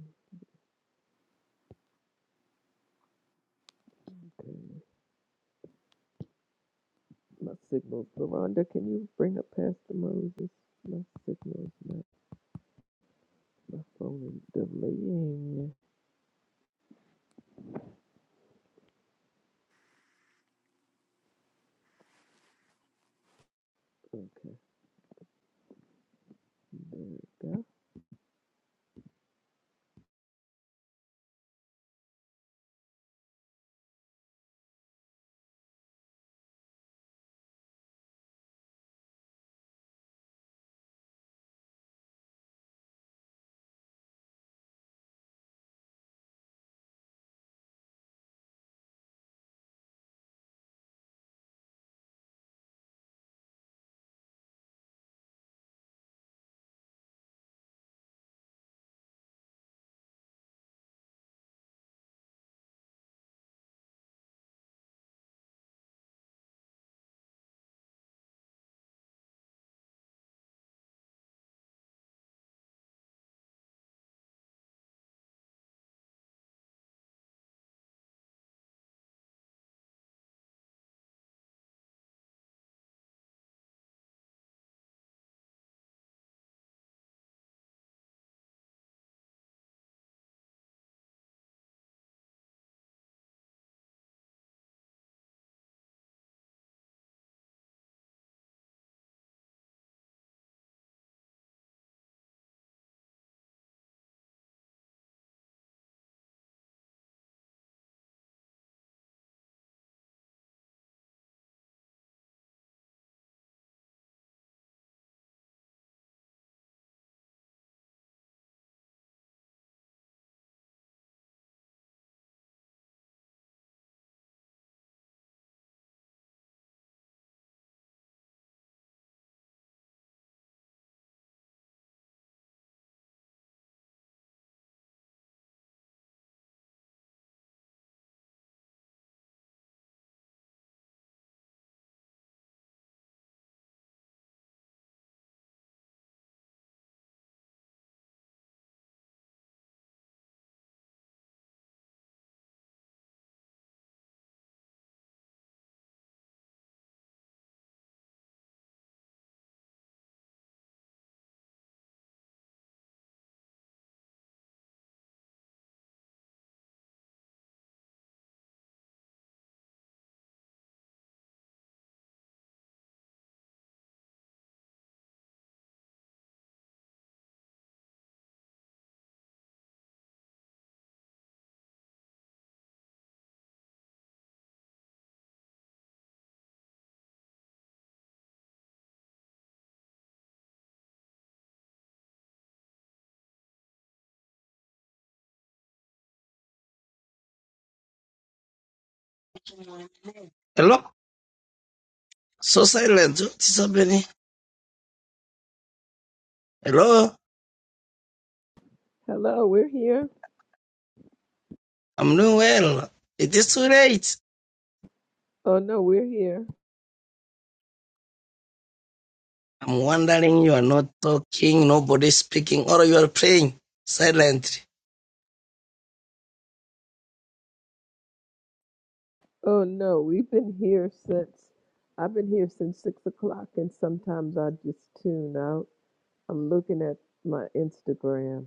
S1: Okay. My signal, Veronda, can you bring up Pastor Moses? My signal is not, my phone is delaying. Okay, there we go.
S15: Hello, so silent. What is happening? Hello,
S1: Hello, we're here.
S15: I'm doing well. It is too late.
S1: Oh no, we're here.
S15: I'm wondering you are not talking, nobody speaking, or you are praying silently.
S1: Oh no, we've been here since, I've been here since six o'clock and sometimes I just tune out. I'm looking at my Instagram.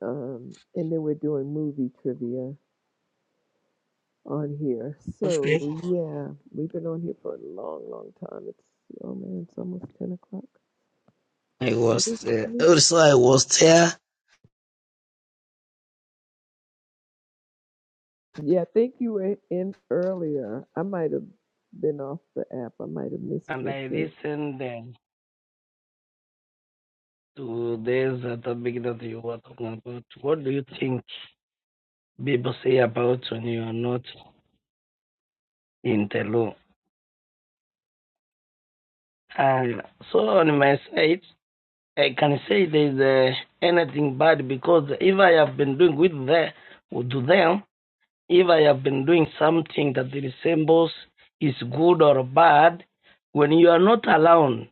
S1: Um, and then we're doing movie trivia on here. So
S15: Okay.
S1: yeah, we've been on here for a long, long time. It's oh man, it's almost ten o'clock.
S15: I was there. Also, I was there
S1: Yeah, I think you were in earlier. I might have been off the app. I might have missed
S15: and
S1: your
S15: I
S1: share.
S15: listened then to this uh, topic that you were talking about. What do you think people say about when you are not in the law? And so on my side, I can say there's uh, anything bad because if I have been doing with the, to them, if I have been doing something that resembles is good or bad, when you are not alone,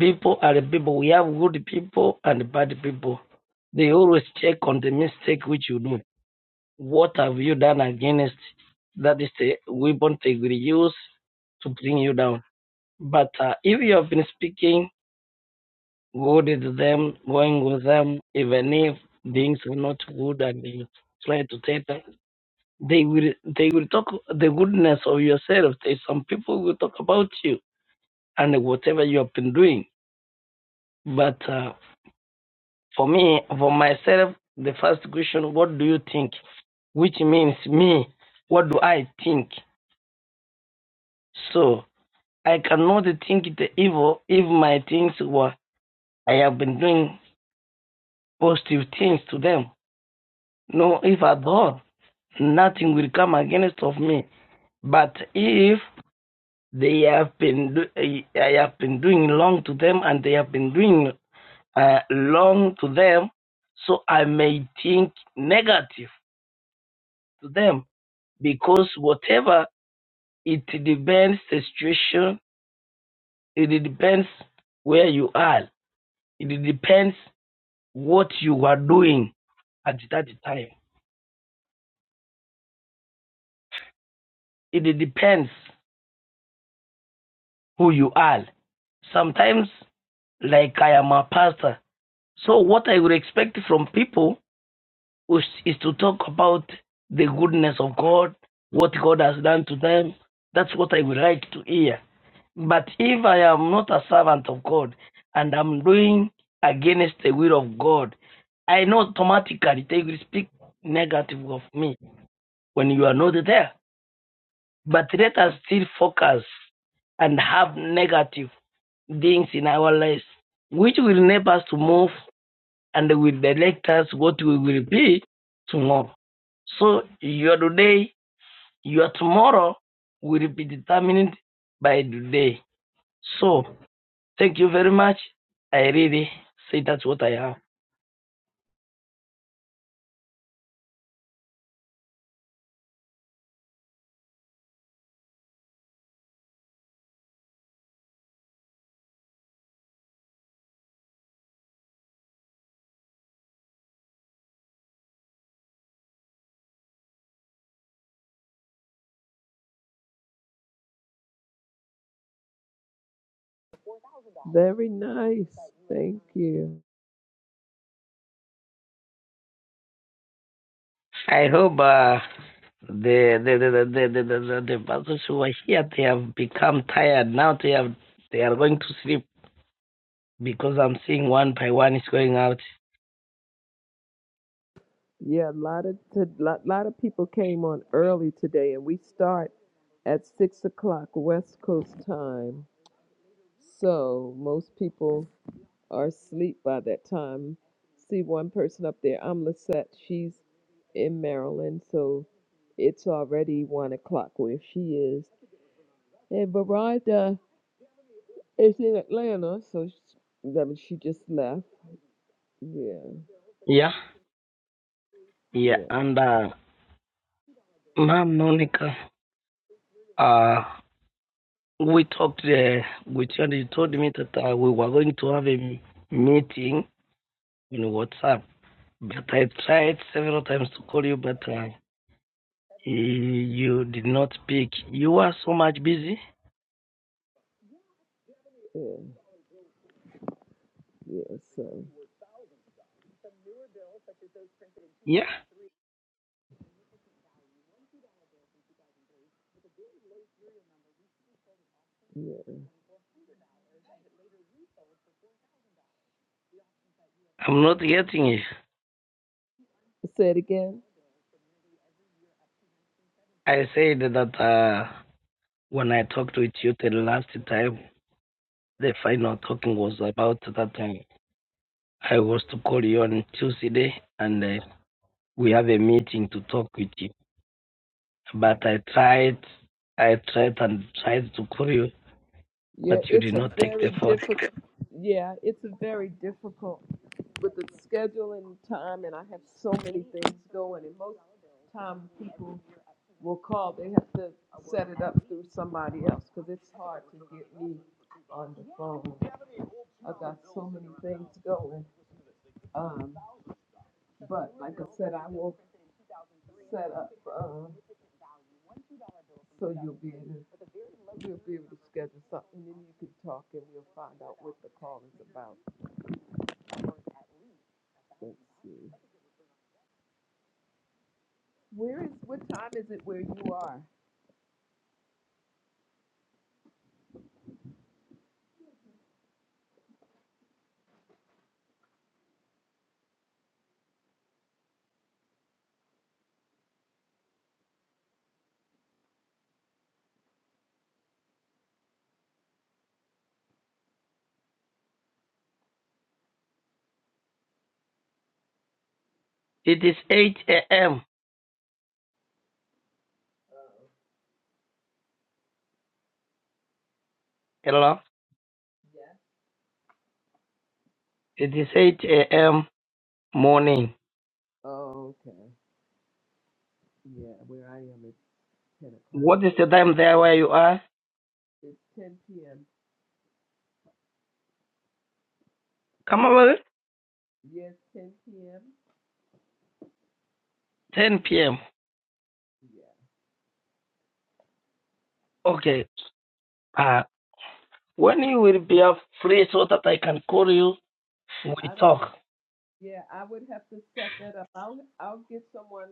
S15: people are people. We have good people and bad people. They always check on the mistake which you do. What have you done against? That is the weapon they will use to bring you down. But uh, if you have been speaking good with them, going with them, even if things are not good and you try to take them, they will they will talk the goodness of yourself. There's some people will talk about you and whatever you have been doing. But uh, for me, for myself, the first question, what do you think? Which means me, what do I think? So I cannot think the evil if my things were I have been doing positive things to them. No, if at all. nothing will come against of me. But if they have been do- eh, I have been doing wrong to them, and they have been doing uh, wrong to them, so I may think negative to them because whatever it depends the situation, it depends where you are, it depends what you are doing at that time. It depends who you are. Sometimes, like I am a pastor, So what I would expect from people is, is to talk about the goodness of God, what God has done to them. That's what I would like to hear. But if I am not a servant of God and I'm doing against the will of God, I know automatically they will speak negative of me when you are not there. But let us still focus and have negative things in our lives, which will enable us to move and will direct us what we will be tomorrow. So your today, your tomorrow will be determined by today. So thank you very much. I really say that's what I have.
S1: Very nice. Thank you.
S15: I hope uh, the, the, the, the, the, the, the, the persons who are here, they have become tired. Now they have they are going to sleep because I'm seeing one by one is going out.
S1: Yeah, a lot of a lot, lot of people came on early today, and we start at six o'clock West Coast time. So most people are asleep by that time. See one person up there. I'm Lisette. She's in Maryland, so it's already one o'clock where she is. And Verida is in Atlanta, so she, I mean, she just left. Yeah,
S15: Yeah, yeah.
S1: yeah,
S15: And uh, Ma'am Monica, uh, we talked there with you, and you told me that uh, we were going to have a meeting in WhatsApp. But I tried several times to call you, but uh, you you did not pick. You are so much busy.
S1: yeah, yeah. So
S15: Yeah,
S1: yeah.
S15: I'm not getting it.
S1: Say it again.
S15: I said that uh, when I talked with you the last time, the final talking was about that time. I was to call you on Tuesday, and uh, we have a meeting to talk with you. But I tried, I tried and tried to call you,
S1: Yeah,
S15: but you
S1: it's
S15: did
S1: a
S15: not take the
S1: very
S15: phone.
S1: difficult. Yeah, it's a very difficult with the scheduling time, and I have so many things going, and most time people will call, they have to set it up through somebody else, cause it's hard to get me on the phone. I got so many things going, um, but like I said, I will set up, um, so you'll be able, to- you'll be able to schedule something, and you can talk and we'll find out what the call is about. Let's see. Where is, what time is it where you are?
S15: It is 8 a.m. Hello?
S1: Yeah.
S15: It is 8 a.m. morning.
S1: Oh, okay, yeah, where I am, it's ten o'clock.
S15: What is the time there where you are?
S1: It's ten PM.
S15: Come over.
S1: Yes, ten PM?
S15: 10 p.m.
S1: Yeah.
S15: Okay. Uh, when you will be up free so that I can call you,
S1: I
S15: we
S1: don't.
S15: talk.
S1: Yeah, I would have to set that up. I'll I'll get someone.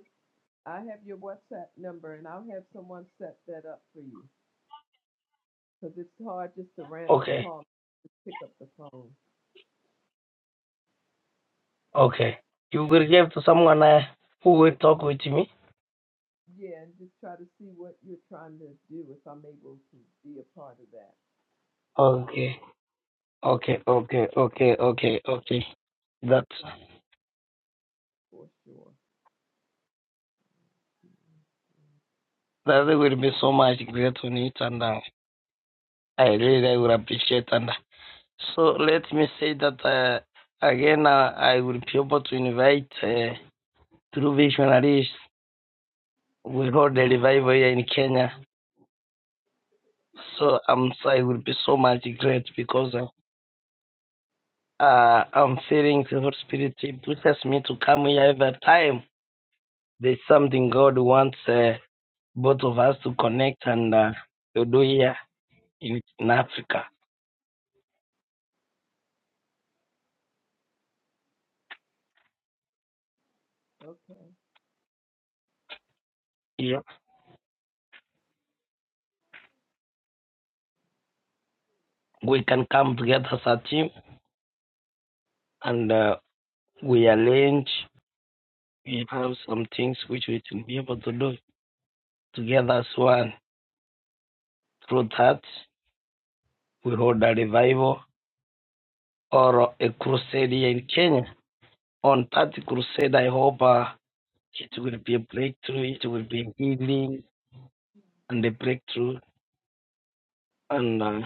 S1: I have your WhatsApp number, and I'll have someone set that up for you. Cause it's hard just to random
S15: Okay.
S1: call, just pick up the phone.
S15: Okay. You will give to someone uh, who will talk with me?
S1: Yeah, and just try to see what you're trying to do. If I'm able to be a part of that,
S15: Okay. Okay. Okay. Okay. Okay. Okay. That.
S1: for sure.
S15: That there will be so much great to me, and uh, I really will appreciate and uh, so let me say that uh, again uh, I will be able to invite uh, through visionaries we hold a revival here in Kenya. So I'm so I will be so much great because uh, uh, I'm feeling the Holy Spirit He pushes me to come here every time. There's something God wants uh, both of us to connect and uh, to do here in, in Africa.
S1: Okay.
S15: Yeah. we can come together as a team and uh, we arrange, we have some things which we will be able to do together as one. Through that, we hold a revival or a crusade here in Kenya. On that crusade, I hope uh, it will be a breakthrough, it will be healing and a breakthrough, and, uh,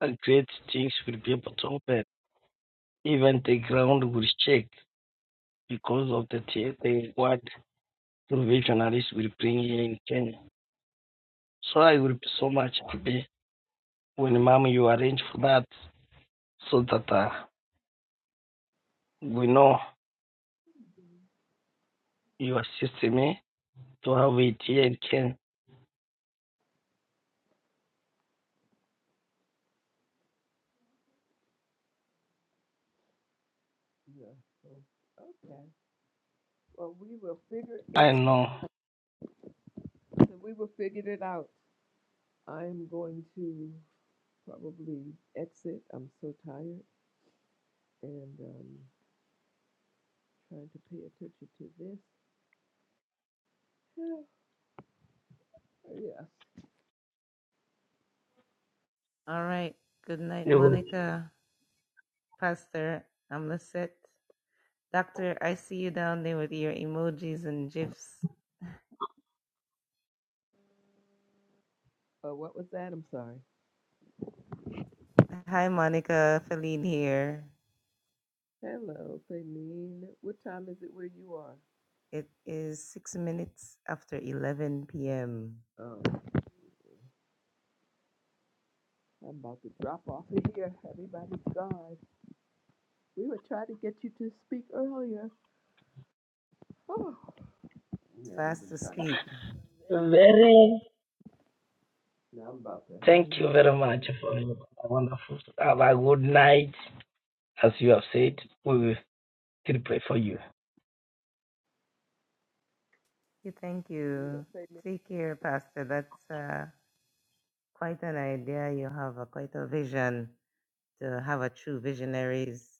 S15: and great things will be able to open. Even the ground will shake because of the, the word provisionaries will bring here in Kenya. So I will be so much happy when, Mom, you arrange for that so that uh, we know you assist me to have it here in Kenya.
S1: Yeah. so- Okay. Well, we will figure
S15: I
S1: it.
S15: know
S1: so We will figure it out. I'm going to probably exit. I'm so tired, and um, Trying to pay attention to this. Oh, Yes.
S7: All right. Good night,
S15: you will.
S7: Monica. Pastor, I'm Lisette. Doctor, I see you down there with your emojis and gifs.
S1: Oh, what was that? I'm sorry.
S7: Hi, Monica. Feline here.
S1: Hello, Fanine. What time is it where you are?
S7: It is six minutes after 11 p.m.
S1: Oh, I'm about to drop off of here. Everybody's gone. We were trying to get you to speak earlier. Oh,
S7: It's
S1: yeah, we've
S7: Fast
S1: been trying to get
S7: asleep.
S15: Very,
S1: you. Now I'm about to
S15: thank
S1: hang up.
S15: you very much for your wonderful. Have a good night. As you have said, we will still pray for you.
S7: You Thank
S1: Yeah,
S7: you.
S1: Fanine.
S7: Take care, Pastor. That's uh, quite an idea you have, uh, quite a vision to have a true visionaries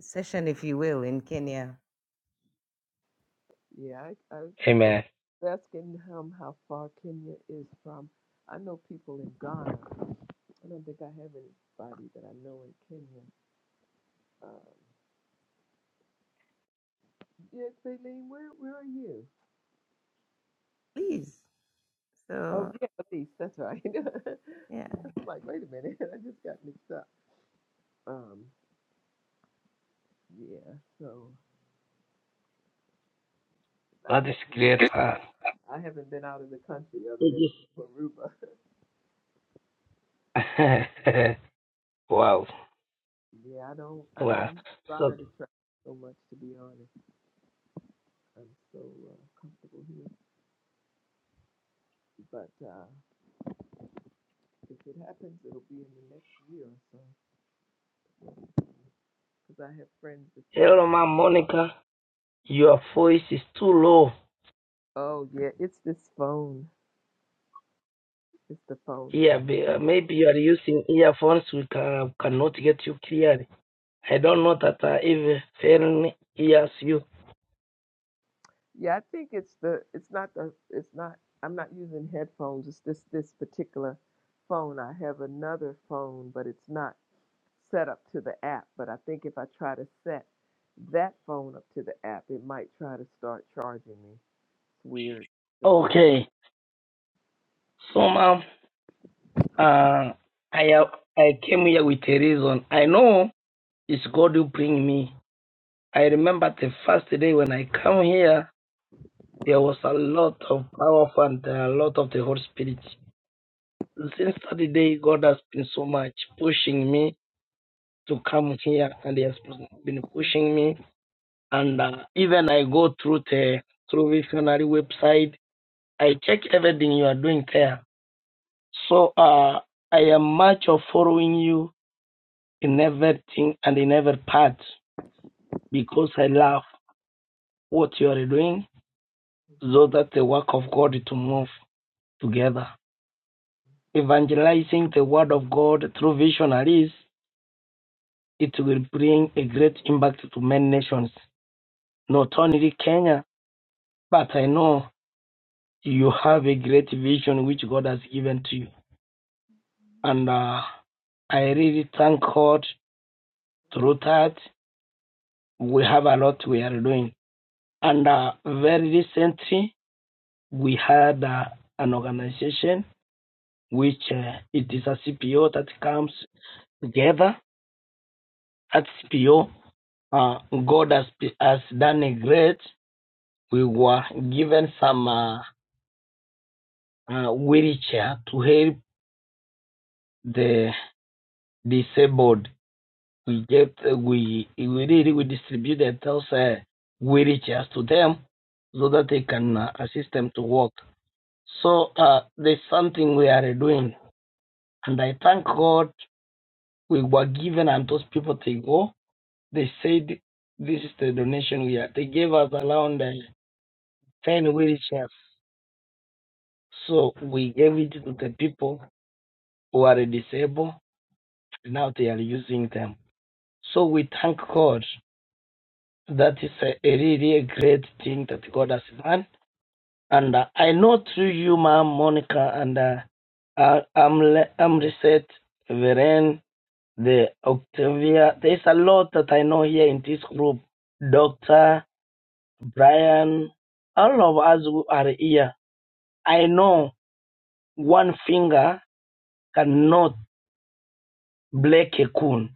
S7: session, if you will, in Kenya.
S1: Yeah, I, I was
S15: Amen.
S1: asking him how far Kenya is from. I know people in Ghana. I don't think I have anybody that I know in Kenya. Um, Yes, Aileen, where where are you?
S7: Please.
S1: Oh
S7: So,
S1: yeah, Elise, that's right. I'm
S7: yeah.
S1: like, wait a minute, I just got mixed up. Um, yeah, so I
S15: That is
S1: have
S15: great. Huh?
S1: I haven't been out of the country other than
S15: It
S1: Aruba.
S15: is. wow.
S1: Yeah, I don't I
S15: Wow.
S1: don't
S15: So,
S1: desire to travel so much to be honest. I'm so uh, comfortable here. But uh, if it happens, it'll be in the next year or so because I have friends that trying.
S15: hello, Mom Monica. Your voice is too low.
S1: Oh yeah, it's this phone. It's the phone that
S15: Yeah, be, uh, maybe you are using earphones. We can, cannot get you clearly. I don't know that uh, if Fern hears you.
S1: Yeah, I think it's the it's not the it's not I'm not using headphones. It's this this particular phone. I have another phone, but it's not set up to the app. But I think if I try to set that phone up to the app, it might try to start charging me. It's weird. The app.
S15: Okay. So now, uh, I have, I came here with a reason. I know it's God who bring me. I remember the first day when I come here, there was a lot of power and a lot of the Holy Spirit. Since that day, God has been so much pushing me to come here, and He has been pushing me and uh, even I go through the through visionary website. I check everything you are doing there. So uh, I am much of following you in everything and in every part because I love what you are doing, so that the work of God to move together. Evangelizing the word of God through visionaries, it will bring a great impact to many nations, not only Kenya, but I know you have a great vision which God has given to you. and uh, I really thank God through that. We have a lot we are doing. And uh, very recently, we had uh, an organization which uh, it is a CPO that comes together. At CPO, uh, God has, has done a great. We were given some uh, uh, wheelchair to help the disabled. we get uh, we we really we distribute the those uh, we riches to them so that they can uh, assist them to work. So uh, there's something we are doing, and I thank God we were given, and those people they go, they said this is the donation we are. They gave us around uh, ten wheelchairs, so we gave it to the people who are disabled. Now they are using them. So we thank God That is a, a really a great thing that God has done. And uh, I know through you, Ma'am Monica, and uh, uh, Amle- Amriset, Veren, the Octavia. There's a lot that I know here in this group. Doctor, Brian, all of us who are here. I know one finger cannot break a coon,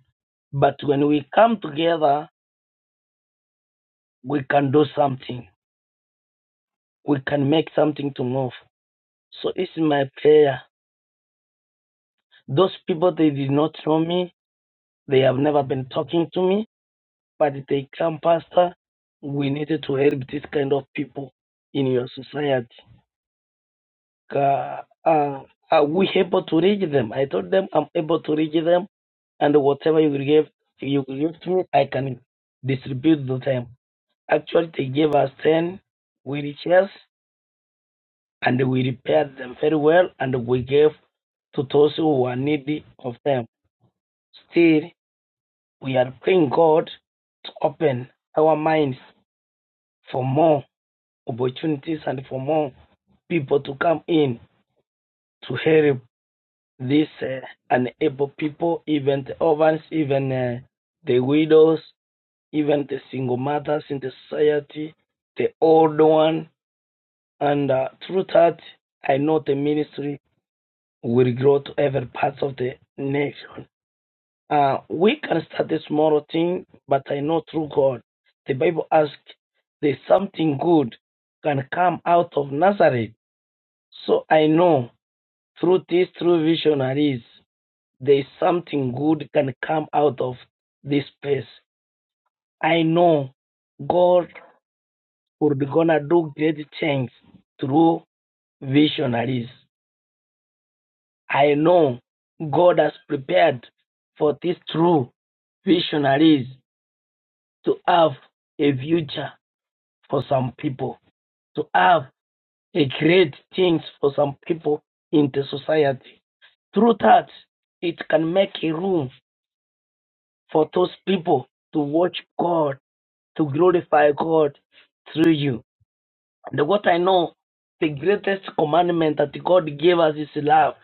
S15: but when we come together, we can do something. We can make something to move. So it's my prayer Those people, they did not know me. They have never been talking to me, but they come, Pastor. We needed to help this kind of people in your society. Ka- Uh, are we able to reach them? I told them I'm able to reach them, and whatever you will give, you will give to me, I can distribute to them. Actually, they gave us 10 wheelchairs, and we repaired them very well, and we gave to those who were needy of them. Still. we are praying God to open our minds for more opportunities and for more people to come in to help these uh, unable people, even the orphans, even uh, the widows, even the single mothers in the society, the old one. And uh, through that, I know the ministry will grow to every part of the nation. Uh, we can start this small thing, but I know through God. The Bible asks, there's something good can come out of Nazareth. So I know through these true visionaries, there's something good can come out of this place. I know God would be gonna do great things through visionaries. I know God has prepared for these true visionaries to have a future for some people, to have a great things for some people in the society. Through that, it can make a room for those people to watch God, to glorify God through you. And what I know, the greatest commandment that God gave us is love.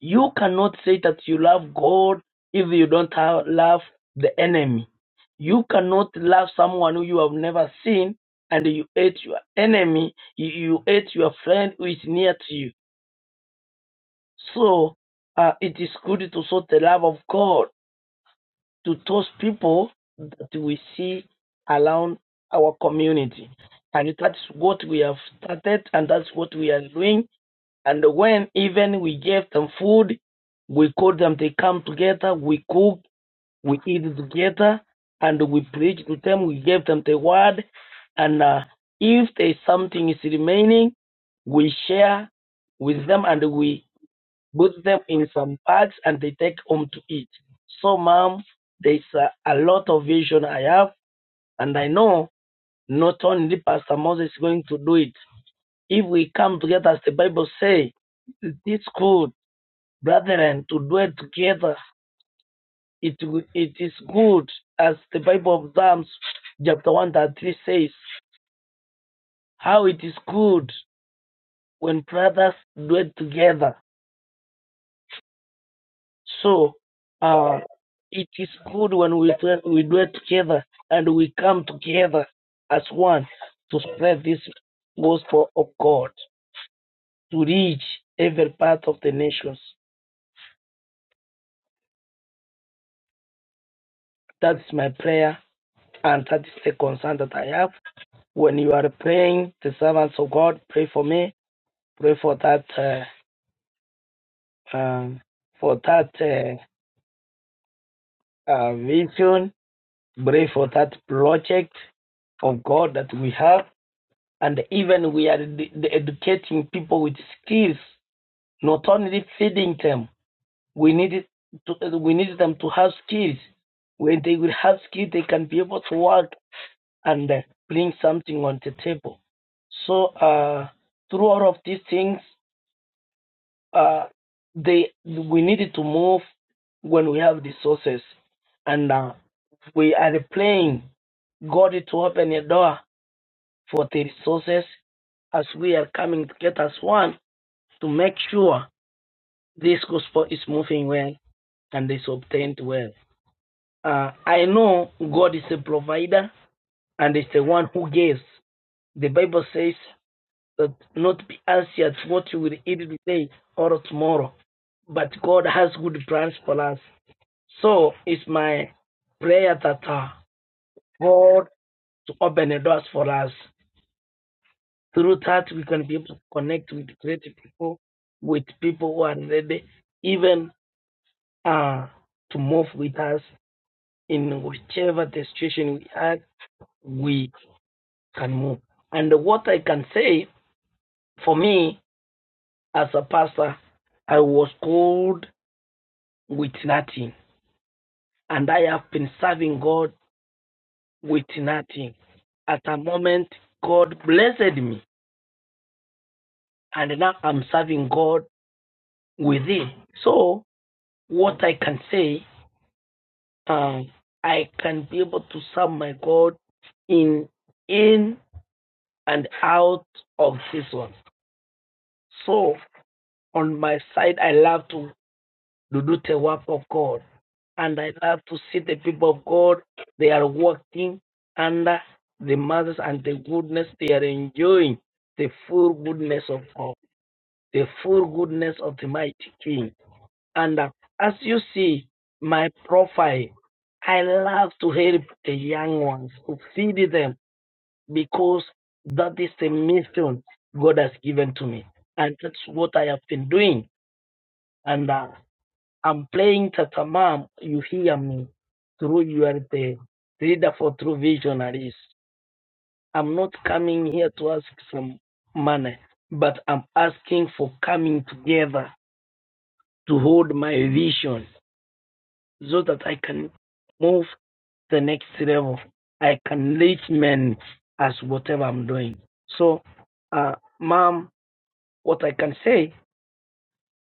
S15: You cannot say that you love God if you don't have, love the enemy. You cannot love someone who you have never seen and you hate your enemy, you, you hate your friend who is near to you. So uh, it is good to show the love of God to those people that we see around our community. And that is what we have started and that's what we are doing and when even we gave them food, we called them, they come together, we cook, we eat together, and we preach to them, we gave them the word. And uh, if there's something is remaining, we share with them and we put them in some bags and they take home to eat. So, mom, there's a, a lot of vision I have, and I know not only Pastor Moses is going to do it. If we come together, as the Bible says, this good brethren, to dwell together. It, it is good, as the Bible of Psalms, chapter 1, that 3 says, how it is good when brothers dwell together. So, uh, it is good when we, we dwell together and we come together as one to spread this gospel of God to reach every part of the nations. That's my prayer, and that is the concern that I have. When you are praying, the servants of God, pray for me. Pray for that, uh, um, for that uh, uh, vision. Pray for that project of God that we have, and even we are ed- educating people with skills. Not only feeding them, we need to, we need them to have skills. When they will have skills, they can be able to work and uh, bring something on the table. So uh, through all of these things, Uh, they we needed to move when we have the sources, and uh, we are praying God to open a door for the resources as we are coming together as one to make sure this gospel is moving well and is obtained well. Uh, I know God is a provider and is the one who gives. The Bible says that not be anxious what you will eat today or tomorrow, but God has good plans for us. So it's my prayer that uh, God to open the doors for us. Through that, we can be able to connect with great people, with people who are ready, even uh, to move with us in whichever the situation we are, we can move. And what I can say for me as a pastor, I was called with nothing, and I have been serving God with nothing. At a moment, God blessed me, and now I'm serving God with it. So, what I can say, uh, I can be able to serve my God in in and out of this one. So, on my side, I love to to do the work of God. And I love to see the people of God, they are working under the mothers and the goodness, they are enjoying the full goodness of God, the full goodness of the mighty King. And uh, as you see my profile, I love to help the young ones, to feed them, because that is the mission God has given to me. And that's what I have been doing. And. uh, I'm playing Tatamam, you hear me through you are the reader for true visionaries. I'm not coming here to ask some money, but I'm asking for coming together to hold my vision so that I can move the next level. I can reach men as whatever I'm doing. So, uh, mom, what I can say,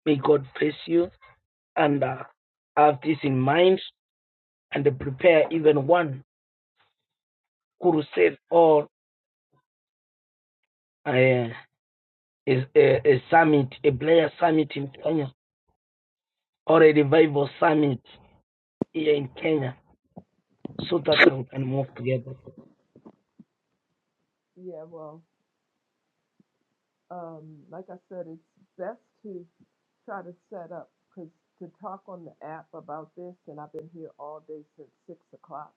S15: may God bless you and uh, have this in mind and prepare even one crusade or uh, a, a, summit, a player summit in Kenya, or a revival summit here in Kenya, so that we can move together.
S1: Yeah, well, um, like I said, it's best to try to set up because to talk on the app about this, and I've been here all day since six o'clock.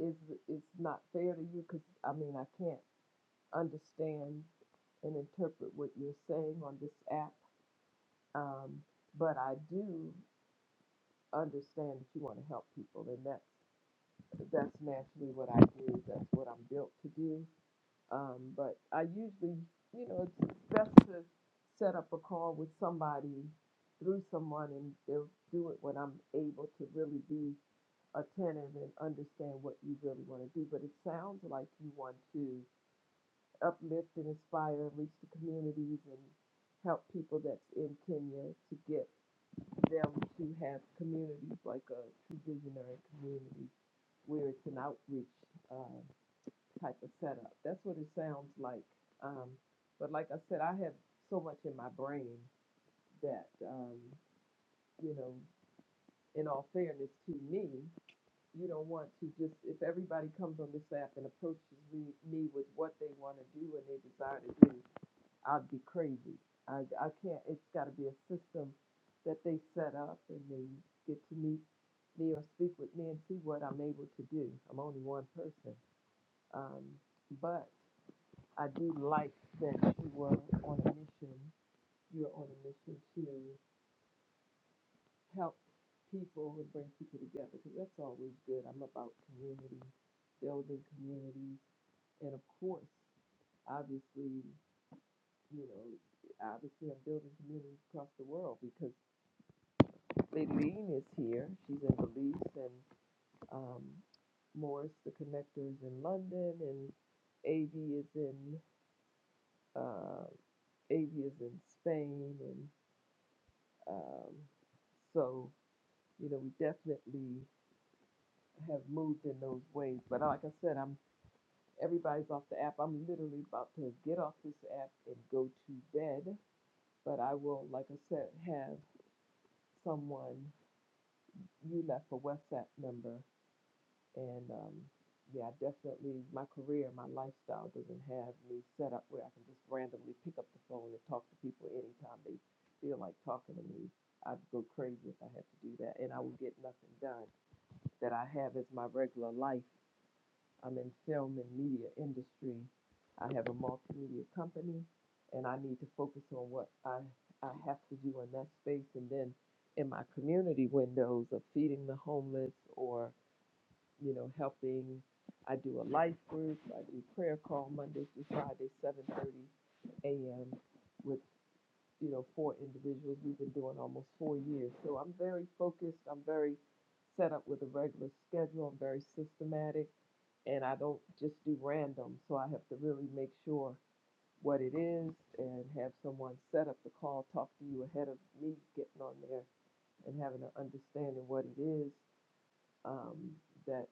S1: Is it's not fair to you because I mean I can't. understand and interpret what you're saying on this app. Um, but I do understand that you want to help people, and that's that's naturally what I do. That's what I'm built to do. Um, but I usually, you know, it's best to set up a call with somebody through someone, and they'll do it when I'm able to really be attentive and understand what you really want to do. But it sounds like you want to. uplift and inspire and reach the communities and help people that's in Kenya to get them to have communities like a true visionary community where it's an outreach uh, type of setup. That's what it sounds like. Um, but like I said, I have so much in my brain that, um, you know, in all fairness to me, you don't want to just, if everybody comes on this app and approaches me, me with what they want to do and they desire to do, I'd be crazy. I, I can't, it's got to be a system that they set up and they get to meet me or speak with me and see what I'm able to do. I'm only one person. Um, but I do like that you were on a mission. You're on a mission to help people and bring people together because that's always good. I'm about community, building communities, and of course, obviously you know, obviously I'm building communities across the world because Lady Lean is here. She's in Belize and um, Morris, the connector, is in London and Avi is in uh, AV is in Spain and um, so you know we definitely have moved in those ways. But like I said, I'm everybody's off the app. I'm literally about to get off this app and go to bed. But I will, like I said, have someone you left a WhatsApp number, and um, yeah, I definitely my career, my lifestyle doesn't have me set up where I can just randomly pick up the phone and talk to people anytime they feel like talking to me. I'd go crazy if I had to do that, and I would get nothing done that I have as my regular life. I'm in film and media industry. I have a multimedia company, and I need to focus on what I I have to do in that space, and then in my community windows of feeding the homeless or you know helping. I do a life group. I do prayer call Mondays through Fridays, 7:30 a.m. with you know, for individuals. We've been doing almost four years. So I'm very focused. I'm very set up with a regular schedule. I'm very systematic and I don't just do random. So I have to really make sure what it is and have someone set up the call, talk to you ahead of me getting on there and having an understanding what it is um, that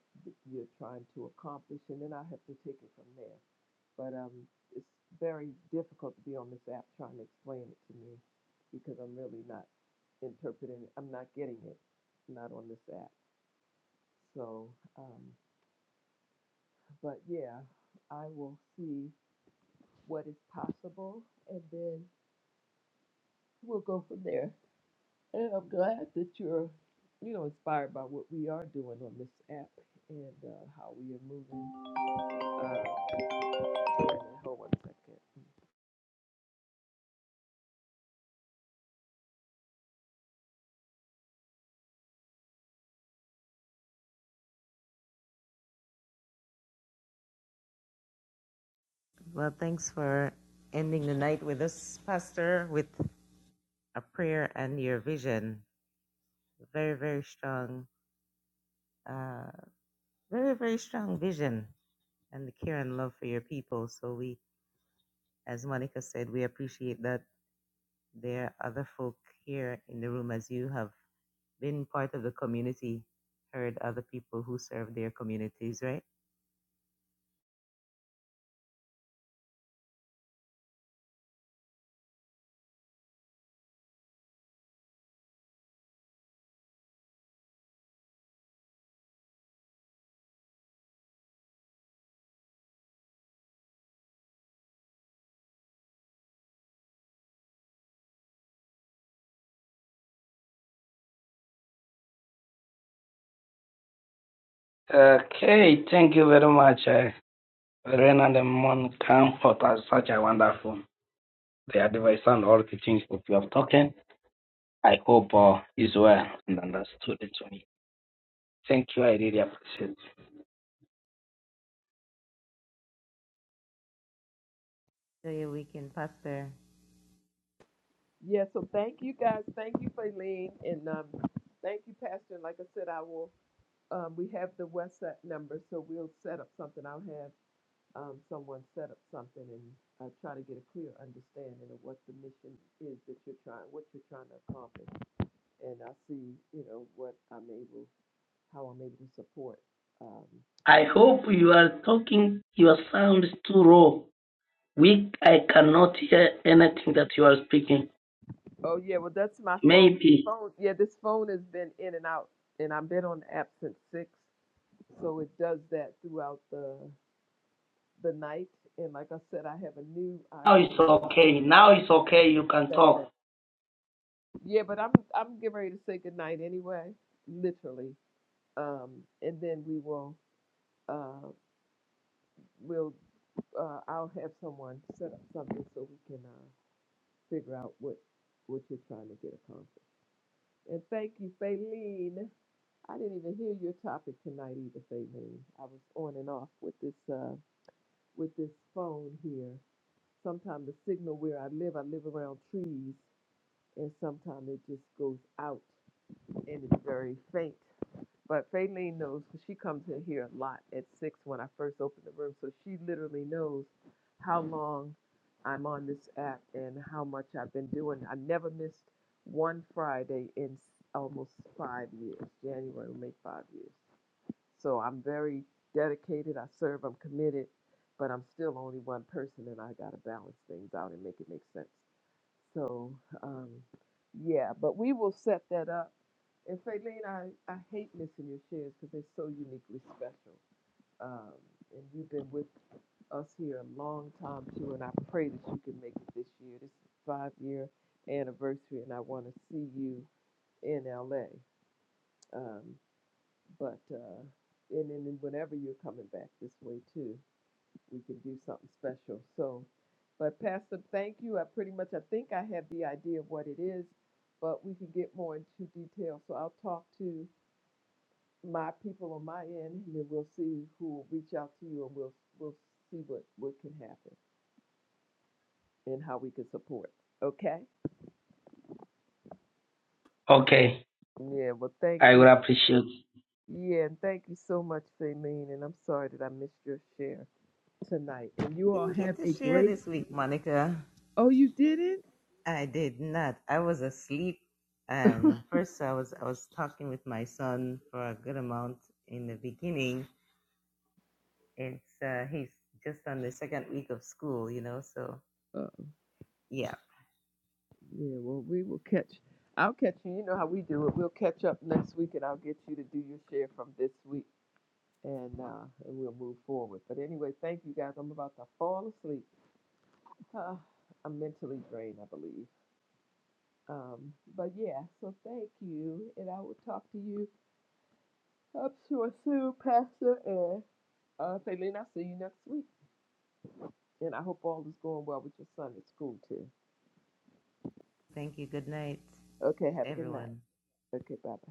S1: you're trying to accomplish. And then I have to take it from there. But um, it's very difficult to be on this app trying to explain it to me because I'm really not interpreting it. I'm not getting it, not on this app. So, um, but yeah, I will see what is possible and then we'll go from there. And I'm glad that you're, you know, inspired by what we are doing on this app and uh, how we are moving. Uh, wait a minute, hold one second.
S7: Well, thanks for ending the night with us, Pastor, with a prayer and your vision. Very, very strong, uh, very, very strong vision and the care and love for your people. So, we, as Monica said, we appreciate that there are other folk here in the room as you have been part of the community, heard other people who serve their communities, right?
S15: Okay, thank you very much, uh, Renan and Mon Camp for that- such a wonderful the advice and all the things that you have talking. I hope uh, is well and understood it to me. Thank you, I really appreciate it.
S7: So your weekend, Pastor.
S1: Yeah, so thank you guys. Thank you, Faylene. And um, thank you, Pastor. And like I said, I will, um, we have the WhatsApp number, so we'll set up something. I'll have um, someone set up something and uh, try to get a clear understanding of what the mission is that you're trying, what you're trying to accomplish. And I'll see, you know, what I'm able, how I'm able to support. Um,
S15: I
S1: what?
S15: hope you are talking, your sound is too raw. We, I cannot hear anything that you are speaking.
S1: Oh, yeah, well, that's my phone.
S15: Maybe
S1: phone. Yeah, this phone has been in and out, and I've been on the app since 6, so it does that throughout the the night. And like I said, I have a new
S15: now it's
S1: iPhone
S15: okay.
S1: 16, but I
S15: Now it's okay. You can talk.
S1: yeah, but I'm I'm getting ready to say goodnight anyway, literally. Um, and then we will uh we'll uh I'll have someone set up something so we can uh figure out what what you're trying to get accomplished. And thank you, Faylene. I didn't even hear your topic tonight either, Faylene. I was on and off with this uh with this phone here. Sometimes the signal where I live, I live around trees and sometimes it just goes out and it's very faint. But Faylene knows 'cause she comes in here a lot at six when I first open the room, so she literally knows how long I'm on this app and how much I've been doing. I never missed one Friday in almost five years. January will make five years. So I'm very dedicated. I serve. I'm committed, but I'm still only one person, and I gotta balance things out and make it make sense. So, um, yeah, but we will set that up. And Faylene, I, I hate missing your shares because they're so uniquely special. Um, and you've been with us here a long time too, and I pray that you can make it this year. This is five year anniversary, and I want to see you in LA. Um, but uh, and then whenever you're coming back this way too we can do something special. So, but Pastor, thank you. I pretty much, I think I have the idea of what it is, but we can get more into detail. So I'll talk to my people on my end, and then we'll see who will reach out to you, and we'll we'll see what what can happen and how we can support. Okay?
S15: Okay,
S1: Yeah. Well, thank
S15: I
S1: you.
S15: will appreciate.
S1: Yeah, and thank you so much, Faymeen. And I'm sorry that I missed your share tonight. And you all
S7: Didn't get
S1: have
S7: to
S1: a
S7: share
S1: great.
S7: this week, Monica.
S1: Oh, you didn't?
S7: I did not. I was asleep, and first I was I was talking with my son for a good amount in the beginning. It's uh, he's just on the second week of school, you know. So yeah.
S1: Yeah, well, we will catch. I'll catch you. You know how we do it. We'll catch up next week, and I'll get you to do your share from this week, and uh, and we'll move forward. But anyway, thank you guys. I'm about to fall asleep. Uh, I'm mentally drained, I believe. Um, but yeah, so thank you, and I will talk to you. I'm sure soon, Pastor. And uh, Faylene, I'll see you next week. And I hope all is going well with your son at school too.
S7: Thank you. Good night,
S1: Okay,
S7: to
S1: have a good night.
S7: everyone.
S1: Okay, bye bye.